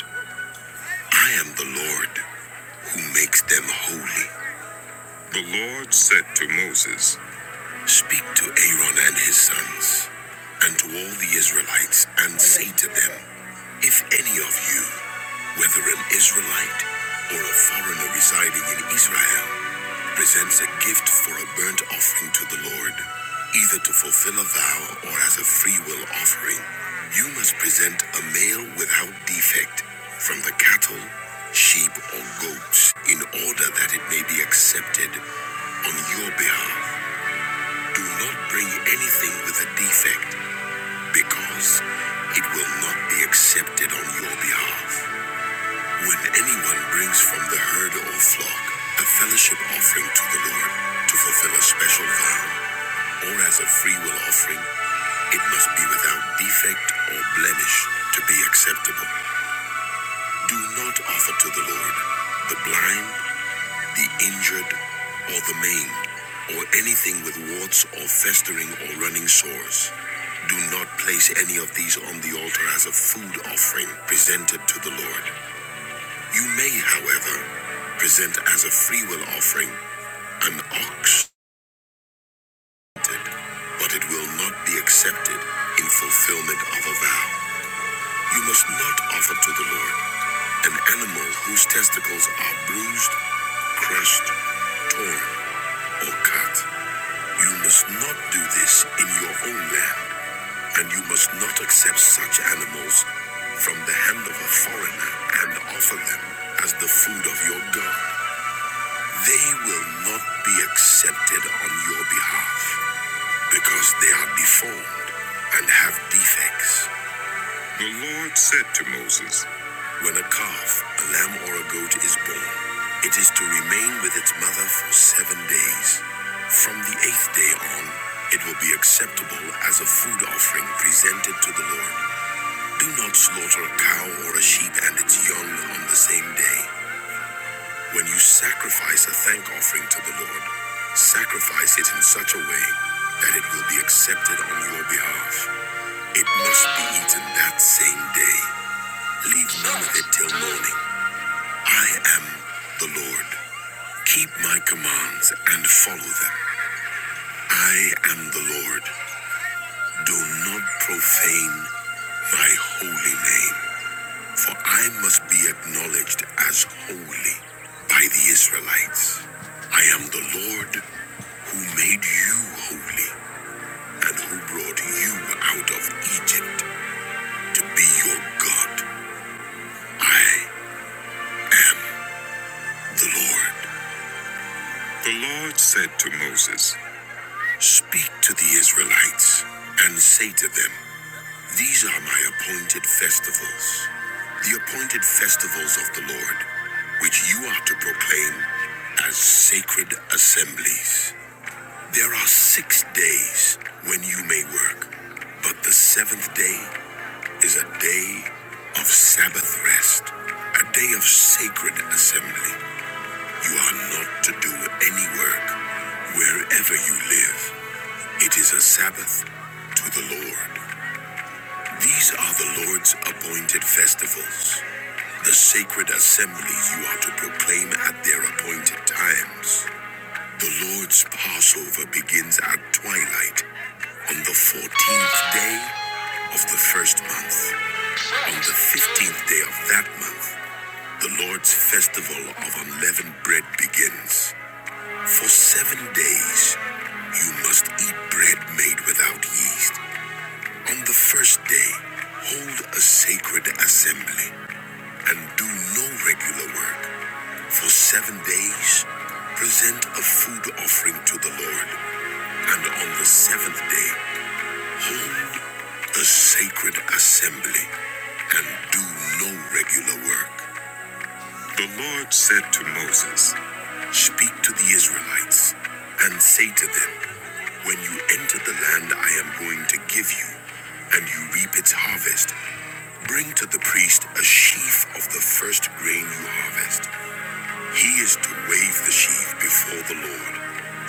Speaker 1: I am the Lord who makes them holy. The Lord said to Moses, Speak to Aaron and his sons, and to all the Israelites, and say to them, If any of you, whether an Israelite or a foreigner residing in Israel, presents a gift for a burnt offering to the Lord, either to fulfill a vow or as a freewill offering, you must present a male without defect from the cattle, sheep, or goats in order that it may be accepted on your behalf. Do not bring anything with a defect because it will not be accepted on your behalf. When anyone brings from the herd or flock a fellowship offering to the Lord to fulfill a special vow, or as a freewill offering, it must be without defect or blemish to be acceptable. Do not offer to the Lord the blind the injured, or the maimed, or anything with warts or festering or running sores. Do not place any of these on the altar as a food offering presented to the Lord. You may, however, present as a freewill offering an ox, but it will not be accepted in fulfillment of a vow. You must not offer to the Lord an animal whose testicles are bruised, crushed, torn, or cut. You must not do this in your own land, and you must not accept such animals from the hand of a foreigner and offer them as the food of your God. They will not be accepted on your behalf because they are deformed and have defects. The Lord said to Moses, When a calf, a lamb, or a goat is born, it is to remain with its mother for seven days. From the eighth day on, it will be acceptable as a food offering presented to the Lord. Do not slaughter a cow or a sheep and its young on the same day. When you sacrifice a thank offering to the Lord, sacrifice it in such a way that it will be accepted on your behalf. It must be eaten that same day. Leave none of it till morning. I am the Lord. Keep my commands and follow them. I am the Lord. Do not profane my holy name, for I must be acknowledged as holy by the Israelites. I am the Lord who made you holy and who brought you out of Egypt to be your God. I am the Lord. The Lord said to Moses, Speak to the Israelites and say to them, These are my appointed festivals, the appointed festivals of the Lord, which you are to proclaim as sacred assemblies. There are six days when you may work, but the seventh day is a day of Sabbath rest, a day of sacred assembly. You are not to do any work wherever you live. It is a Sabbath to the Lord. These are the Lord's appointed festivals, the sacred assemblies you are to proclaim at their appointed times. The Lord's Passover begins at twilight on the 14th day of the first month. On the 15th day of that month, the Lord's festival of unleavened bread begins. For seven days, you must eat bread made without yeast. On the first day, hold a sacred assembly and do no regular work. For seven days, present a food offering to the Lord. And on the seventh day, hold a sacred assembly and do no regular work. The Lord said to Moses, Speak to the Israelites and say to them, When you enter the land I am going to give you, and you reap its harvest, bring to the priest a sheaf of the first grain you harvest. He is to wave the sheaf before the Lord,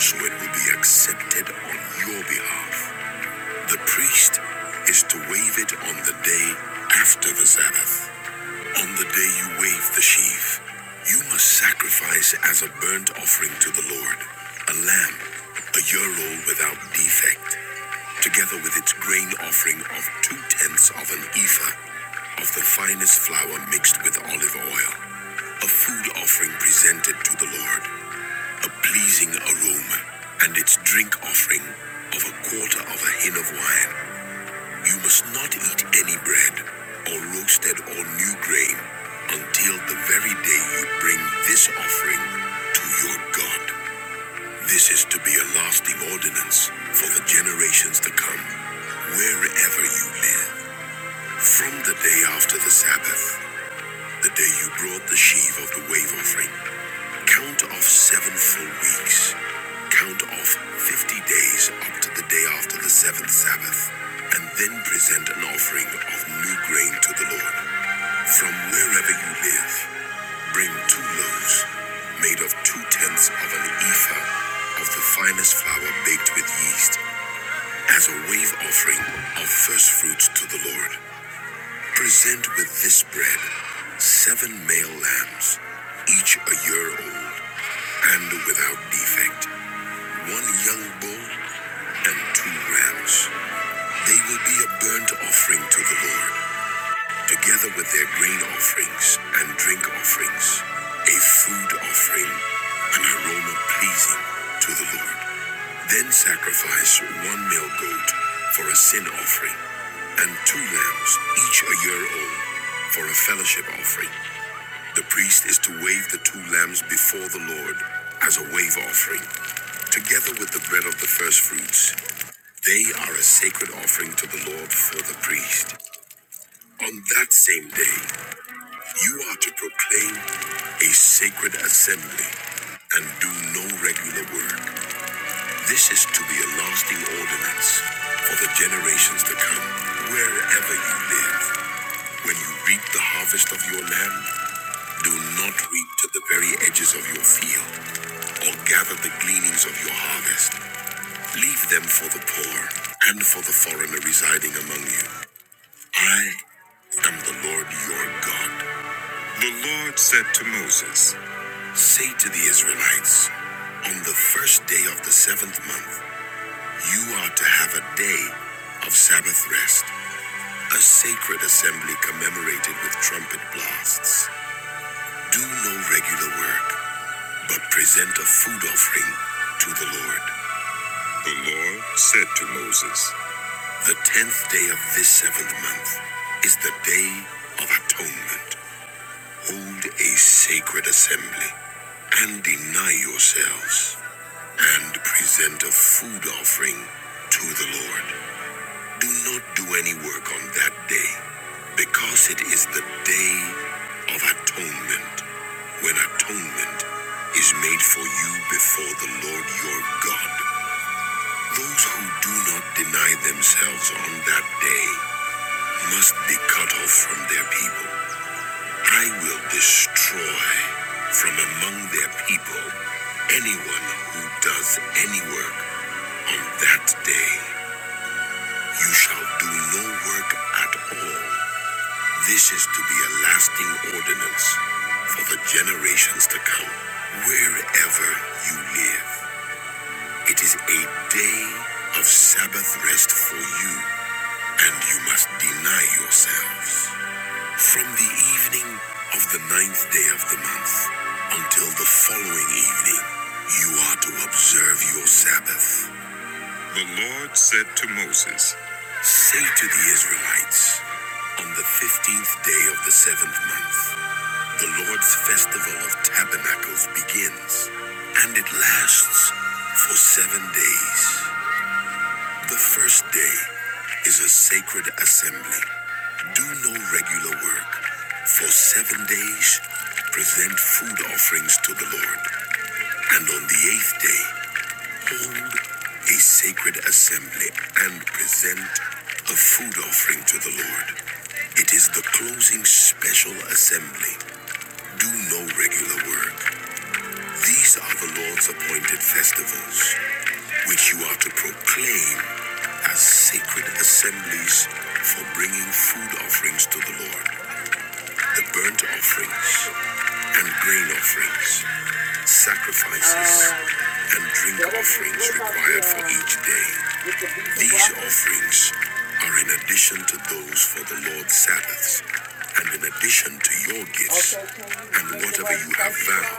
Speaker 1: so it will be accepted on your behalf. The priest is to wave it on the day after the Sabbath. On the day you wave the sheaf, you must sacrifice as a burnt offering to the Lord a lamb, a year old without defect, together with its grain offering of two tenths of an ephah of the finest flour mixed with olive oil, a food offering presented to the Lord, a pleasing aroma, and its drink offering of a quarter of a hin of wine. You must not eat any bread, or roasted or new grain, until the very day you bring this offering to your God. This is to be a lasting ordinance for the generations to come, wherever you live. From the day after the Sabbath, the day you brought the sheaf of the wave offering, Count off seven full weeks. Count off 50 days up to the day after the seventh Sabbath, and then present an offering of new grain to the Lord. From wherever you live, bring two loaves made of two tenths of an ephah of the finest flour baked with yeast as a wave offering of first fruits to the Lord. Present with this bread seven male lambs, each a year old, and without defect, one young bull and two rams. They will be a burnt offering to the Lord, together with their grain offerings and drink offerings, a food offering, an aroma pleasing to the Lord. Then sacrifice one male goat for a sin offering, and two lambs, each a year old, for a fellowship offering. The priest is to wave the two lambs before the Lord as a wave offering, together with the bread of the first fruits. They are a sacred offering to the Lord for the priest. On that same day, you are to proclaim a sacred assembly and do no regular work. This is to be a lasting ordinance for the generations to come. Wherever you live, when you reap the harvest of your land, do not reap to the very edges of your field or gather the gleanings of your harvest. Leave them for the poor and for the foreigner residing among you. I am the Lord your God. The Lord said to Moses, Say to the Israelites, on the first day of the seventh month, You are to have a day of Sabbath rest, a sacred assembly commemorated with trumpet blasts. Do no regular work, but present a food offering to the Lord. The Lord said to Moses, The tenth day of this seventh month is the day of atonement. Hold a sacred assembly and deny yourselves and present a food offering to the Lord. Do not do any work on that day, because it is the day of atonement, when atonement is made for you before the Lord your God. Those who do not deny themselves on that day must be cut off from their people. I will destroy from among their people anyone who does any work on that day. You shall do no work at all. This is to be a lasting ordinance for the generations to come. Wherever you live, it is a day of Sabbath rest for you, and you must deny yourselves. From the evening of the ninth day of the month until the following evening, you are to observe your Sabbath. Say to the Israelites, on the fifteenth day of the seventh month, The Lord's festival of tabernacles begins, and it lasts for seven days. The first day is a sacred assembly. Do no regular work. For seven days, present food offerings to the Lord. And on the eighth day, hold a sacred assembly and present a food offering to the Lord. It is the closing special assembly. Do no regular work. These are the Lord's appointed festivals, which you are to proclaim as sacred assemblies for bringing food offerings to the Lord, the burnt offerings and grain offerings, sacrifices and drink offerings required for each day. These offerings are in addition to those for the Lord's Sabbaths, and in addition to your gifts and whatever you have vowed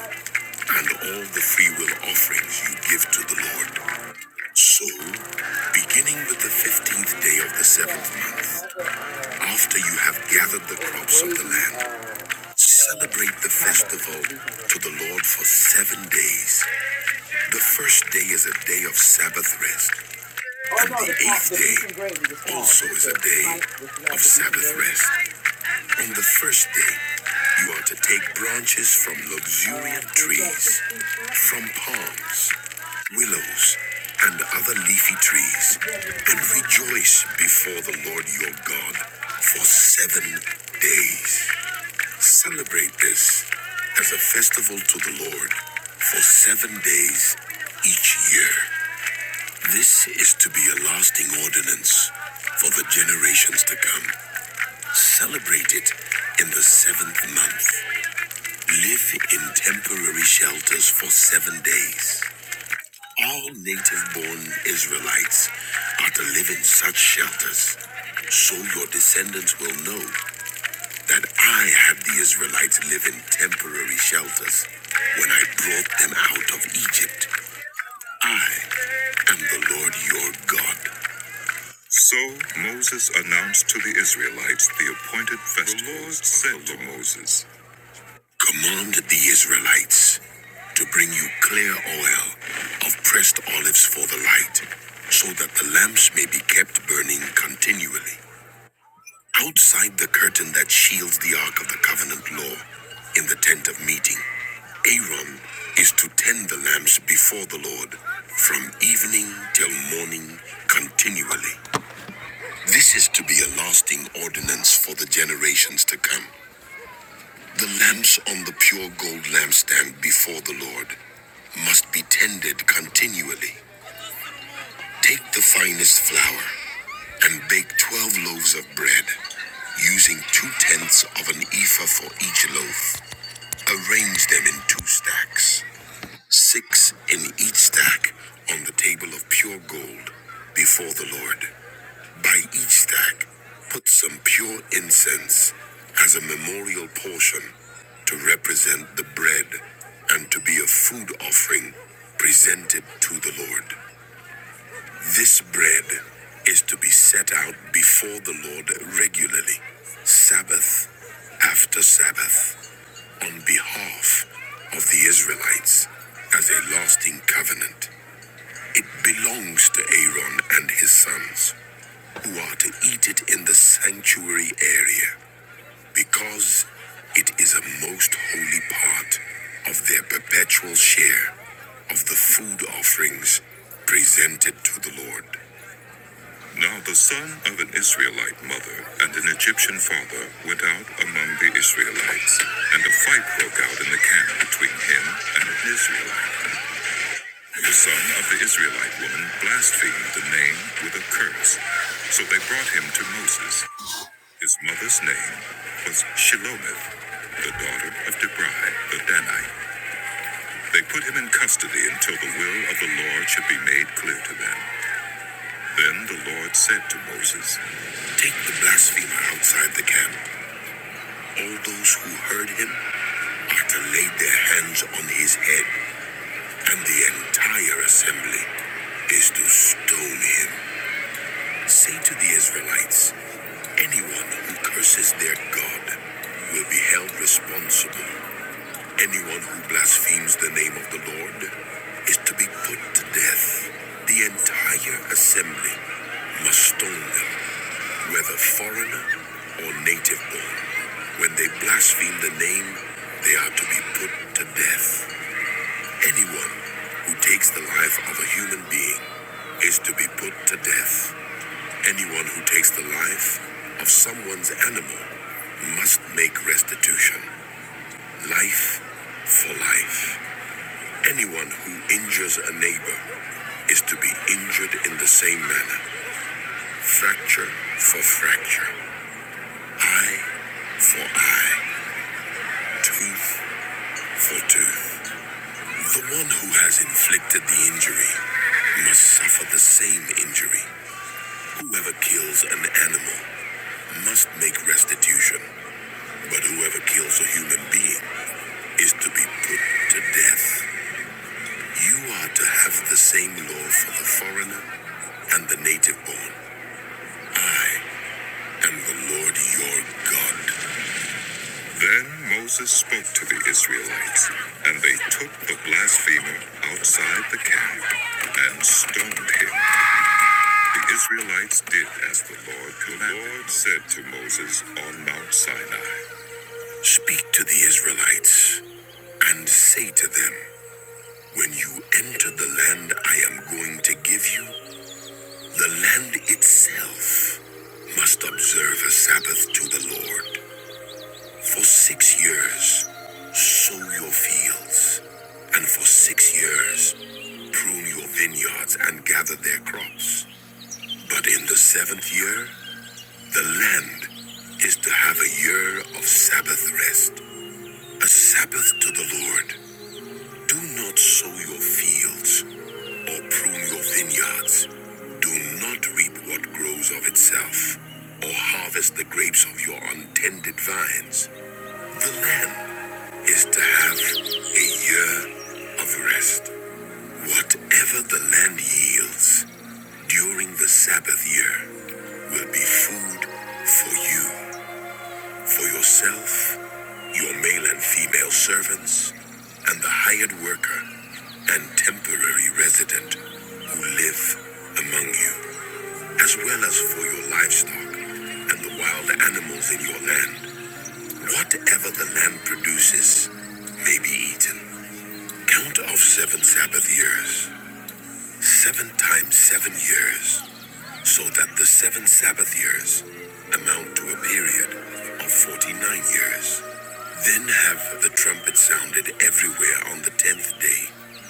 Speaker 1: and all the free will offerings you give to the Lord. So, beginning with the 15th day of the seventh month, after you have gathered the crops of the land, celebrate the festival to the Lord for seven days. The first day is a day of Sabbath rest, and the eighth day also is a day of Sabbath rest. On the first day, you are to take branches from luxuriant trees, from palms, willows, and other leafy trees, and rejoice before the Lord your God for seven days. Celebrate this as a festival to the Lord for seven days each year. This is to be a lasting ordinance for the generations to come. Celebrate it in the seventh month. Live in temporary shelters for seven days. All native born Israelites are to live in such shelters, so your descendants will know that I had the Israelites live in temporary shelters. When I brought them out of Egypt, I am the Lord your God. To the Israelites, the appointed festivals the Lord said to Moses, Command the Israelites to bring you clear oil of pressed olives for the light, so that the lamps may be kept burning continually. Outside the curtain that shields the Ark of the Covenant law, in the tent of meeting, Aaron is to tend the lamps before the Lord from evening till morning continually. This is to be a lasting ordinance for the generations to come. The lamps on the pure gold lampstand before the Lord must be tended continually. Take the finest flour and bake 12 loaves of bread, using two tenths of an ephah for each loaf. Arrange them in two stacks, six in each stack on the table of pure gold before the Lord. By each stack, put some pure incense as a memorial portion to represent the bread and to be a food offering presented to the Lord. This bread is to be set out before the Lord regularly, Sabbath after Sabbath, on behalf of the Israelites as a lasting covenant. It belongs to Aaron and his sons, who are to eat it in the sanctuary area, because it is a most holy part of their perpetual share of the food offerings presented to the Lord. Now the son of an Israelite mother and an Egyptian father went out among the Israelites, and a fight broke out in the camp between him and an Israelite. The son of the Israelite woman blasphemed the name with a curse, so they brought him to Moses. His mother's name was Shelomith, the daughter of Debrai the Danite. They put him in custody until the will of the Lord should be made clear to them. Then the Lord said to Moses, Take the blasphemer outside the camp. All those who heard him are to lay their hands on his head, and the entire assembly is to stone him. Say to the Israelites, anyone who curses their God will be held responsible Anyone who blasphemes the name of the Lord is to be put to death. The entire assembly must stone them, whether foreigner or native born. When they blaspheme the name, they are to be put to death. Anyone who takes the life of a human being is to be put to death. Anyone who takes the life of someone's animal must make restitution. Life for life. Anyone who injures a neighbor is to be injured in the same manner, fracture for fracture, eye for eye, tooth for tooth. The one who has inflicted the injury must suffer the same injury. Whoever kills an animal must make restitution, but whoever kills a human being is to be put to death. You are to have the same law for the foreigner and the native born. I and the Lord your God. Then Moses spoke to the Israelites, and they took the blasphemer outside the camp and stoned him. The Israelites did as the Lord commanded. The Lord said to Moses on Mount Sinai, Speak to the Israelites and say to them, When you enter the land I am going to give you, the land itself must observe a Sabbath to the Lord. For six years, sow your fields, and for six years, prune your vineyards and gather their crops. But in the seventh year, the land is to have a year of Sabbath rest, a Sabbath to the Lord. Do not sow your fields or prune your vineyards. Do not reap what grows of itself, or harvest the grapes of your untended vines. The land is to have a year of rest. Whatever the land yields during the Sabbath year will be food for you, for yourself, your male and female servants, and the hired worker and temporary resident who live among you, as well as for your livestock and the wild animals in your land. Whatever the land produces may be eaten. Count off seven Sabbath years, seven times seven years, so that the seven Sabbath years amount to a period of 49 years. Then have the trumpet sounded everywhere on the tenth day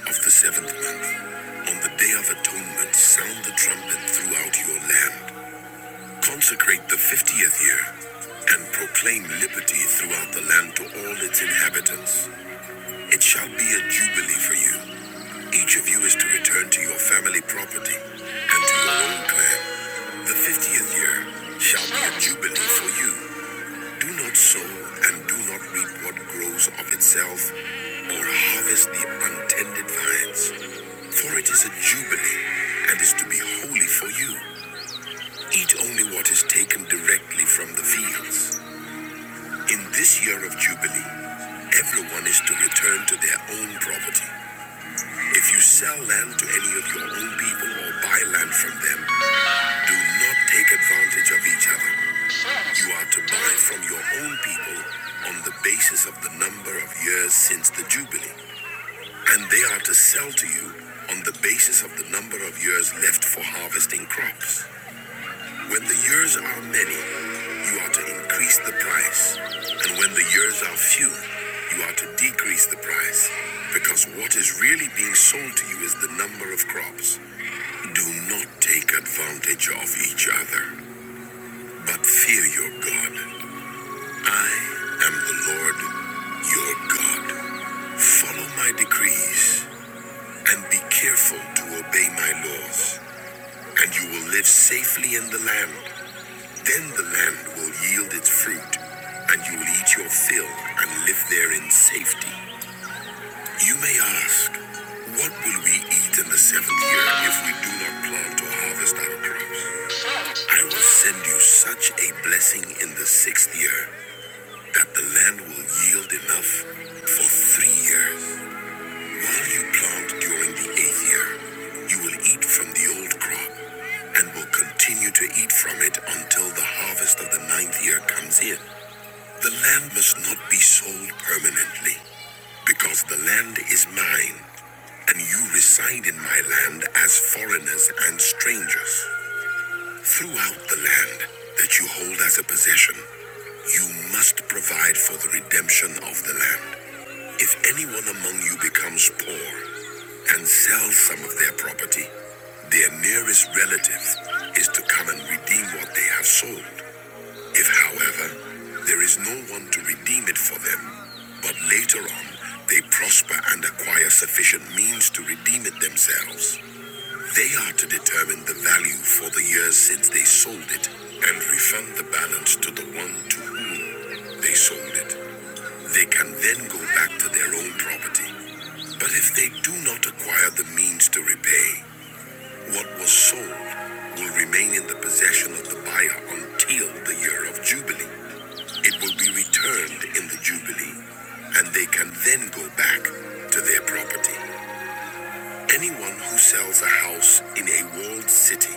Speaker 1: of the seventh month. On the day of atonement, sound the trumpet throughout your land. Consecrate the fiftieth year and proclaim liberty throughout the land to all its inhabitants. It shall be a jubilee for you, Each of you is to return to your family property and to your own clan. The 50th year shall be a jubilee for you. Do not sow and do not reap what grows of itself or harvest the untended vines. For it is a jubilee and is to be holy for you. Eat only what is taken directly from the fields. In this year of jubilee, everyone is to return to their own property. If you sell land to any of your own people or buy land from them, do not take advantage of each other. You are to buy from your own people on the basis of the number of years since the Jubilee, and they are to sell to you on the basis of the number of years left for harvesting crops. When the years are many, you are to increase the price, and when the years are few, you are to decrease the price, because what is really being sold to you is the number of crops. Do not take advantage of each other, but fear your God. I am the Lord your God. Follow my decrees and be careful to obey my laws, and you will live safely in the land. Then the land will yield its fruit, and you will eat your fill and live there in safety. You may ask, What will we eat in the seventh year if we do not plant or harvest our crops? I will send you such a blessing in the sixth year that the land will yield enough for three years. While you plant during the eighth year, you will eat from the old crop and will continue to eat from it until the harvest of the ninth year comes in. The land must not be sold permanently because the land is mine and you reside in my land as foreigners and strangers. Throughout the land that you hold as a possession, you must provide for the redemption of the land. If anyone among you becomes poor and sells some of their property, their nearest relative is to come and redeem what they have sold. If, however, there is no one to redeem it for them, but later on they prosper and acquire sufficient means to redeem it themselves, they are to determine the value for the years since they sold it and refund the balance to the one to whom they sold it. They can then go back to their own property. But if they do not acquire the means to repay, what was sold will remain in the possession of the buyer until the year of Jubilee. It will be returned in the Jubilee, and they can then go back to their property. Anyone who sells a house in a walled city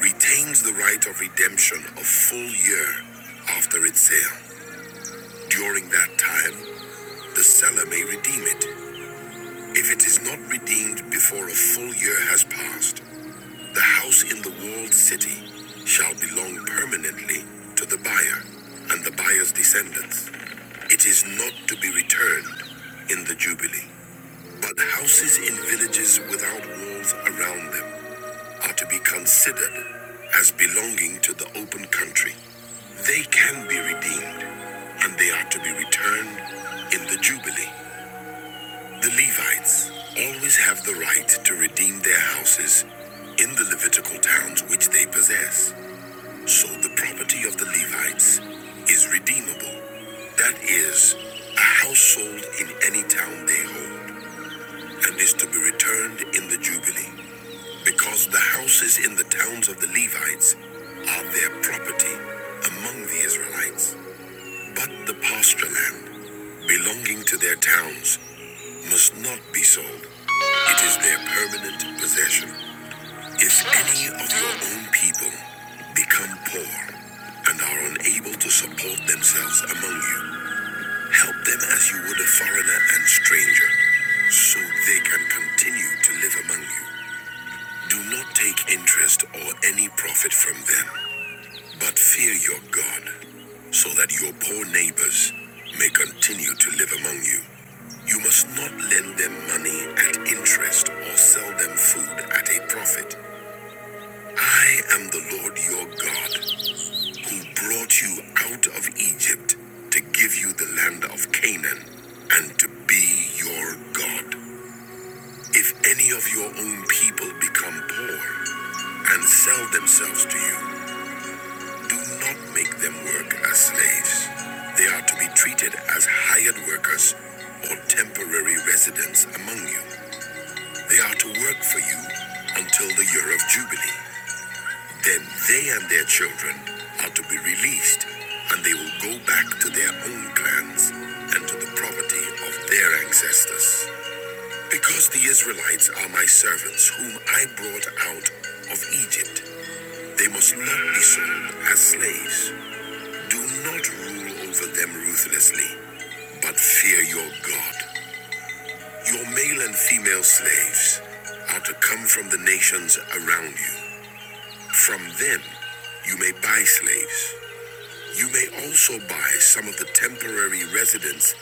Speaker 1: retains the right of redemption a full year after its sale. During that time, the seller may redeem it if it is not redeemed before a full year has passed, the house in the walled city shall belong permanently to the buyer and the buyer's descendants. It is not to be returned in the Jubilee. But houses in villages without walls around them are to be considered as belonging to the open country. They can be redeemed, and they are to be returned in the Jubilee. The Levites always have the right to redeem their houses in the Levitical towns which they possess. So the property of the Levites is redeemable. That is, a house sold in any town they hold and is to be returned in the Jubilee. Because the houses in the towns of the Levites are their property among the Israelites. But the pasture land belonging to their towns must not be sold. It is their permanent possession. If any of your own people become poor and are unable to support themselves among you, help them as you would a foreigner and stranger, so they can continue to live among you. Do not take interest or any profit from them, but fear your God, so that your poor neighbors may continue to live among you. You must not lend them money at interest or sell them food at a profit. I am the Lord your God, who brought you out of Egypt to give you the land of Canaan and to be your God. If any of your own people become poor and sell themselves to you, Do not make them work as slaves. They are to be treated as hired workers or temporary residents among you. They are to work for you until the year of Jubilee. Then they and their children are to be released, and they will go back to their own clans and to the property of their ancestors. Because the Israelites are my servants, whom I brought out of Egypt, they must not be sold as slaves. Do not rule over them ruthlessly, but fear your God. Your male and female slaves are to come from the nations around you. From them, you may buy slaves. You may also buy some of the temporary residents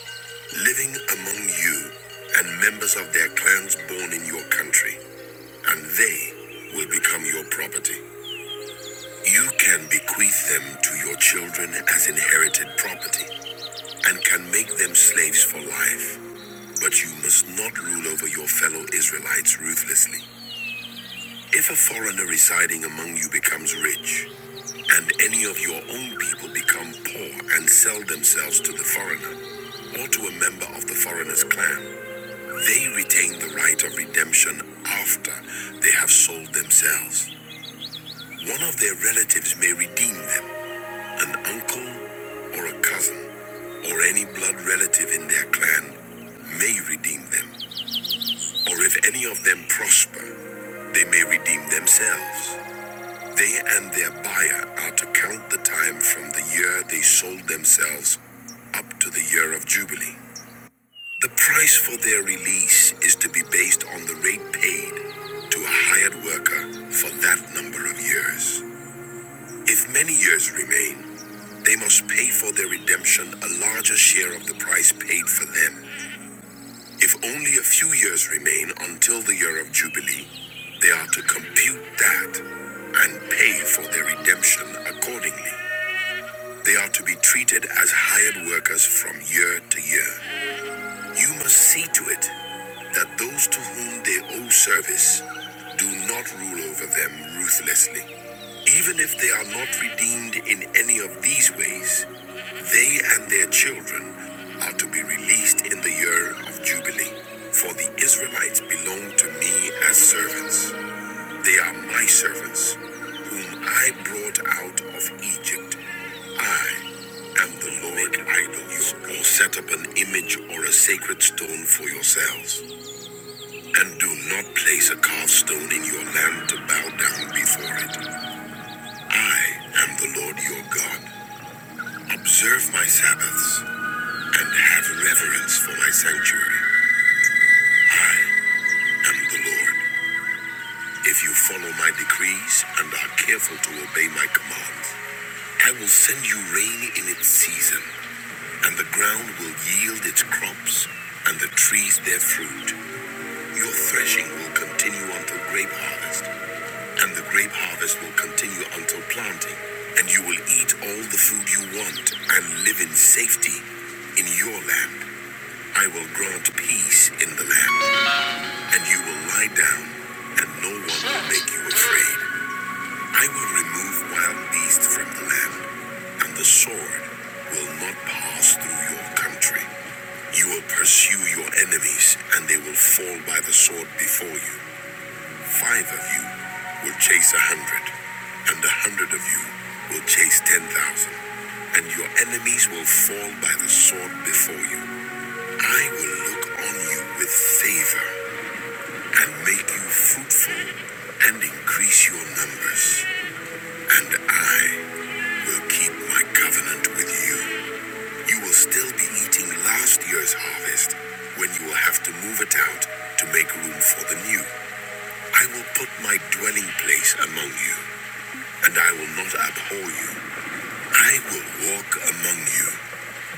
Speaker 1: living among you and members of their clans born in your country, and they will become your property. You can bequeath them to your children as inherited property. and can make them slaves for life. But you must not rule over your fellow Israelites ruthlessly. If a foreigner residing among you becomes rich, and any of your own people become poor and sell themselves to the foreigner, or to a member of the foreigner's clan, they retain the right of redemption after they have sold themselves. One of their relatives may redeem them, an uncle or a cousin, or any blood relative in their clan may redeem them, or if any of them prosper, they may redeem themselves. They and their buyer are to count the time from the year they sold themselves up to the year of Jubilee. The price for their release is to be based on the rate paid to a hired worker for that number of years. If many years remain, they must pay for their redemption a larger share of the price paid for them. If only a few years remain until the year of Jubilee, they are to compute that and pay for their redemption accordingly. They are to be treated as hired workers from year to year. You must see to it that those to whom they owe service do not rule over them ruthlessly. Even if they are not redeemed in any of these ways, they and their children are to be released in the year of Jubilee. For the Israelites belong to me as servants. They are my servants, whom I brought out of Egypt. I am the Lord idols, or set up an image or a sacred stone for yourselves. And do not place a carved stone in your land to bow down before it. I am the Lord your God. Observe my Sabbaths and have reverence for my sanctuary. I am the Lord. If you follow my decrees and are careful to obey my commands, I will send you rain in its season, and the ground will yield its crops, and the trees their fruit. Your threshing will continue until grape harvest, and the grape harvest will continue until planting. And you will eat all the food you want and live in safety in your land. I will grant peace in the land, and you will lie down, and no one will make you afraid. I will remove wild beasts from the land, and the sword will not pass through your country. You will pursue your enemies, and they will fall by the sword before you. Five of you will chase a hundred, and a hundred of you will chase ten thousand, and your enemies will fall by the sword before you. I will look on you with favor and make you fruitful and increase your numbers. And I will keep my covenant with you. You will still be eating last year's harvest when you will have to move it out to make room for the new. I will put my dwelling place among you, and I will not abhor you. I will walk among you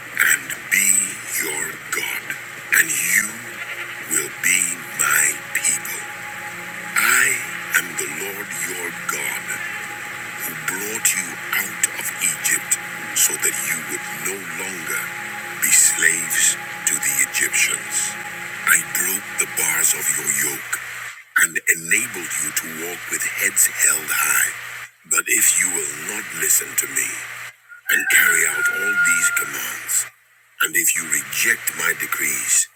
Speaker 1: and be your God, and you will be my people. I am the Lord your God. who brought you out of Egypt so that you would no longer be slaves to the Egyptians. I broke the bars of your yoke and enabled you to walk with heads held high. But if you will not listen to me and carry out all these commands, and if you reject my decrees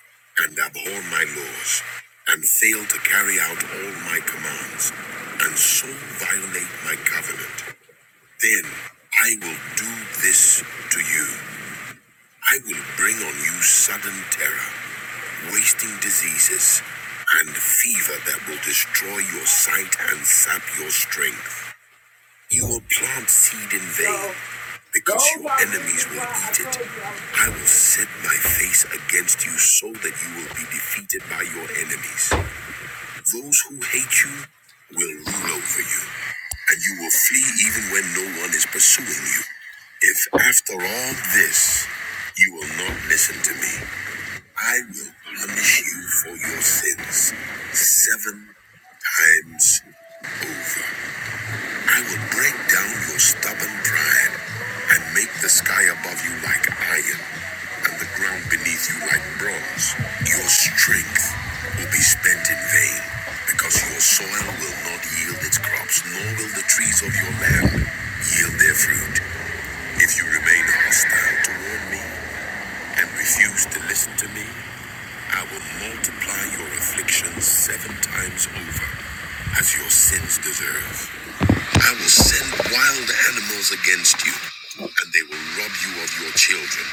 Speaker 1: and abhor my laws, and fail to carry out all my commands, and so violate my covenant, then I will do this to you. I will bring on you sudden terror, wasting diseases, and fever that will destroy your sight and sap your strength. You will plant seed in vain because your enemies will eat it. I will set my face against you so that you will be defeated by your enemies. Those who hate you will rule over you. and you will flee even when no one is pursuing you. If after all this you will not listen to me, I will punish you for your sins seven times over. I will break down your stubborn pride and make the sky above you like iron and the ground beneath you like bronze. Your strength will be spent in vain because your soil will not yield its crops, nor will the trees of your land yield their fruit. If you remain hostile toward me and refuse to listen to me, I will multiply your afflictions seven times over as your sins deserve. I will send wild animals against you, and they will rob you of your children,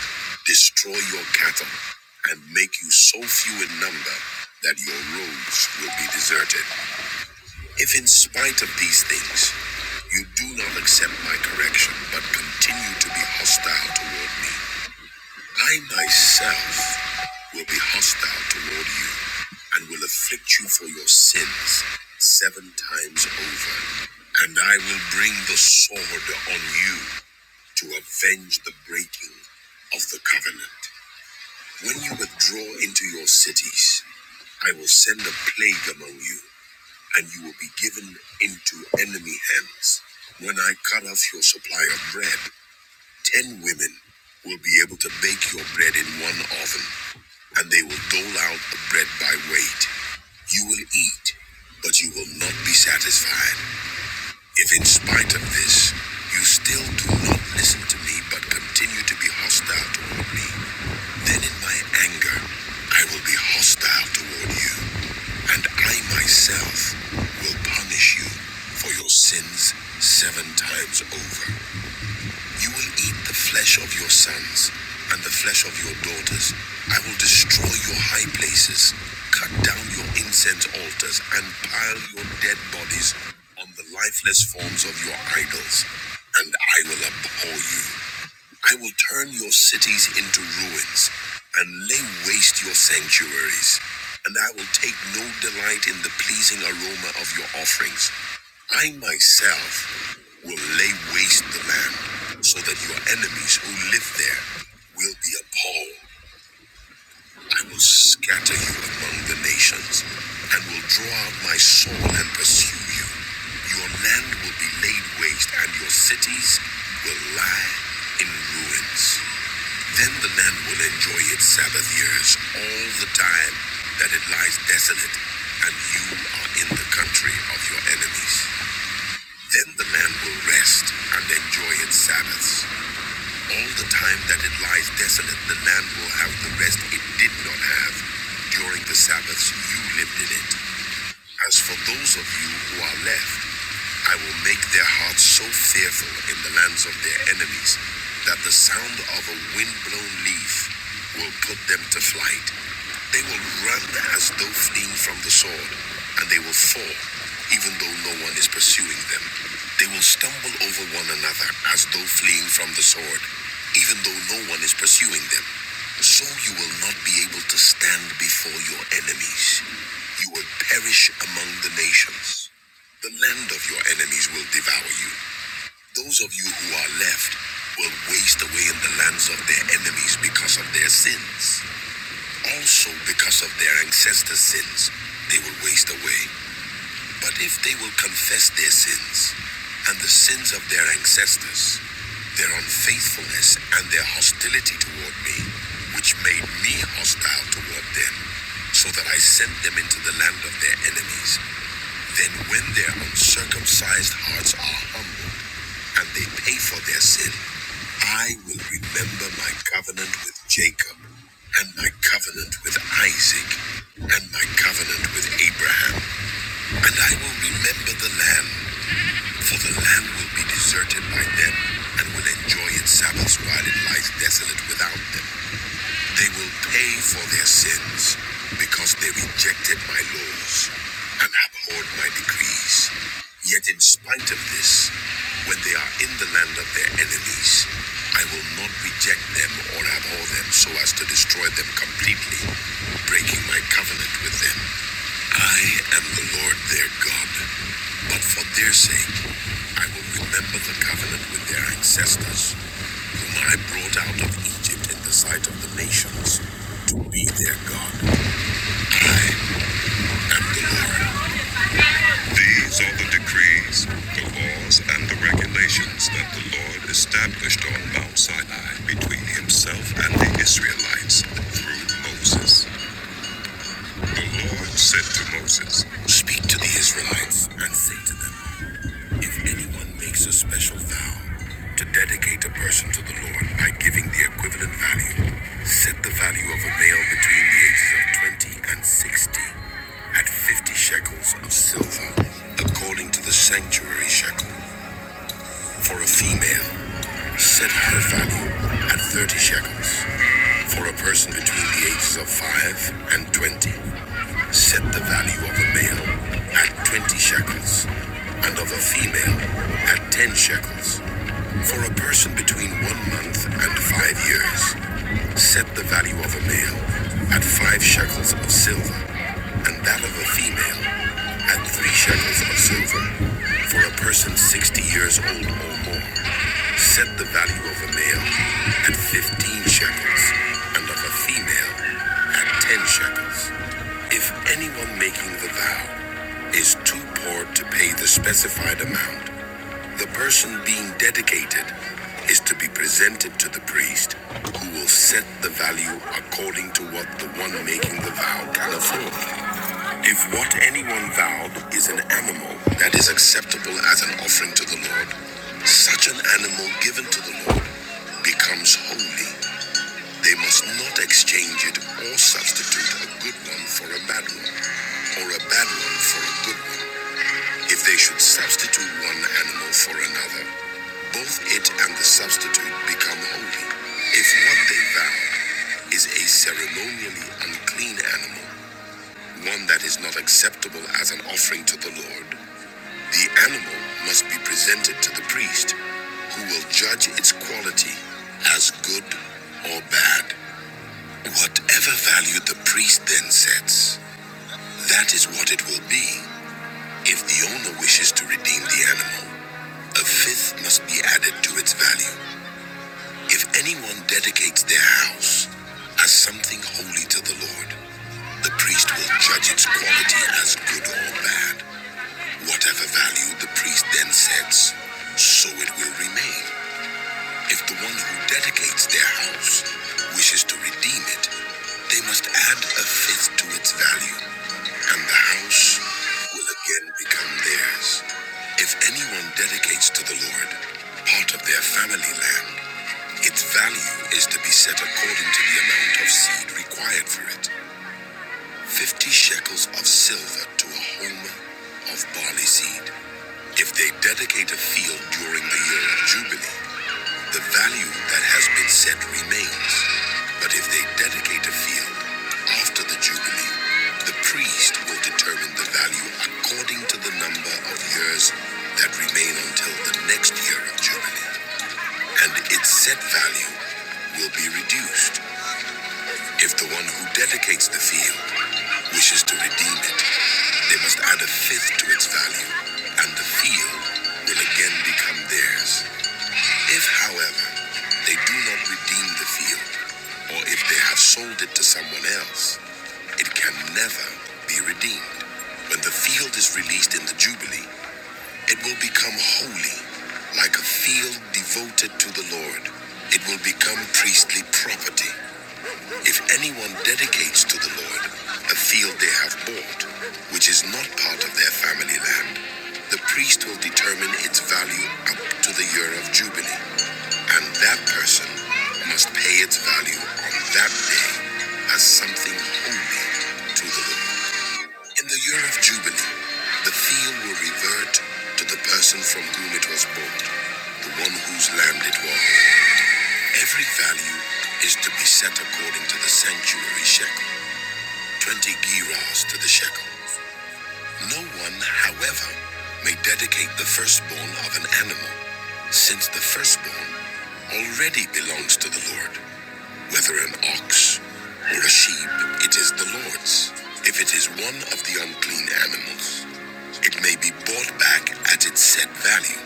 Speaker 1: destroy your cattle, and make you so few in number that your roads will be deserted. If in spite of these things you do not accept my correction but continue to be hostile toward me, I myself will be hostile toward you and will afflict you for your sins seven times over. And I will bring the sword on you to avenge the breaking of the covenant. When you withdraw into your cities, I will send a plague among you, and you will be given into enemy hands. When I cut off your supply of bread, ten women will be able to bake your bread in one oven and they will dole out the bread by weight. You will eat, but you will not be satisfied. If in spite of this, you still do not listen to me, but continue to be hostile toward me, then in my anger, I will be hostile toward you, and I myself will punish you for your sins seven times over. You will eat the flesh of your sons and the flesh of your daughters. I will destroy your high places, cut down your incense altars, and pile your dead bodies on the lifeless forms of your idols. And I will abhor you. I will turn your cities into ruins and lay waste your sanctuaries, and I will take no delight in the pleasing aroma of your offerings. I myself will lay waste the land so that your enemies who live there will be appalled. I will scatter you among the nations and will draw out my sword and pursue you. Your land will be laid waste and your cities will lie in ruins. Then the land will enjoy its Sabbath years all the time that it lies desolate and you are in the country of your enemies. Then the land will rest and enjoy its Sabbaths all the time that it lies desolate, the land will have the rest it did not have. During the Sabbaths, you lived in it. As for those of you who are left, I will make their hearts so fearful in the lands of their enemies that the sound of a windblown leaf will put them to flight. They will run as though fleeing from the sword, and they will fall, even though no one is pursuing them. They will stumble over one another as though fleeing from the sword, even though no one is pursuing them. So you will not be able to stand before your enemies. You will perish among the nations. The land of your enemies will devour you. Those of you who are left will waste away in the lands of their enemies because of their sins. Also, because of their ancestors' sins, they will waste away. But if they will confess their sins and the sins of their ancestors, their unfaithfulness and their hostility toward me, which made me hostile toward them, so that I sent them into the land of their enemies, then when their uncircumcised hearts are humbled and they pay for their sin, I will remember my covenant with Jacob, and my covenant with Isaac, and my covenant with Abraham and I will remember the land, for the land will be deserted by them, and will enjoy its Sabbaths while it lies desolate without them. They will pay for their sins because they rejected my laws and abhorred my decrees. Yet, in spite of this, when they are in the land of their enemies, I will not reject them or abhor them so as to destroy them completely, breaking my covenant with them. I am the Lord their God, but for their sake, I will remember the covenant with their ancestors whom I brought out of Egypt in the sight of the nations to be their God. I am the Lord. These are the decrees, the laws, and the regulations that the Lord established on Mount Sinai between himself and the Israelites through Moses. The Lord said to Moses, Speak to the Israelites and say to them, If anyone makes a special vow to dedicate a person to the Lord by giving the equivalent value, set the value of a male between the ages of 20 and 60 at 50 shekels of silver, according to the sanctuary shekel." For a female, set her value at 30 shekels. For a person between the ages of 5 and 20, set the value of a male at 20 shekels and of a female at 10 shekels. For a person between one month and five years, set the value of a male at five shekels of silver and that of a female, at three shekels of silver. For a person sixty years old or more, set the value of a male at fifteen shekels, and of a female at ten shekels. If anyone making the vow is too poor to pay the specified amount, the person being dedicated is to be presented to the priest, who will set the value according to what the one making the vow can afford. If what anyone vowed is an animal that is acceptable as an offering to the Lord, such an animal given to the Lord becomes holy. They must not exchange it or substitute a good one for a bad one, or a bad one for a good one. If they should substitute one animal for another, both it and the substitute become holy. If what they vowed is a ceremonially unclean animal, one that is not acceptable as an offering to the Lord. The animal must be presented to the priest, who will judge its quality as good or bad. Whatever value the priest then sets, that is what it will be if the owner wishes to redeem the animal. A fifth must be added to its value. If anyone dedicates their house as something holy to the Lord, the priest will judge its quality as good or bad. Whatever value the priest then sets, so it will remain. If the one who dedicates their house wishes to redeem it, they must add a fifth to its value, and the house will again become theirs. If anyone dedicates to the Lord part of their family land, its value is to be set according to the amount of seed required for it. Fifty shekels of silver to a homer of barley seed. If they dedicate a field during the year of Jubilee, the value that has been set remains. But if they dedicate a field after the Jubilee, the priest will determine the value according to the number of years that remain until the next year of Jubilee. And its set value will be reduced. If the one who dedicates the field wishes to redeem it, they must add a fifth to its value, and the field will again become theirs. If, however, they do not redeem the field, or if they have sold it to someone else, it can never be redeemed. When the field is released in the Jubilee, it will become holy, like a field devoted to the Lord. It will become priestly property. If anyone dedicates to the Lord a field they have bought, which is not part of their family land, the priest will determine its value up to the year of Jubilee. And that person must pay its value on that day as something holy to the Lord. In the year of Jubilee, the field will revert to the person from whom it was bought, the one whose land it was. Every value is to be set according to the sanctuary shekel, 20 gerahs to the shekel. No one, however, may dedicate the firstborn of an animal, since the firstborn already belongs to the Lord. Whether an ox or a sheep, it is the Lord's. If it is one of the unclean animals, it may be bought back at its set value,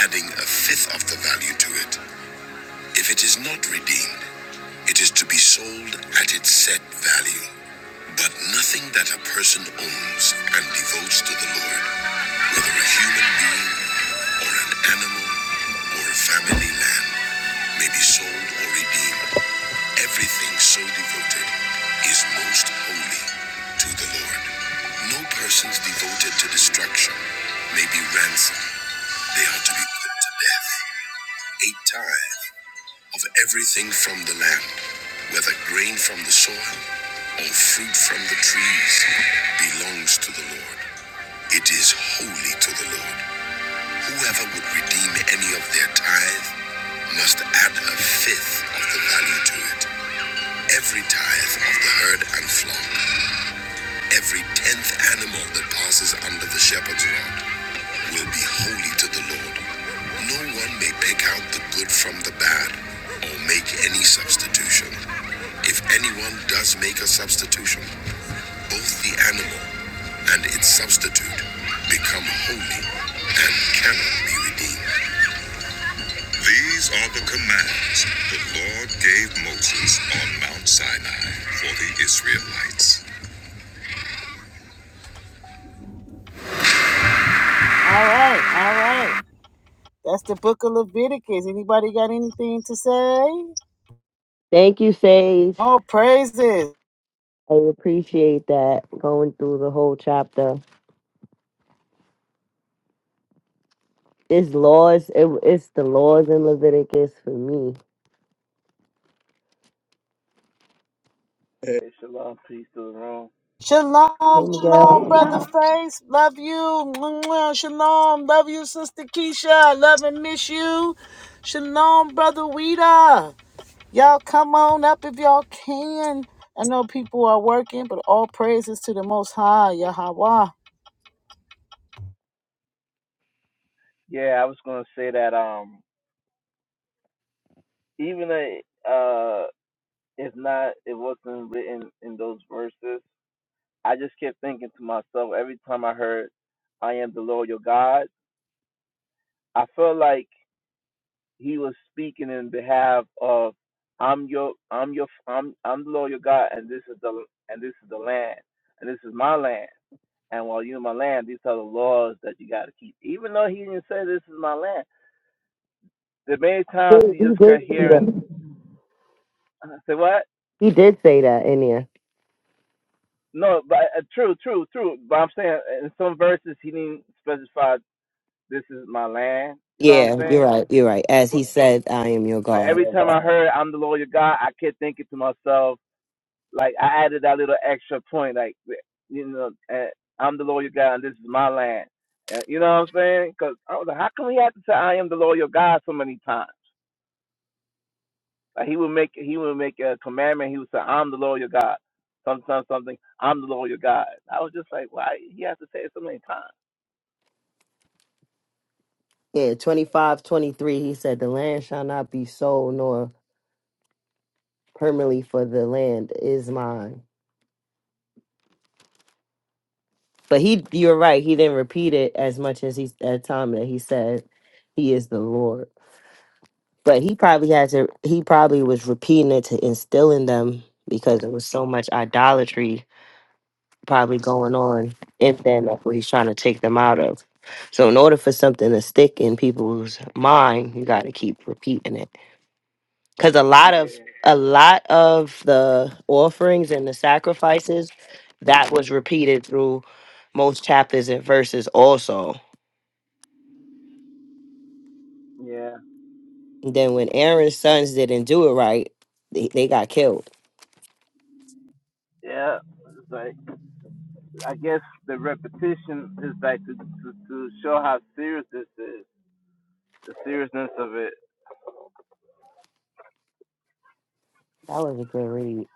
Speaker 1: adding a fifth of the value to it. If it is not redeemed, it is to be sold at its set value. But nothing that a person owns and devotes to the Lord, whether a human being or an animal or a family land, may be sold or redeemed. Everything so devoted is most holy to the Lord. No persons devoted to destruction may be ransomed. They are to be put to death eight times of everything from the land, whether grain from the soil or fruit from the trees, belongs to the Lord. It is holy to the Lord. Whoever would redeem any of their tithe must add a fifth of the value to it. Every tithe of the herd and flock, every tenth animal that passes under the shepherd's rod, will be holy to the Lord. No one may pick out the good from the bad or make any substitution. If anyone does make a substitution, both the animal and its substitute become holy and cannot be redeemed. These are the commands the Lord gave Moses on Mount Sinai for the Israelites. All right, all right. That's the book of Leviticus. Anybody got anything to say?
Speaker 8: Thank you, Sage.
Speaker 1: Oh, praises.
Speaker 8: I appreciate that going through the whole chapter. It's laws. It, it's the laws in Leviticus for me.
Speaker 13: Hey, shalom, peace to the room.
Speaker 8: Hey,
Speaker 1: Shalom,
Speaker 8: Miguel.
Speaker 1: shalom, brother Face. Love you. Mwah, Shalom. Love you, sister Keisha. Love and miss you. Shalom, brother Wida. Y'all come on up if y'all can. I know people are working, but all praises to the Most High, Yahweh.
Speaker 13: Yeah, I was gonna say that um, even though uh, it's not, it wasn't written in those verses. I just kept thinking to myself every time I heard, "I am the Lord your God." I felt like he was speaking in behalf of, "I'm your, I'm your, I'm, I'm the Lord your God, and this is the, and this is the land, and this is my land." And while you're in my land, these are the laws that you got to keep. Even though he didn't say this is my land, the many
Speaker 8: He
Speaker 13: times you
Speaker 8: he
Speaker 13: just can
Speaker 8: did say
Speaker 13: hear and
Speaker 8: that.
Speaker 13: uh, say what?
Speaker 8: He did say that in there.
Speaker 13: No, but uh, true, true, true. But I'm saying in some verses he didn't specify this is my land. You know what I'm
Speaker 8: Yeah, you're
Speaker 13: saying?
Speaker 8: right. You're right. As he said, I am your
Speaker 13: Like
Speaker 8: God.
Speaker 13: every time I heard I'm the Lord your God, I kept thinking to myself, like I added that little extra point, like you know, eh, I'm the Lord your God and this is my land. Eh, You know what I'm saying? Because I was like, how come he had to say I am the Lord your God so many times? Like he would make he would make a commandment. He would say, "I'm the Lord your God." Sometimes something, I'm the Lord your God. I was just like, why he has to say it so many times?
Speaker 8: Yeah, 25, 23. he said, The land shall not be sold nor permanently for the land is mine. But he, you're right. He didn't repeat it as much as he, at time that he said, He is the Lord. But he probably had to, he probably was repeating it to instill in them because there was so much idolatry probably going on in stand up where he's trying to take them out of. So in order for something to stick in people's mind, you got to keep repeating it. Cuz a lot of
Speaker 13: Yeah,
Speaker 8: a lot of the offerings and the sacrifices that was repeated through most chapters and verses also.
Speaker 13: yeah,
Speaker 8: Then when Aaron's sons didn't do it right, they, they got killed.
Speaker 13: yeah. It's like I guess the repetition is like to to, to show how serious this is, the seriousness of it.
Speaker 8: That was a good read.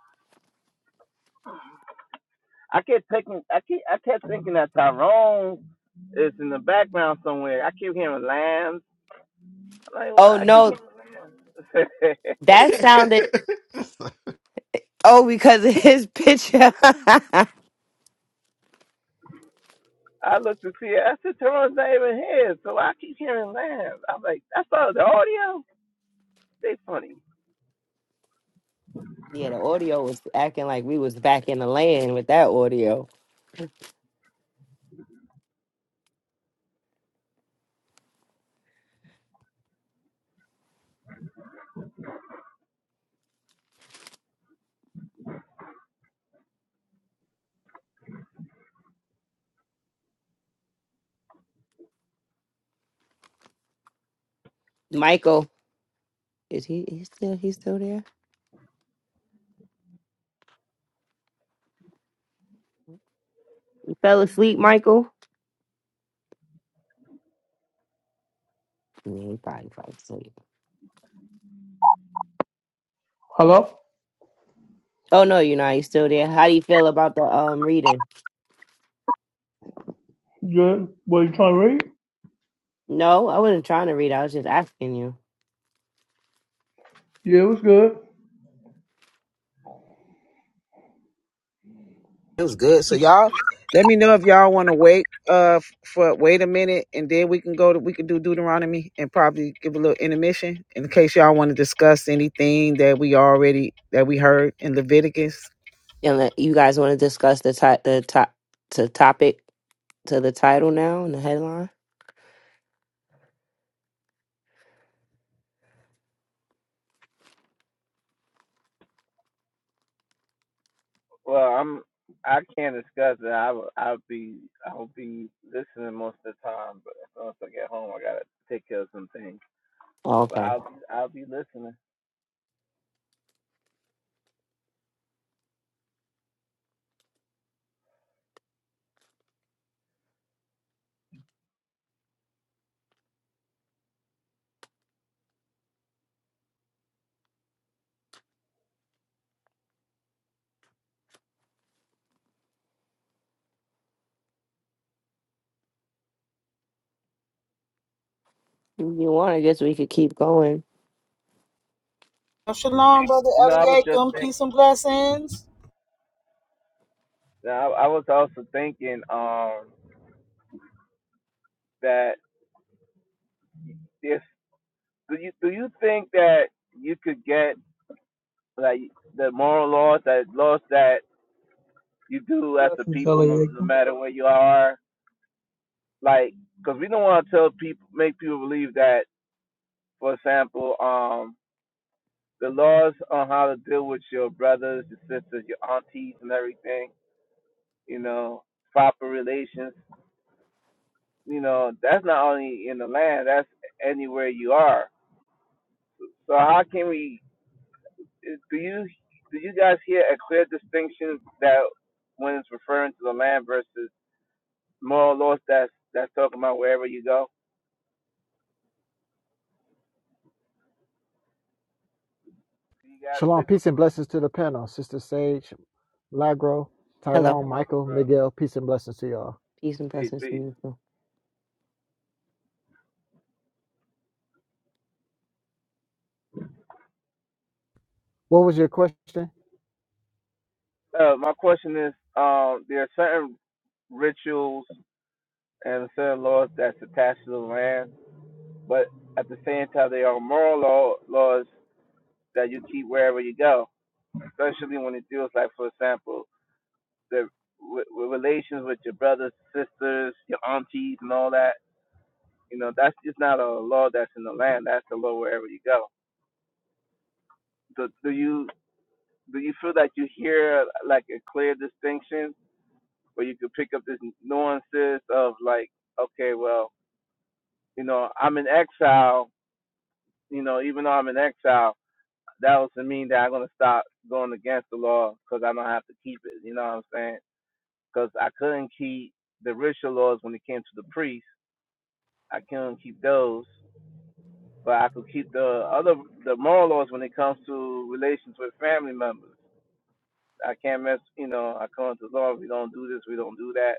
Speaker 13: I kept taking, I keep, I kept thinking that Tyrone is in the background somewhere. I keep hearing lambs. I'm like, well,
Speaker 8: Oh
Speaker 13: I keep
Speaker 8: no,
Speaker 13: hearing.
Speaker 8: that sounded oh because of his picture.
Speaker 13: I looked to see it. I said, Teron's not even here, so I keep hearing laughs. I'm like, that's all the audio. They funny.
Speaker 8: Yeah, the audio was acting like we was back in the land with that audio. Michael, is he? He still? He's still there? You fell asleep, Michael? Yeah, he probably fell asleep.
Speaker 3: Hello?
Speaker 8: Oh no, you know he's still there. How do you feel about the um reading?
Speaker 3: Good. What you trying to read?
Speaker 8: No, I wasn't trying to read. I was just asking you.
Speaker 3: Yeah, it was good.
Speaker 1: It was good. So y'all, let me know if y'all want to wait. Uh, f- for wait a minute, and then we can go to we can do Deuteronomy and probably give a little intermission in case y'all want to discuss anything that we already that we heard in Leviticus.
Speaker 8: And let- you guys want to discuss the ti- the top to topic to the title now and the headline?
Speaker 13: Well, I'm. I can't discuss it. I will- I'll be I'll be listening most of the time, but as soon as I get home, I gotta take care of some things.
Speaker 8: Oh,
Speaker 13: But
Speaker 8: okay.
Speaker 13: I'll I'll be listening.
Speaker 8: If you want, I guess we could keep going.
Speaker 1: Shalom, brother
Speaker 13: You know, I was just
Speaker 1: Eliakim.
Speaker 13: thinking.
Speaker 1: Peace and blessings.
Speaker 13: I, I was also thinking um that if do you do you think that you could get like the moral laws that laws that you do as a
Speaker 3: Blessings,
Speaker 13: people, no, no
Speaker 3: Eliakim.
Speaker 13: matter where you are. Like, because we don't want to tell people, make people believe that, for example, um, the laws on how to deal with your brothers, your sisters, your aunties, and everything, you know, proper relations, you know, that's not only in the land, that's anywhere you are. So how can we? eh, Do you do you guys hear a clear distinction that when it's referring to the land versus moral laws that's that's talking about wherever you go? Do you guys
Speaker 14: Shalom,
Speaker 13: pick up
Speaker 14: peace and blessings to the panel. Sister Sage, Lagro,
Speaker 8: Hello,
Speaker 14: Tyrone, Michael,
Speaker 13: bro.
Speaker 14: Miguel, peace and blessings to y'all.
Speaker 8: peace and
Speaker 13: Peace,
Speaker 8: blessings to
Speaker 13: peace.
Speaker 8: you. too.
Speaker 14: What was your question?
Speaker 13: Uh, my question is, um, there are certain rituals and certain laws that's attached to the land, but at the same time, there are moral law, laws that you keep wherever you go, especially when it deals, like for example, the w- w- relations with your brothers, sisters, your aunties, and all that. You know, that's just not a law that's in the land. That's a law wherever you go. Do, do you do you feel that you hear like a clear distinction where you could pick up this nuances of like, okay, well, you know, I'm in exile. You know, even though I'm in exile, that doesn't mean that I'm gonna stop going against the law because I don't have to keep it. You know what I'm saying? Because I couldn't keep the ritual laws when it came to the priests. I couldn't keep those, but I could keep the other the moral laws when it comes to relations with family members. I can't mess. You know, I come to the law. We don't do this. We don't do that.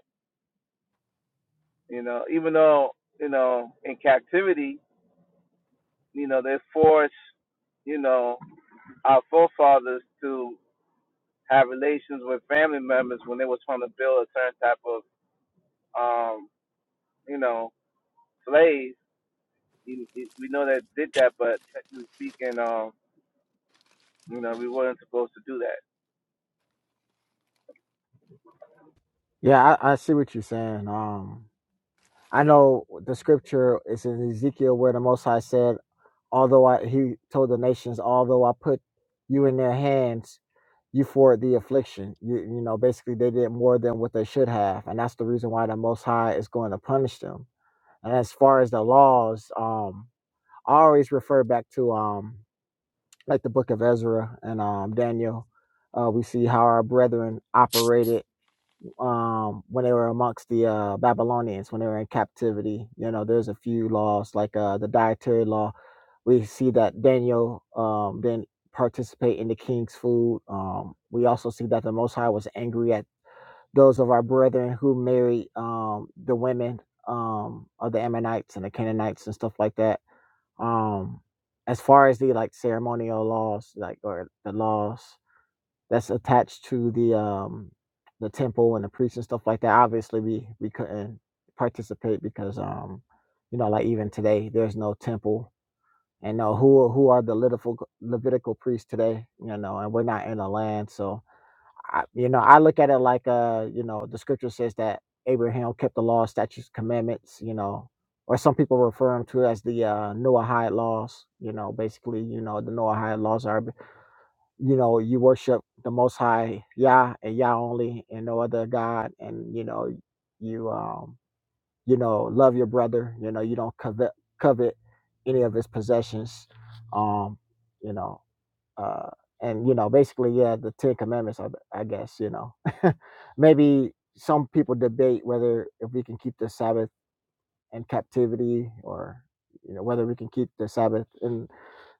Speaker 13: You know, even though you know in captivity You know, they forced, you know, our forefathers to have relations with family members when they was trying to build a certain type of, um, you know, slaves. You- you- We know that did that, but technically speaking, um, you know, we weren't supposed to do that.
Speaker 14: Yeah, I, I see what you're saying. Um, I know the scripture is in Ezekiel where the Most High said, "Although I," he told the nations, "Although I put you in their hands, you forward the affliction." You, you know, basically they did more than what they should have, and that's the reason why the Most High is going to punish them. And as far as the laws, um, I always refer back to. um. like the book of Ezra and um, Daniel. Uh, we see how our brethren operated um, when they were amongst the uh, Babylonians, when they were in captivity. You know, there's a few laws like uh, the dietary law. We see that Daniel um, didn't participate in the king's food. Um, we also see that the Most High was angry at those of our brethren who married um, the women um, of the Ammonites and the Canaanites and stuff like that um, as far as the like ceremonial laws, like or the laws that's attached to the um the temple and the priests and stuff like that, obviously we we couldn't participate because um you know like even today there's no temple and no who who are the Levitical Levitical priests today you know and we're not in the land so I, you know, I look at it like uh, you know, the scripture says that Abraham kept the law, statutes, commandments, you know, or some people refer them to as the uh, Noahide laws. You know, basically, you know, the Noahide laws are, you know, you worship the Most High Yah and Yah only, and no other God, and you know, you um, you know, love your brother. You know, you don't covet covet any of his possessions. Um, you know uh, and you know, basically, yeah, the Ten Commandments. I, I guess you know, maybe some people debate whether if we can keep the Sabbath in captivity, or you know, whether we can keep the Sabbath in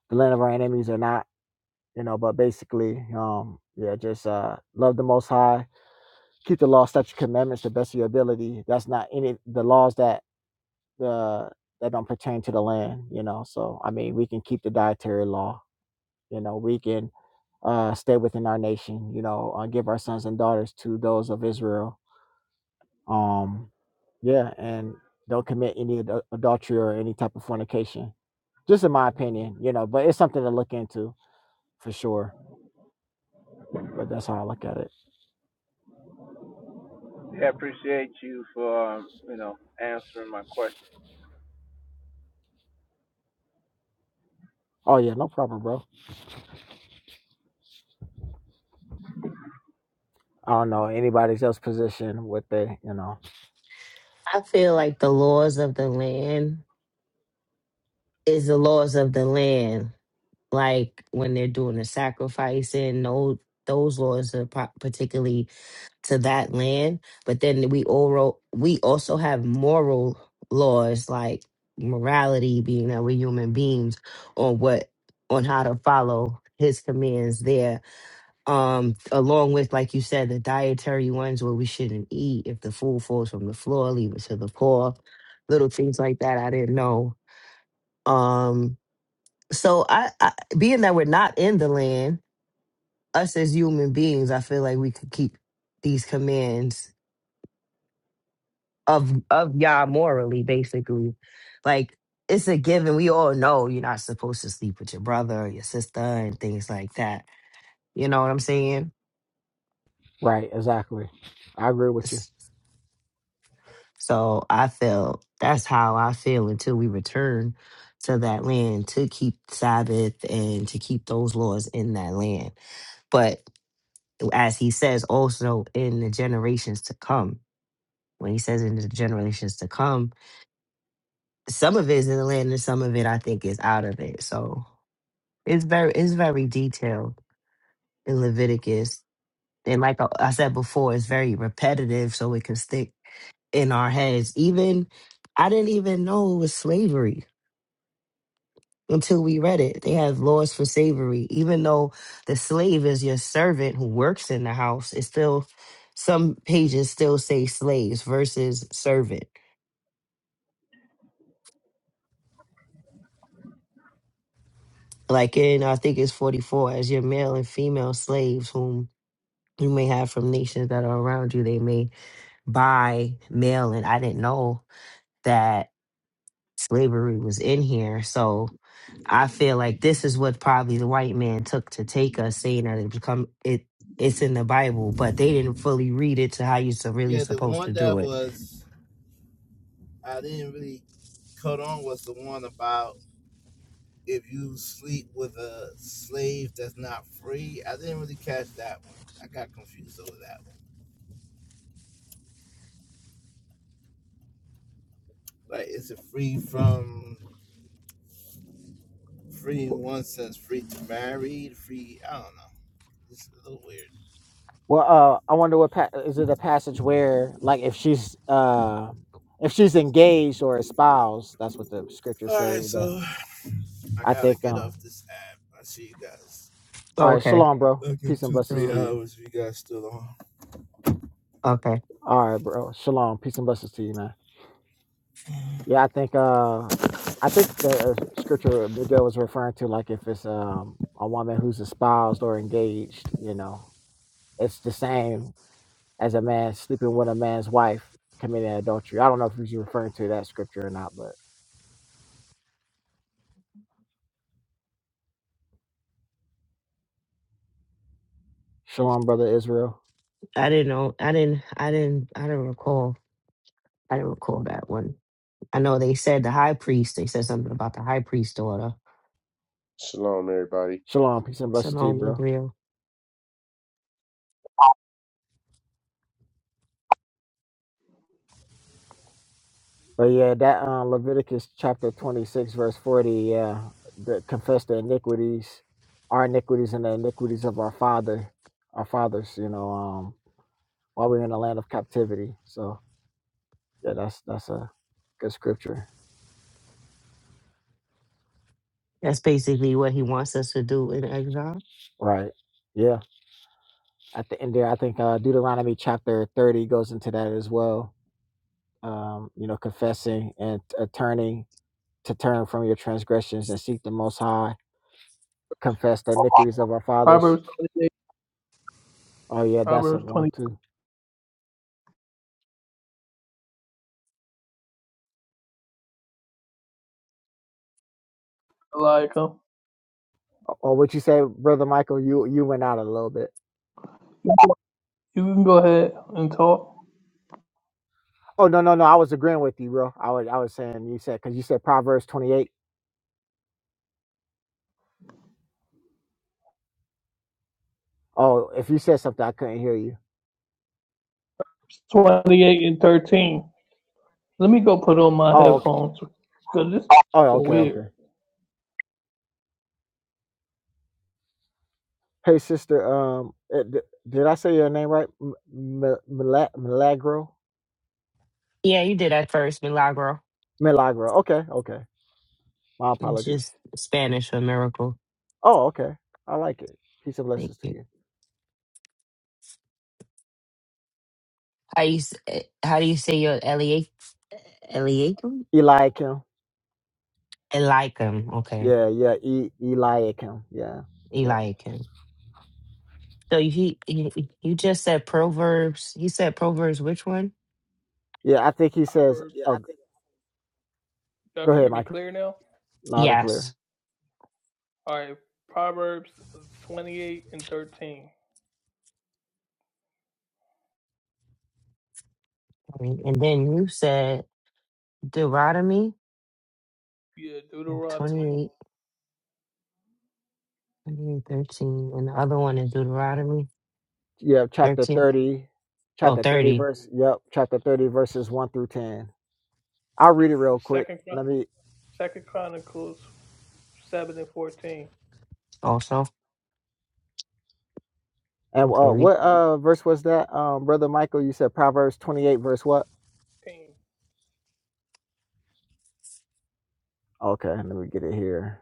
Speaker 14: the land of our enemies or not. You know, but basically, um, yeah, just uh, love the Most High, keep the law, statute, commandments to the best of your ability. That's not any the laws that uh, that don't pertain to the land. You know, so I mean, we can keep the dietary law. You know, we can uh, stay within our nation. You know, uh, give our sons and daughters to those of Israel. Um, yeah, and don't commit any ad- adultery or any type of fornication. Just in my opinion, you know, but it's something to look into for sure. But that's how I look at it.
Speaker 13: Yeah, I appreciate you for, um, you know, answering my question.
Speaker 14: Oh yeah, no problem, bro. I don't know anybody's else position what they, you know.
Speaker 8: I feel like the laws of the land is the laws of the land, like when they're doing the sacrificing? no those laws are par- particularly to that land. But then we oral we also have moral laws like morality, being that we're human beings, on what on how to follow his commands there. Um, along with like you said, the dietary ones where we shouldn't eat if the food falls from the floor, leave it to the poor, little things like that. I didn't know. Um so I, I being that we're not in the land, us as human beings, I feel like we could keep these commands of of Yah morally, basically. Like it's a given. We all know you're not supposed to sleep with your brother or your sister and things like that. You know what I'm saying?
Speaker 14: Right, exactly. I agree with
Speaker 8: S-
Speaker 14: you.
Speaker 8: So I feel that's how I feel until we return to that land to keep Sabbath and to keep those laws in that land. But as he says also in the generations to come. When he says in the generations to come, some of it is in the land and some of it I think is out of it. So it's very it's very detailed in Leviticus. And like I I said before, it's very repetitive so it can stick in our heads. Even I didn't even know it was slavery until we read it. They have laws for slavery. Even though the slave is your servant who works in the house, it's still some pages still say slaves versus servant. Like in I think it's forty four, as your male and female slaves whom you may have from nations that are around you, they may buy male and I didn't know that slavery was in here. So I feel like this is what probably the white man took to take us, saying that it become it it's in the Bible, but they didn't fully read it to how you're so- really supposed to do it.
Speaker 14: Well, uh, I wonder what pa- is it a passage where, like, if she's uh, if she's engaged or espoused, that's what the scriptures say. That I think. Um, all
Speaker 8: Oh,
Speaker 14: right,
Speaker 8: okay.
Speaker 14: shalom, bro. Peace and blessings to
Speaker 8: Sure.
Speaker 14: you.
Speaker 8: Okay.
Speaker 14: All right, bro. Shalom. Peace and blessings to you, man. Yeah, I think. Uh, I think the uh, scripture Miguel was referring to, like, if it's um a woman who's espoused or engaged, you know, it's the same as a man sleeping with a man's wife committing adultery. I don't know if he's referring to that scripture or not, but. Shalom, brother Israel.
Speaker 8: I didn't know I didn't I didn't I didn't recall I didn't recall that one. I know they said the high priest, they said something about the high priest daughter.
Speaker 7: Shalom, everybody.
Speaker 14: Shalom, peace and blessings to you,
Speaker 8: Shalom
Speaker 14: bro.
Speaker 8: Israel.
Speaker 14: But yeah, that um, Leviticus chapter 26, verse 40, yeah, that confess the iniquities, our iniquities and the iniquities of our father, our fathers, you know, um, while we're in the land of captivity. So yeah, that's that's a good scripture.
Speaker 8: That's basically what he wants us to do in exile.
Speaker 14: Right. Yeah. At the end there, I think uh, Deuteronomy chapter 30 goes into that as well. Um, you know, confessing and uh, turning to turn from your transgressions and seek the most high confess the iniquities of our fathers.
Speaker 3: Proverbs 28.
Speaker 14: Oh yeah, that's a
Speaker 3: Proverbs
Speaker 14: one
Speaker 3: twenty-eight,
Speaker 14: too.
Speaker 3: Eliakim.
Speaker 14: Or what you say, brother Michael? You you went out a little bit.
Speaker 3: You can go ahead and talk.
Speaker 14: Oh no no no, I was agreeing with you, bro. I was I was saying you said because you said Proverbs twenty eight. Oh, if you said something, I couldn't hear you.
Speaker 3: 28 and 13. Let me go put on my
Speaker 14: Oh okay.
Speaker 3: headphones because this is
Speaker 14: oh
Speaker 3: fucking
Speaker 14: okay okay.
Speaker 3: weird.
Speaker 14: Hey sister, um, eh, d- did I say your name right? M- M- Mila- Milagro
Speaker 8: Yeah, you did that first, Milagro.
Speaker 14: Milagro. Okay okay. My
Speaker 8: It's
Speaker 14: apologies.
Speaker 8: just Spanish for miracle.
Speaker 14: Oh okay, I like it. Peace and blessings to you,
Speaker 8: How you s- eh, how do you say your Eliakim? Eliakim?
Speaker 14: Eliakim.
Speaker 8: Eliakim. Okay,
Speaker 14: Yeah yeah, e- Eliakim. Yeah. yeah.
Speaker 8: Eliakim. So he, he you just said Proverbs. He said Proverbs. Which one?
Speaker 14: Yeah, I think he says,
Speaker 3: Proverbs. Yeah, I
Speaker 14: oh,
Speaker 3: think. Y'all
Speaker 14: go
Speaker 3: can
Speaker 14: ahead,
Speaker 3: hear me
Speaker 14: Michael,
Speaker 3: clear now?
Speaker 14: loud and clear.
Speaker 8: Yes.
Speaker 3: All right. Proverbs 28 and 13.
Speaker 8: And and then you said Deuteronomy
Speaker 3: Yeah, Deuteronomy.
Speaker 8: 28, twenty-eight, thirteen, and the other one is Deuteronomy
Speaker 14: Yeah, chapter
Speaker 8: 13.
Speaker 14: 30,
Speaker 8: Oh,
Speaker 14: chapter 30,
Speaker 8: thirty
Speaker 14: verse, yep, chapter 30, verses 1 through 10. I'll read it real quick.
Speaker 3: Second,
Speaker 14: Let me,
Speaker 3: Second Chronicles seven and fourteen.
Speaker 8: also.
Speaker 14: and
Speaker 8: Okay.
Speaker 14: uh,
Speaker 8: We,
Speaker 14: what uh, verse was that, um, Brother Michael? You said Proverbs 28, verse what?
Speaker 3: Team.
Speaker 14: Okay, let me get it here.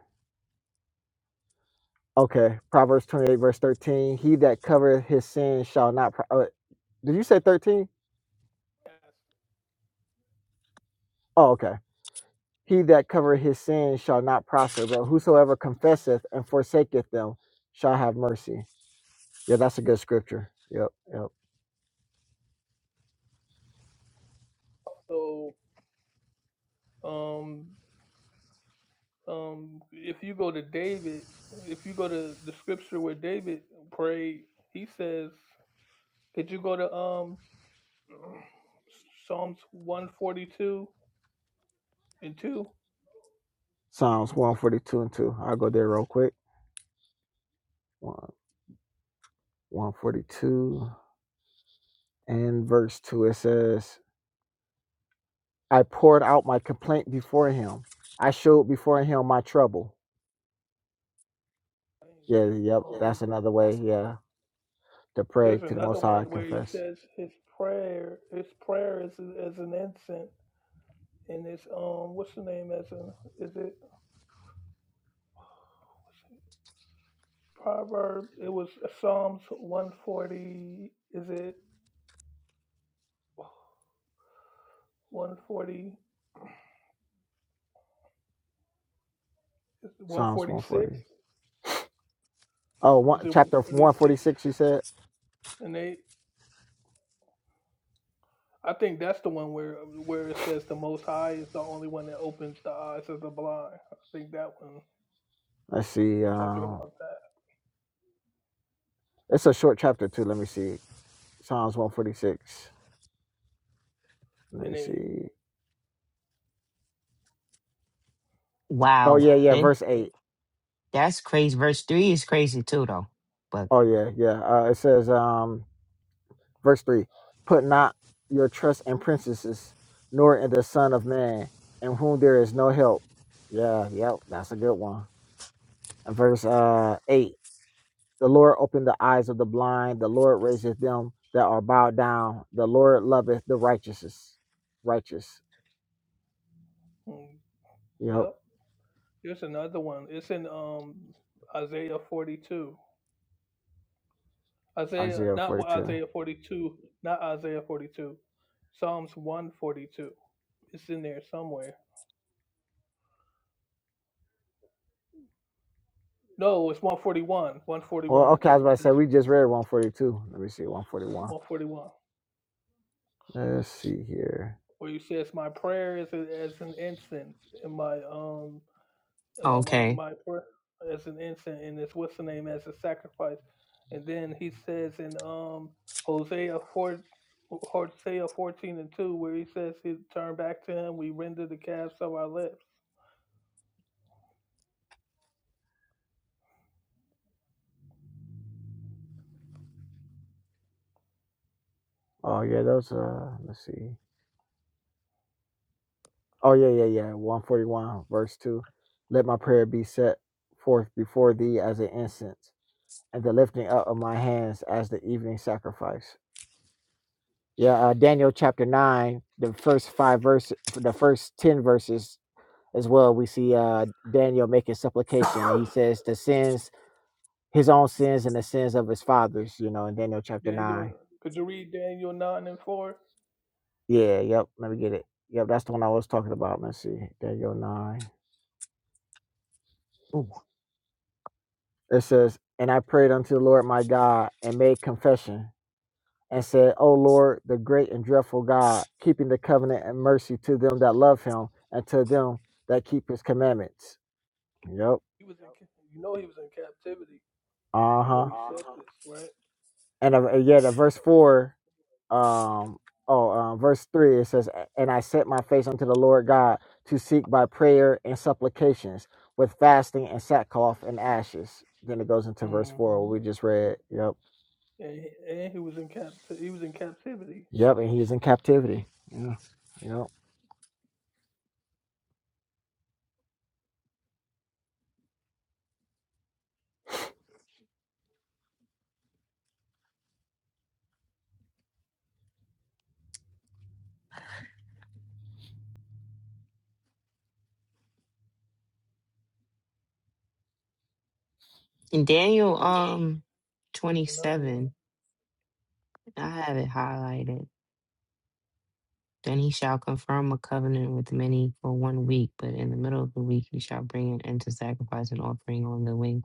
Speaker 14: Okay, Proverbs 28, verse 13. He that covereth his sin shall not, pro- uh, did you say 13? Oh, okay. He that covereth his sin shall not prosper, but whosoever confesseth and forsaketh them shall have mercy. Yeah, that's a good scripture. Yep, yep.
Speaker 3: So um um if you go to David, if you go to the scripture where David prayed, he says, could you go to um Psalms one forty two and two?
Speaker 14: Psalms 142 and 2. I'll go there real quick. One- 142 and verse 2. It says, I poured out my complaint before him. I showed before him my trouble. Yeah, yep.
Speaker 3: Yeah, Um,
Speaker 14: That's another way, yeah,
Speaker 3: one.
Speaker 14: to pray
Speaker 3: there's
Speaker 14: to the
Speaker 3: another
Speaker 14: Most High,
Speaker 3: one where he
Speaker 14: confess.
Speaker 3: says his prayer, his prayer is as an incense, and it's um, what's the name as an is it? Proverb. It was uh, Psalms one forty. Is it one forty? Is it One
Speaker 14: Psalms
Speaker 3: forty six.
Speaker 14: 140. Oh,
Speaker 3: Is
Speaker 14: one,
Speaker 3: it one
Speaker 14: chapter
Speaker 3: forty six
Speaker 14: 146, you said?
Speaker 3: and eight? I think that's the one where where it says the Most High is the only one that opens the eyes of the blind. I think that one is
Speaker 14: Let's see.
Speaker 3: talking
Speaker 14: Um,
Speaker 3: about that.
Speaker 14: it's a short chapter, too. Let me see. Psalms 146. Let
Speaker 3: And
Speaker 14: me
Speaker 3: eight.
Speaker 14: see. Oh,
Speaker 8: wow.
Speaker 14: yeah, yeah,
Speaker 8: Th-
Speaker 14: verse 8.
Speaker 8: That's crazy. Verse 3 is crazy too, though. But
Speaker 14: Oh yeah, yeah. Uh, it says, um, verse three: Put not your trust in princesses, nor in the Son of Man, in whom there is no help. Yeah, yep, that's a good one. And verse uh eight: The Lord opened the eyes of the blind. The Lord raiseth them that are bowed down. The Lord loveth the righteous. Righteous.
Speaker 3: Mm,
Speaker 14: Yep.
Speaker 3: Yep. There's another one. It's in um Isaiah forty two. Isaiah,
Speaker 14: Isaiah
Speaker 3: not what
Speaker 14: forty-two.
Speaker 3: Isaiah forty two, not Isaiah forty two. Psalms one forty two. It's in there somewhere. No, it's 141, 141
Speaker 14: Well,
Speaker 3: and
Speaker 14: okay, I was
Speaker 3: 2.
Speaker 14: about to say
Speaker 3: That's
Speaker 14: we just read one forty-two. Let me see, one forty-one.
Speaker 3: 141.
Speaker 14: Let's see here.
Speaker 3: Where you says my prayer is a- as an incense in my um and my my,
Speaker 8: okay.
Speaker 3: my prayer as an incense and it's what's the name as a sacrifice. And then he says in um Hosea 4 Hosea 14 and 2 where he says he turn back to him we render the calves of our lips.
Speaker 14: Oh yeah, those. Uh, let's see. Oh yeah, yeah, yeah. One forty one, verse two. Let my prayer be set forth before thee as an incense, and the lifting up of my hands as the evening sacrifice. Yeah, uh, Daniel chapter nine, the first five verses, the first ten verses as well. We see uh, Daniel making supplication. He says the sins, his own sins, and the sins of his fathers. You know, in Daniel chapter
Speaker 3: Daniel
Speaker 14: nine.
Speaker 3: could you read Daniel 9 and 4?
Speaker 14: Yeah, yep. Let me get it. Yep, that's the one I was talking about. Let's see, Daniel nine.
Speaker 8: Ooh.
Speaker 14: It says, And I prayed unto the Lord my God and made confession and said, O Lord, the great and dreadful God, keeping the covenant and mercy to them that love him and to them that keep his commandments. Yep.
Speaker 3: He was in ca- you know he was in captivity
Speaker 14: Uh
Speaker 3: when
Speaker 14: huh.
Speaker 3: he said this, right?
Speaker 14: And uh, yet, uh, verse 4, um, oh, uh, verse 3, it says, And I set my face unto the Lord God to seek by prayer and supplications with fasting and sackcloth and ashes. Then it goes into verse
Speaker 3: Mhm.
Speaker 14: 4, what we just read. Yep.
Speaker 3: and he, and he was in cap he was in captivity.
Speaker 14: Yep, and he was in captivity. Yeah, yeah.
Speaker 8: And
Speaker 3: This
Speaker 8: Daniel
Speaker 3: is
Speaker 8: um
Speaker 3: this is another
Speaker 8: 27.
Speaker 3: one.
Speaker 8: I have it highlighted. Then he shall confirm a covenant with many for one week, but in the middle of the week he shall bring an end to sacrifice and offering on the wing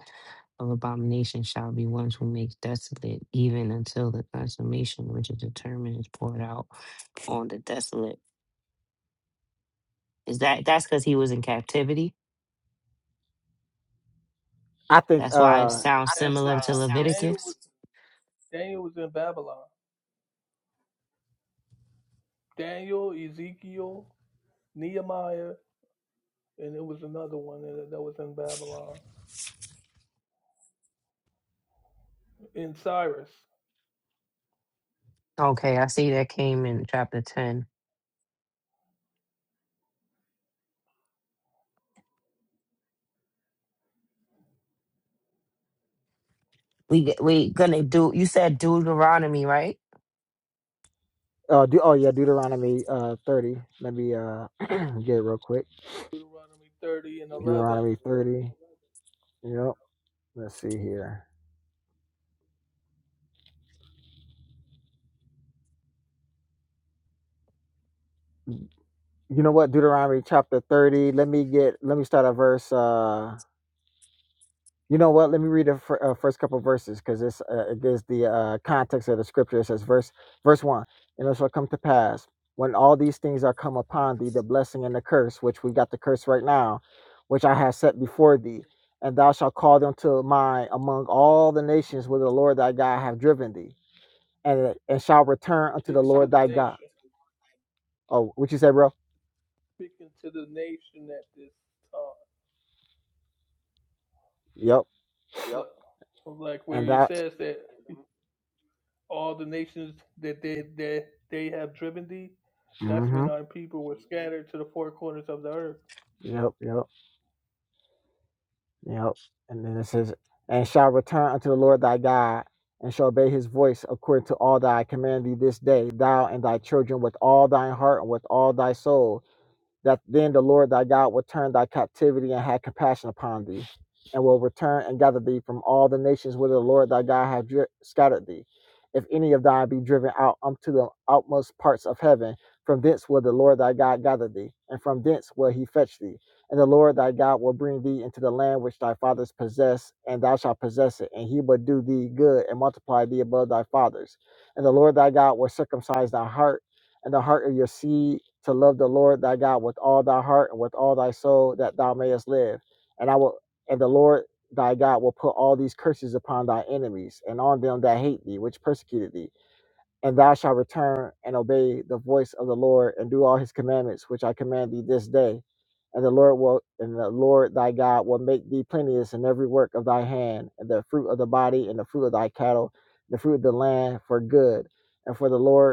Speaker 8: of abomination shall be ones who makes desolate, even until the consummation which is determined is poured out on the desolate. Is that that's because he was in captivity?
Speaker 14: I think.
Speaker 8: That's why it
Speaker 14: Uh,
Speaker 3: Daniel was in
Speaker 8: sounds
Speaker 3: captivity.
Speaker 8: similar to
Speaker 3: Daniel was
Speaker 8: Leviticus.
Speaker 3: Daniel was in Babylon. Daniel, Ezekiel, Nehemiah, and it was another one that, that was in Babylon in Cyrus.
Speaker 8: Okay, I see that came in chapter ten. We g- we gonna do. You said Deuteronomy, right?
Speaker 14: uh, do, oh yeah, Deuteronomy uh thirty. Let me uh get it real quick.
Speaker 3: Deuteronomy thirty and eleven,
Speaker 14: Deuteronomy thirty. Yep. Let's see here. You know what? Deuteronomy chapter thirty. Let me get. Let me start at verse. Uh, You know what? Let me read the fir- uh, first couple verses because this uh, it gives the uh, context of the scripture. It says, verse verse one, and it shall come to pass when all these things are come upon thee, the blessing and the curse, which we got the curse right now, which I have set before thee, and thou shalt call them to mind among all the nations where the Lord thy God have driven thee, and and shall return unto
Speaker 3: speaking
Speaker 14: the
Speaker 3: to
Speaker 14: Lord
Speaker 3: the
Speaker 14: thy God.
Speaker 3: nation,
Speaker 14: Oh, what you say, bro?
Speaker 3: speaking to the nation at this time.
Speaker 14: Yep.
Speaker 3: Yep. like where
Speaker 14: And
Speaker 3: he
Speaker 14: that.
Speaker 3: says that. all the nations that they that they have driven thee. That's when
Speaker 14: Mm-hmm.
Speaker 3: our people were scattered to the four corners of the earth.
Speaker 14: Yep. Yep. Yep. And then it says, and shall return unto the Lord thy God, and shall obey his voice according to all that I command thee this day, thou and thy children with all thine heart and with all thy soul that then the Lord thy God will turn thy captivity and have compassion upon thee, and will return and gather thee from all the nations whither the Lord thy God hath dri- scattered thee. If any of thine be driven out unto the outmost parts of heaven, from thence will the Lord thy God gather thee, and from thence will he fetch thee. And the Lord thy God will bring thee into the land which thy fathers possessed, and thou shalt possess it, and he will do thee good and multiply thee above thy fathers. And the Lord thy God will circumcise thy heart and the heart of your seed to love the Lord thy God with all thy heart and with all thy soul that thou mayest live. And I will and the Lord thy God will put all these curses upon thy enemies and on them that hate thee, which persecuted thee. And thou shalt return and obey the voice of the Lord and do all his commandments which I command thee this day. And the Lord will and the Lord thy God will make thee plenteous in every work of thy hand, and the fruit of the body, and the fruit of thy cattle, and the fruit of the land for good. And for the Lord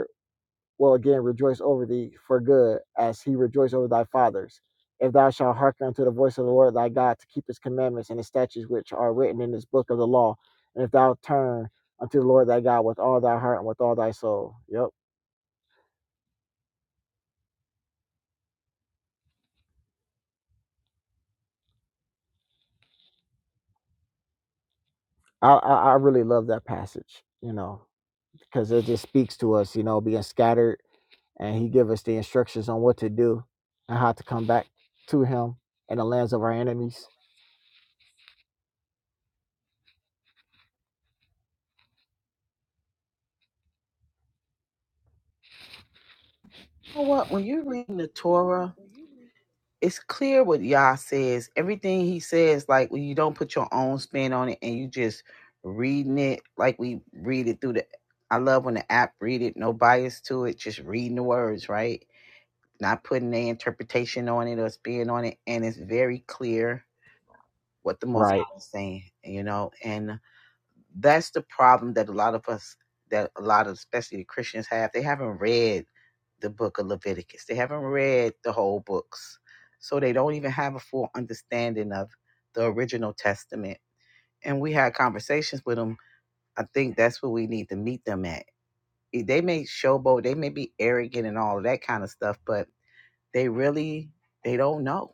Speaker 14: will again rejoice over thee for good, as he rejoiced over thy fathers. If thou shalt hearken unto the voice of the Lord thy God to keep his commandments and his statutes which are written in this book of the law, and if thou turn unto the Lord thy God with all thy heart and with all thy soul. Yep. I, I, I really love that passage, you know, because it just speaks to us, you know, being scattered and he give us the instructions on what to do and how to come back to him in the lands of our enemies.
Speaker 1: You know what? When you're reading the Torah. it's clear what Yah says. Everything he says, like when you don't put your own spin on it and you just reading it, like we read it through the. I love when the app read it, no bias to it, just reading the words, right? Not putting their interpretation on it or spin on it, and it's very clear what the Most
Speaker 14: Right.
Speaker 1: High is saying, you know. And that's the problem that a lot of us that a lot of especially the christians have they haven't read the book of leviticus they haven't read the whole books so they don't even have a full understanding of the original testament and we had conversations with them i think that's where we need to meet them at E, they may showboat they may be arrogant and all of that kind of stuff but they really they don't know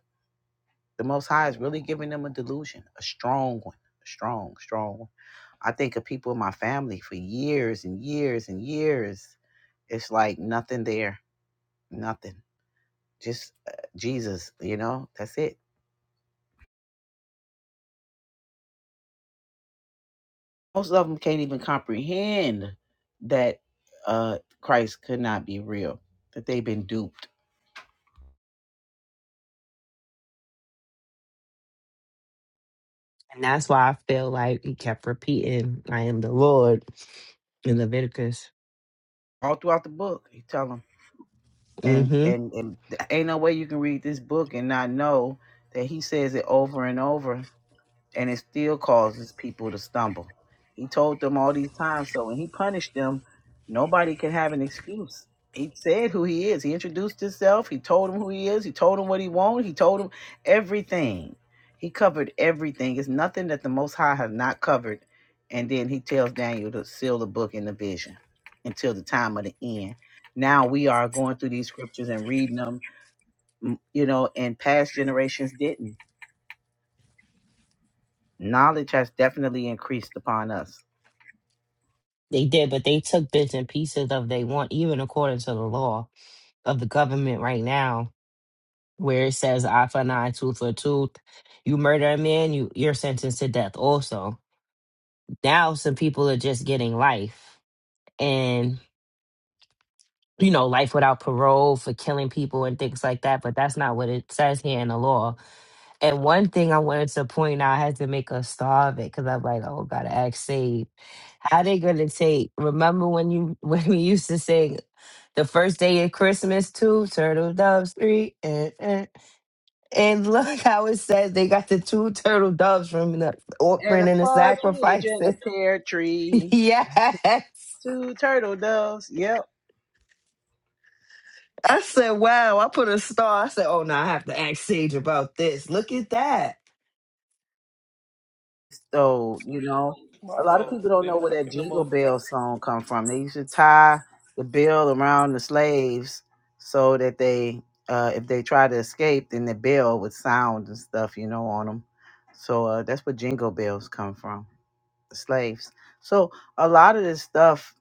Speaker 1: the most high is really giving them a delusion a strong one a strong strong one I think of people in my family for years and years and years. It's like nothing there, nothing. Just uh, Jesus, you know, that's it. Most of them can't even comprehend that uh, Christ could not be real, that they've been duped.
Speaker 8: And that's why I feel like he kept repeating, I am the Lord in Leviticus.
Speaker 1: All throughout the book, you tell them. And,
Speaker 8: hmm
Speaker 1: and, and th- ain't no way you can read this book and not know that he says it over and over and it still causes people to stumble. He told them all these times, so when he punished them, nobody can have an excuse. He said who he is. He introduced himself. He told them who he is. He told them what he wanted. He told them everything. He covered everything. It's nothing that the Most High has not covered. And then he tells Daniel to seal the book in the vision until the time of the end. Now we are going through these scriptures and reading them, you know, and past generations didn't Knowledge has definitely increased upon us.
Speaker 8: They did, but they took bits and pieces of they want, even according to the law of the government right now, where it says eye for an eye, tooth for a tooth. You murder a man, you, you're sentenced to death also. Now some people are just getting life and you know, life without parole for killing people and things like that, but that's not what it says here in the law And one thing I wanted to point out, I had to make us starve it because I'm like, oh, gotta ask Save. How they gonna take? Remember when you when we used to sing the first day of Christmas, two turtle doves, three, and and, and look how it says they got the two turtle doves from the
Speaker 1: And
Speaker 8: offering
Speaker 1: a
Speaker 8: and the
Speaker 1: partridge in a
Speaker 8: sacrifices.
Speaker 1: pear tree.
Speaker 8: yes,
Speaker 1: Two turtle doves. Yep.
Speaker 8: I said, wow. I put a star. I said, oh no, I have to ask Sage about this. Look at that.
Speaker 1: So, you know, a
Speaker 3: Mocking,
Speaker 1: lot of people don't
Speaker 3: they
Speaker 1: know where that
Speaker 3: mocking the
Speaker 1: Jingle
Speaker 3: Most
Speaker 1: Bell
Speaker 3: High.
Speaker 1: song come from. They used to tie the bell around the slaves so that they, uh, if they tried to escape, then the bell would sound and stuff, you know, on them. So uh, that's where Jingle Bells come from, the slaves. So a lot of this stuff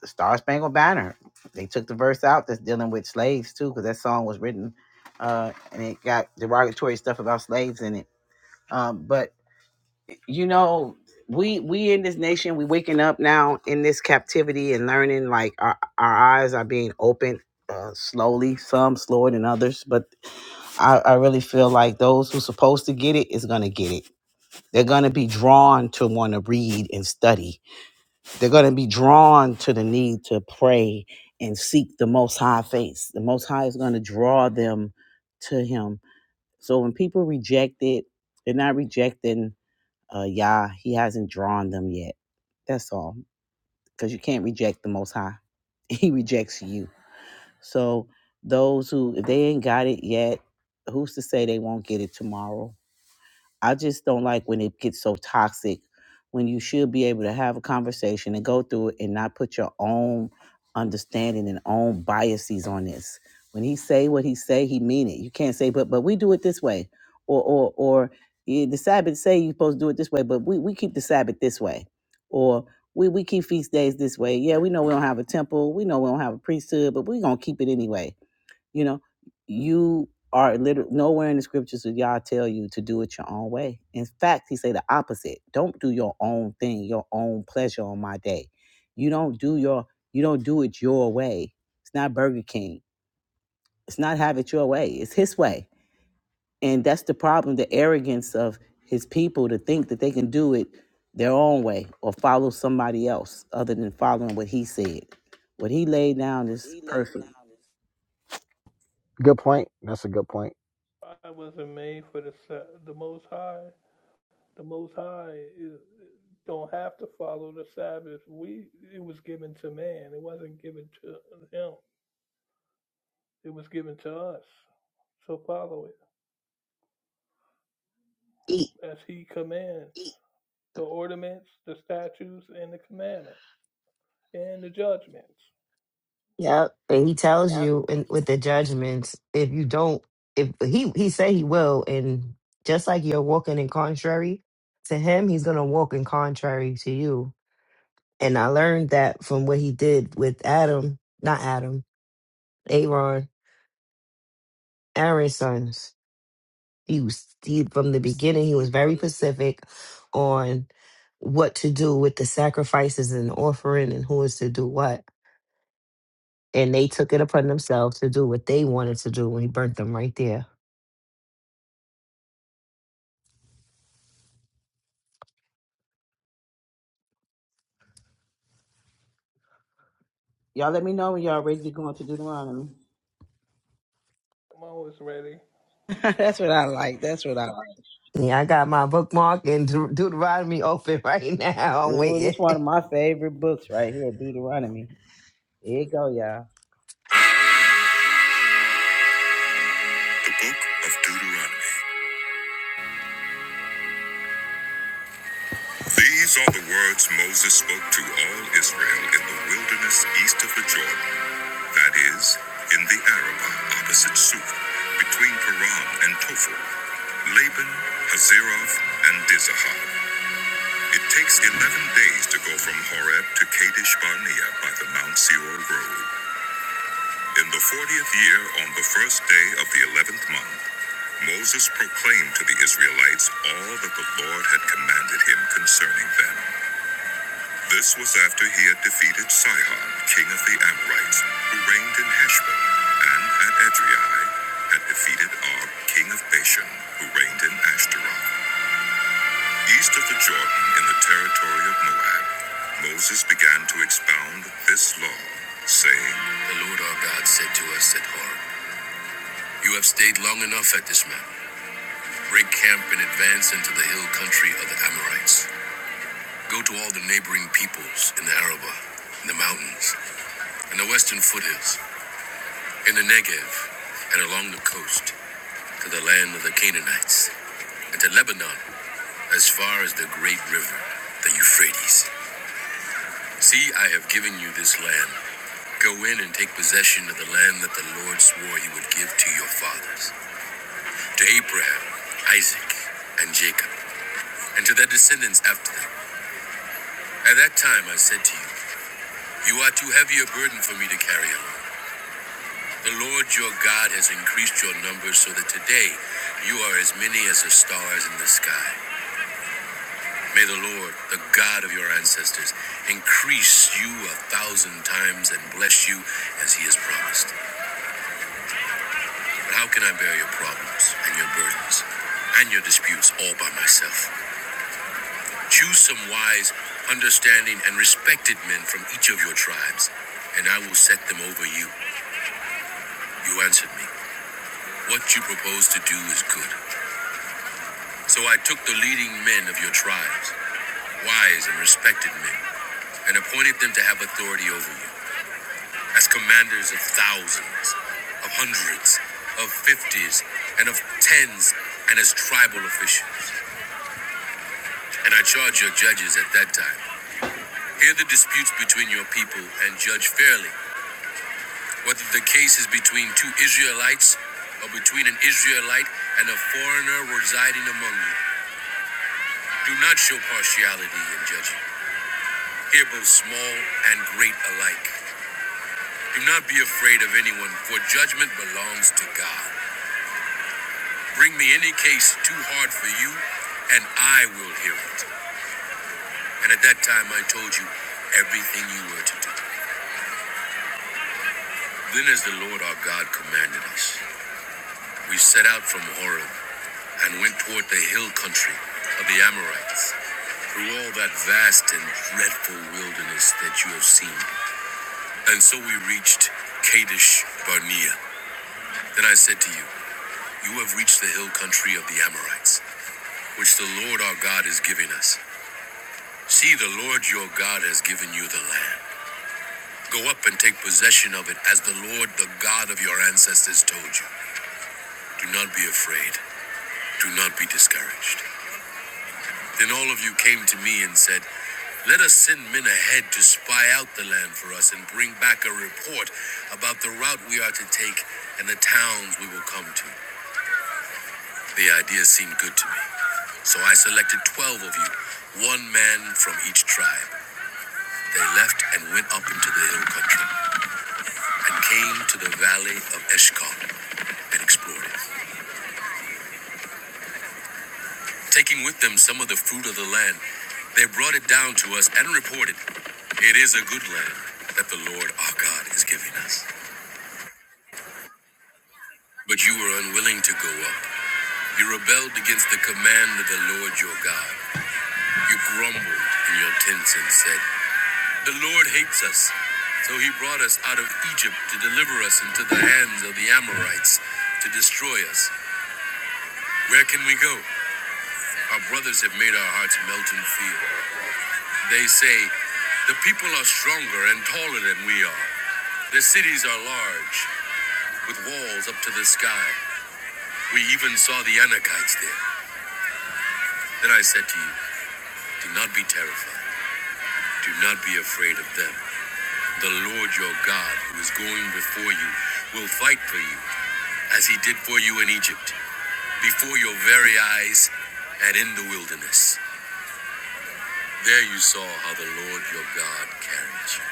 Speaker 1: the Star Spangled Banner. They took the verse out that's dealing with slaves too, because that song was written uh, and it got derogatory stuff about slaves in it. Um, but you know, we we in this nation, we waking up now in this captivity and learning. Like our our eyes are being opened uh, slowly, some slower than others. But I, I really feel like those who supposed to get it is gonna get it. They're gonna be drawn to want to read and study they're going to be drawn to the need to pray and seek the Most High face. The Most High is going to draw them to Him. So when people reject it, they're not rejecting uh, Yah. He hasn't drawn them yet. That's all. Because you can't reject the Most High, He rejects you. So those who, if they ain't got it yet, who's to say they won't get it tomorrow? I just don't like when it gets so toxic when you should be able to have a conversation and go through it and not put your own understanding and own biases on this. When he say what he say, he mean it. You can't say, but but we do it this way. Or or or yeah, the Sabbath say you're supposed to do it this way, but we, we keep the Sabbath this way. Or we, we keep feast days this way. Yeah, we know we don't have a temple. We know we don't have a priesthood, but we're gonna keep it anyway you know, you are literally nowhere in the scriptures do y'all tell you to do it your own way. In fact, he say the opposite. Don't do your own thing, your own pleasure on my day. You don't do your you don't do it your way. It's not Burger King. It's not have it your way. It's his way. And that's the problem, the arrogance of his people to think that they can do it their own way or follow somebody else other than following what he said. What he laid down is perfect.
Speaker 14: Good point. That's a good point.
Speaker 3: I wasn't made for the the Most High. The Most High is, don't have to follow the Sabbath. We it was given to man. It wasn't given to him. It was given to us. So follow it as he commands the ornaments, the statutes, and the commandments and the judgments.
Speaker 8: Yep. And he tells you in, with the judgments, if you don't, if he he said he will, and just like you're walking in contrary to him, he's gonna walk in contrary to you. And I learned that from what he did with Adam, not Adam, Aaron, Aaron's sons. He was he, from the beginning. He was very specific on what to do with the sacrifices and offering, and who is to do what. And they took it upon themselves to do what they wanted to do when he burnt them right there.
Speaker 1: Y'all let me know when y'all ready to go into Deuteronomy.
Speaker 3: I'm always ready.
Speaker 1: That's what I like. That's what I like.
Speaker 8: Yeah, I got my bookmark in Deut- Deuteronomy open right now. I'm
Speaker 1: Ooh,
Speaker 8: waiting.
Speaker 1: this one of my favorite books right here, Deuteronomy. Here you go, y'all. The book of Deuteronomy. These are the words Moses spoke to all Israel in the wilderness east of the Jordan, that is, in the Arabah opposite Suf, between Paran and Tophel, Laban, Hazeroth, and Dizahab. It takes 11 days to go from Horeb to Kadesh Barnea by the Mount Seor road. In the fortieth year, on the first day of the eleventh month, Moses proclaimed to the Israelites all that the Lord had commanded him concerning them. This was after he had defeated Sihon, king of the Amorites, who reigned in Heshbon, and at Edrei had defeated Og, king of Bashan, who reigned in Ashtaroth, east of the Jordan in the territory of Moab. Moses began to expound this law, saying, The Lord our God said to us at Horeb. You have stayed long enough at this manor. Break camp and advance into the hill country of the Amorites. Go to all the neighboring peoples in the Arabah, in the mountains, in the western foothills, in the Negev, and along the coast, to the land of the Canaanites, and to Lebanon, as far as the great river, the Euphrates. See, I have given you this land. Go in and take possession of the land that the Lord swore he would give to your fathers, to Abraham, Isaac, and Jacob, and to their descendants after them At that time I said to you, You are too heavy a burden for me to carry alone. The Lord your God has increased your numbers so that today you are as many as the stars in the sky. May the Lord, the God of your ancestors, increase you a thousand times and bless you as he has promised. But how can I bear your problems and your burdens and your disputes all by myself? Choose some wise, understanding, and respected men from each of your tribes, and I will set them over you. You answered me. What you propose to do is good. So I took the leading men of your tribes, wise and respected men, and appointed them to have authority over you, as commanders of thousands, of hundreds, of fifties, and of tens, and as tribal officials. And I charged your judges at that time. Hear the disputes between your people and judge fairly, whether the case is between two Israelites or between an Israelite and a foreigner residing among you. Do not show partiality in judging. Hear both small and great alike. Do not be afraid of anyone, for judgment belongs to God. Bring me any case too hard for you, and I will hear it. And at that time I told you everything you were to do. Then, as the Lord our God commanded us, we set out from Horeb and went toward the hill country of the Amorites, through all that vast and dreadful wilderness that you have seen. And so we reached Kadesh Barnea. Then I said to you, You have reached the hill country of the Amorites, which the Lord our God is giving us. See, the Lord your God has given you the land. Go up and take possession of it as the Lord, the God of your ancestors, told you. Do not be afraid. Do not be discouraged. Then all of you came to me and said, Let us send men ahead to spy out the land for us and bring back a report about the route we are to take and the towns we will come to. The idea seemed good to me, so I selected 12 of you, one man from each tribe. They left and went up into the hill country and came to the valley of Eshkol and explored it. Taking with them some of the fruit of the land, they brought it down to us and reported, It is a good land that the Lord our God is giving us. But you were unwilling to go up. You rebelled against the command of the Lord your God. You grumbled in your tents and said, The Lord hates us. So he brought us out of Egypt to deliver us into the hands of the Amorites to destroy us. Where can we go? Our brothers have made our hearts melt in fear. They say, The people are stronger and taller than we are. Their cities are large, with walls up to the sky. We even saw the Anakites there. Then I said to you, Do not be terrified. Do not be afraid of them. The Lord your God, who is going before you, will fight for you, as he did for you in Egypt. before your very eyes and in the wilderness. There you saw how the Lord your God carried you,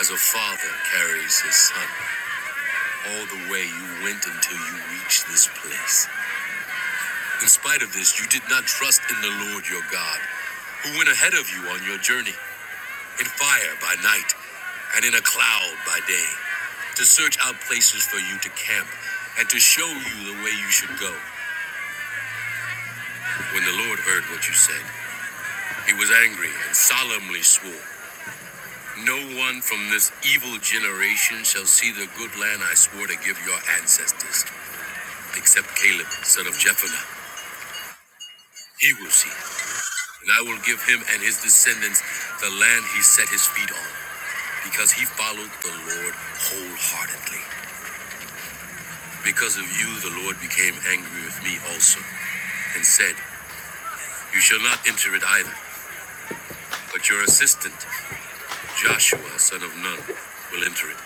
Speaker 1: as a father carries his son. All the way you went until you reached this place. In spite of this, you did not trust in the Lord your God, who went ahead of you on your journey, in fire by night and in a cloud by day, to search out places for you to camp and to show you the way you should go. When the Lord heard what you said, he was angry and solemnly swore. No one from this evil generation shall see the good land I swore to give your ancestors, except Caleb, son of Jephunneh. He will see, it, and I will give him and his descendants the land he set his feet on, because he followed the Lord wholeheartedly. Because of you, the Lord became angry with me also, and said, You shall not enter it either, but your assistant, Joshua, son of Nun, will enter it.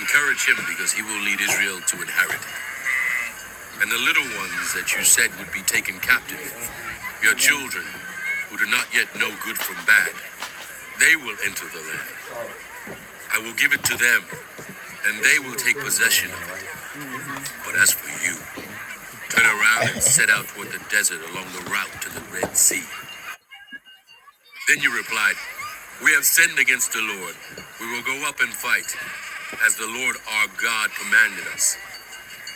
Speaker 1: Encourage him, because he will lead Israel to inherit and the little ones that you said would be taken captive, your children who do not yet know good from bad, they will enter the land. I will give it to them, and they will take possession of it. But as for you, turn around and set out toward the desert along the route to the Red Sea. Then you replied, We have sinned against the Lord. We will go up and fight, as the Lord our God commanded us.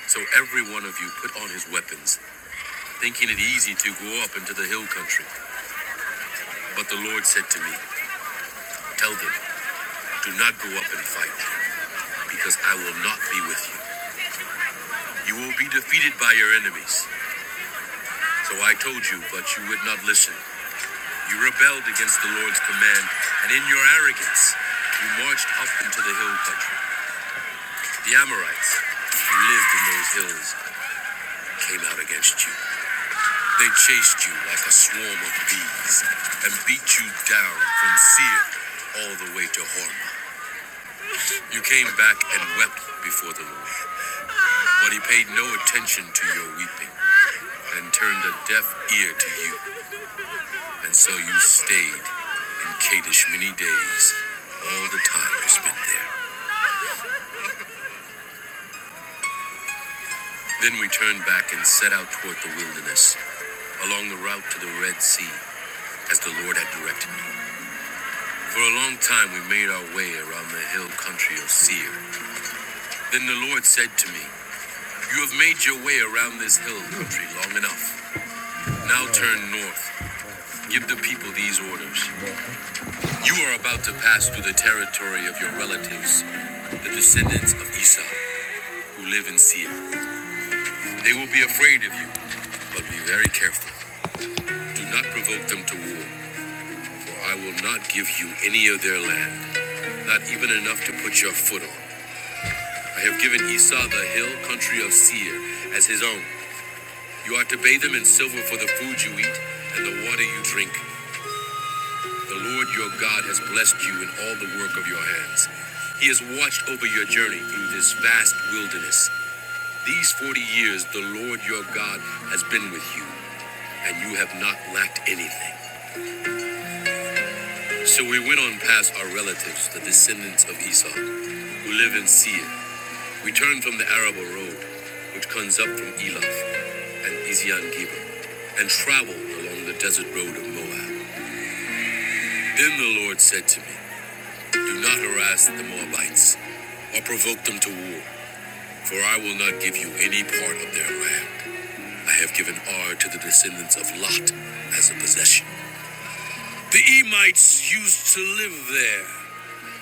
Speaker 1: So every one of you put on his weapons, thinking it easy to go up into the hill country. But the Lord said to me, Tell them, Do not go up and fight, because I will not be with you. You will be defeated by your enemies. So I told you, but you would not listen. You rebelled against the Lord's command, and in your arrogance, you marched up into the hill country. The Amorites, who lived in those hills, came out against you. They chased you like a swarm of bees, and beat you down from Seir all the way to Hormah. You came back and wept before the Lord, but he paid no attention to your weeping. and turned a deaf ear to you. And so you stayed in Kadesh many days, all the time you spent there. Then we turned back and set out toward the wilderness, along the route to the Red Sea, as the Lord had directed me. For a long time we made our way around the hill country of Seir. Then the Lord said to me, You have made your way around this hill country long enough. Now turn north. Give the people these orders. You are about to pass through the territory of your relatives, the descendants of Esau. who live in Seir? They will be afraid of you, but be very careful. Do not provoke them to war, for I will not give you any of their land, not even enough to put your foot on. I have given Esau the hill country of Seir as his own. You are to pay them in silver for the food you eat and the water you drink. The Lord your God has blessed you in all the work of your hands. He has watched over your journey through this vast wilderness. These 40 years, the Lord your God has been with you, and you have not lacked anything. So we went on past our relatives, the descendants of Esau, who live in Seir. We turned from the Araba road, which comes up from Eloth and Ezion Geber, and traveled along the desert road of Moab. Then the Lord said to me, Do not harass the Moabites or provoke them to war, for I will not give you any part of their land. I have given Ar to the descendants of Lot as a possession. The Emites used to live there.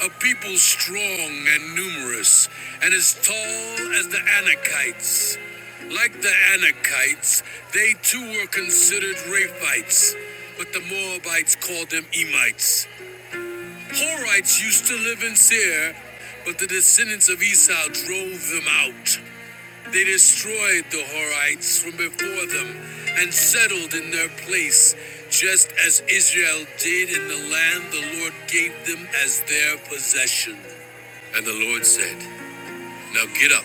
Speaker 1: a people strong and numerous, and as tall as the Anakites. Like the Anakites, they too were considered Rephites, but the Moabites called them Emites. Horites used to live in Seir, but the descendants of Esau drove them out. They destroyed the Horites from before them and settled in their place, just as Israel did in the land the Lord gave them as their possession. And the Lord said, Now get up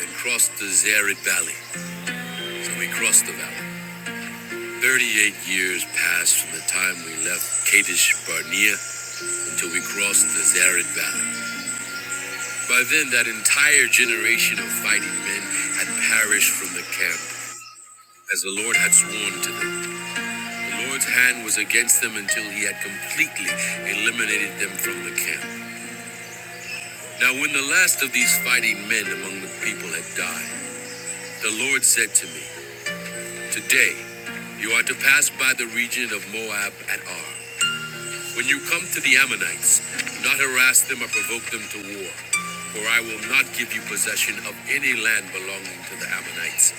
Speaker 1: and cross the Zered Valley. So we crossed the valley. Thirty-eight years passed from the time we left Kadesh Barnea until we crossed the Zered Valley. By then, that entire generation of fighting men had perished from the camp. as the Lord had sworn to them. The Lord's hand was against them until he had completely eliminated them from the camp. Now, when the last of these fighting men among the people had died, the Lord said to me, Today you are to pass by the region of Moab at Ar. When you come to the Ammonites, do not harass them or provoke them to war, for I will not give you possession of any land belonging to the Ammonites.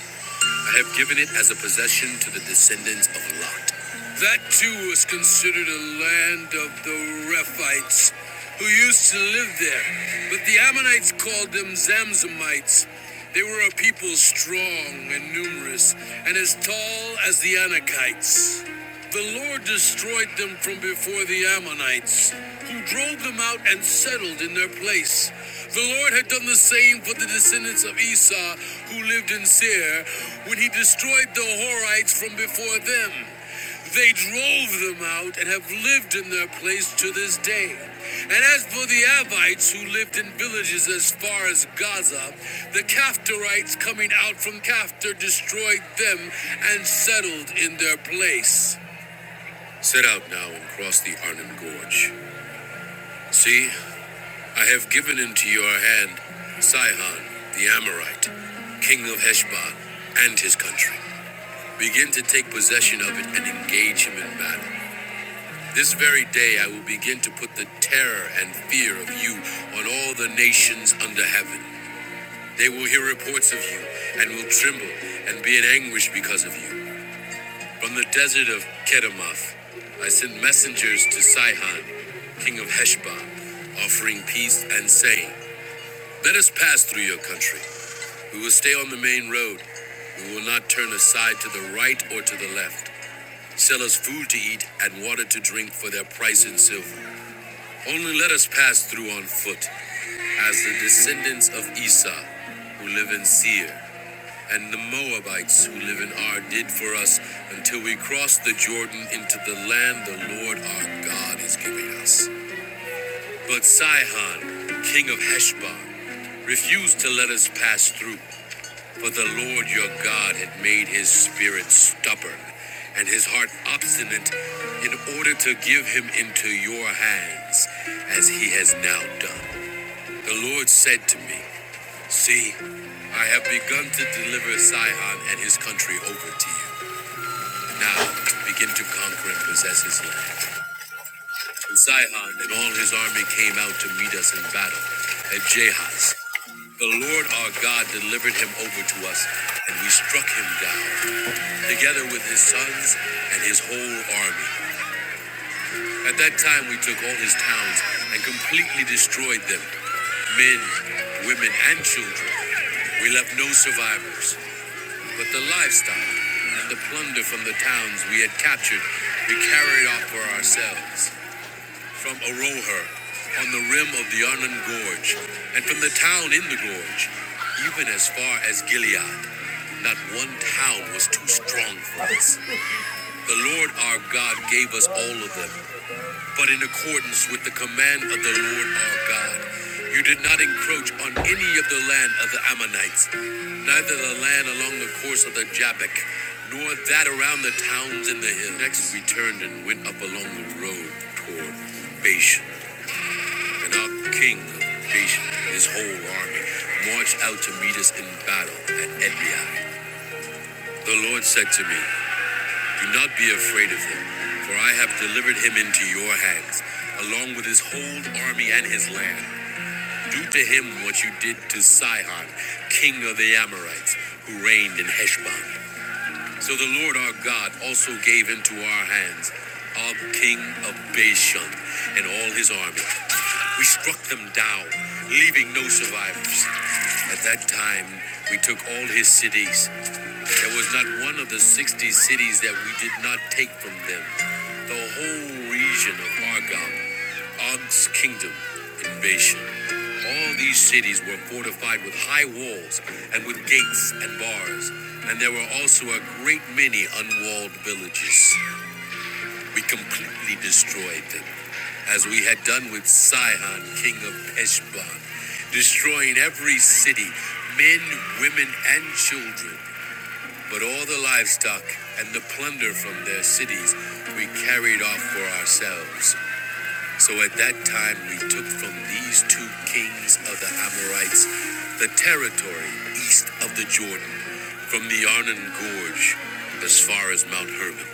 Speaker 1: I have given it as a possession to the descendants of Lot. That too was considered a land of the Rephites, who used to live there. But the Ammonites called them Zamzamites. They were a people strong and numerous, and as tall as the Anakites. The Lord destroyed them from before the Ammonites, who drove them out and settled in their place. The Lord had done the same for the descendants of Esau, who lived in Seir, when he destroyed the Horites from before them. They drove them out and have lived in their place to this day. And as for the Avites who lived in villages as far as Gaza, the Kaftarites coming out from Kaftar destroyed them and settled in their place. Set out now and cross the Arnon Gorge. See, I have given into your hand Sihon the Amorite, king of Heshbon, and his country. Begin to take possession of it and engage him in battle. This very day I will begin to put the terror and fear of you on all the nations under heaven. They will hear reports of you and will tremble and be in anguish because of you. From the desert of Kedemoth, I sent messengers to Sihon, king of Heshbon, offering peace and saying, Let us pass through your country. We will stay on the main road. We will not turn aside to the right or to the left. Sell us food to eat and water to drink for their price in silver. Only let us pass through on foot, as the descendants of Esau who live in Seir. and the Moabites who live in Ar did for us until we crossed the Jordan into the land the Lord our God is giving us. But Sihon, king of Heshbon, refused to let us pass through, for the Lord your God had made his spirit stubborn and his heart obstinate in order to give him into your hands, as he has now done. The Lord said to me, See, I have begun to deliver Sihon and his country over to you. Now, begin to conquer and possess his land. And Sihon and all his army came out to meet us in battle at Jahaz. The Lord our God delivered him over to us, and we struck him down, together with his sons and his whole army. At that time, we took all his towns and completely destroyed them men, women, and children. We left no survivors. But the livestock and the plunder from the towns we had captured, we carried off for ourselves. From Aroher, on the rim of the Arnon Gorge, and from the town in the gorge, even as far as Gilead, not one town was too strong for us. The Lord our God gave us all of them, but in accordance with the command of the Lord our God. You did not encroach on any of the land of the Ammonites, neither the land along the course of the Jabbok, nor that around the towns in the hill. Next we turned and went up along the road toward Bashan, and our king of Bashan and his whole army marched out to meet us in battle at Edrei. The Lord said to me, Do not be afraid of him, for I have delivered him into your hands, along with his whole army and his land. Do to him what you did to Sihon, king of the Amorites, who reigned in Heshbon. So the Lord our God also gave into our hands Og, king of Bashan, and all his army. We struck them down, leaving no survivors. At that time, we took all his cities there was not one of the 60 cities that we did not take from them. The whole region of Argob, Og's kingdom, and Bashan. All these cities were fortified with high walls and with gates and bars, and there were also a great many unwalled villages. We completely destroyed them, as we had done with Sihon, king of Heshbon, destroying every city, men, women, and children. But all the livestock and the plunder from their cities we carried off for ourselves. So at that time we took from these two kings of the Amorites the territory east of the Jordan, from the Arnon Gorge as far as Mount Hermon.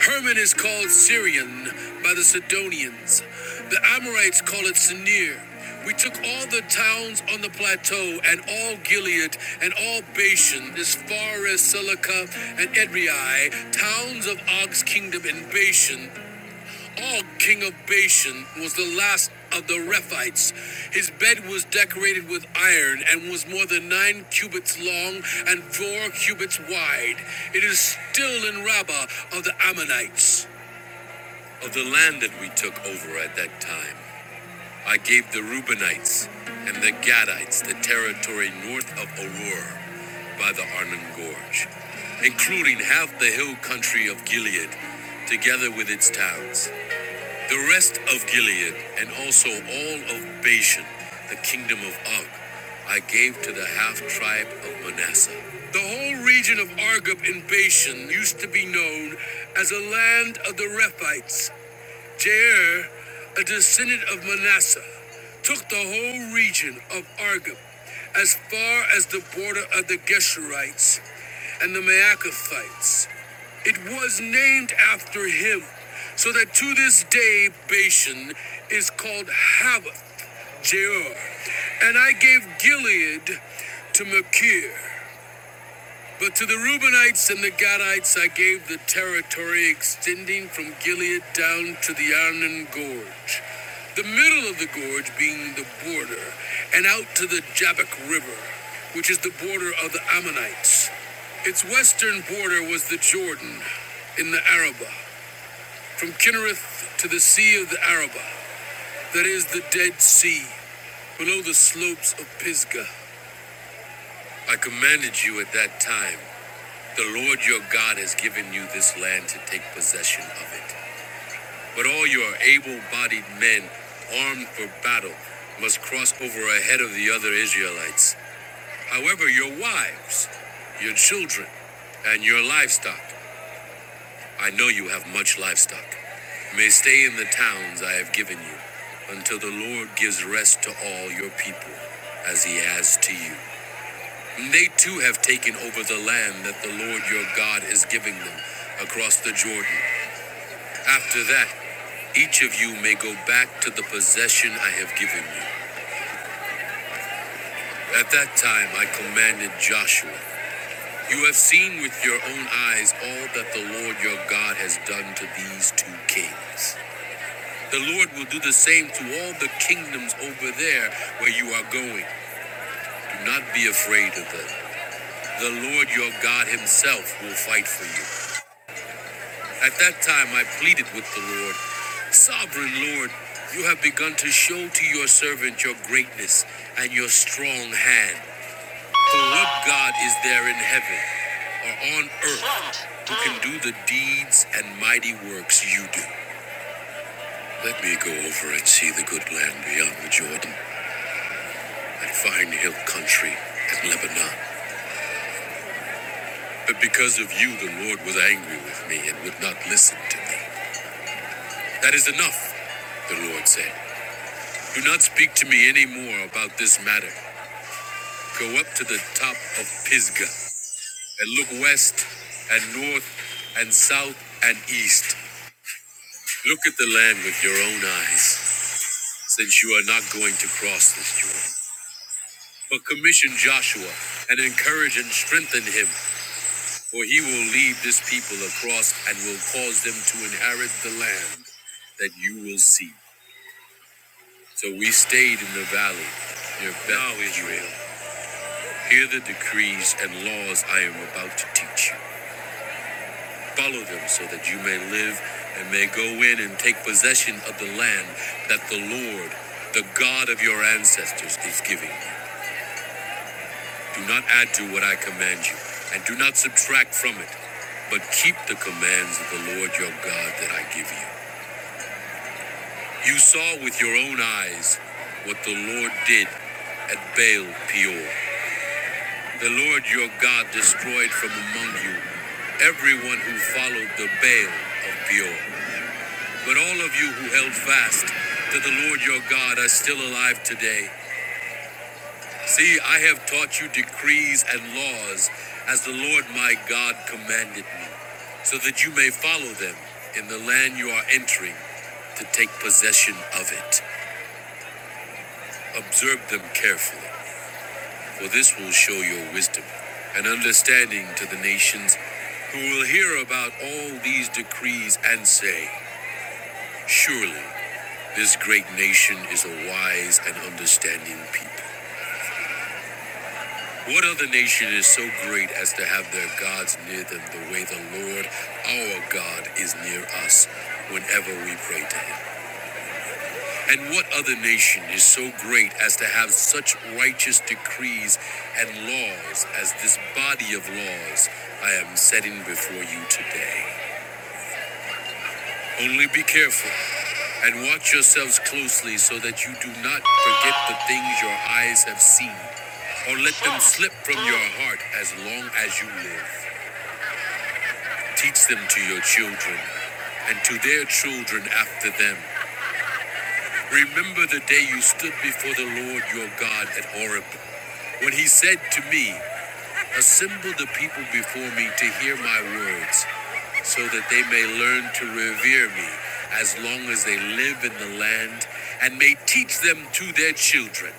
Speaker 1: Hermon is called Syrian by the Sidonians. The Amorites call it Sinir. We took all the towns on the plateau and all Gilead and all Bashan as far as Silica and Edrei, towns of Og's kingdom in Bashan, Og, king of Bashan, was the last of the Rephites. His bed was decorated with iron and was more than nine cubits long and four cubits wide. It is still in Rabbah of the Ammonites. Of the land that we took over at that time, I gave the Reubenites and the Gadites the territory north of Arur by the Arnon Gorge, including half the hill country of Gilead, together with its towns the rest of Gilead, and also all of Bashan, the kingdom of Og, I gave to the half tribe of Manasseh. The whole region of Argob in Bashan used to be known as a land of the Rephites, Jair, a descendant of Manasseh, took the whole region of Argob as far as the border of the Geshurites and the Maacathites. It was named after him, so that to this day Bashan is called Havoth, Jair. And I gave Gilead to Machir, but to the Reubenites and the Gadites I gave the territory extending from Gilead down to the Arnon Gorge, the middle of the gorge being the border, and out to the Jabbok River, which is the border of the Ammonites. Its western border was the Jordan in the Arabah, from Kinnereth to the Sea of the Arabah, that is the Dead Sea, below the slopes of Pisgah. I commanded you at that time. The Lord your God has given you this land to take possession of it. But all your able bodied men, armed for battle, must cross over ahead of the other Israelites. However, your wives, your children, and your livestock, I know you have much livestock, may stay in the towns I have given you until the Lord gives rest to all your people, as he has to you. And they too have taken over the land that the Lord your God is giving them across the Jordan. After that, each of you may go back to the possession I have given you. At that time, I commanded Joshua, You have seen with your own eyes all that the Lord your God has done to these two kings. The Lord will do the same to all the kingdoms over there where you are going. Do not be afraid of them. The Lord your God himself will fight for you At that time I pleaded with the Lord, Sovereign Lord, you have begun to show to your servant your greatness and your strong hand. For what God is there in heaven or on earth who can do the deeds and mighty works you do? Let me go over and see the good land beyond the Jordan, that fine hill country and Lebanon. But because of you, the Lord was angry with me and would not listen to me. That is enough, the Lord said. Do not speak to me any more about this matter. Go up to the top of Pisgah and look west and north and south and east. Look at the land with your own eyes, since you are not going to cross this Jordan. But commission Joshua and encourage and strengthen him, for he will lead this people across and will cause them to inherit the land that you will see. So we stayed in the valley near Beth Israel. Hear the decrees and laws I am about to teach you. Follow them so that you may live and may go in and take possession of the land that the Lord, the God of your ancestors, is giving you. Do not add to what I command you, and do not subtract from it, but keep the commands of the Lord your God that I give you. You saw with your own eyes what the Lord did at Baal Peor. The Lord your God destroyed from among you everyone who followed the Baal of Peor. But all of you who held fast to the Lord your God are still alive today. See, I have taught you decrees and laws as the Lord my God commanded me, so that you may follow them in the land you are entering to take possession of it. Observe them carefully. for this will show your wisdom and understanding to the nations who will hear about all these decrees and say, Surely this great nation is a wise and understanding people. What other nation is so great as to have their gods near them the way the Lord our God is near us whenever we pray to him? And what other nation is so great as to have such righteous decrees and laws as this body of laws I am setting before you today? Only be careful and watch yourselves closely so that you do not forget the things your eyes have seen, or let them slip from your heart as long as you live. Teach them to your children and to their children after them Remember the day you stood before the Lord your God at Horeb, when he said to me, Assemble the people before me to hear my words, so that they may learn to revere me as long as they live in the land, and may teach them to their children.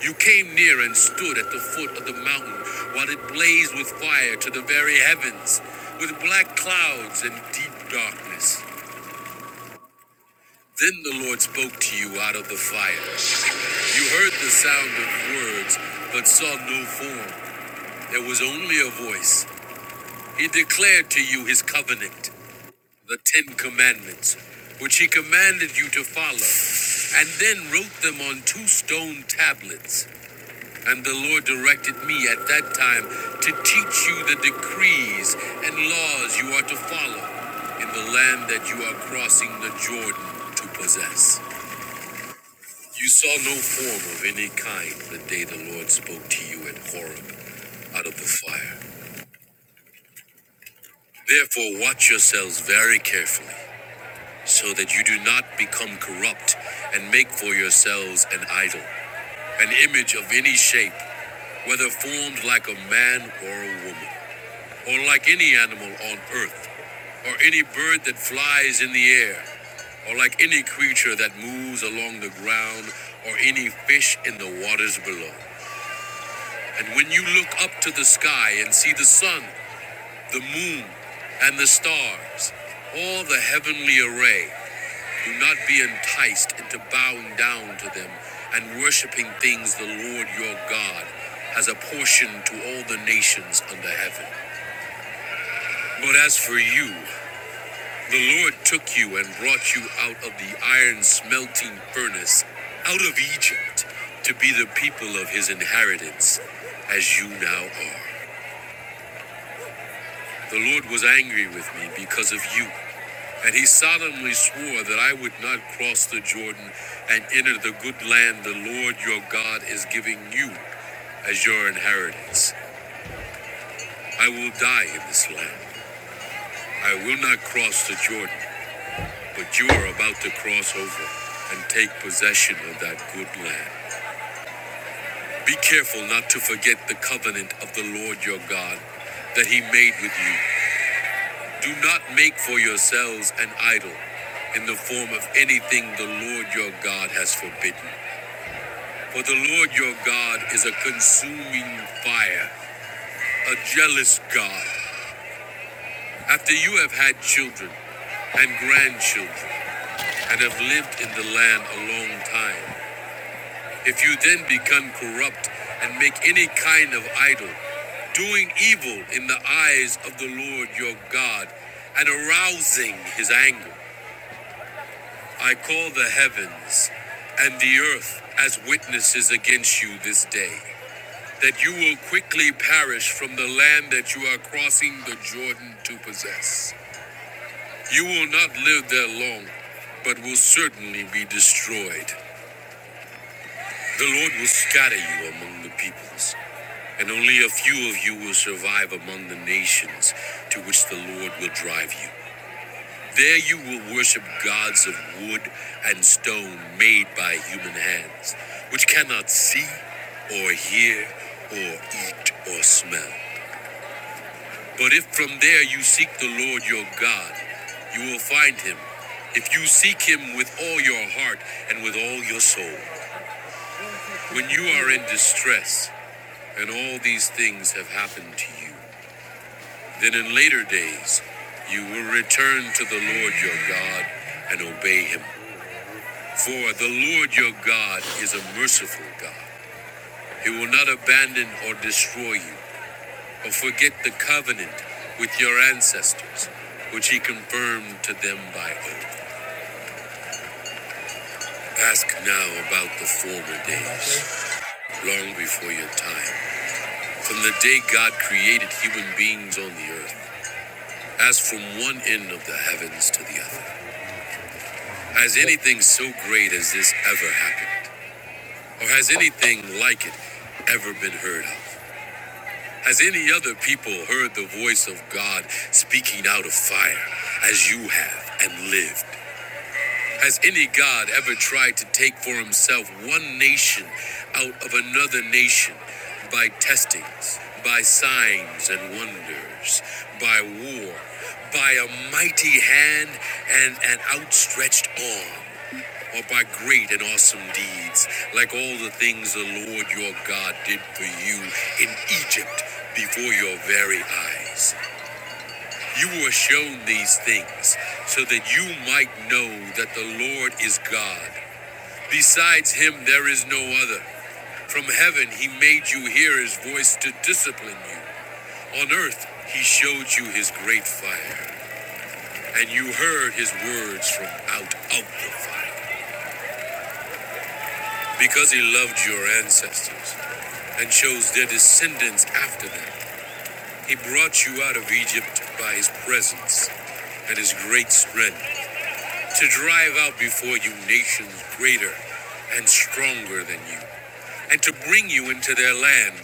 Speaker 1: You came near and stood at the foot of the mountain, while it blazed with fire to the very heavens, with black clouds and deep darkness. Then the Lord spoke to you out of the fire. You heard the sound of words, but saw no form. There was only a voice. He declared to you his covenant, the Ten Commandments, which he commanded you to follow, and then wrote them on two stone tablets. And the Lord directed me at that time to teach you the decrees and laws you are to follow in the land that you are crossing the Jordan to possess. You saw no form of any kind the day the Lord spoke to you at Horeb out of the fire. Therefore, watch yourselves very carefully, so that you do not become corrupt and make for yourselves an idol, an image of any shape, whether formed like a man or a woman, or like any animal on earth, or any bird that flies in the air, or like any creature that moves along the ground, or any fish in the waters below. And when you look up to the sky and see the sun, the moon, and the stars, all the heavenly array, do not be enticed into bowing down to them and worshiping things the Lord your God has apportioned to all the nations under heaven. But as for you, the Lord took you and brought you out of the iron smelting furnace, out of Egypt, to be the people of his inheritance, as you now are. The Lord was angry with me because of you, and he solemnly swore that I would not cross the Jordan and enter the good land the Lord your God is giving you as your inheritance. I will die in this land. I will not cross the Jordan, but you are about to cross over and take possession of that good land. Be careful not to forget the covenant of the Lord your God that he made with you Do not make for yourselves an idol in the form of anything the Lord your God has forbidden. For the Lord your God is a consuming fire, a jealous God. After you have had children and grandchildren and have lived in the land a long time, if you then become corrupt and make any kind of idol, doing evil in the eyes of the Lord your God and arousing his anger, I call the heavens and the earth as witnesses against you this day, that you will quickly perish from the land that you are crossing the Jordan to possess. You will not live there long, but will certainly be destroyed. The Lord will scatter you among the peoples, and only a few of you will survive among the nations to which the Lord will drive you. There you will worship gods of wood and stone made by human hands, which cannot see or hear or eat or smell. But if from there you seek the Lord your God, you will find him. If you seek him with all your heart and with all your soul, when you are in distress and all these things have happened to you, then in later days you will return to the Lord your God and obey him For the Lord your God is a merciful God. He will not abandon or destroy you, or forget the covenant with your ancestors, which he confirmed to them by oath. Ask now about the former days, long before your time, from the day God created human beings on the earth, as from one end of the heavens to the other. Has anything so great as this ever happened? Or has anything like it ever been heard of? Has any other people heard the voice of God speaking out of fire as you have and lived? Has any God ever tried to take for himself one nation out of another nation by testings, by signs and wonders, by war, by a mighty hand and an outstretched arm? or by great and awesome deeds, like all the things the Lord your God did for you in Egypt before your very eyes. You were shown these things so that you might know that the Lord is God. Besides him, there is no other. From heaven, he made you hear his voice to discipline you. On earth, he showed you his great fire, and you heard his words from out of the fire. Because he loved your ancestors, and chose their descendants after them. He brought you out of Egypt by his presence and his great strength to drive out before you nations greater and stronger than you, and to bring you into their land,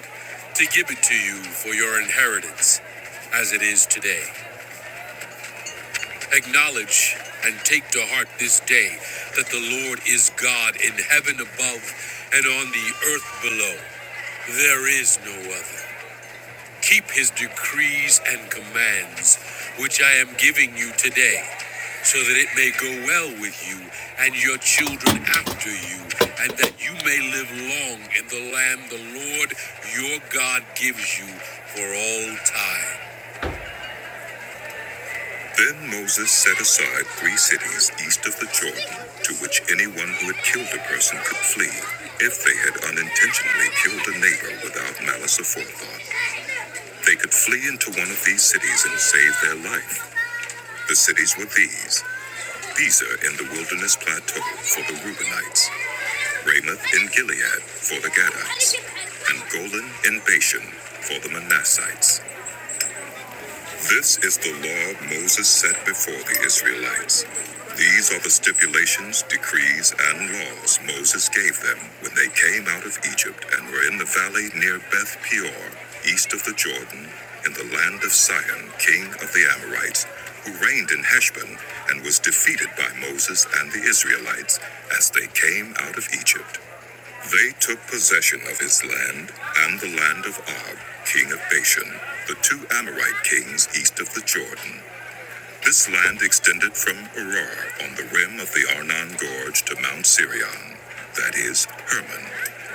Speaker 1: to give it to you for your inheritance as it is today. Acknowledge and take to heart this day that the Lord is God in heaven above and on the earth below. There is no other. Keep his decrees and commands, which I am giving you today, so that it may go well with you and your children after you, and that you may live long in the land the Lord your God gives you for all time. Then Moses set aside three cities east of the Jordan, to which anyone who had killed a person could flee, if they had unintentionally killed a neighbor without malice aforethought. They could flee into one of these cities and save their life. The cities were these Bezer in the wilderness plateau for the Reubenites, Ramoth in Gilead for the Gadites, and Golan in Bashan for the Manassites. This is the law Moses set before the Israelites. These are the stipulations, decrees, and laws Moses gave them when they came out of Egypt and were in the valley near Beth Peor, east of the Jordan, in the land of Sihon, king of the Amorites, who reigned in Heshbon and was defeated by Moses and the Israelites as they came out of Egypt. They took possession of his land and the land of Og, king of Bashan, the two Amorite kings east of the Jordan. This land extended from Arar on the rim of the Arnon Gorge to Mount Sirion, that is, Hermon,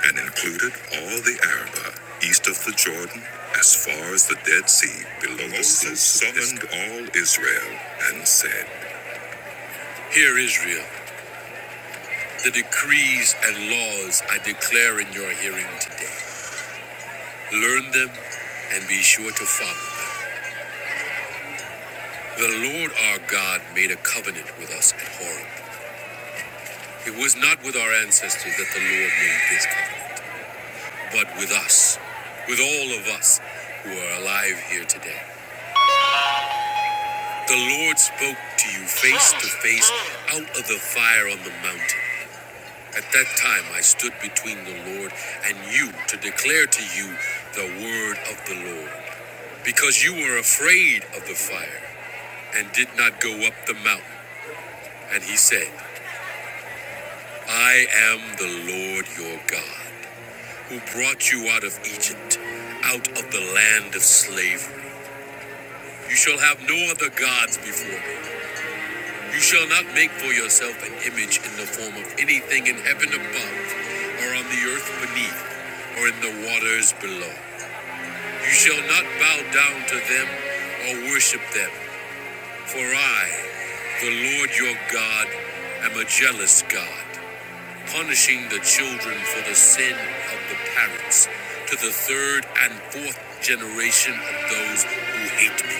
Speaker 1: and included all the Arabah east of the Jordan as far as the Dead Sea below Moses the sea. Moses summoned all Israel and said, Hear Israel, the decrees and laws I declare in your hearing today. Learn them and be sure to follow them. The Lord our God made a covenant with us at Horeb. It was not with our ancestors that the Lord made this covenant, but with us, with all of us who are alive here today. The Lord spoke to you face to face out of the fire on the mountain. At that time I stood between the Lord and you to declare to you the word of the Lord because you were afraid of the fire and did not go up the mountain. And he said, I am the Lord your God, who brought you out of Egypt, out of the land of slavery. You shall have no other gods before me. You shall not make for yourself an image in the form of anything in heaven above, or on the earth beneath, or in the waters below. You shall not bow down to them or worship them, for I, the Lord your God, am a jealous God punishing the children for the sin of the parents to the third and fourth generation of those who hate me,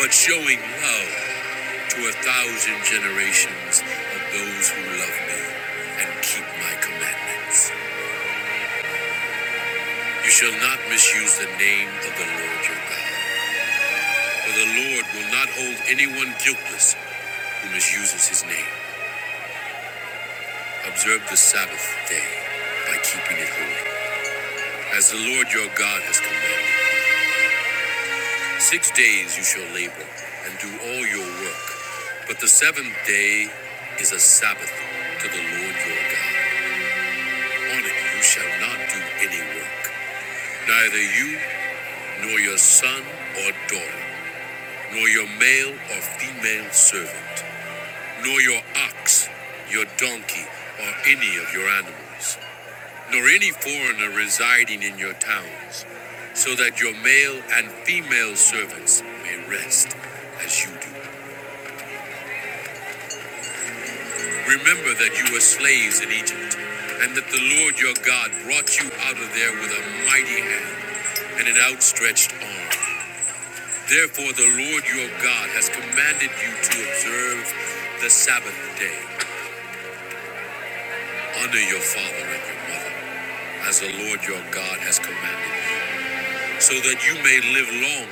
Speaker 1: but showing love to a thousand generations of those who love me and keep my commandments. You shall not misuse the name of the Lord your God, for the Lord will not hold anyone guiltless who misuses his name. Observe the Sabbath day by keeping it holy, as the Lord your God has commanded. Six days you shall labor and do all your work, but the seventh day is a Sabbath to the Lord your God. On it you shall not do any work, neither you, nor your son or daughter, nor your male or female servant, nor your ox, your donkey, or any of your animals, nor any foreigner residing in your towns, so that your male and female servants may rest as you do. Remember that you were slaves in Egypt, and that the Lord your God brought you out of there with a mighty hand and an outstretched arm. Therefore, the Lord your God has commanded you to observe the Sabbath day. Honor your father and your mother, as the Lord your God has commanded you, so that you may live long,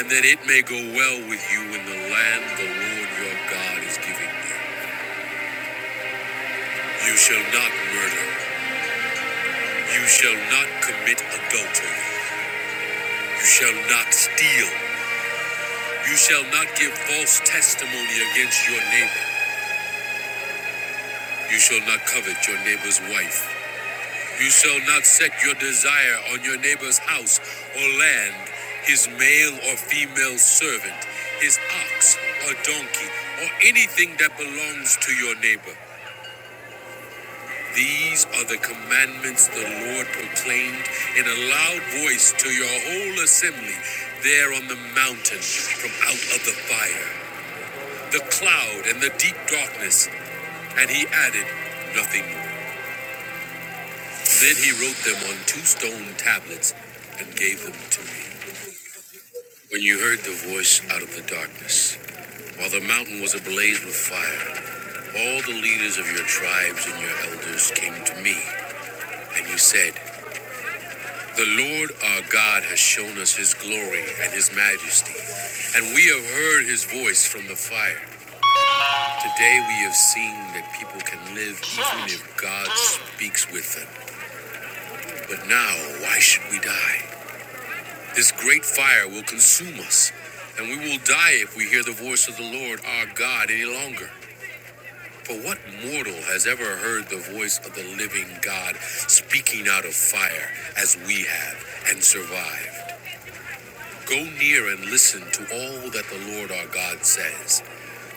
Speaker 1: and that it may go well with you in the land the Lord your God is giving you. You shall not murder. You shall not commit adultery. You shall not steal. You shall not give false testimony against your neighbor. You shall not covet your neighbor's wife. You shall not set your desire on your neighbor's house or land, his male or female servant, his ox or donkey, or anything that belongs to your neighbor. These are the commandments the Lord proclaimed in a loud voice to your whole assembly there on the mountain from out of the fire. the cloud and the deep darkness, and he added nothing more. Then he wrote them on two stone tablets and gave them to me. When you heard the voice out of the darkness, while the mountain was ablaze with fire, all the leaders of your tribes and your elders came to me, and you said, The Lord our God has shown us his glory and his majesty, and we have heard his voice from the fire. Today we have seen that people can live even if God speaks with them. But now, why should we die? This great fire will consume us, and we will die if we hear the voice of the Lord our God any longer. For what mortal has ever heard the voice of the living God speaking out of fire as we have and survived? Go near and listen to all that the Lord our God says.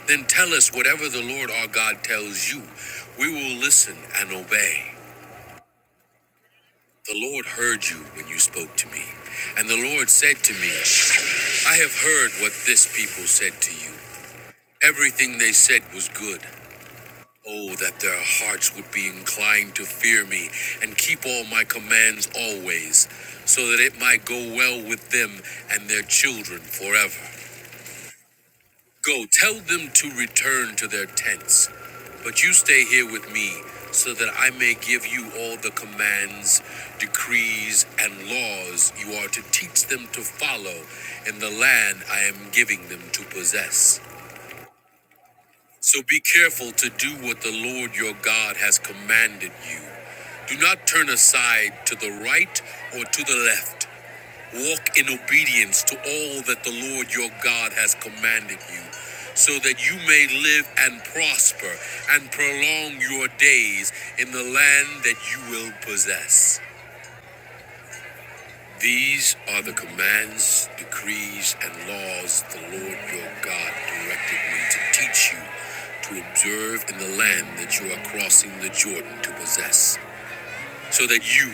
Speaker 1: Then tell us whatever the Lord our God tells you. We will listen and obey. The Lord heard you when you spoke to me, and the Lord said to me, I have heard what this people said to you. Everything they said was good. Oh, that their hearts would be inclined to fear me and keep all my commands always, so that it might go well with them and their children forever. Go, tell them to return to their tents. But you stay here with me, so that I may give you all the commands, decrees, and laws you are to teach them to follow in the land I am giving them to possess. So be careful to do what the Lord your God has commanded you. Do not turn aside to the right or to the left. Walk in obedience to all that the Lord your God has commanded you, so that you may live and prosper and prolong your days in the land that you will possess. These are the commands, decrees, and laws the Lord your God directed me to teach you to observe in the land that you are crossing the Jordan to possess, so that you,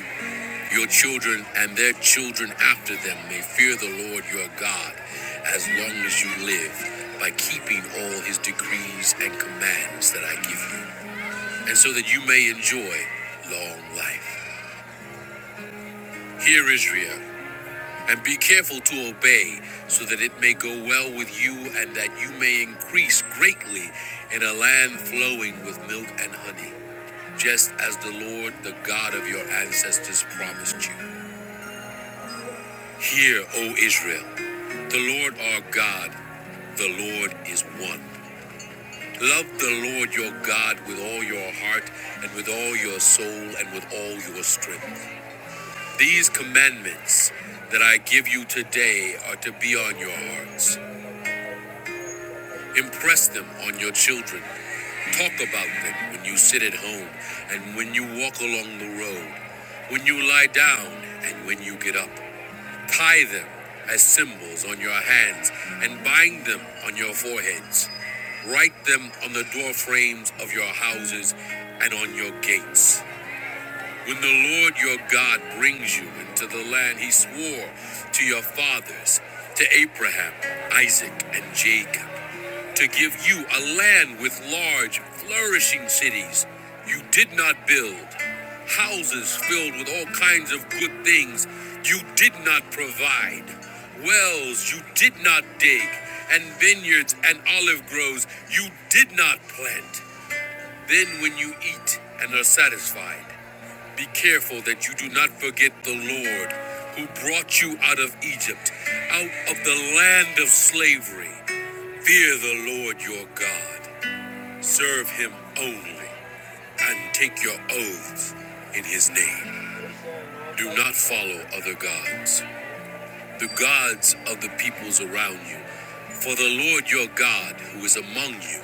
Speaker 1: your children, and their children after them may fear the Lord your God as long as you live by keeping all his decrees and commands that I give you, and so that you may enjoy long life. Hear, Israel. And be careful to obey, so that it may go well with you, and that you may increase greatly in a land flowing with milk and honey, just as the Lord, the God of your ancestors, promised you. Hear, O Israel, the Lord our God, the Lord is one. Love the Lord your God with all your heart, and with all your soul, and with all your strength. These commandments that I give you today are to be on your hearts. Impress them on your children. Talk about them when you sit at home and when you walk along the road, when you lie down and when you get up. Tie them as symbols on your hands and bind them on your foreheads. Write them on the door frames of your houses and on your gates. When the Lord your God brings you into the land he swore to your fathers, to Abraham, Isaac, and Jacob, to give you a land with large, flourishing cities you did not build, houses filled with all kinds of good things you did not provide, wells you did not dig, and vineyards and olive groves you did not plant. Then, when you eat and are satisfied, be careful that you do not forget the Lord who brought you out of Egypt, out of the land of slavery. Fear the Lord your God, serve him only, and take your oaths in his name. Do not follow other gods, the gods of the peoples around you. For the Lord your God, who is among you,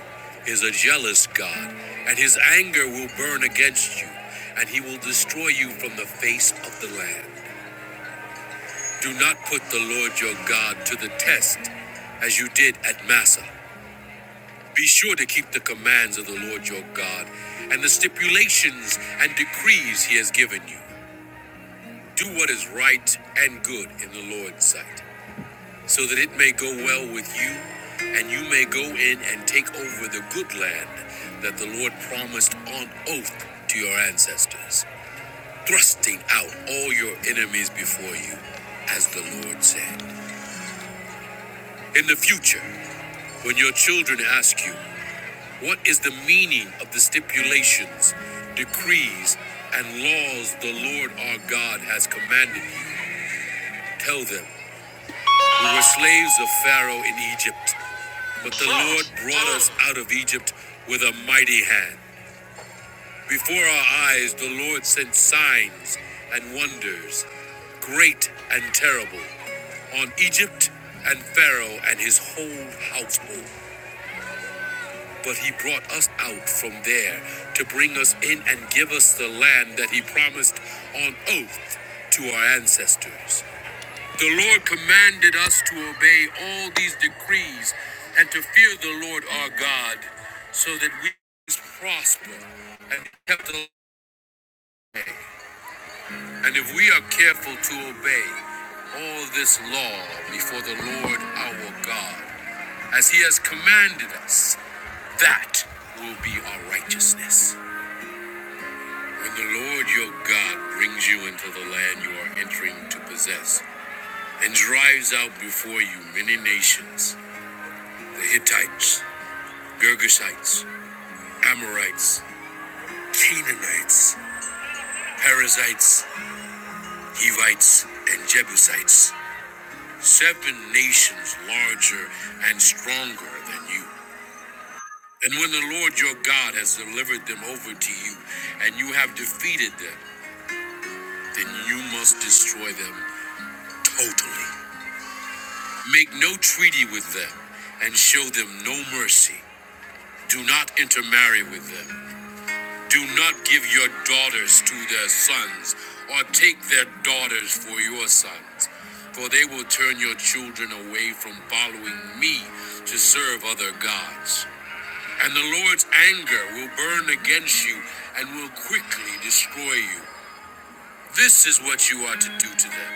Speaker 1: is a jealous God, and his anger will burn against you, and he will destroy you from the face of the land. Do not put the Lord your God to the test as you did at Massa. Be sure to keep the commands of the Lord your God and the stipulations and decrees he has given you. Do what is right and good in the Lord's sight, so that it may go well with you and you may go in and take over the good land that the Lord promised on oath to your ancestors, thrusting out all your enemies before you, as the Lord said. In the future, when your children ask you, What is the meaning of the stipulations, decrees, and laws the Lord our God has commanded you? Tell them, We were slaves of Pharaoh in Egypt, but the Lord brought us out of Egypt with a mighty hand. Before our eyes, the Lord sent signs and wonders, great and terrible, on Egypt and Pharaoh and his whole household. But he brought us out from there to bring us in and give us the land that he promised on oath to our ancestors. The Lord commanded us to obey all these decrees and to fear the Lord our God so that we prosper and kept the way. And if we are careful to obey all this law before the Lord our God, as he has commanded us, that will be our righteousness. When the Lord your God brings you into the land you are entering to possess, and drives out before you many nations the Hittites, Girgashites, Amorites, Canaanites, Perizzites, Hivites, and Jebusites, seven nations larger and stronger than you. And when the Lord your God has delivered them over to you, and you have defeated them, then you must destroy them totally. Make no treaty with them, and show them no mercy. Do not intermarry with them. Do not give your daughters to their sons, or take their daughters for your sons. For they will turn your children away from following me to serve other gods. And the Lord's anger will burn against you and will quickly destroy you. This is what you are to do to them.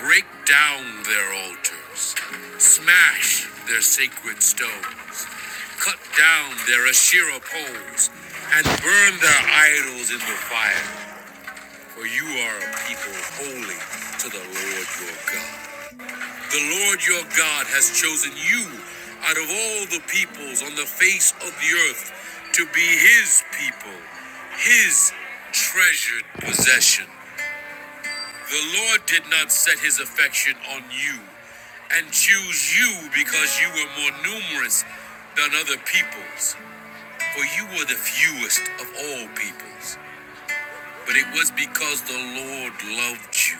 Speaker 1: Break down their altars, smash their sacred stones, cut down their Asherah poles, and burn their idols in the fire. For you are a people holy to the Lord your God. The Lord your God has chosen you out of all the peoples on the face of the earth to be his people, his treasured possession. The Lord did not set his affection on you and choose you because you were more numerous than other peoples, for you were the fewest of all peoples. But it was because the Lord loved you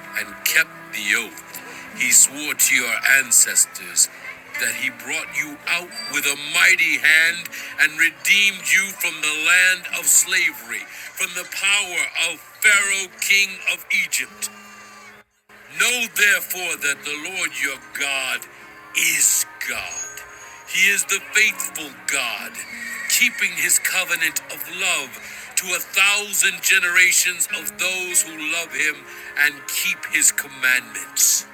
Speaker 1: and kept the oath he swore to your ancestors that he brought you out with a mighty hand and redeemed you from the land of slavery, from the power of Pharaoh, king of Egypt. Know therefore that the Lord your God is God. He is the faithful God, keeping his covenant of love to a thousand generations of those who love him and keep his commandments.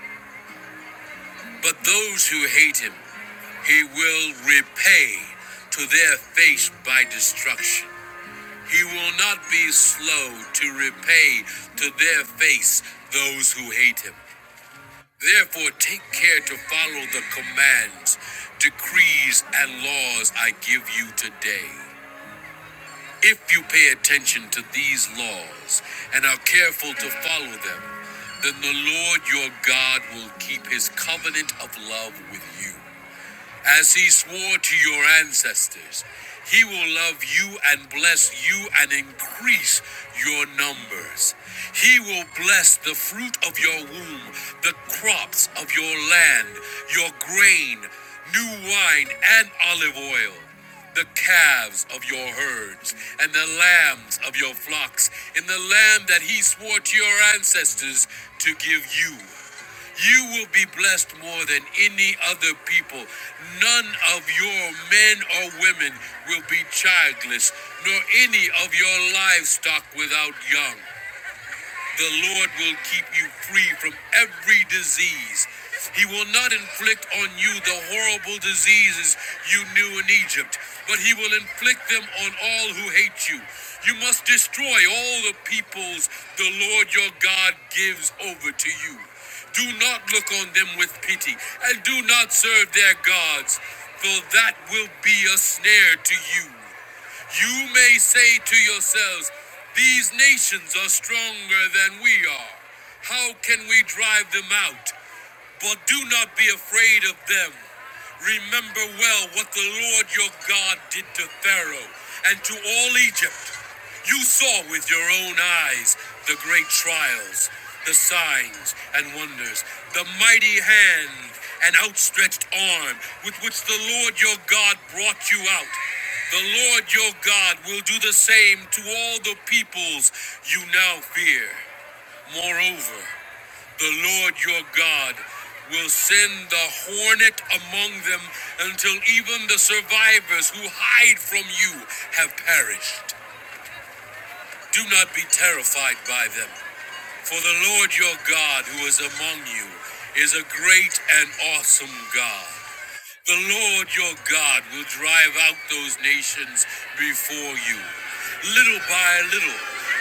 Speaker 1: But those who hate him, he will repay to their face by destruction. He will not be slow to repay to their face those who hate him. Therefore, take care to follow the commands, decrees, and laws I give you today. If you pay attention to these laws and are careful to follow them, then the Lord your God will keep his covenant of love with you. As he swore to your ancestors, he will love you and bless you and increase your numbers. He will bless the fruit of your womb, the crops of your land, your grain, new wine, and olive oil. The calves of your herds and the lambs of your flocks, in the land that he swore to your ancestors to give you. You will be blessed more than any other people. None of your men or women will be childless, nor any of your livestock without young. The Lord will keep you free from every disease. He will not inflict on you the horrible diseases you knew in Egypt, but he will inflict them on all who hate you. You must destroy all the peoples the Lord your God gives over to you. Do not look on them with pity, and do not serve their gods, for that will be a snare to you. You may say to yourselves, These nations are stronger than we are. How can we drive them out? But do not be afraid of them. Remember well what the Lord your God did to Pharaoh and to all Egypt. You saw with your own eyes the great trials, the signs and wonders, the mighty hand and outstretched arm with which the Lord your God brought you out. The Lord your God will do the same to all the peoples you now fear. Moreover, the Lord your God will send the hornet among them until even the survivors who hide from you have perished. Do not be terrified by them. For the Lord your God who is among you is a great and awesome God. The Lord your God will drive out those nations before you. Little by little,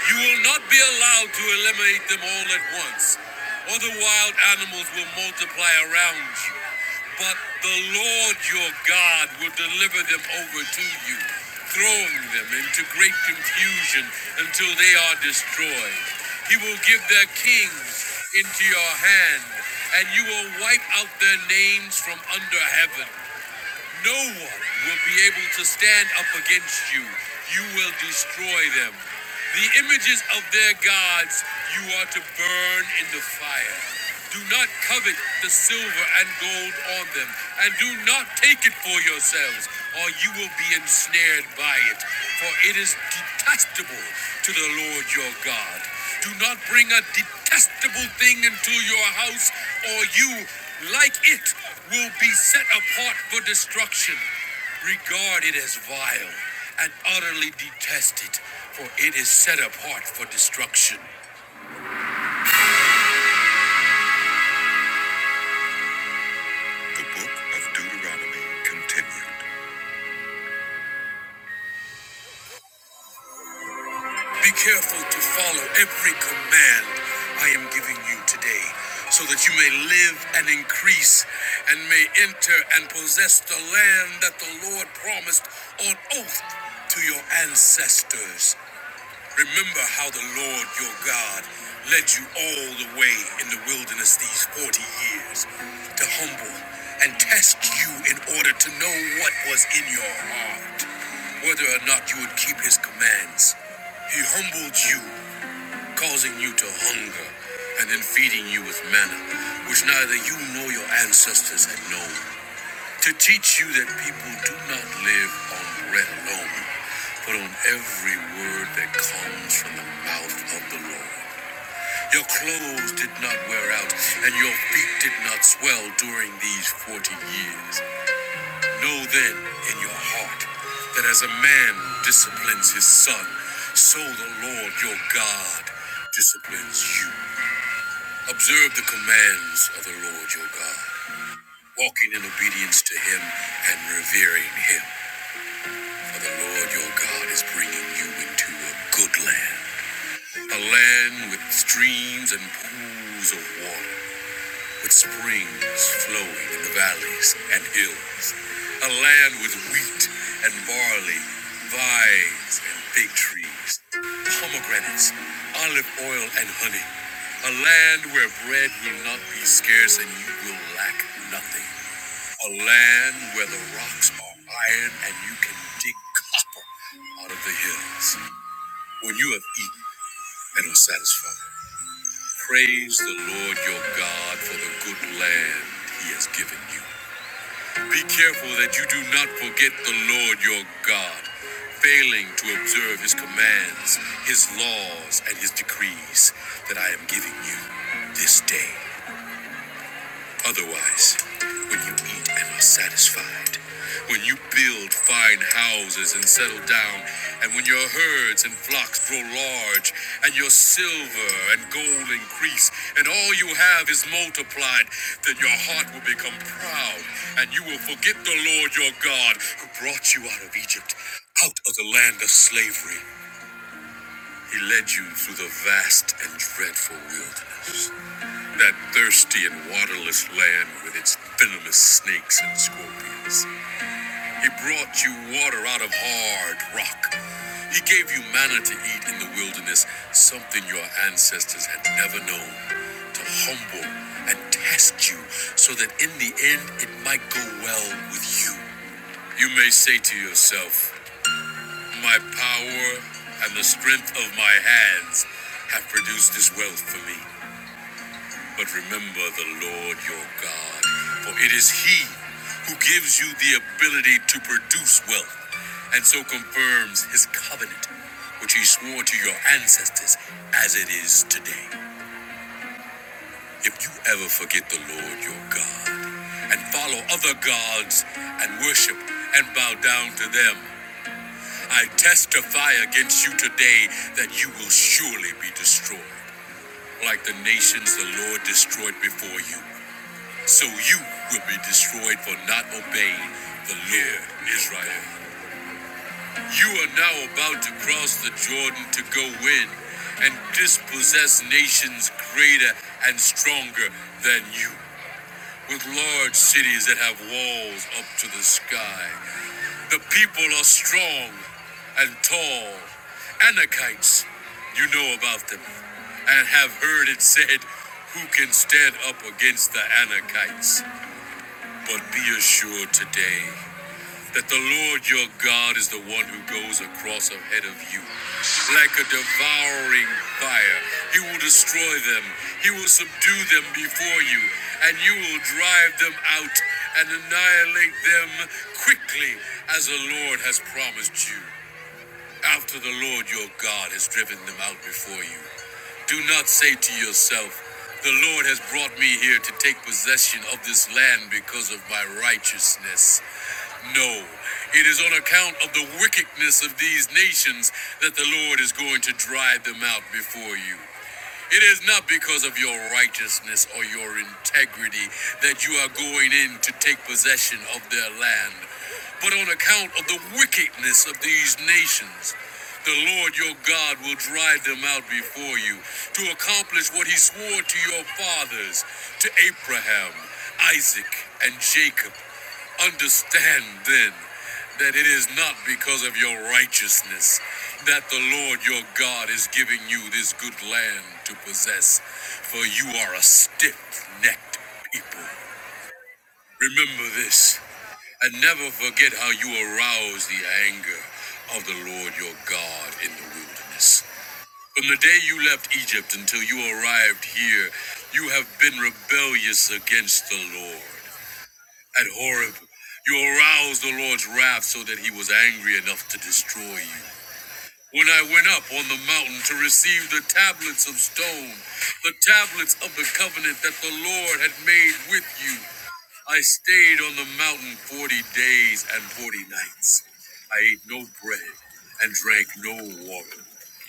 Speaker 1: you will not be allowed to eliminate them all at once, or the wild animals will multiply around you. But the Lord your God will deliver them over to you, throwing them into great confusion until they are destroyed. He will give their kings into your hand, and you will wipe out their names from under heaven. No one will be able to stand up against you. You will destroy them. The images of their gods you are to burn in the fire. Do not covet the silver and gold on them, and do not take it for yourselves, or you will be ensnared by it, for it is detestable to the Lord your God. Do not bring a detestable thing into your house, or you like it, will be set apart for destruction, regarded as vile and utterly detested, for it is set apart for destruction. The book of Deuteronomy continued. Be careful to follow every command I am giving you today, so that you may live and increase, and may enter and possess the land that the Lord promised on oath to your ancestors. Remember how the Lord your God led you all the way in the wilderness these 40 years to humble and test you in order to know what was in your heart, whether or not you would keep his commands. He humbled you, causing you to hunger, and then feeding you with manna, which neither you nor your ancestors had known to teach you that people do not live on bread alone, but on every word that comes from the mouth of the Lord. Your clothes did not wear out, and your feet did not swell during these forty years. Know then in your heart that as a man disciplines his son, so the Lord your God disciplines you. Observe the commands of the Lord your God, walking in obedience to him and revering him. For the Lord your God is bringing you into a good land, a land with streams and pools of water, with springs flowing in the valleys and hills, a land with wheat and barley, vines and fig trees, pomegranates, olive oil and honey, a land where bread will not be scarce and you will lack nothing. A land where the rocks are iron and you can dig copper out of the hills. When you have eaten and are satisfied, praise the Lord your God for the good land he has given you. Be careful that you do not forget the Lord your God, failing to observe his commands, his laws, and his decrees that I am giving you this day. Otherwise, when you eat and are satisfied, when you build fine houses and settle down, and when your herds and flocks grow large, and your silver and gold increase, and all you have is multiplied, then your heart will become proud, and you will forget the Lord your God who brought you out of Egypt, out of the land of slavery. He led you through the vast and dreadful wilderness. That thirsty and waterless land with its venomous snakes and scorpions. He brought you water out of hard rock. He gave you manna to eat in the wilderness, something your ancestors had never known, to humble and test you so that in the end it might go well with you. You may say to yourself, My power and the strength of my hands have produced this wealth for me. But remember the Lord your God, for it is He who gives you the ability to produce wealth, and so confirms His covenant, which He swore to your ancestors as it is today. If you ever forget the Lord your God, and follow other gods, and worship and bow down to them, I testify against you today that you will surely be destroyed, like the nations the Lord destroyed before you. So you will be destroyed for not obeying the Lord Israel. You are now about to cross the Jordan to go in and dispossess nations greater and stronger than you. With large cities that have walls up to the sky. The people are strong and tall. Anakites, you know about them, and have heard it said, Who can stand up against the Anakites? But be assured today that the Lord your God is the one who goes across ahead of you. Like a devouring fire, he will destroy them, he will subdue them before you, and you will drive them out and annihilate them quickly as the Lord has promised you. After the Lord your God has driven them out before you, do not say to yourself, the Lord has brought me here to take possession of this land because of my righteousness. No, it is on account of the wickedness of these nations that the Lord is going to drive them out before you. It is not because of your righteousness or your integrity that you are going in to take possession of their land, but on account of the wickedness of these nations. The Lord your God will drive them out before you to accomplish what he swore to your fathers, to Abraham, Isaac, and Jacob. Understand then that it is not because of your righteousness that the Lord your God is giving you this good land to possess, for you are a stiff necked people. Remember this. And never forget how you aroused the anger of the Lord your God in the wilderness. From the day you left Egypt until you arrived here, you have been rebellious against the Lord. At Horeb, you aroused the Lord's wrath so that he was angry enough to destroy you. When I went up on the mountain to receive the tablets of stone, the tablets of the covenant that the Lord had made with you, I stayed on the mountain 40 days and 40 nights. I ate no bread and drank no water.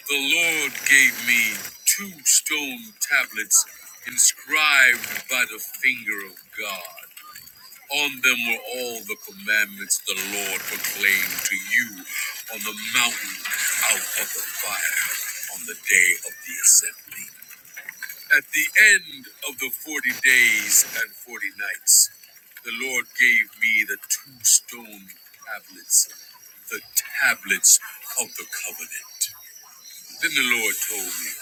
Speaker 1: The Lord gave me two stone tablets inscribed by the finger of God. On them were all the commandments the Lord proclaimed to you on the mountain out of the fire on the day of the assembly. At the end of the 40 days and 40 nights, the Lord gave me the two stone tablets, the tablets of the covenant. Then the Lord told me,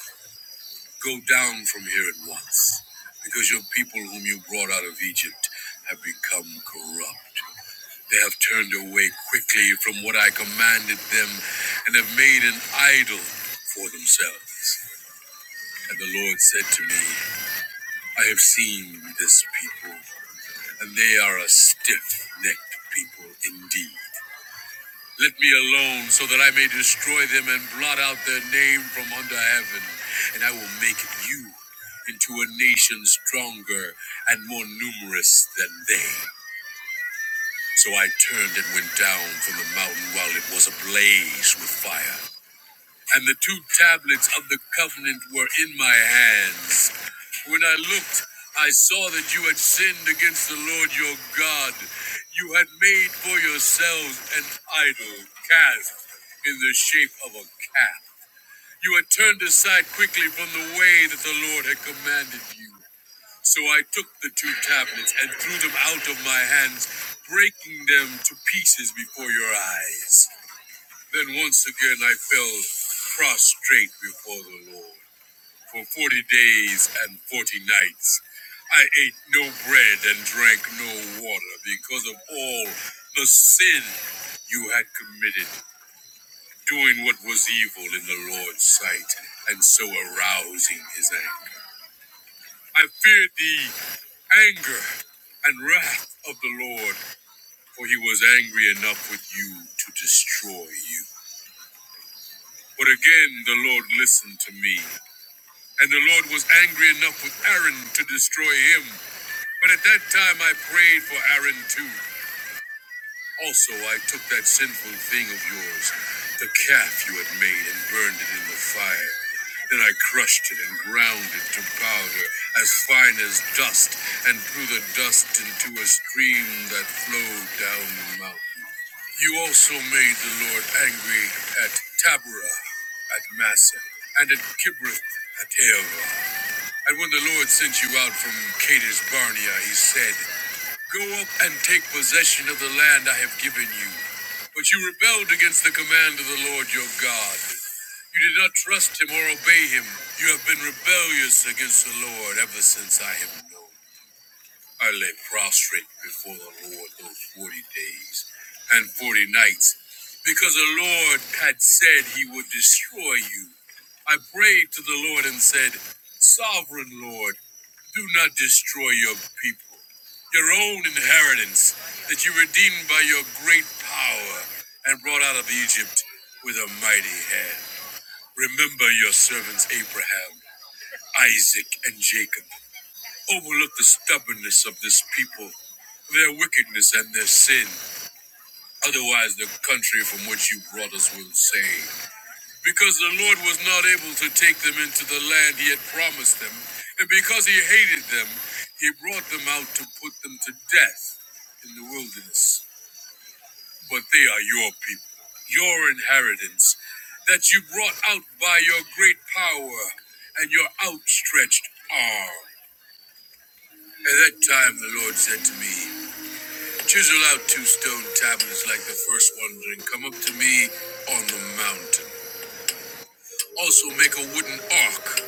Speaker 1: Go down from here at once, because your people whom you brought out of Egypt have become corrupt. They have turned away quickly from what I commanded them and have made an idol for themselves. And the Lord said to me, I have seen this people, and they are a stiff necked people indeed. Let me alone so that I may destroy them and blot out their name from under heaven. And I will make you into a nation stronger and more numerous than they. So I turned and went down from the mountain while it was ablaze with fire and the two tablets of the covenant were in my hands. When I looked, I saw that you had sinned against the Lord your God. You had made for yourselves an idol cast in the shape of a calf. You had turned aside quickly from the way that the Lord had commanded you. So I took the two tablets and threw them out of my hands, breaking them to pieces before your eyes. Then once again I fell prostrate before the Lord. For forty days and forty nights I ate no bread and drank no water because of all the sin you had committed, doing what was evil in the Lord's sight, and so arousing his anger. I feared the anger and wrath of the Lord, for he was angry enough with you to destroy you. But again the Lord listened to me And the Lord was angry enough with Aaron to destroy him. But at that time I prayed for Aaron too. Also, I took that sinful thing of yours, the calf you had made, and burned it in the fire. Then I crushed it and ground it to powder as fine as dust, and threw the dust into a stream that flowed down the mountain. You also made the Lord angry at Taberah, at Massa, and at Kibroth, Hattaavah. And when the Lord sent you out from Kadesh Barnea, he said, Go up and take possession of the land I have given you. But you rebelled against the command of the Lord your God. You did not trust him or obey him. You have been rebellious against the Lord ever since I have known. I lay prostrate before the Lord those 40 days and 40 nights because the Lord had said he would destroy you. I prayed to the Lord and said, Sovereign Lord, do not destroy your people, your own inheritance that you redeemed by your great power and brought out of Egypt with a mighty hand. Remember your servants Abraham, Isaac, and Jacob. Overlook the stubbornness of this people, their wickedness, and their sin. Otherwise, the country from which you brought us will say, because the Lord was not able to take them into the land he had promised them, and because he hated them, he brought them out to put them to death in the wilderness. But they are your people, your inheritance, that you brought out by your great power and your outstretched arm. At that time, the Lord said to me, Chisel out two stone tablets like the first ones and come up to me on the mountain. Also, make a wooden ark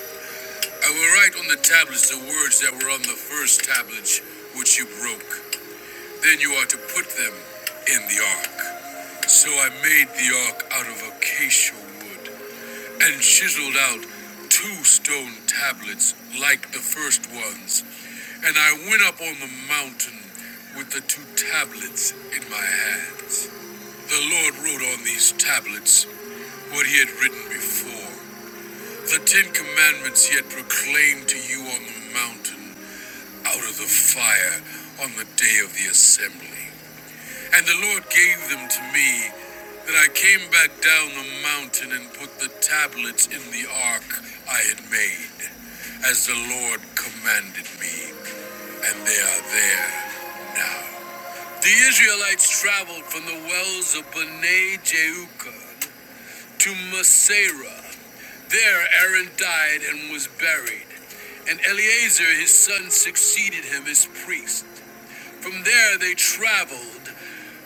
Speaker 1: I will write on the tablets the words that were on the first tablet, which you broke. Then you are to put them in the ark. So I made the ark out of acacia wood and chiseled out two stone tablets like the first ones. And I went up on the mountain with the two tablets in my hands. The Lord wrote on these tablets what he had written before. The Ten Commandments he had proclaimed to you on the mountain. out of the fire on the day of the assembly. And the Lord gave them to me. that I came back down the mountain and put the tablets in the ark I had made, as the Lord commanded me, and they are there now. The Israelites traveled from the wells of Bene Jeukan to Masera. There Aaron died and was buried, and Eleazar his son succeeded him as priest. From there they traveled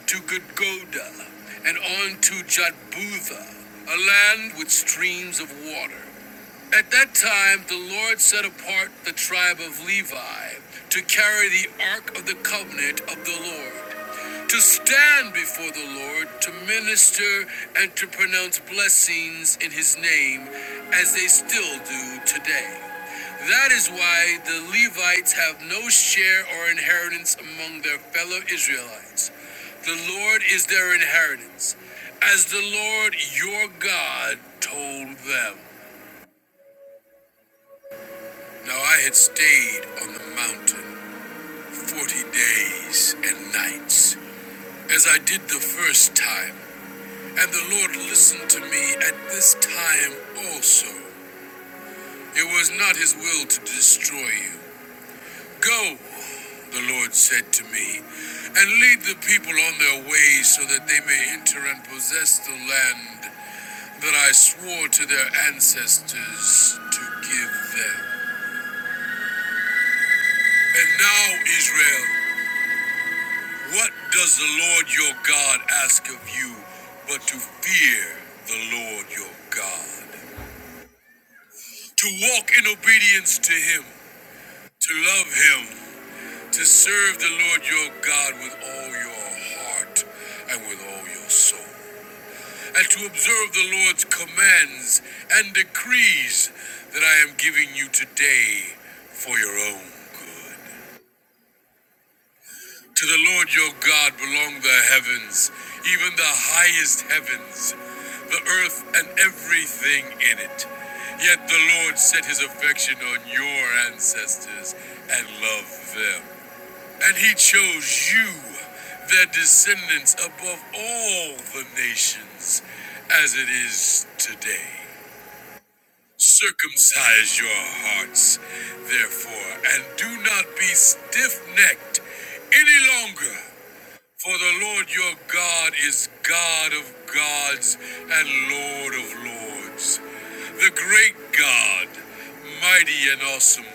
Speaker 1: to Gudgoda and on to Jatbutha, a land with streams of water. At that time, the Lord set apart the tribe of Levi to carry the ark of the covenant of the Lord, to stand before the Lord, to minister and to pronounce blessings in his name, as they still do today. That is why the Levites have no share or inheritance among their fellow Israelites. The Lord is their inheritance, as the Lord your God told them. Now I had stayed on the mountain forty days and nights, as I did the first time, and the Lord listened to me at this time also. It was not his will to destroy you. Go, the Lord said to me, and lead the people on their way so that they may enter and possess the land that I swore to their ancestors to give them. And now, Israel. What does the Lord your God ask of you but to fear the Lord your God? To walk in obedience to Him, to love Him, to serve the Lord your God with all your heart and with all your soul, and to observe the Lord's commands and decrees that I am giving you today for your own good. To the Lord your God belong the heavens, even the highest heavens, the earth and everything in it. Yet the Lord set his affection on your ancestors and loved them. And he chose you, their descendants, above all the nations, as it is today. Circumcise your hearts, therefore, and do not be stiff necked any longer. For the Lord your God is God of gods and Lord of lords, the great God, mighty and awesome,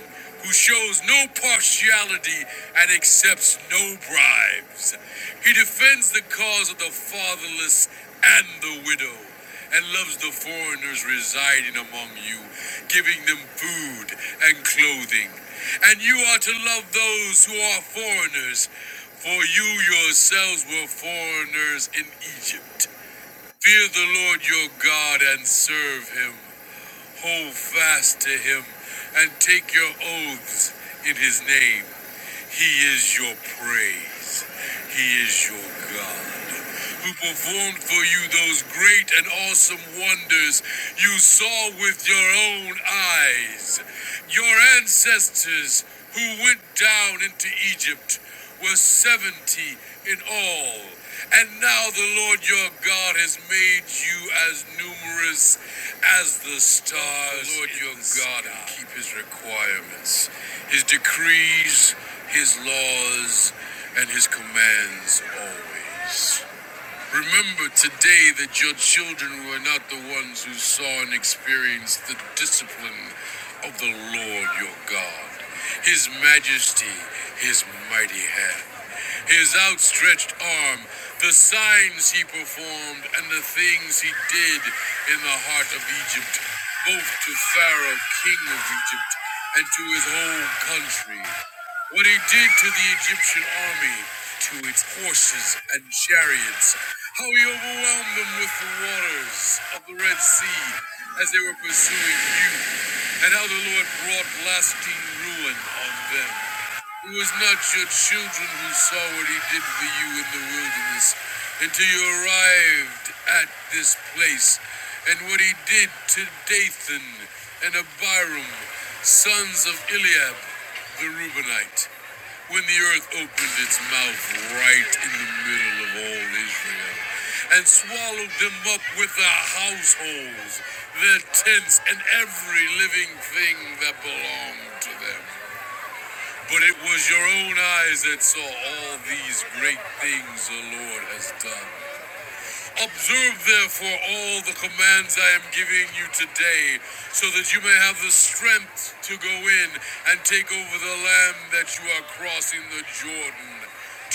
Speaker 1: who shows no partiality and accepts no bribes. He defends the cause of the fatherless and the widow, and loves the foreigners residing among you, giving them food and clothing. And you are to love those who are foreigners, for you yourselves were foreigners in Egypt. Fear the Lord your God and serve him. Hold fast to him and take your oaths in his name. He is your praise. He is your God, who performed for you those great and awesome wonders you saw with your own eyes. Your ancestors who went down into Egypt were 70 in all. And now the Lord your God has made you as numerous as the stars. The Lord your God sky. keep his requirements, his decrees, his laws, and his commands always. Remember today that your children were not the ones who saw and experienced the discipline of the Lord your God, His majesty, His mighty hand, His outstretched arm, the signs He performed, and the things He did in the heart of Egypt, both to Pharaoh, king of Egypt, and to his own country. What he did to the Egyptian army, to its horses and chariots, how he overwhelmed them with the waters of the Red Sea as they were pursuing you, and how the Lord brought lasting ruin on them. It was not your children who saw what he did for you in the wilderness until you arrived at this place and what he did to Dathan and Abiram, sons of Eliab the Reubenite, when the earth opened its mouth right in the middle of all Israel and swallowed them up with their households, their tents, and every living thing that belonged to them. But it was your own eyes that saw all these great things the Lord has done. Observe therefore all the commands I am giving you today, so that you may have the strength to go in and take over the land that you are crossing the Jordan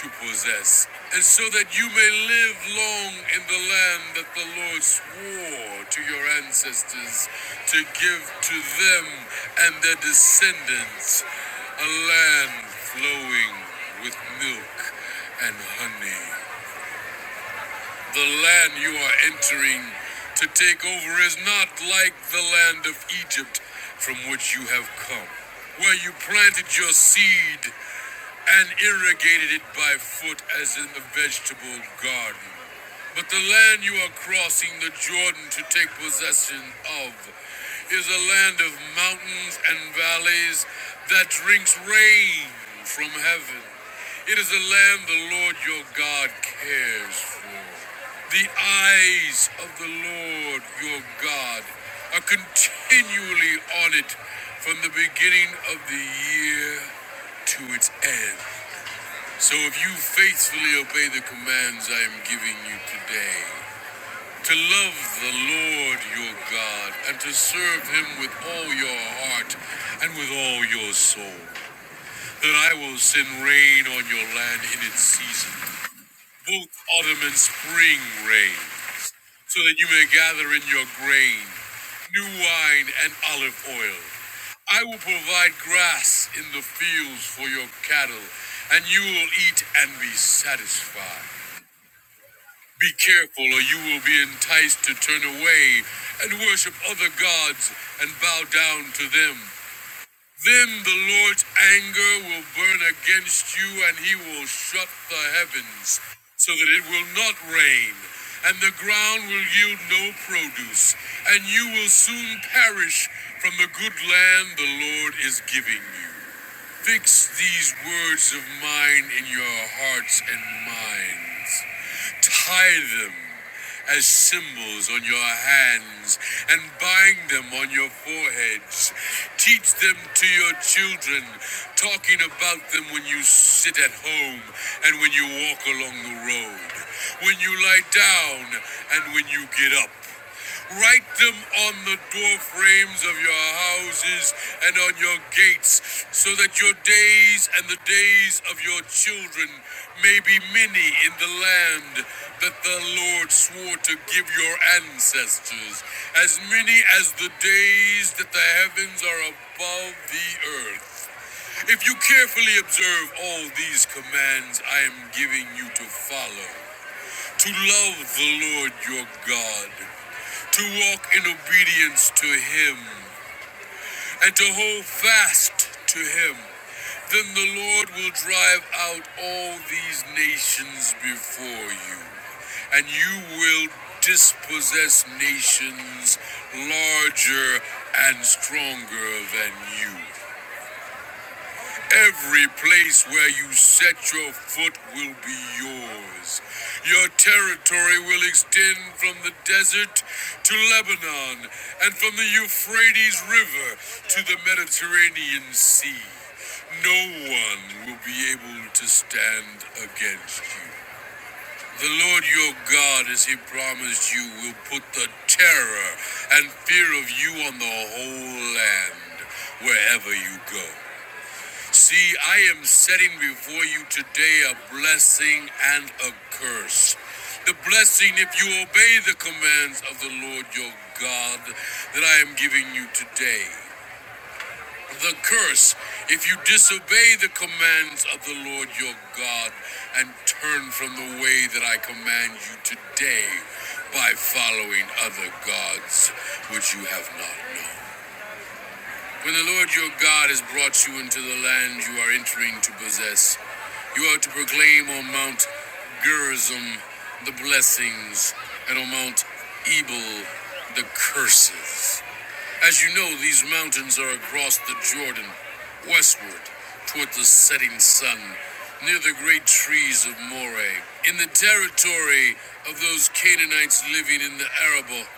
Speaker 1: to possess, and so that you may live long in the land that the Lord swore to your ancestors to give to them and their descendants a land flowing with milk and honey. The land you are entering to take over is not like the land of Egypt from which you have come, where you planted your seed and irrigated it by foot as in the vegetable garden. But the land you are crossing the Jordan to take possession of is a land of mountains and valleys that drinks rain from heaven. It is a land the Lord your God cares for. The eyes of the Lord your God are continually on it from the beginning of the year to its end. So if you faithfully obey the commands I am giving you today, to love the Lord your God and to serve him with all your heart and with all your soul. Then I will send rain on your land in its season, both autumn and spring rains, so that you may gather in your grain, new wine, and olive oil. I will provide grass in the fields for your cattle, and you will eat and be satisfied. Be careful, or you will be enticed to turn away and worship other gods and bow down to them. Then the Lord's anger will burn against you, and he will shut the heavens so that it will not rain, and the ground will yield no produce, and you will soon perish from the good land the Lord is giving you. Fix these words of mine in your hearts and minds. Tie them as symbols on your hands and bind them on your foreheads. Teach them to your children, talking about them when you sit at home and when you walk along the road, when you lie down and when you get up. Write them on the door frames of your houses and on your gates, so that your days and the days of your children may be many in the land that the Lord swore to give your ancestors, as many as the days that the heavens are above the earth. If you carefully observe all these commands I am giving you to follow, to love the Lord your God, to walk in obedience to Him, and to hold fast to Him. Then the Lord will drive out all these nations before you, and you will dispossess nations larger and stronger than you. Every place where you set your foot will be yours. Your territory will extend from the desert to Lebanon and from the Euphrates River to the Mediterranean Sea. No one will be able to stand against you. The Lord your God, as he promised you, will put the terror and fear of you on the whole land wherever you go. See, I am setting before you today a blessing and a curse. The blessing, if you obey the commands of the Lord your God that I am giving you today. The curse, if you disobey the commands of the Lord your God and turn from the way that I command you today by following other gods which you have not known. When the Lord your God has brought you into the land you are entering to possess, you are to proclaim on Mount Gerizim the blessings, and on Mount Ebal the curses. As you know, these mountains are across the Jordan, westward toward the setting sun, near the great trees of Moreh, in the territory of those Canaanites living in the Arabah,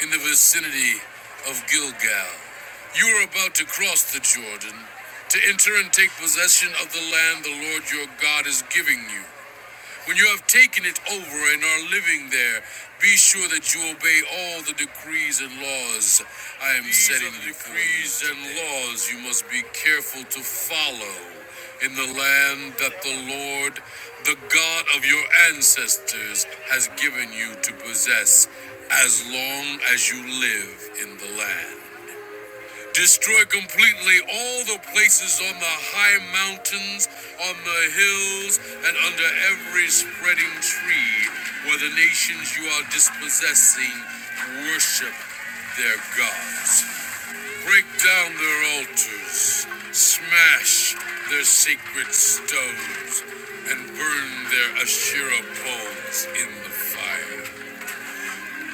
Speaker 1: in the vicinity of Gilgal. You are about to cross the Jordan to enter and take possession of the land the Lord your God is giving you. When you have taken it over and are living there, be sure that you obey all the decrees and laws I am These setting are the before you decrees and laws you must be careful to follow in the land that the Lord, the God of your ancestors, has given you to possess as long as you live in the land. Destroy completely all the places on the high mountains, on the hills, and under every spreading tree where the nations you are dispossessing worship their gods. Break down their altars, smash their sacred stones, and burn their Asherah poles in the fire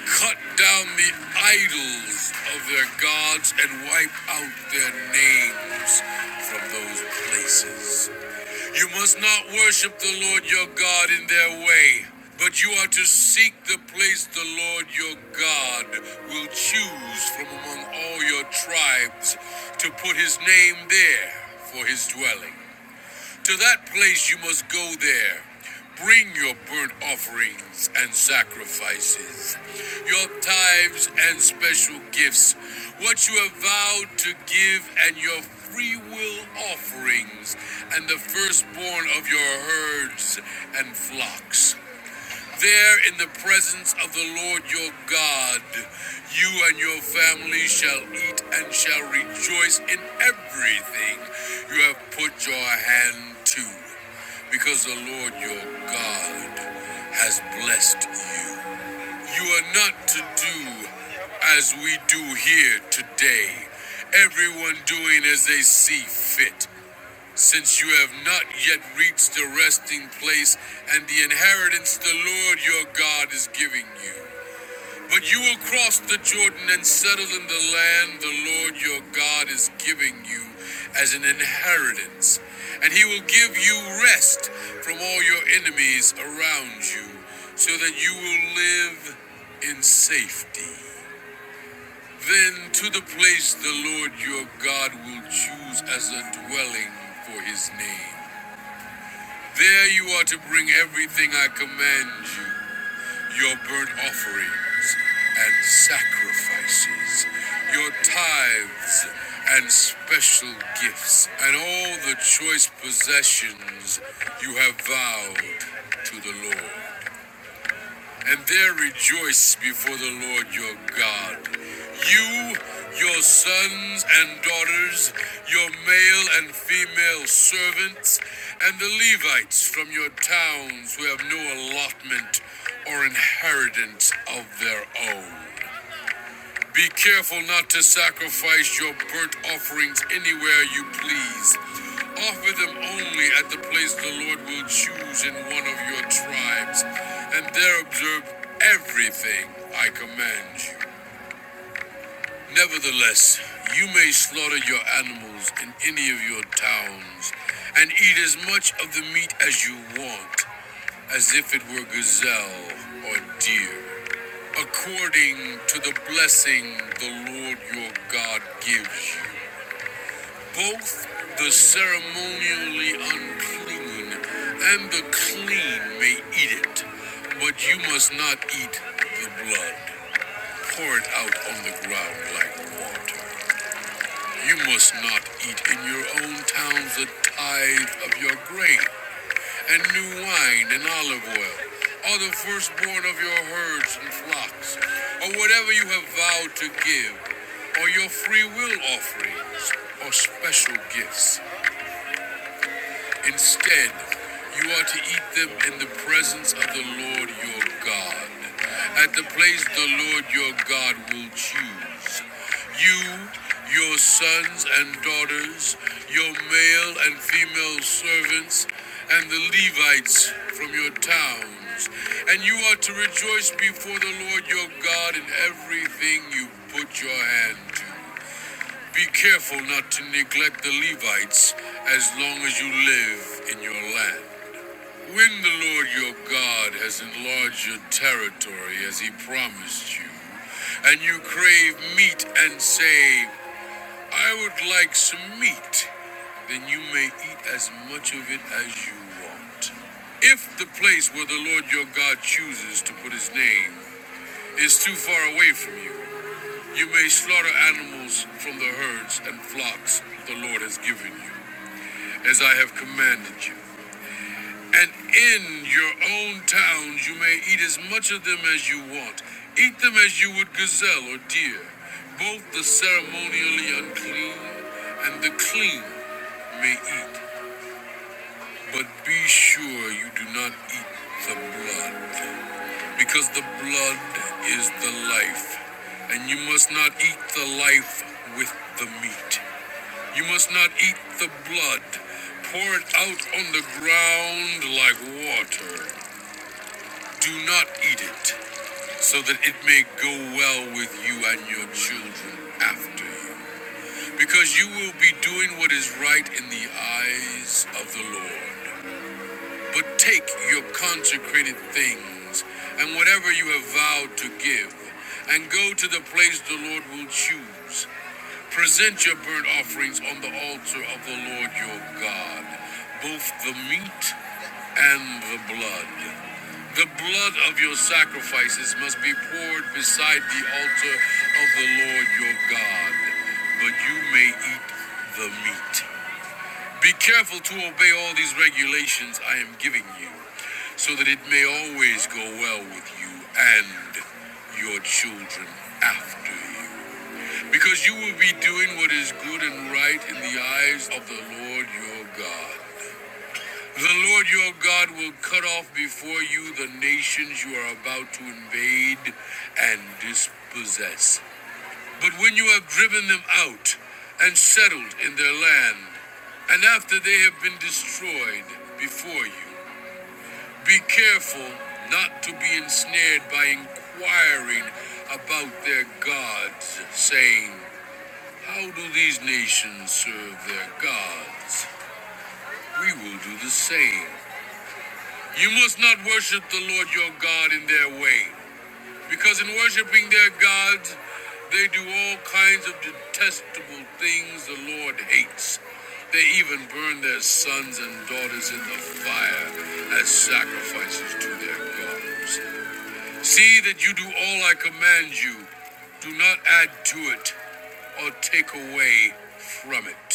Speaker 1: cut down the idols of their gods and wipe out their names from those places. You must not worship the Lord your God in their way, but you are to seek the place the Lord your God will choose from among all your tribes to put his name there for his dwelling. To that place you must go there. Bring your burnt offerings and sacrifices, your tithes and special gifts, what you have vowed to give, and your free will offerings, and the firstborn of your herds and flocks. There in the presence of the Lord your God, you and your family shall eat and shall rejoice in everything you have put your hand to, because the Lord your God has blessed you. You are not to do as we do here today, everyone doing as they see fit since you have not yet reached the resting place and the inheritance the Lord your God is giving you. But you will cross the Jordan and settle in the land the Lord your God is giving you as an inheritance, and he will give you rest from all your enemies around you, so that you will live in safety. Then to the place the Lord your God will choose as a dwelling for his name. There you are to bring everything I command you your burnt offerings and sacrifices, your tithes and special gifts, and all the choice possessions you have vowed to the Lord and there rejoice before the Lord your God. You, your sons and daughters, your male and female servants, and the Levites from your towns who have no allotment or inheritance of their own. Be careful not to sacrifice your burnt offerings anywhere you please. Offer them only at the place the Lord will choose in one of your tribes, and there observe everything I command you. Nevertheless, you may slaughter your animals in any of your towns, and eat as much of the meat as you want, as if it were gazelle or deer according to the blessing the Lord your God gives you. Both the ceremonially unclean and the clean may eat it, but you must not eat the blood. Pour it out on the ground like water. You must not eat in your own towns the tithe of your grain and new wine and olive oil, or the firstborn of your herds and flocks, or whatever you have vowed to give, or your free will offerings, or special gifts. Instead, you are to eat them in the presence of the Lord your God, at the place the Lord your God will choose. You, your sons and daughters, your male and female servants, and the Levites from your towns. And you are to rejoice before the Lord your God in everything you put your hand to. Be careful not to neglect the Levites as long as you live in your land. When the Lord your God has enlarged your territory as he promised you, and you crave meat and say, I would like some meat, then you may eat as much of it as you want. If the place where the Lord your God chooses to put his name is too far away from you, you may slaughter animals from the herds and flocks the Lord has given you, as I have commanded you. And in your own towns you may eat as much of them as you want. Eat them as you would gazelle or deer, both the ceremonially unclean and the clean may eat, but be sure you do not eat the blood, because the blood is the life, and you must not eat the life with the meat. You must not eat the blood. Pour it out on the ground like water. Do not eat it, so that it may go well with you and your children after you. Because you will be doing what is right in the eyes of the Lord. But take your consecrated things and whatever you have vowed to give, and go to the place the Lord will choose. Present your burnt offerings on the altar of the Lord your God, both the meat and the blood. The blood of your sacrifices must be poured beside the altar of the Lord your God, but you may eat the meat. Be careful to obey all these regulations I am giving you, so that it may always go well with you and your children after you. Because you will be doing what is good and right in the eyes of the Lord your God. The Lord your God will cut off before you the nations you are about to invade and dispossess. But when you have driven them out and settled in their land, and after they have been destroyed before you, be careful not to be ensnared by inquiring about their gods, saying, how do these nations serve their gods? We will do the same. You must not worship the Lord your God in their way, because in worshiping their gods, they do all kinds of detestable things the Lord hates. They even burn their sons and daughters in the fire as sacrifices to their gods. See that you do all I command you. Do not add to it or take away from it.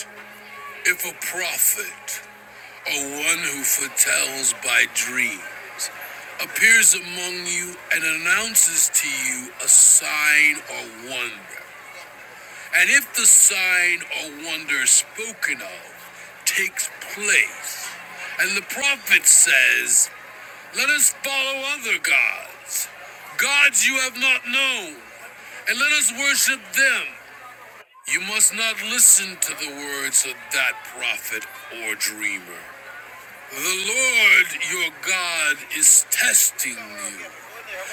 Speaker 1: If a prophet, or one who foretells by dreams, appears among you and announces to you a sign or wonder, and if the sign or wonder spoken of takes place, and the prophet says, Let us follow other gods, gods you have not known, and let us worship them, you must not listen to the words of that prophet or dreamer. The Lord your God is testing you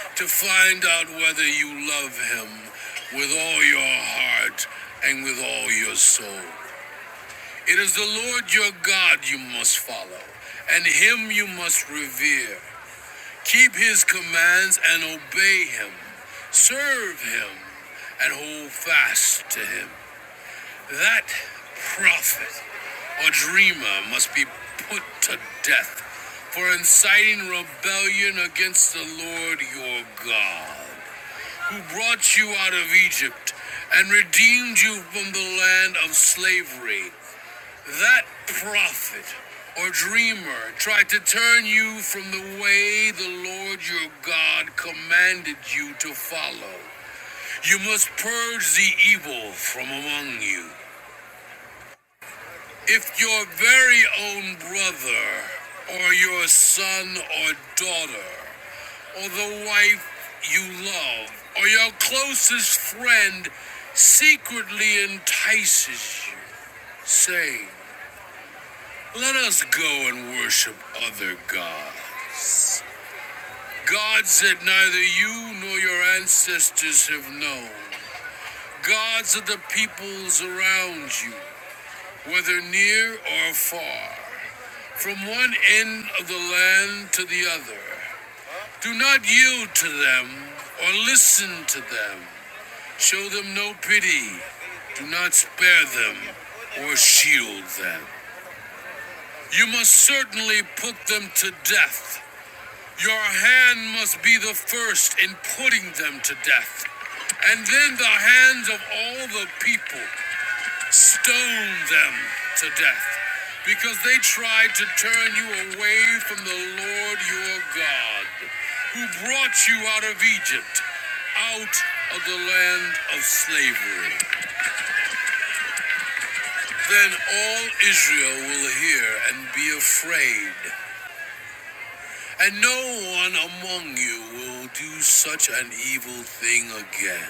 Speaker 1: to find out whether you love him with all your heart and with all your soul. It is the Lord your God you must follow, and him you must revere. Keep his commands and obey him. Serve him and hold fast to him. That prophet or dreamer must be put to death for inciting rebellion against the Lord your God, who brought you out of Egypt and redeemed you from the land of slavery. That prophet or dreamer tried to turn you from the way the Lord your God commanded you to follow. You must purge the evil from among you. If your very own brother, or your son or daughter, or the wife you love, or your closest friend secretly entices you, saying, Let us go and worship other gods. Gods that neither you nor your ancestors have known. Gods of the peoples around you, whether near or far. from one end of the land to the other. Do not yield to them or listen to them. Show them no pity. Do not spare them or shield them. You must certainly put them to death. Your hand must be the first in putting them to death, and then the hands of all the people. Stone them to death because they tried to turn you away from the Lord your God, who brought you out of Egypt, out of the land of slavery. Then all Israel will hear and be afraid, and no one among you will do such an evil thing again.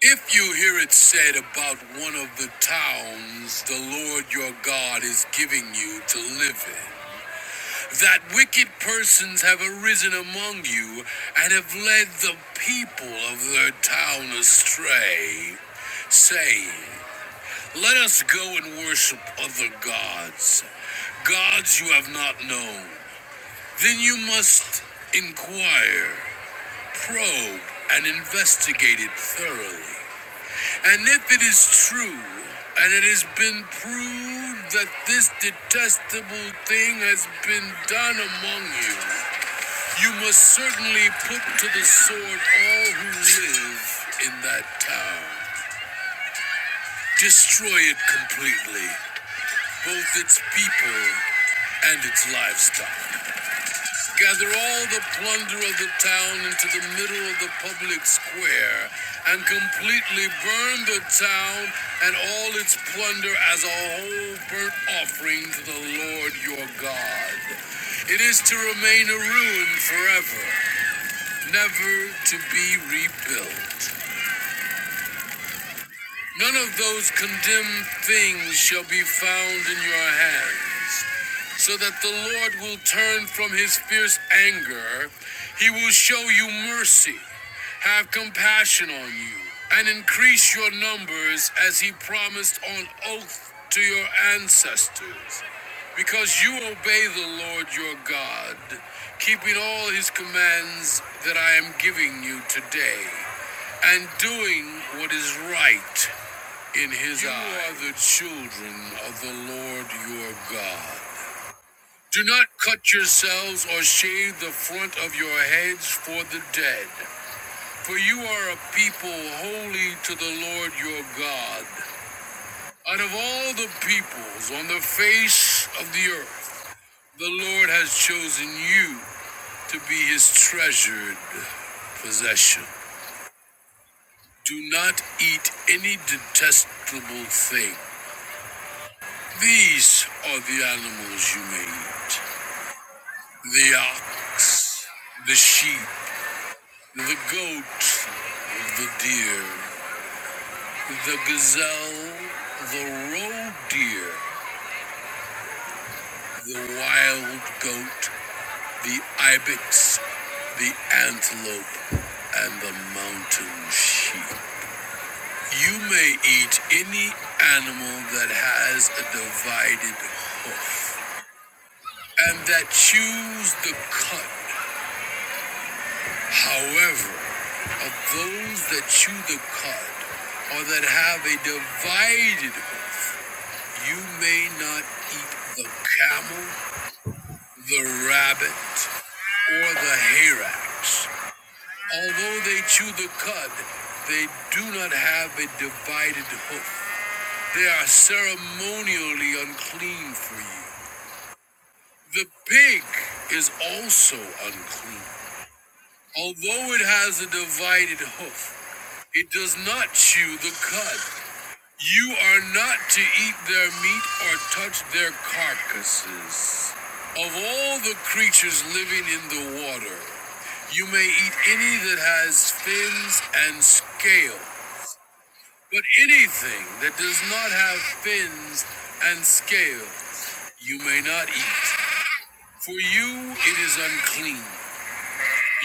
Speaker 1: If you hear it said about one of the towns the Lord your God is giving you to live in, that wicked persons have arisen among you and have led the people of their town astray, saying, Let us go and worship other gods, gods you have not known, then you must inquire, probe, and investigate it thoroughly. And if it is true, and it has been proved that this detestable thing has been done among you, you must certainly put to the sword all who live in that town. Destroy it completely, both its people and its livestock. Gather all the plunder of the town into the middle of the public square and completely burn the town and all its plunder as a whole burnt offering to the Lord your God. It is to remain a ruin forever, never to be rebuilt. None of those condemned things shall be found in your hands, so that the Lord will turn from his fierce anger. He will show you mercy, have compassion on you, and increase your numbers as he promised on oath to your ancestors. Because you obey the Lord your God, keeping all his commands that I am giving you today, and doing what is right in his you eye. You are the children of the Lord your God. Do not cut yourselves or shave the front of your heads for the dead, for you are a people holy to the Lord your God. Out of all the peoples on the face of the earth, the Lord has chosen you to be his treasured possession. Do not eat any detestable thing. These are the animals you may eat the ox, the sheep, the goat, the deer, the gazelle, the roe deer, the wild goat, the ibex, the antelope, and the mountain sheep. You may eat any animal that has a divided hoof and that chews the cud However, of those that chew the cud or that have a divided hoof, you may not eat the camel, the rabbit, or the hyrax. Although they chew the cud, they do not have a divided hoof. They are ceremonially unclean for you. The pig is also unclean, although it has a divided hoof. It does not chew the cud. You are not to eat their meat or touch their carcasses. Of all the creatures living in the water, you may eat any that has fins and scale, but anything that does not have fins and scale, you may not eat. For you it is unclean.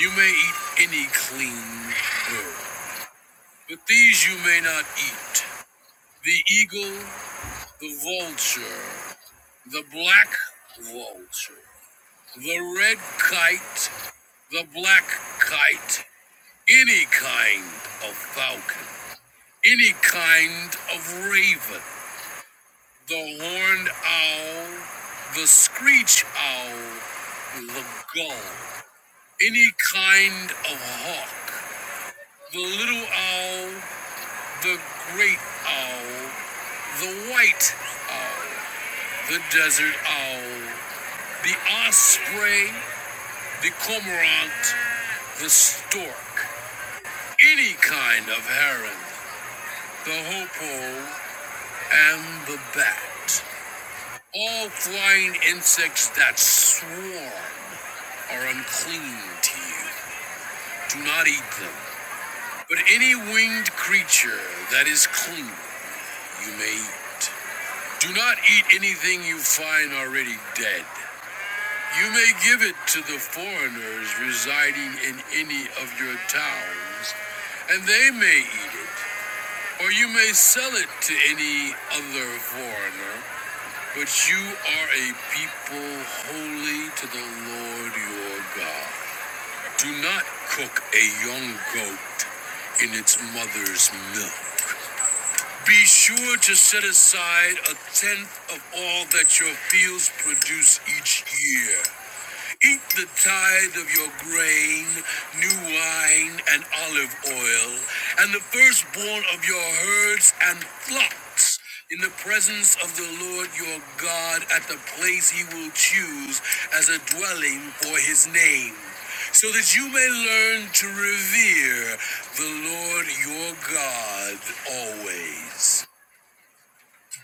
Speaker 1: You may eat any clean bird, but these you may not eat. The eagle, the vulture, the black vulture, the red kite, the black kite, any kind of falcon, any kind of raven, the horned owl, the screech owl, the gull, any kind of hawk, the little owl, the great owl, the white owl, the desert owl, the osprey, The cormorant, the stork, any kind of heron, the hoopoe, and the bat. All flying insects that swarm are unclean to you. Do not eat them. But any winged creature that is clean, you may eat. Do not eat anything you find already dead. You may give it to the foreigners residing in any of your towns, and they may eat it. Or you may sell it to any other foreigner, but you are a people holy to the Lord your God. Do not cook a young goat in its mother's milk. Be sure to set aside a tenth of all that your fields produce each year Eat the tithe of your grain, new wine, and olive oil, and the firstborn of your herds and flocks, in the presence of the Lord your God at the place he will choose as a dwelling for his name, so that you may learn to revere the Lord your God always.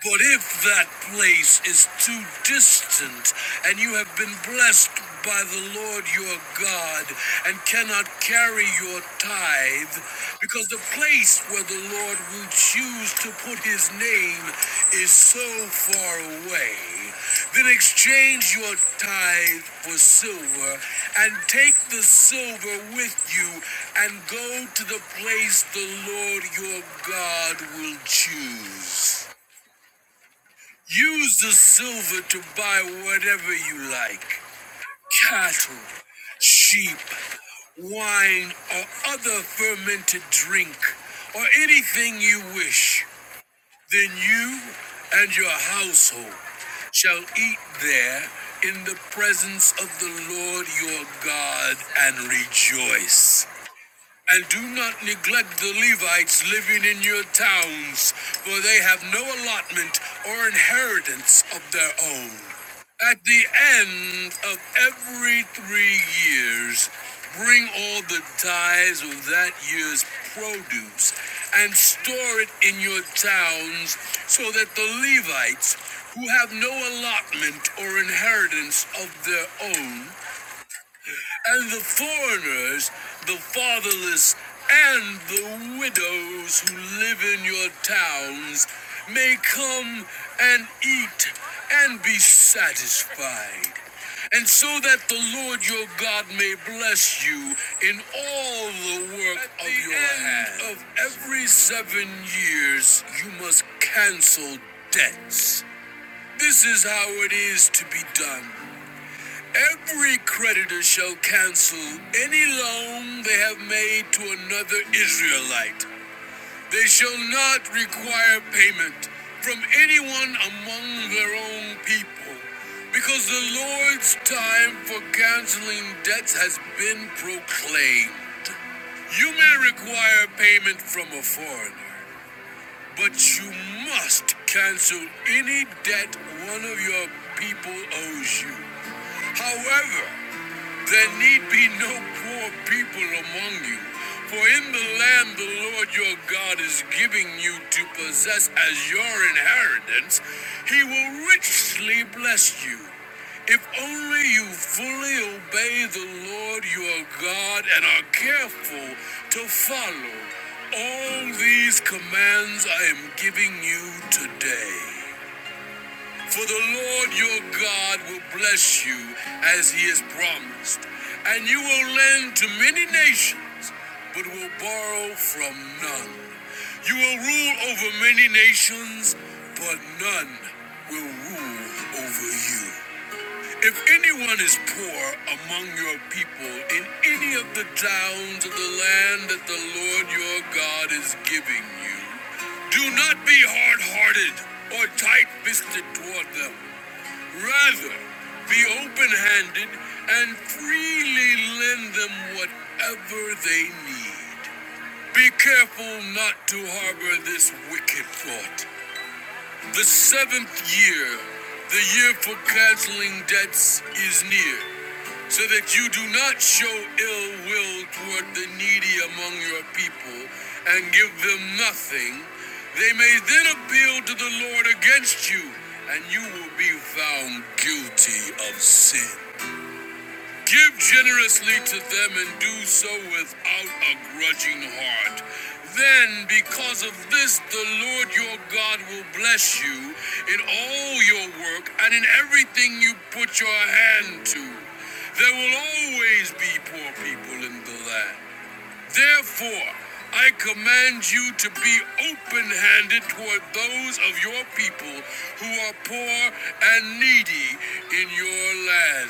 Speaker 1: But if that place is too distant, and you have been blessed by the Lord your God, and cannot carry your tithe, because the place where the Lord will choose to put his name is so far away, then exchange your tithe for silver, and take the silver with you, and go to the place the Lord your God will choose. Use the silver to buy whatever you like cattle, sheep, wine, or other fermented drink, or anything you wish. Then you and your household shall eat there in the presence of the Lord your God and rejoice. And do not neglect the Levites living in your towns, for they have no allotment or inheritance of their own. At the end of every three years, bring all the tithes of that year's produce and store it in your towns, so that the Levites, who have no allotment or inheritance of their own, and the foreigners, the fatherless, and the widows who live in your towns may come and eat and be satisfied. And so that the Lord your God may bless you in all the work of your hands. At the end Of every seven years, you must cancel debts. This is how it is to be done. Every creditor shall cancel any loan they have made to another Israelite. They shall not require payment from anyone among their own people, because the Lord's time for canceling debts has been proclaimed. You may require payment from a foreigner, but you must cancel any debt one of your people owes you. However, there need be no poor people among you, for in the land the Lord your God is giving you to possess as your inheritance, he will richly bless you. If only you fully obey the Lord your God and are careful to follow all these commands I am giving you today. For the Lord your God will bless you as he has promised, and you will lend to many nations, but will borrow from none. You will rule over many nations, but none will rule over you. If anyone is poor among your people in any of the towns of the land that the Lord your God is giving you, do not be hard hearted or tight fisted toward them. Rather, be open handed and freely lend them whatever they need. Be careful not to harbor this wicked thought. The seventh year, the year for canceling debts, is near so that you do not show ill will toward the needy among your people and give them nothing, they may then appeal to the Lord against you, and you will be found guilty of sin. Give generously to them and do so without a grudging heart. Then, because of this, the Lord your God will bless you in all your work and in everything you put your hand to. There will always be poor people in the land. Therefore, I command you to be open handed toward those of your people who are poor and needy in your land.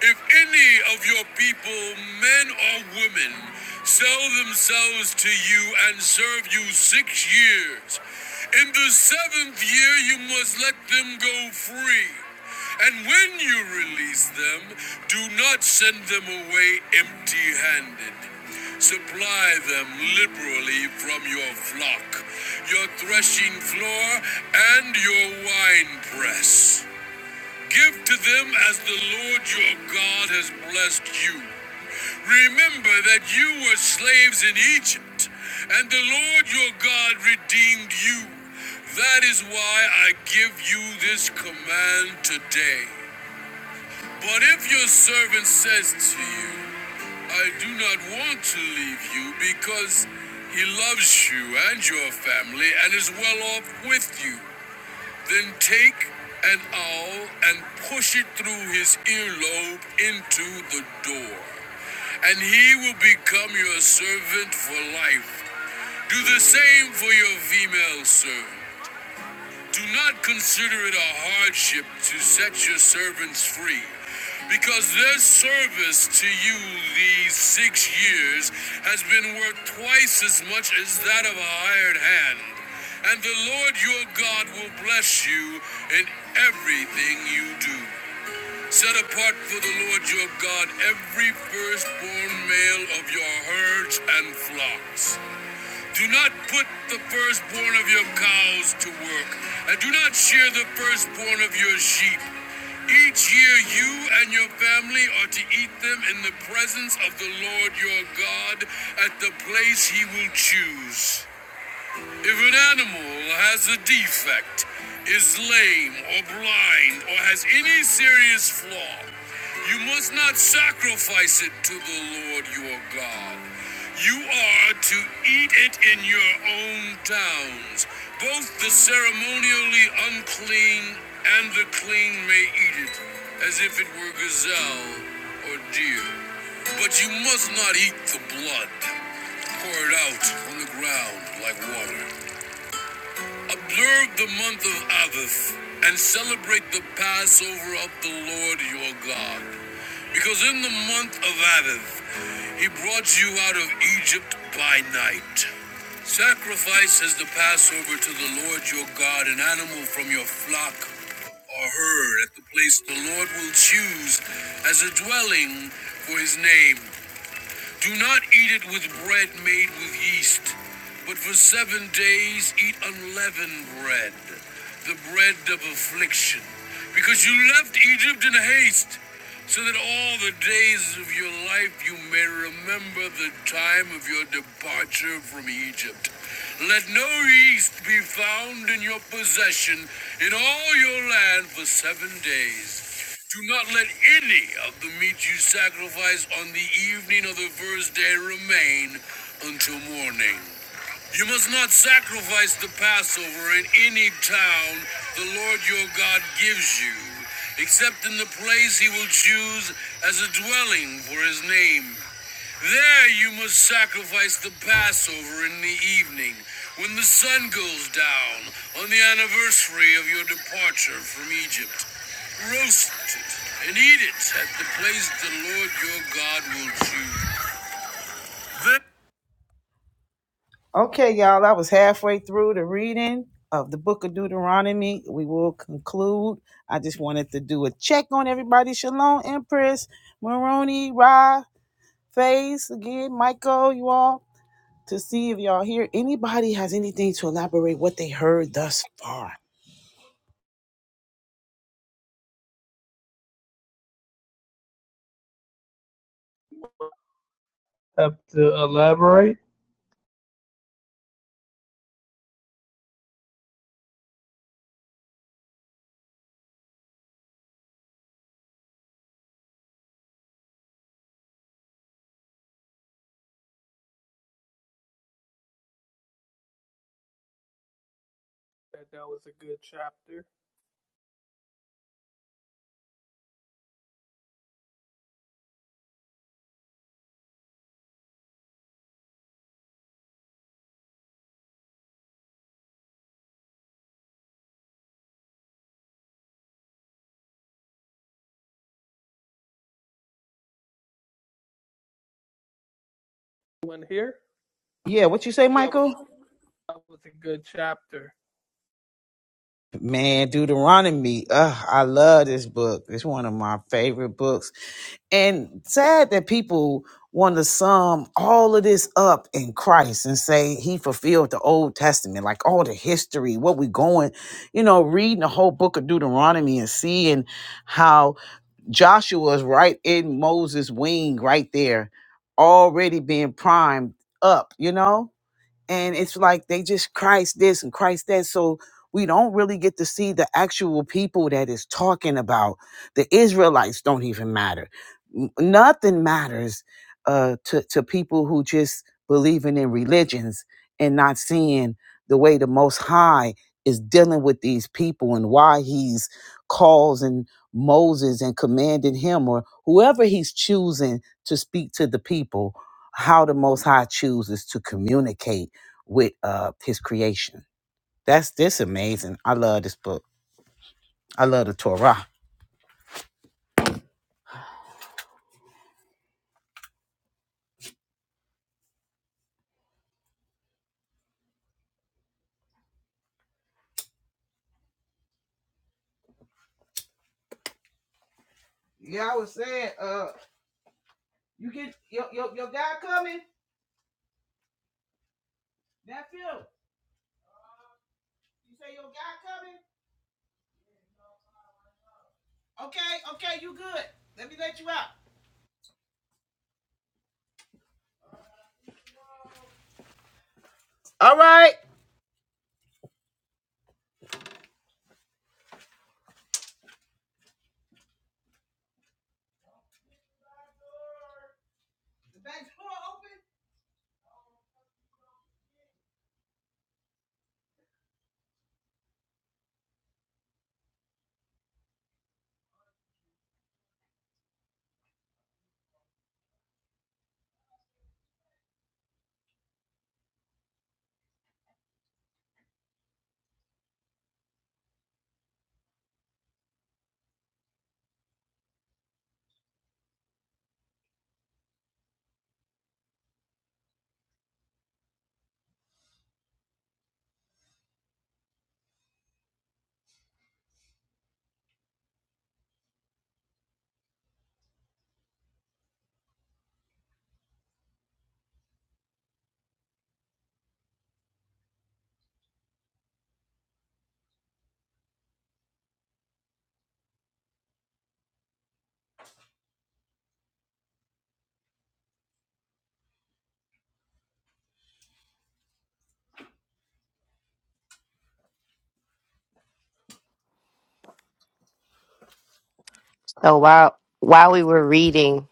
Speaker 1: If any of your people, men or women, sell themselves to you and serve you six years, in the seventh year you must let them go free. And when you release them, do not send them away empty handed. Supply them liberally from your flock, your threshing floor, and your winepress. Give to them as the Lord your God has blessed you. Remember that you were slaves in Egypt, and the Lord your God redeemed you. That is why I give you this command today. But if your servant says to you, I do not want to leave you because he loves you and your family and is well off with you, then take an awl and push it through his earlobe into the door, and he will become your servant for life. Do the same for your female servant. Do not consider it a hardship to set your servants free, because their service to you these six years has been worth twice as much as that of a hired hand. And the Lord your God will bless you in everything you do. Set apart for the Lord your God every firstborn male of your herds and flocks. Do not put the firstborn of your cows to work, and do not shear the firstborn of your sheep. Each year you and your family are to eat them in the presence of the Lord your God at the place he will choose. If an animal has a defect, is lame or blind, or has any serious flaw, you must not sacrifice it to the Lord your God. You are to eat it in your own towns. Both the ceremonially unclean and the clean may eat it, as if it were gazelle or deer. But you must not eat the blood pour it out on the ground like water. Observe the month of Aviv and celebrate the Passover of the Lord your God. Because in the month of Aviv, he brought you out of Egypt by night. Sacrifice as the Passover to the Lord your God an animal from your flock or herd at the place the Lord will choose as a dwelling for his name. Do not eat it with bread made with yeast, but for seven days eat unleavened bread, the bread of affliction, because you left Egypt in haste so that all the days of your life you may remember the time of your departure from Egypt. Let no yeast be found in your possession in all your land for seven days. Do not let any of the meat you sacrifice on the evening of the first day remain until morning. You must not sacrifice the Passover in any town the Lord your God gives you, except in the place he will choose as a dwelling for his name. There you must sacrifice the Passover in the evening, when the sun goes down, on the anniversary of your departure from Egypt. Roast it and eat it at the place the Lord your God will choose. Then Okay, y'all, I was halfway through the reading of the book of Deuteronomy. We will conclude. I just wanted to do a check on everybody. Shalom, Empress, Maroni, Ra, Face, again, Michael, you all, to see if y'all here. Anybody has anything to elaborate what they heard thus far?
Speaker 3: have to elaborate. That that was a good chapter. One here.
Speaker 1: Yeah, what you say, Michael?
Speaker 3: That was a good chapter.
Speaker 1: Man, Deuteronomy. Ugh, I love this book. It's one of my favorite books. And sad that people want to sum all of this up in Christ and say he fulfilled the Old Testament, like all the history, what we going, you know, reading the whole book of Deuteronomy and seeing how Joshua is right in Moses' wing right there, already being primed up, you know? and it's like they just Christ this and Christ that. So we don't really get to see the actual people that is talking about. The Israelites don't even matter. N- Nothing matters uh, to to people who just believing in religions and not seeing the way the Most High is dealing with these people and why He's causing Moses and commanding him or whoever He's choosing to speak to the people. How the Most High chooses to communicate with uh his creation. That's this amazing. I love this book. I love the Torah. Yeah, I was saying, uh, you get your your, your guy coming. That's him. You say your guy coming. Okay, okay, you good. Let me let you out. All right.
Speaker 8: So while while we were reading,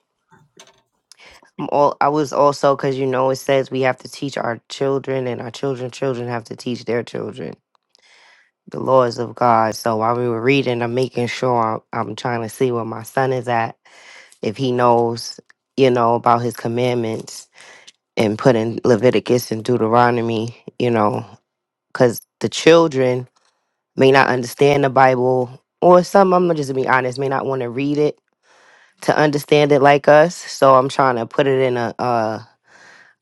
Speaker 8: I'm all, I was also because you know it says we have to teach our children, and our children children have to teach their children the laws of God. So while we were reading, I'm making sure I'm, I'm trying to see where my son is at, if he knows, you know, about his commandments, and putting Leviticus and Deuteronomy, you know, because the children may not understand the Bible, or some, I'm just gonna be honest, may not want to read it to understand it like us. So I'm trying to put it in a a,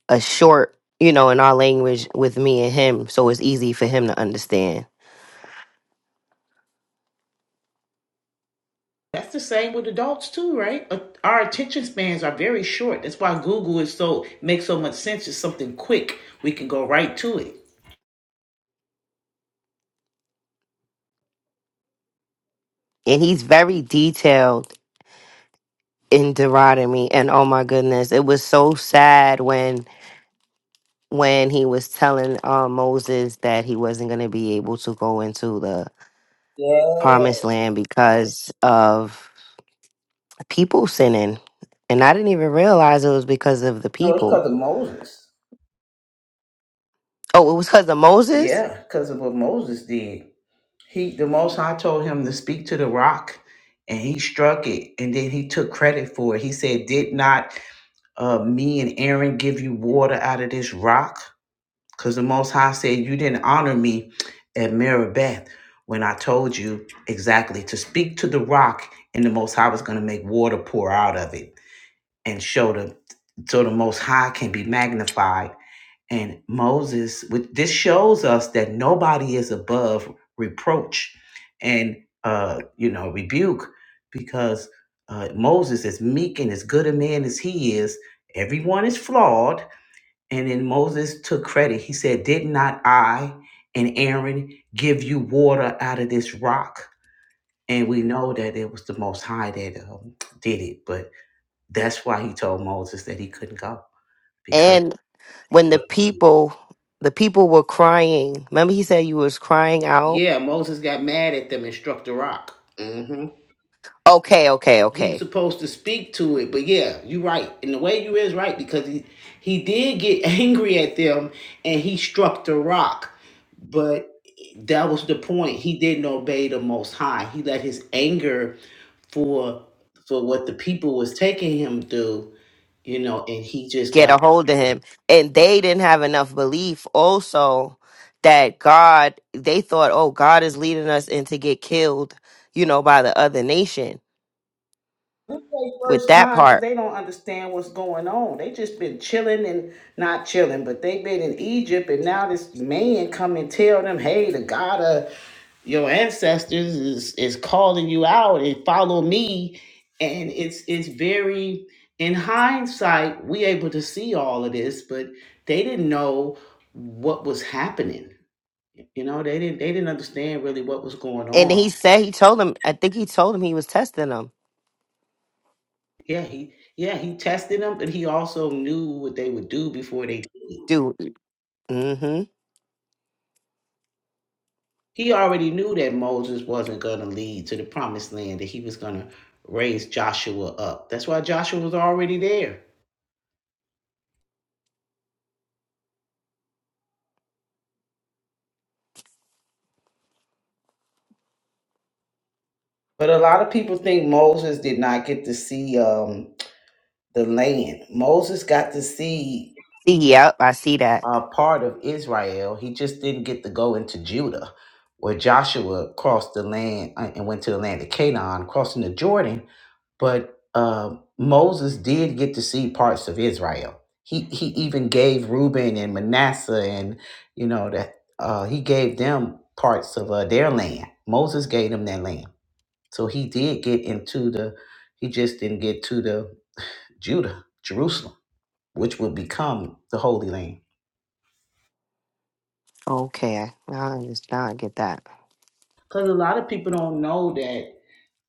Speaker 8: a short, you know, in our language with me and him, so it's easy for him to understand.
Speaker 1: That's the same with adults too, right? Uh, Our attention spans are very short. That's why Google is so makes so much sense. It's something quick. We can go right to it.
Speaker 8: And he's very detailed in Deuteronomy, and oh my goodness, it was so sad when when he was telling uh, Moses that he wasn't gonna be able to go into the
Speaker 1: Yeah.
Speaker 8: promised land because of people sinning. And I didn't even realize it was because of the
Speaker 1: No, it's
Speaker 8: people.
Speaker 1: because of Moses.
Speaker 8: Oh, it was because of Moses?
Speaker 1: Yeah, because of what Moses did. He the most High, told him to speak to the rock and he struck it and then he took credit for it. He said, Did not uh, me and Aaron give you water out of this rock? Because the most high said, You didn't honor me at Meribeth when I told you exactly to speak to the rock and the most high was gonna make water pour out of it and show the so the most high can be magnified and Moses, with this shows us that nobody is above reproach and uh, you know rebuke, because uh, Moses, as meek and as good a man as he is, everyone is flawed. And then Moses took credit. He said, "Did not I and Aaron give you water out of this rock?" And we know that it was the Most High that um, did it, but that's why he told Moses that he couldn't go because.
Speaker 8: And when the people the people were crying. Remember he said you was crying out?
Speaker 1: Yeah, Moses got mad at them and struck the rock. hmm
Speaker 8: Okay, okay,
Speaker 1: He was
Speaker 8: okay.
Speaker 1: supposed to speak to it, but yeah, you're right. And the way you is right because he he did get angry at them and he struck the rock, but that was the point. He didn't obey the Most High. He let his anger for for what the people was taking him through, you know, and he just
Speaker 8: Get a
Speaker 1: got.
Speaker 8: hold of him. And they didn't have enough belief also that God they thought, oh, God is leading us in to get killed, you know, by the other nation
Speaker 1: This their
Speaker 8: with
Speaker 1: first
Speaker 8: that
Speaker 1: time because
Speaker 8: part.
Speaker 1: they don't understand what's going on. They just been chilling and not chilling, but they been in Egypt, and now this man come and tell them, "Hey, the God of your ancestors is is calling you out and follow me." And it's it's very in hindsight we able to see all of this, but they didn't know what was happening. You know, they didn't they didn't understand really what was going
Speaker 8: And
Speaker 1: on
Speaker 8: he said he told him I think he told him he was testing them.
Speaker 1: Yeah, he yeah, he tested them, but he also knew what they would do before they
Speaker 8: Dude. mm-hmm.
Speaker 1: he already knew that Moses wasn't gonna lead to the promised land, that he was gonna raise Joshua up. That's why Joshua was already there. But a lot of people think Moses did not get to see um the land. Moses got to see
Speaker 8: See, Yep, I see that.
Speaker 1: uh, part of Israel. He just didn't get to go into Judah, where Joshua crossed the land uh, and went to the land of Canaan, crossing the Jordan. But uh, Moses did get to see parts of Israel. He he even gave Reuben and Manasseh, and you know that uh, he gave them parts of uh, their land. Moses gave them that land, so he did get into the. He just didn't get to the Judah, Jerusalem, which would become the Holy Land.
Speaker 8: Okay, now I understand. Now I get that.
Speaker 1: Because a lot of people don't know that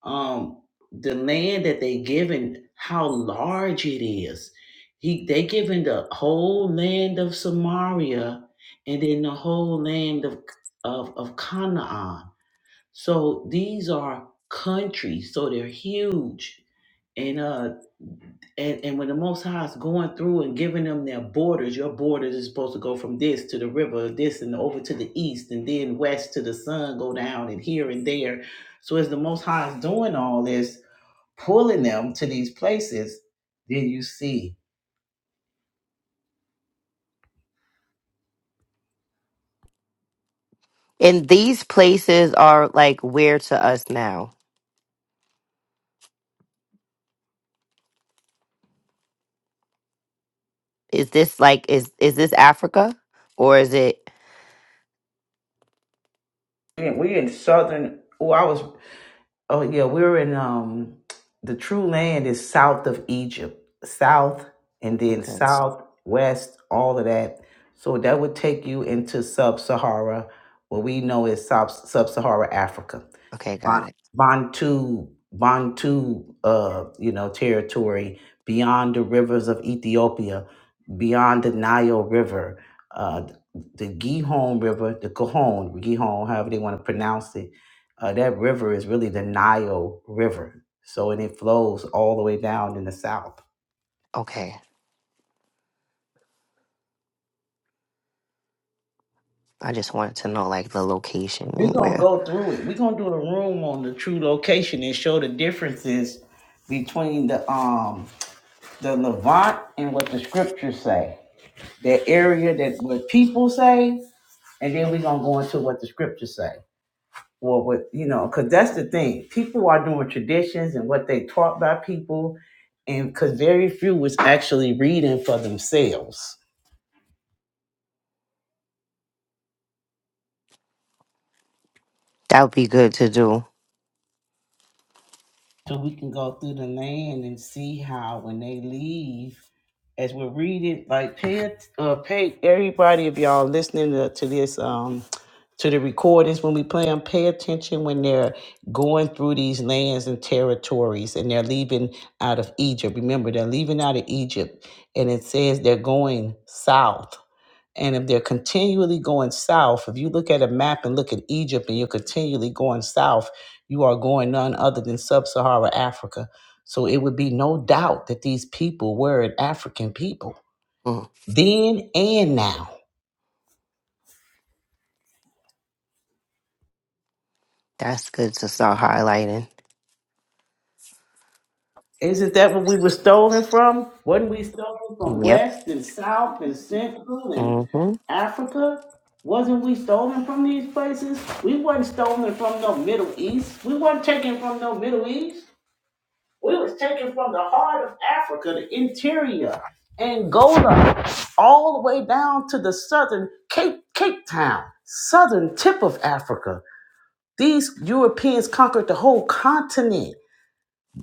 Speaker 1: um, the land that they given, how large it is. He they given the whole land of Samaria and then the whole land of of, of Canaan. So these are countries, so they're huge. And uh and, and when the most high is going through and giving them their borders, your borders is supposed to go from this to the river, this and over to the east, and then west to the sun, go down and here and there. So as the most high is doing all this, pulling them to these places, then you see
Speaker 8: And these places are like where to us now? Is this like is is this Africa or is it?
Speaker 1: Yeah, we in southern. Oh, I was. Oh yeah, we were in um the true land is south of Egypt. South and then south, west, all of that. So that would take you into sub Sahara, what we know as sub sub Sahara Africa.
Speaker 8: Okay, got
Speaker 1: Bon-
Speaker 8: it.
Speaker 1: Bantu Bantu uh you know territory beyond the rivers of Ethiopia, beyond the Nile River, uh the Gihon River, the Gihon, Gihon, however they want to pronounce it. Uh, that river is really the Nile River. So and it flows all the way down in the south.
Speaker 8: Okay, I just wanted to know like the location
Speaker 1: We're
Speaker 8: and
Speaker 1: gonna
Speaker 8: where.
Speaker 1: go through it. We're gonna do a room on the true location and show the differences between the um the Levant and what the scriptures say. That area that what people say, and then we're gonna go into what the scriptures say or with you know because that's the thing people are doing traditions and what they taught by people and because very few was actually reading for themselves
Speaker 8: That would be good to do.
Speaker 1: so we can go through the land and see how when they leave as we're reading like pay it- uh, pay everybody if y'all listening to, to this um to the recordings when we play them. Pay attention when they're going through these lands and territories and they're leaving out of Egypt. Remember, they're leaving out of Egypt and it says they're going south. And if they're continually going south, if you look at a map and look at Egypt and you're continually going south, you are going none other than sub Saharan Africa. So it would be no doubt that these people were an African people
Speaker 8: Mm,
Speaker 1: then and now.
Speaker 8: that's good to start highlighting.
Speaker 1: Isn't that what we were stolen from? Wasn't we stolen from
Speaker 8: Yep.
Speaker 1: West and South and Central and
Speaker 8: Mm-hmm.
Speaker 1: Africa? Wasn't we stolen from these places? We wasn't stolen from no Middle East. We weren't taken from no Middle East. We was taken from the heart of Africa, the interior, Angola, all the way down to the southern Cape Cape Town, southern tip of Africa. These Europeans conquered the whole continent.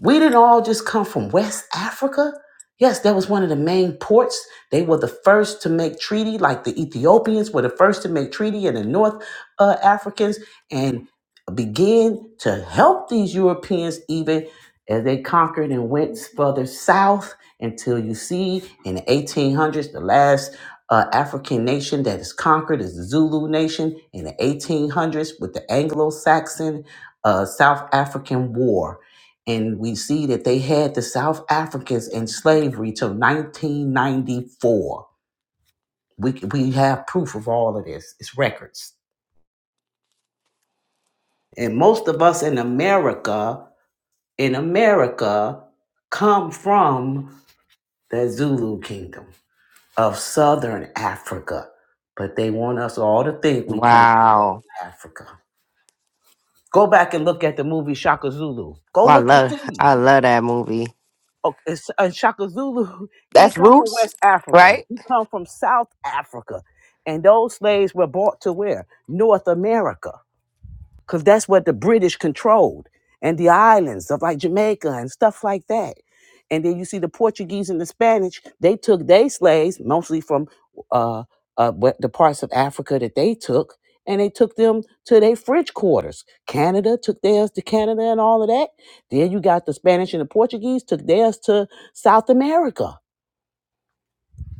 Speaker 1: We didn't all just come from West Africa. Yes, that was one of the main ports. They were the first to make treaty, like the Ethiopians were the first to make treaty, and the North uh, Africans, and began to help these Europeans even as they conquered and went further south until you see in the 1800s, the last uh, African nation that is conquered is the Zulu nation in the 1800s with the Anglo Saxon uh, South African War and we see that they had the South Africans in slavery till 1994. We, we have proof of all of this. It's records. And most of us in America, in America, come from the Zulu kingdom of Southern Africa. But they want us all to think we came from West
Speaker 8: Wow.
Speaker 1: Africa. Go back and look at the movie Shaka Zulu. Go
Speaker 8: Oh, I
Speaker 1: look and
Speaker 8: love
Speaker 1: see.
Speaker 8: I love that movie.
Speaker 1: Okay, it's- uh, Shaka Zulu, he didn't
Speaker 8: That's
Speaker 1: come from
Speaker 8: Roots,
Speaker 1: West Africa.
Speaker 8: right?
Speaker 1: He come from South Africa, and those slaves were brought to where North America because that's what the British controlled and the islands of like Jamaica and stuff like that. And then you see the Portuguese and the Spanish, they took their slaves mostly from uh, uh, what- the parts of Africa that they took, and they took them to their French quarters. Canada took theirs to Canada and all of that. Then you got the Spanish and the Portuguese took theirs to South America.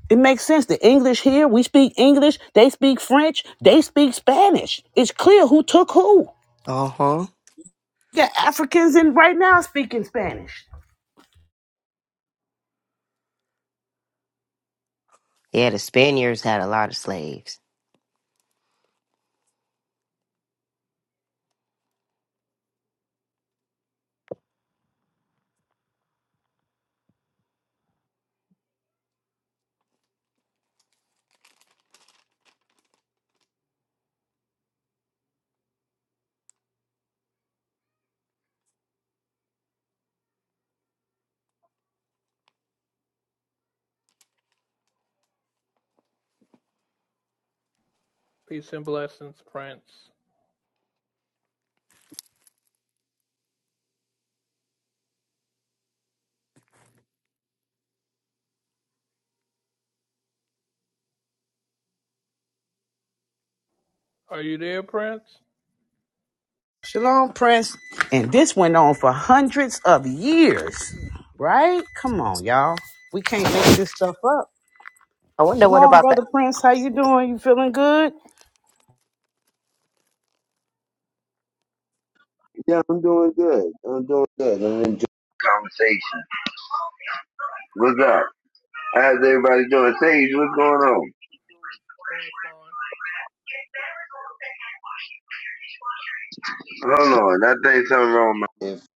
Speaker 1: It makes sense. The English here, we speak English, they speak French, they speak Spanish. It's clear who took who.
Speaker 8: Uh huh.
Speaker 1: got Africans in right now speaking Spanish.
Speaker 8: Yeah, the Spaniards had a lot of slaves.
Speaker 3: Peace and blessings, Prince. Are you there, Prince?
Speaker 1: Shalom Prince, And this went on for hundreds of years. Right? Come on, y'all. We can't make this stuff up.
Speaker 8: I wonder what
Speaker 1: Shalom,
Speaker 8: about that.
Speaker 1: brother Prince. How you doing? You feeling good?
Speaker 15: Yeah, I'm doing good. I'm doing good. I'm enjoying the conversation. What's up? How's everybody doing? Sage, what's going on?
Speaker 3: Doing fine.
Speaker 15: Hold on, I think something wrong. with my-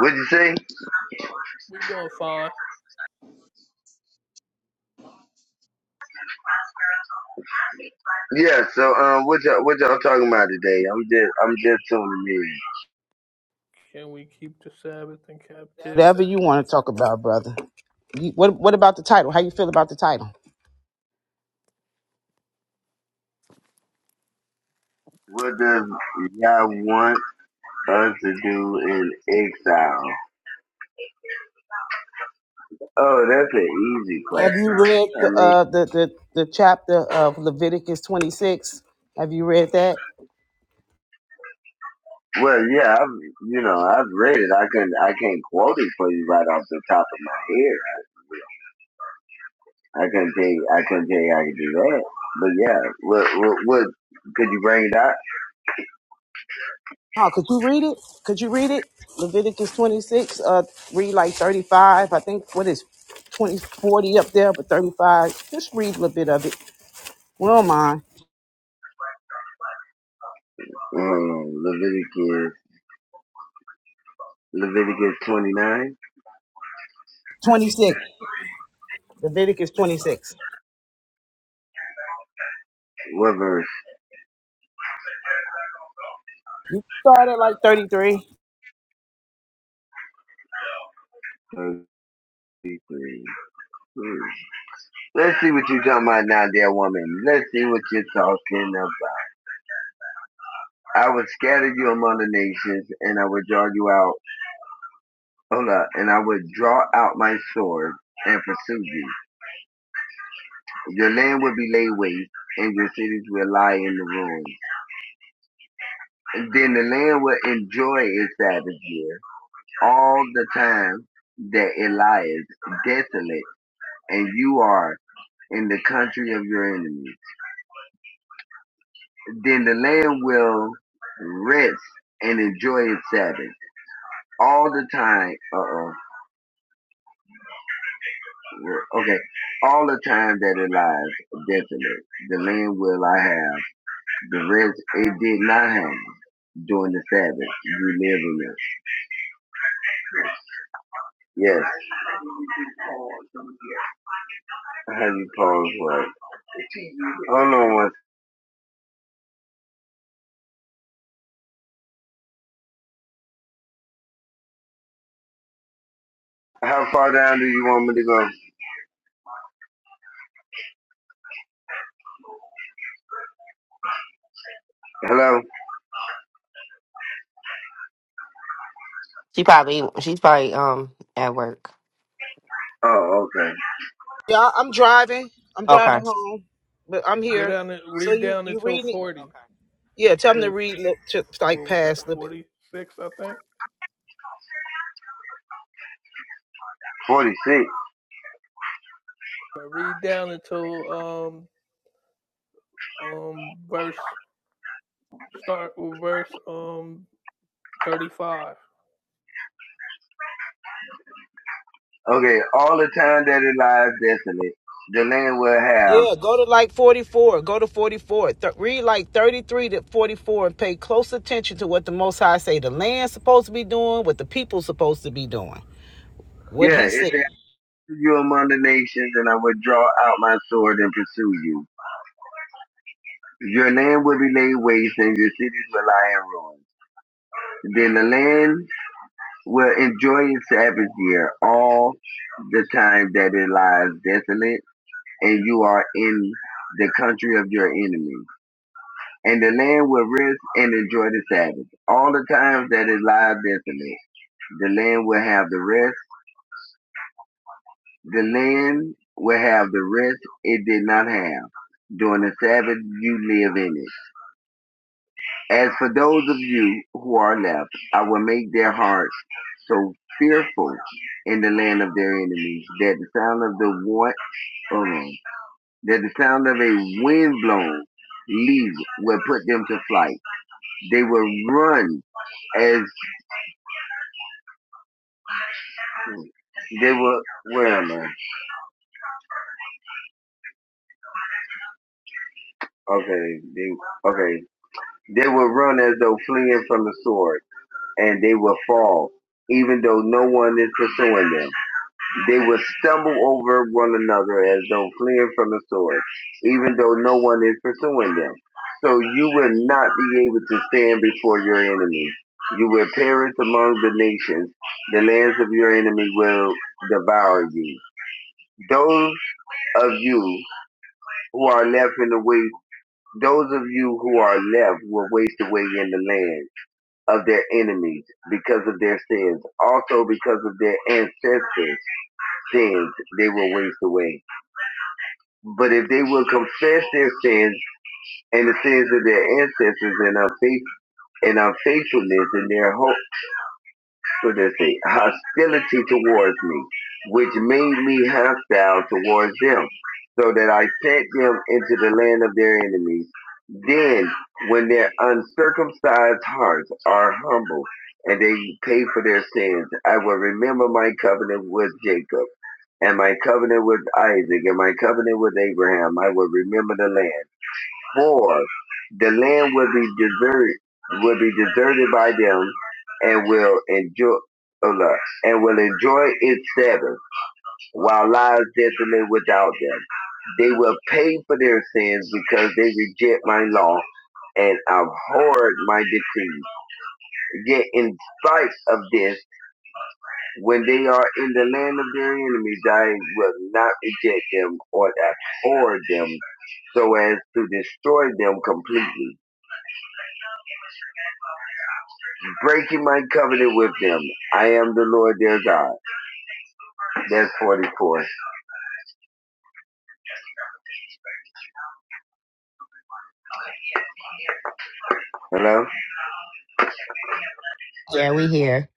Speaker 15: What'd you say?
Speaker 3: We doing fine.
Speaker 15: Yeah. So, um, what y'all what y'all talking about today? I'm just I'm just tuning in.
Speaker 3: Can we keep the Sabbath in captivity?
Speaker 1: Whatever you want to talk about, brother. You, what What about the title? How you feel about the title?
Speaker 15: What does y'all want us to do in exile? Oh, that's an easy
Speaker 1: Have you
Speaker 15: question.
Speaker 1: read
Speaker 15: I
Speaker 1: the
Speaker 15: mean,
Speaker 1: uh, the, the the chapter of Leviticus twenty six? Have you read that?
Speaker 15: well, yeah, I've you know I've read it. I can I can't quote it for you right off the top of my head. I couldn't tell you. I couldn't tell you I could do that. But yeah, what what, what could you bring it up?
Speaker 1: Oh, could you read it? Could you read it? Leviticus 26, uh, read like 35. I think what is 20 40 up there, but 35. Just read a little bit of it. We don't mind.
Speaker 15: Um, Leviticus Leviticus twenty nine.
Speaker 1: 26, Leviticus 26.
Speaker 15: What verse?
Speaker 1: You start at like 33.
Speaker 15: Thirty three. Hmm. Let's see what you're talking about now, dear woman. Let's see what you're talking about. I would scatter you among the nations, and I would draw you out. Hold up, and I would draw out my sword and pursue you. Your land will be laid waste, and your cities will lie in the ruins. Then the land will enjoy its Sabbath year all the time that it lies desolate and you are in the country of your enemies. Then the land will rest and enjoy its Sabbath all the time. Uh oh. Okay. All the time that it lies desolate, the land will I have. The rest it did not have during the Sabbath. You live in it. Yes. Heavy pose, right? Hold on one. How far down do you want me to go? Hello?
Speaker 8: She probably she's probably um at work.
Speaker 15: Oh, okay.
Speaker 1: Yeah, I- I'm driving. I'm
Speaker 8: Okay.
Speaker 1: driving home, but I'm
Speaker 3: Go
Speaker 1: here.
Speaker 3: down and
Speaker 1: So
Speaker 3: read
Speaker 1: you,
Speaker 3: down
Speaker 1: you
Speaker 3: until
Speaker 1: read it?
Speaker 3: forty. Okay.
Speaker 1: Yeah, tell
Speaker 3: I
Speaker 1: them to
Speaker 3: mean,
Speaker 1: read li- to, like
Speaker 3: what was that?
Speaker 1: past Leviticus.
Speaker 3: Forty six, I think.
Speaker 15: 46.
Speaker 3: But read down until um um verse start with verse um thirty five.
Speaker 15: Okay, all the time that it lies desolate, the land will have.
Speaker 1: Yeah, go to like 44. Go to 44. Th- read like 33 to 44 and pay close attention to what the Most High say the land's supposed to be doing, what the people's supposed to be doing, what
Speaker 15: Yeah,
Speaker 1: he
Speaker 15: it's
Speaker 1: said.
Speaker 15: after you among the nations, and I will draw out my sword and pursue you. Your land will be laid waste, and your cities will lie in ruins. Then the land will enjoy its Sabbath year all the time that it lies desolate and you are in the country of your enemy. And the land will rest and enjoy the Sabbath. All the times that it lies desolate, the land will have the rest. The land will have the rest it did not have. During the Sabbath, you live in it. As for those of you who are left, I will make their hearts so fearful in the land of their enemies that the sound of the war, oh, that the sound of a windblown leaf would put them to flight. They would run as they were. Where am I? Okay, they okay. They would run as though fleeing from the sword, and they would fall, even though no one is pursuing them. They will stumble over one another as though fleeing from the sword, even though no one is pursuing them. So you will not be able to stand before your enemies. You will perish among the nations. The lands of your enemy will devour you. Those of you who are left in the way, those of you who are left will waste away in the land of their enemies because of their sins. Also because of their ancestors' sins, they will waste away. But if they will confess their sins and the sins of their ancestors and unfaith and unfaithfulness and their hope for this hostility towards me, which made me hostile towards them, so that I sent them into the land of their enemies. Then, when their uncircumcised hearts are humble and they pay for their sins, I will remember my covenant with Jacob and my covenant with Isaac and my covenant with Abraham. I will remember the land poor, the land will be deserted, will be deserted by them, and will enjoy, oh, no, and will enjoy its Sabbath, while lies desolate without them. They will pay for their sins because they reject my law and abhorred my decrees. Yet, in spite of this, when they are in the land of their enemies, I will not reject them or abhor them so as to destroy them completely breaking my covenant with them. I am the Lord their God. That's 44. Hello?
Speaker 8: Yeah, we here.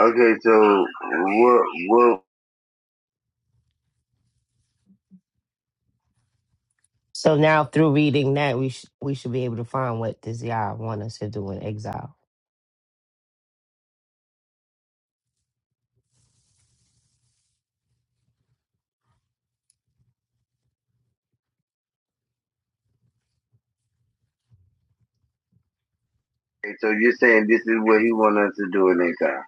Speaker 15: Okay, so what, what,
Speaker 8: So now through reading that, we sh- we should be able to find what does Yah want us to do in exile.
Speaker 15: okay, so you're saying this is what he wants us to do in exile.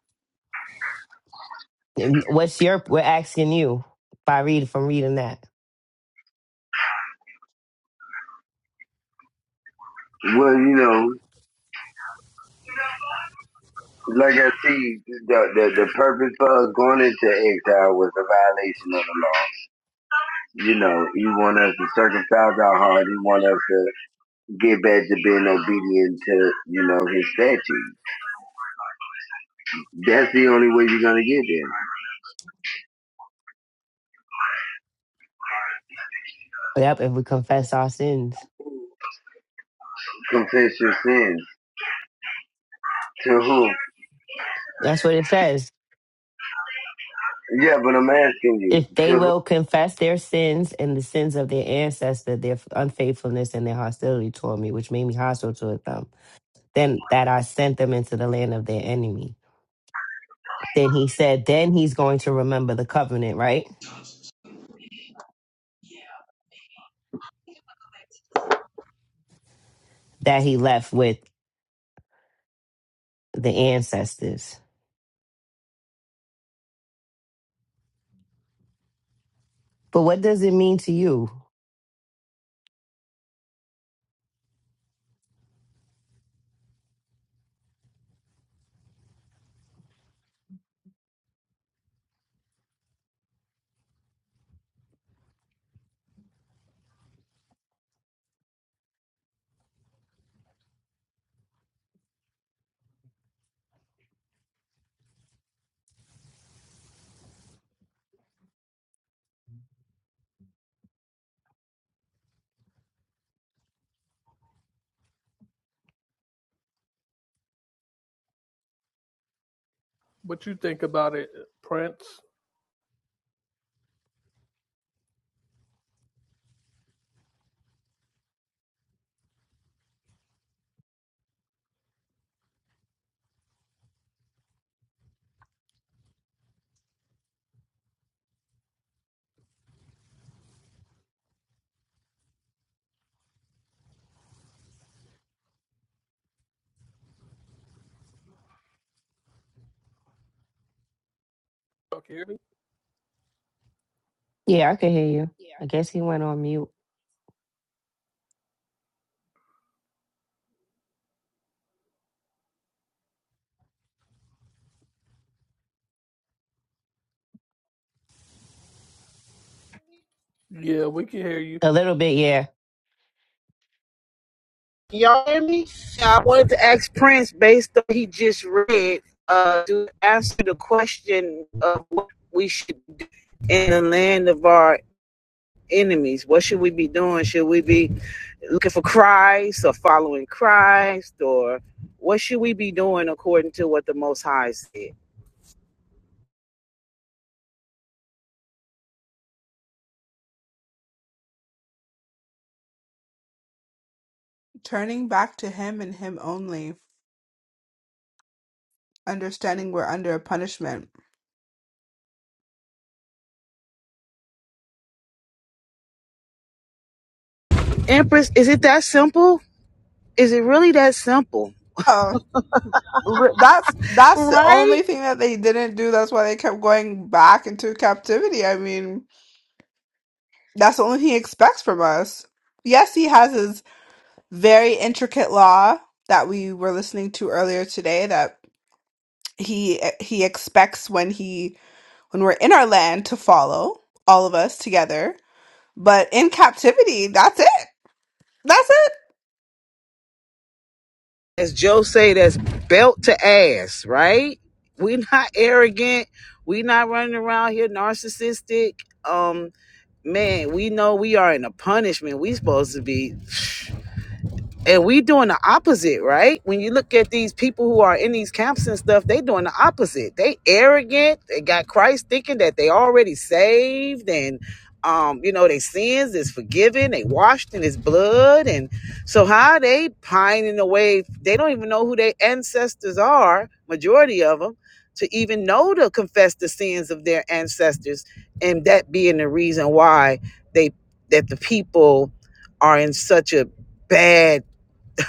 Speaker 8: And What's your? We're asking you by read from reading that.
Speaker 15: Well, you know, like I see, the, the, the purpose for us going into exile was a violation of the law. You know, he want us to circumcise our heart. He want us to get back to being obedient to, you know, his statutes. That's the only way you're going to get there.
Speaker 8: Yep. If we confess our sins,
Speaker 15: Confess your sins to who?
Speaker 8: that's what it says.
Speaker 15: Yeah, but I'm asking you
Speaker 8: If
Speaker 15: to
Speaker 8: they will confess their sins and the sins of their ancestor, their unfaithfulness and their hostility toward me, which made me hostile toward them, then that I sent them into the land of their enemy. Then he said, then he's going to remember the covenant, right? That he left with the ancestors. But what does it mean to you?
Speaker 3: What you think about it, Prince? Okay.
Speaker 8: Yeah, I can hear you. I guess he went on mute.
Speaker 3: Yeah, we can hear you.
Speaker 8: A little bit, yeah.
Speaker 1: Y'all hear me? I wanted to ask Prince based on what he just read uh, to answer the question of what we should do in the land of our enemies. What should we be doing? Should we be looking for Christ or following Christ or what should we be doing according to what the Most High said?
Speaker 12: turning back to him and him only, understanding we're under a punishment.
Speaker 1: Empress, is it that simple? Is it really that simple?
Speaker 12: Oh, re- that's that's the
Speaker 1: Right?
Speaker 12: only thing that they didn't do. That's why they kept going back into captivity. I mean, that's the only thing he expects from us. Yes, he has his very intricate law that we were listening to earlier today. he eh, he expects when he when we're in our land to follow all of us together but in captivity that's it that's it
Speaker 1: As Joe say, that's belt to ass, right? we are not arrogant. we are not running around here narcissistic. Um, man, we know we are in a punishment. We supposed to be and we doing the opposite, right? When you look at these people who are in these camps and stuff, they doing the opposite. They arrogant. They got Christ thinking that they already saved and um, you know, their sins is forgiven, they washed in his blood, and so how they pining away, they don't even know who their ancestors are, majority of them, to even know to confess the sins of their ancestors, and that being the reason why they that the people are in such a bad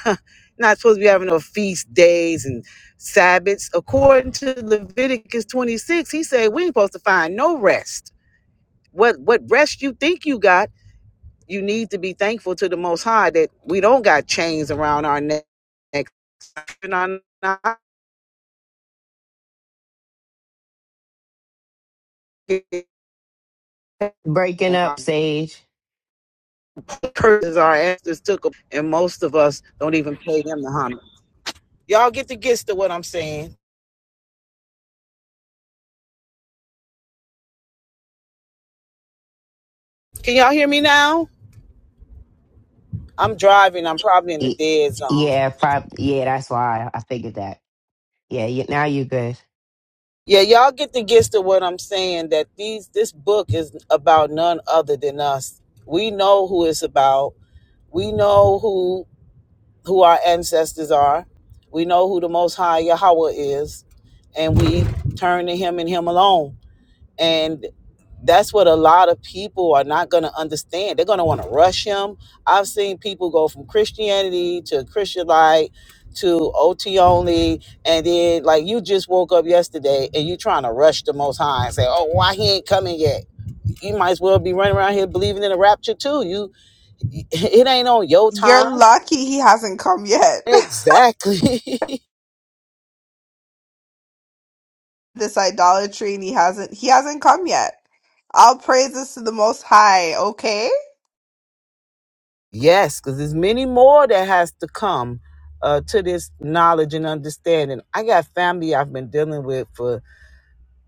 Speaker 1: Not supposed to be having no feast days and Sabbaths. According to Leviticus 26, he said we ain't supposed to find no rest. What what rest you think you got? You need to be thankful to the Most High that we don't got chains around our neck. and our-
Speaker 8: Breaking up, Sage.
Speaker 1: Curses our ancestors took 'em, and most of us don't even pay them the honor. Y'all get the gist of what I'm saying. Can y'all hear me now? I'm driving. I'm probably in a
Speaker 8: Y-
Speaker 1: dead zone.
Speaker 8: Yeah, prob- yeah, that's why I figured that. Yeah, you- now you good.
Speaker 1: Yeah, y'all get the gist of what I'm saying that these this book is about none other than us. We know who it's about. We know who who our ancestors are. We know who the most high Yahweh is, and we turn to him and him alone. And that's what a lot of people are not going to understand. They're going to want to rush him. I've seen people go from Christianity to Christianite to OT only. And then, like, you just woke up yesterday and you trying to rush the Most High and say, oh, why he ain't coming yet? You might as well be running around here believing in a rapture too. You, it ain't on your time.
Speaker 12: you're lucky he hasn't come yet
Speaker 1: Exactly.
Speaker 12: this idolatry and he hasn't he hasn't come yet all praises to the most high okay
Speaker 1: Yes, because there's many more that has to come uh, to this knowledge and understanding. I got family I've been dealing with for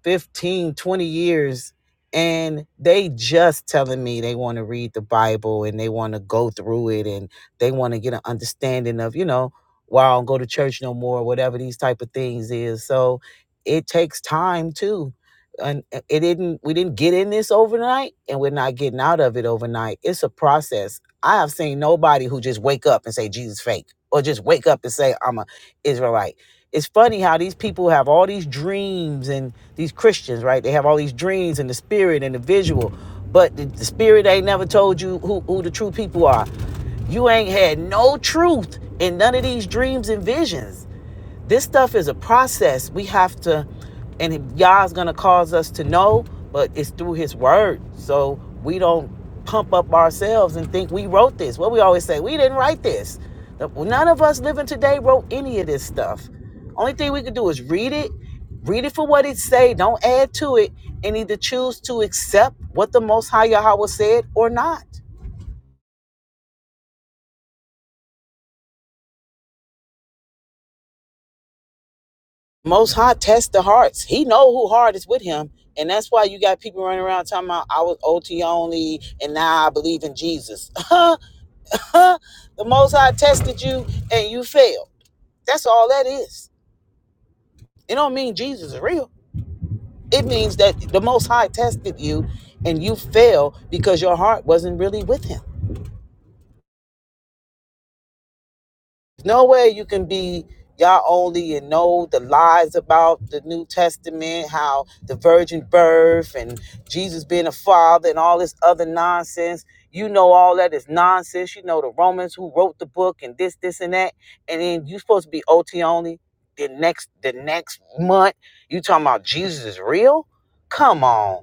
Speaker 1: 15, 20 years and they just telling me they want to read the Bible and they want to go through it and they want to get an understanding of, you know, why I don't go to church no more, whatever these type of things is. So it takes time too. And it didn't we didn't get in this overnight and we're not getting out of it overnight. It's a process. I have seen nobody who just wake up and say Jesus fake or just wake up and say I'm a Israelite it's funny how these people have all these dreams and these Christians, right? They have all these dreams and the spirit and the visual, but the, the spirit ain't never told you who, who the true people are. You ain't had no truth in none of these dreams and visions. This stuff is a process. We have to, and Yah's gonna cause us to know, but it's through His Word. So we don't pump up ourselves and think we wrote this. What we always say, we didn't write this. None of us living today wrote any of this stuff. Only thing we can do is read it, read it for what it say. Don't add to it, and either choose to accept what the Most High Yahweh said or not. Most High tests the hearts. He know who heart is with him, and that's why you got people running around talking about I was OT only, and now I believe in Jesus. the Most High tested you, and you failed. That's all that is. It don't mean Jesus is real. It means that the Most High tested you, and you failed because your heart wasn't really with Him. no way you can be y'all only and know the lies about the New Testament, how the virgin birth and Jesus being a father and all this other nonsense. You know all that is nonsense. You know the Romans who wrote the book and this, this, and that. And then you supposed to be OT only the next the next month. You talking about Jesus is real? Come on.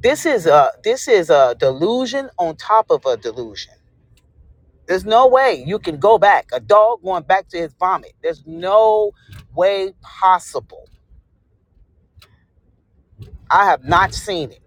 Speaker 1: This is a this is a delusion on top of a delusion. There's no way you can go back. A dog going back to his vomit. There's no way possible. I have not seen it.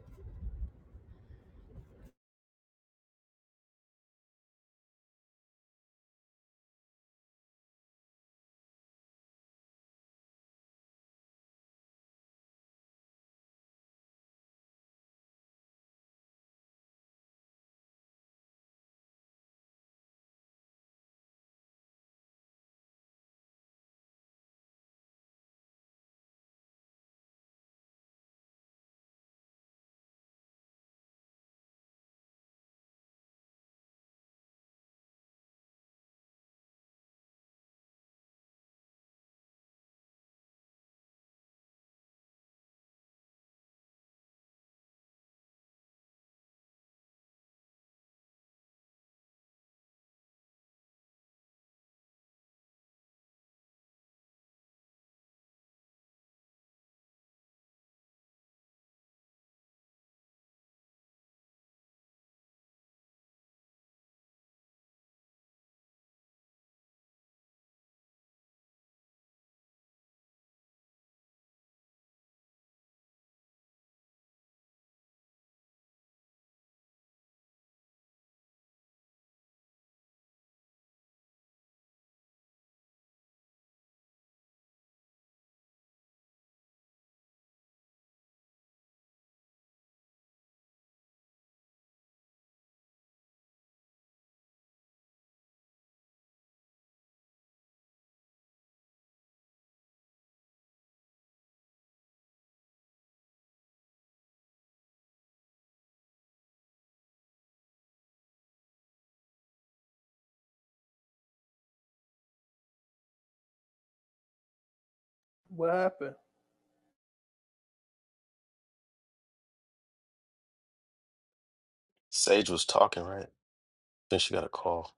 Speaker 3: What happened?
Speaker 4: Sage was talking, right? Then she got a call.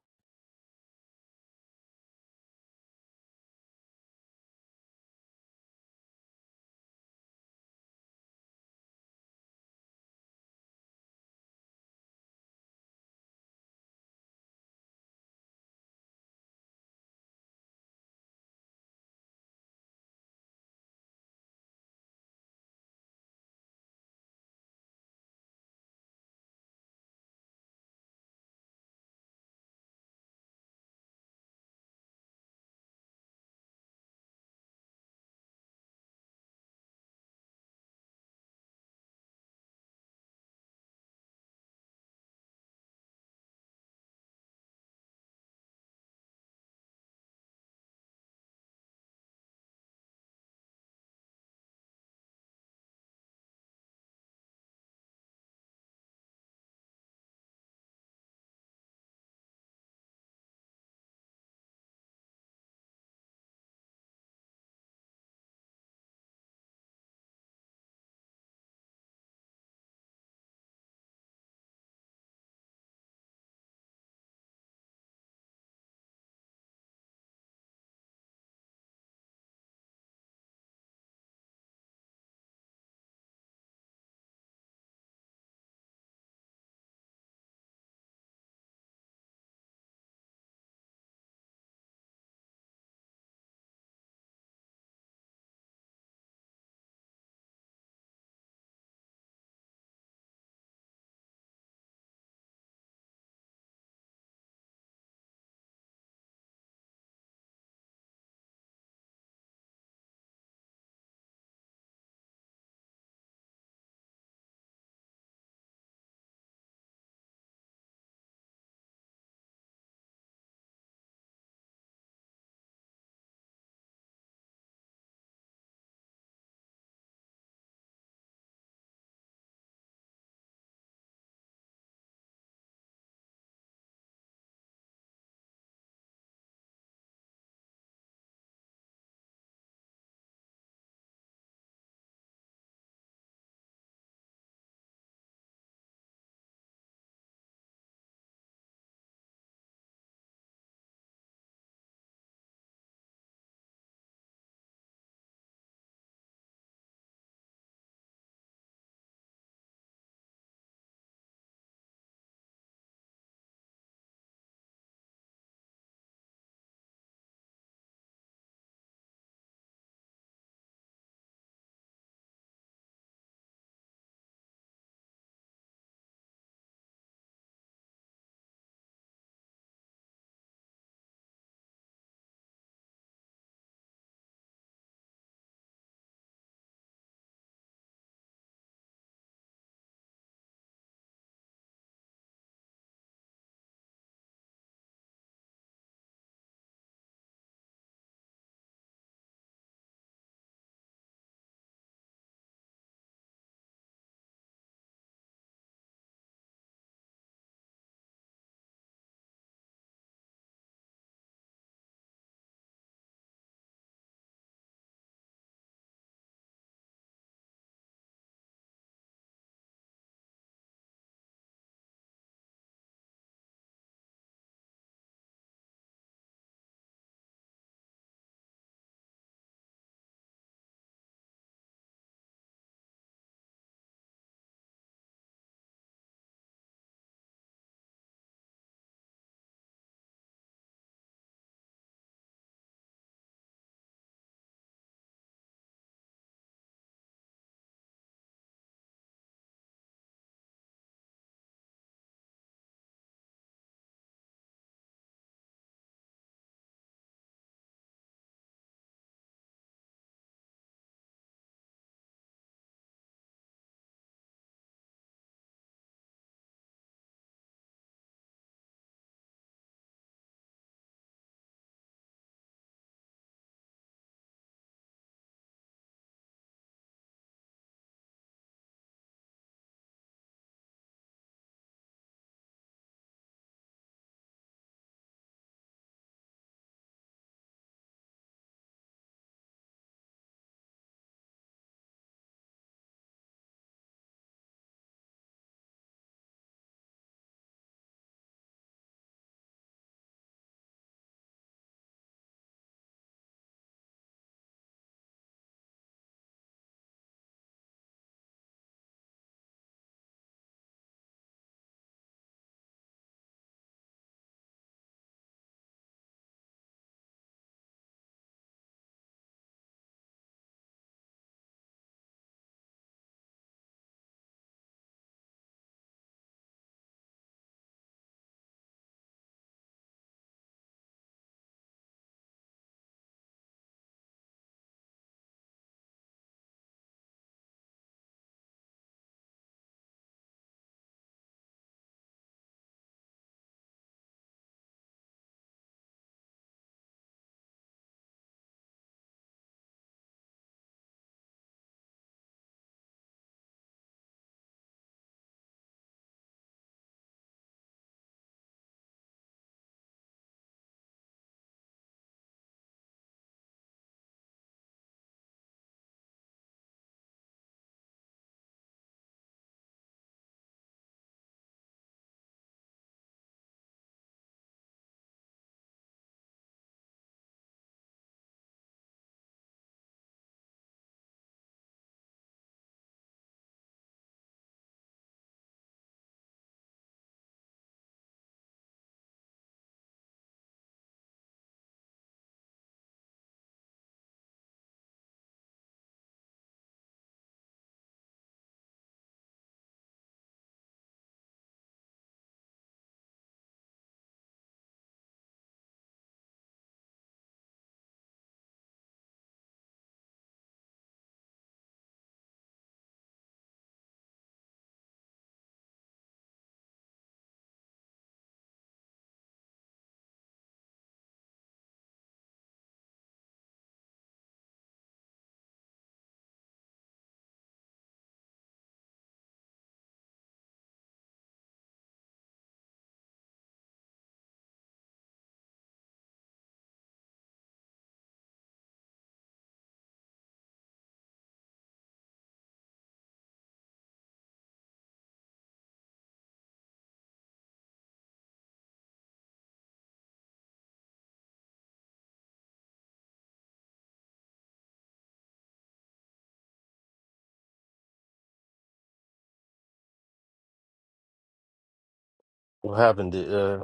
Speaker 4: What happened? Did uh,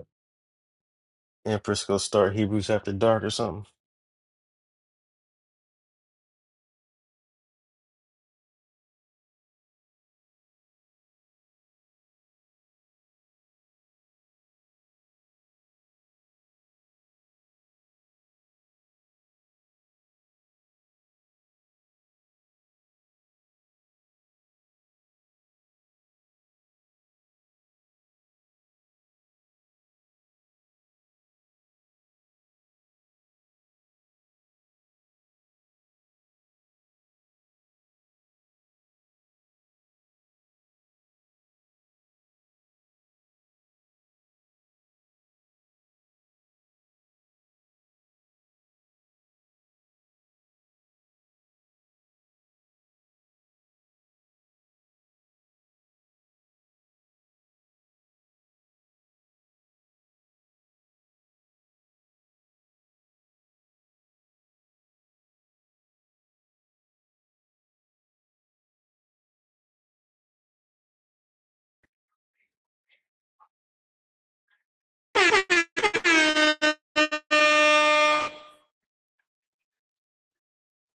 Speaker 4: Empress go start Hebrews after dark or something?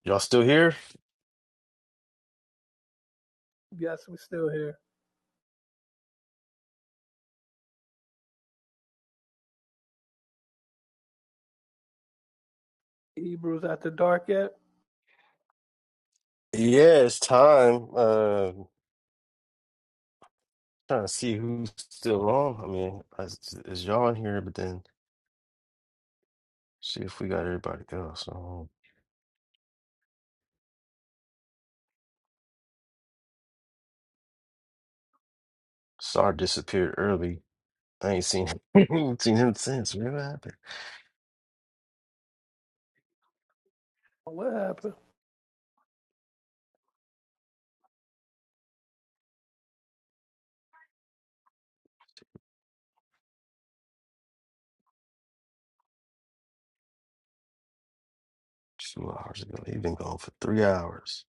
Speaker 4: Y'all still here?
Speaker 3: Yes, we still here. Hebrews after dark yet?
Speaker 4: Yeah, it's time. Uh, trying to see who's still on. I mean, is, is y'all in here? But then see if we got everybody else. Sar disappeared early. I ain't seen him, seen him since. What happened?
Speaker 3: What happened?
Speaker 4: Two hours ago. He been gone for three hours.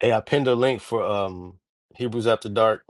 Speaker 4: Hey, I pinned a link for um Hebrews After Dark.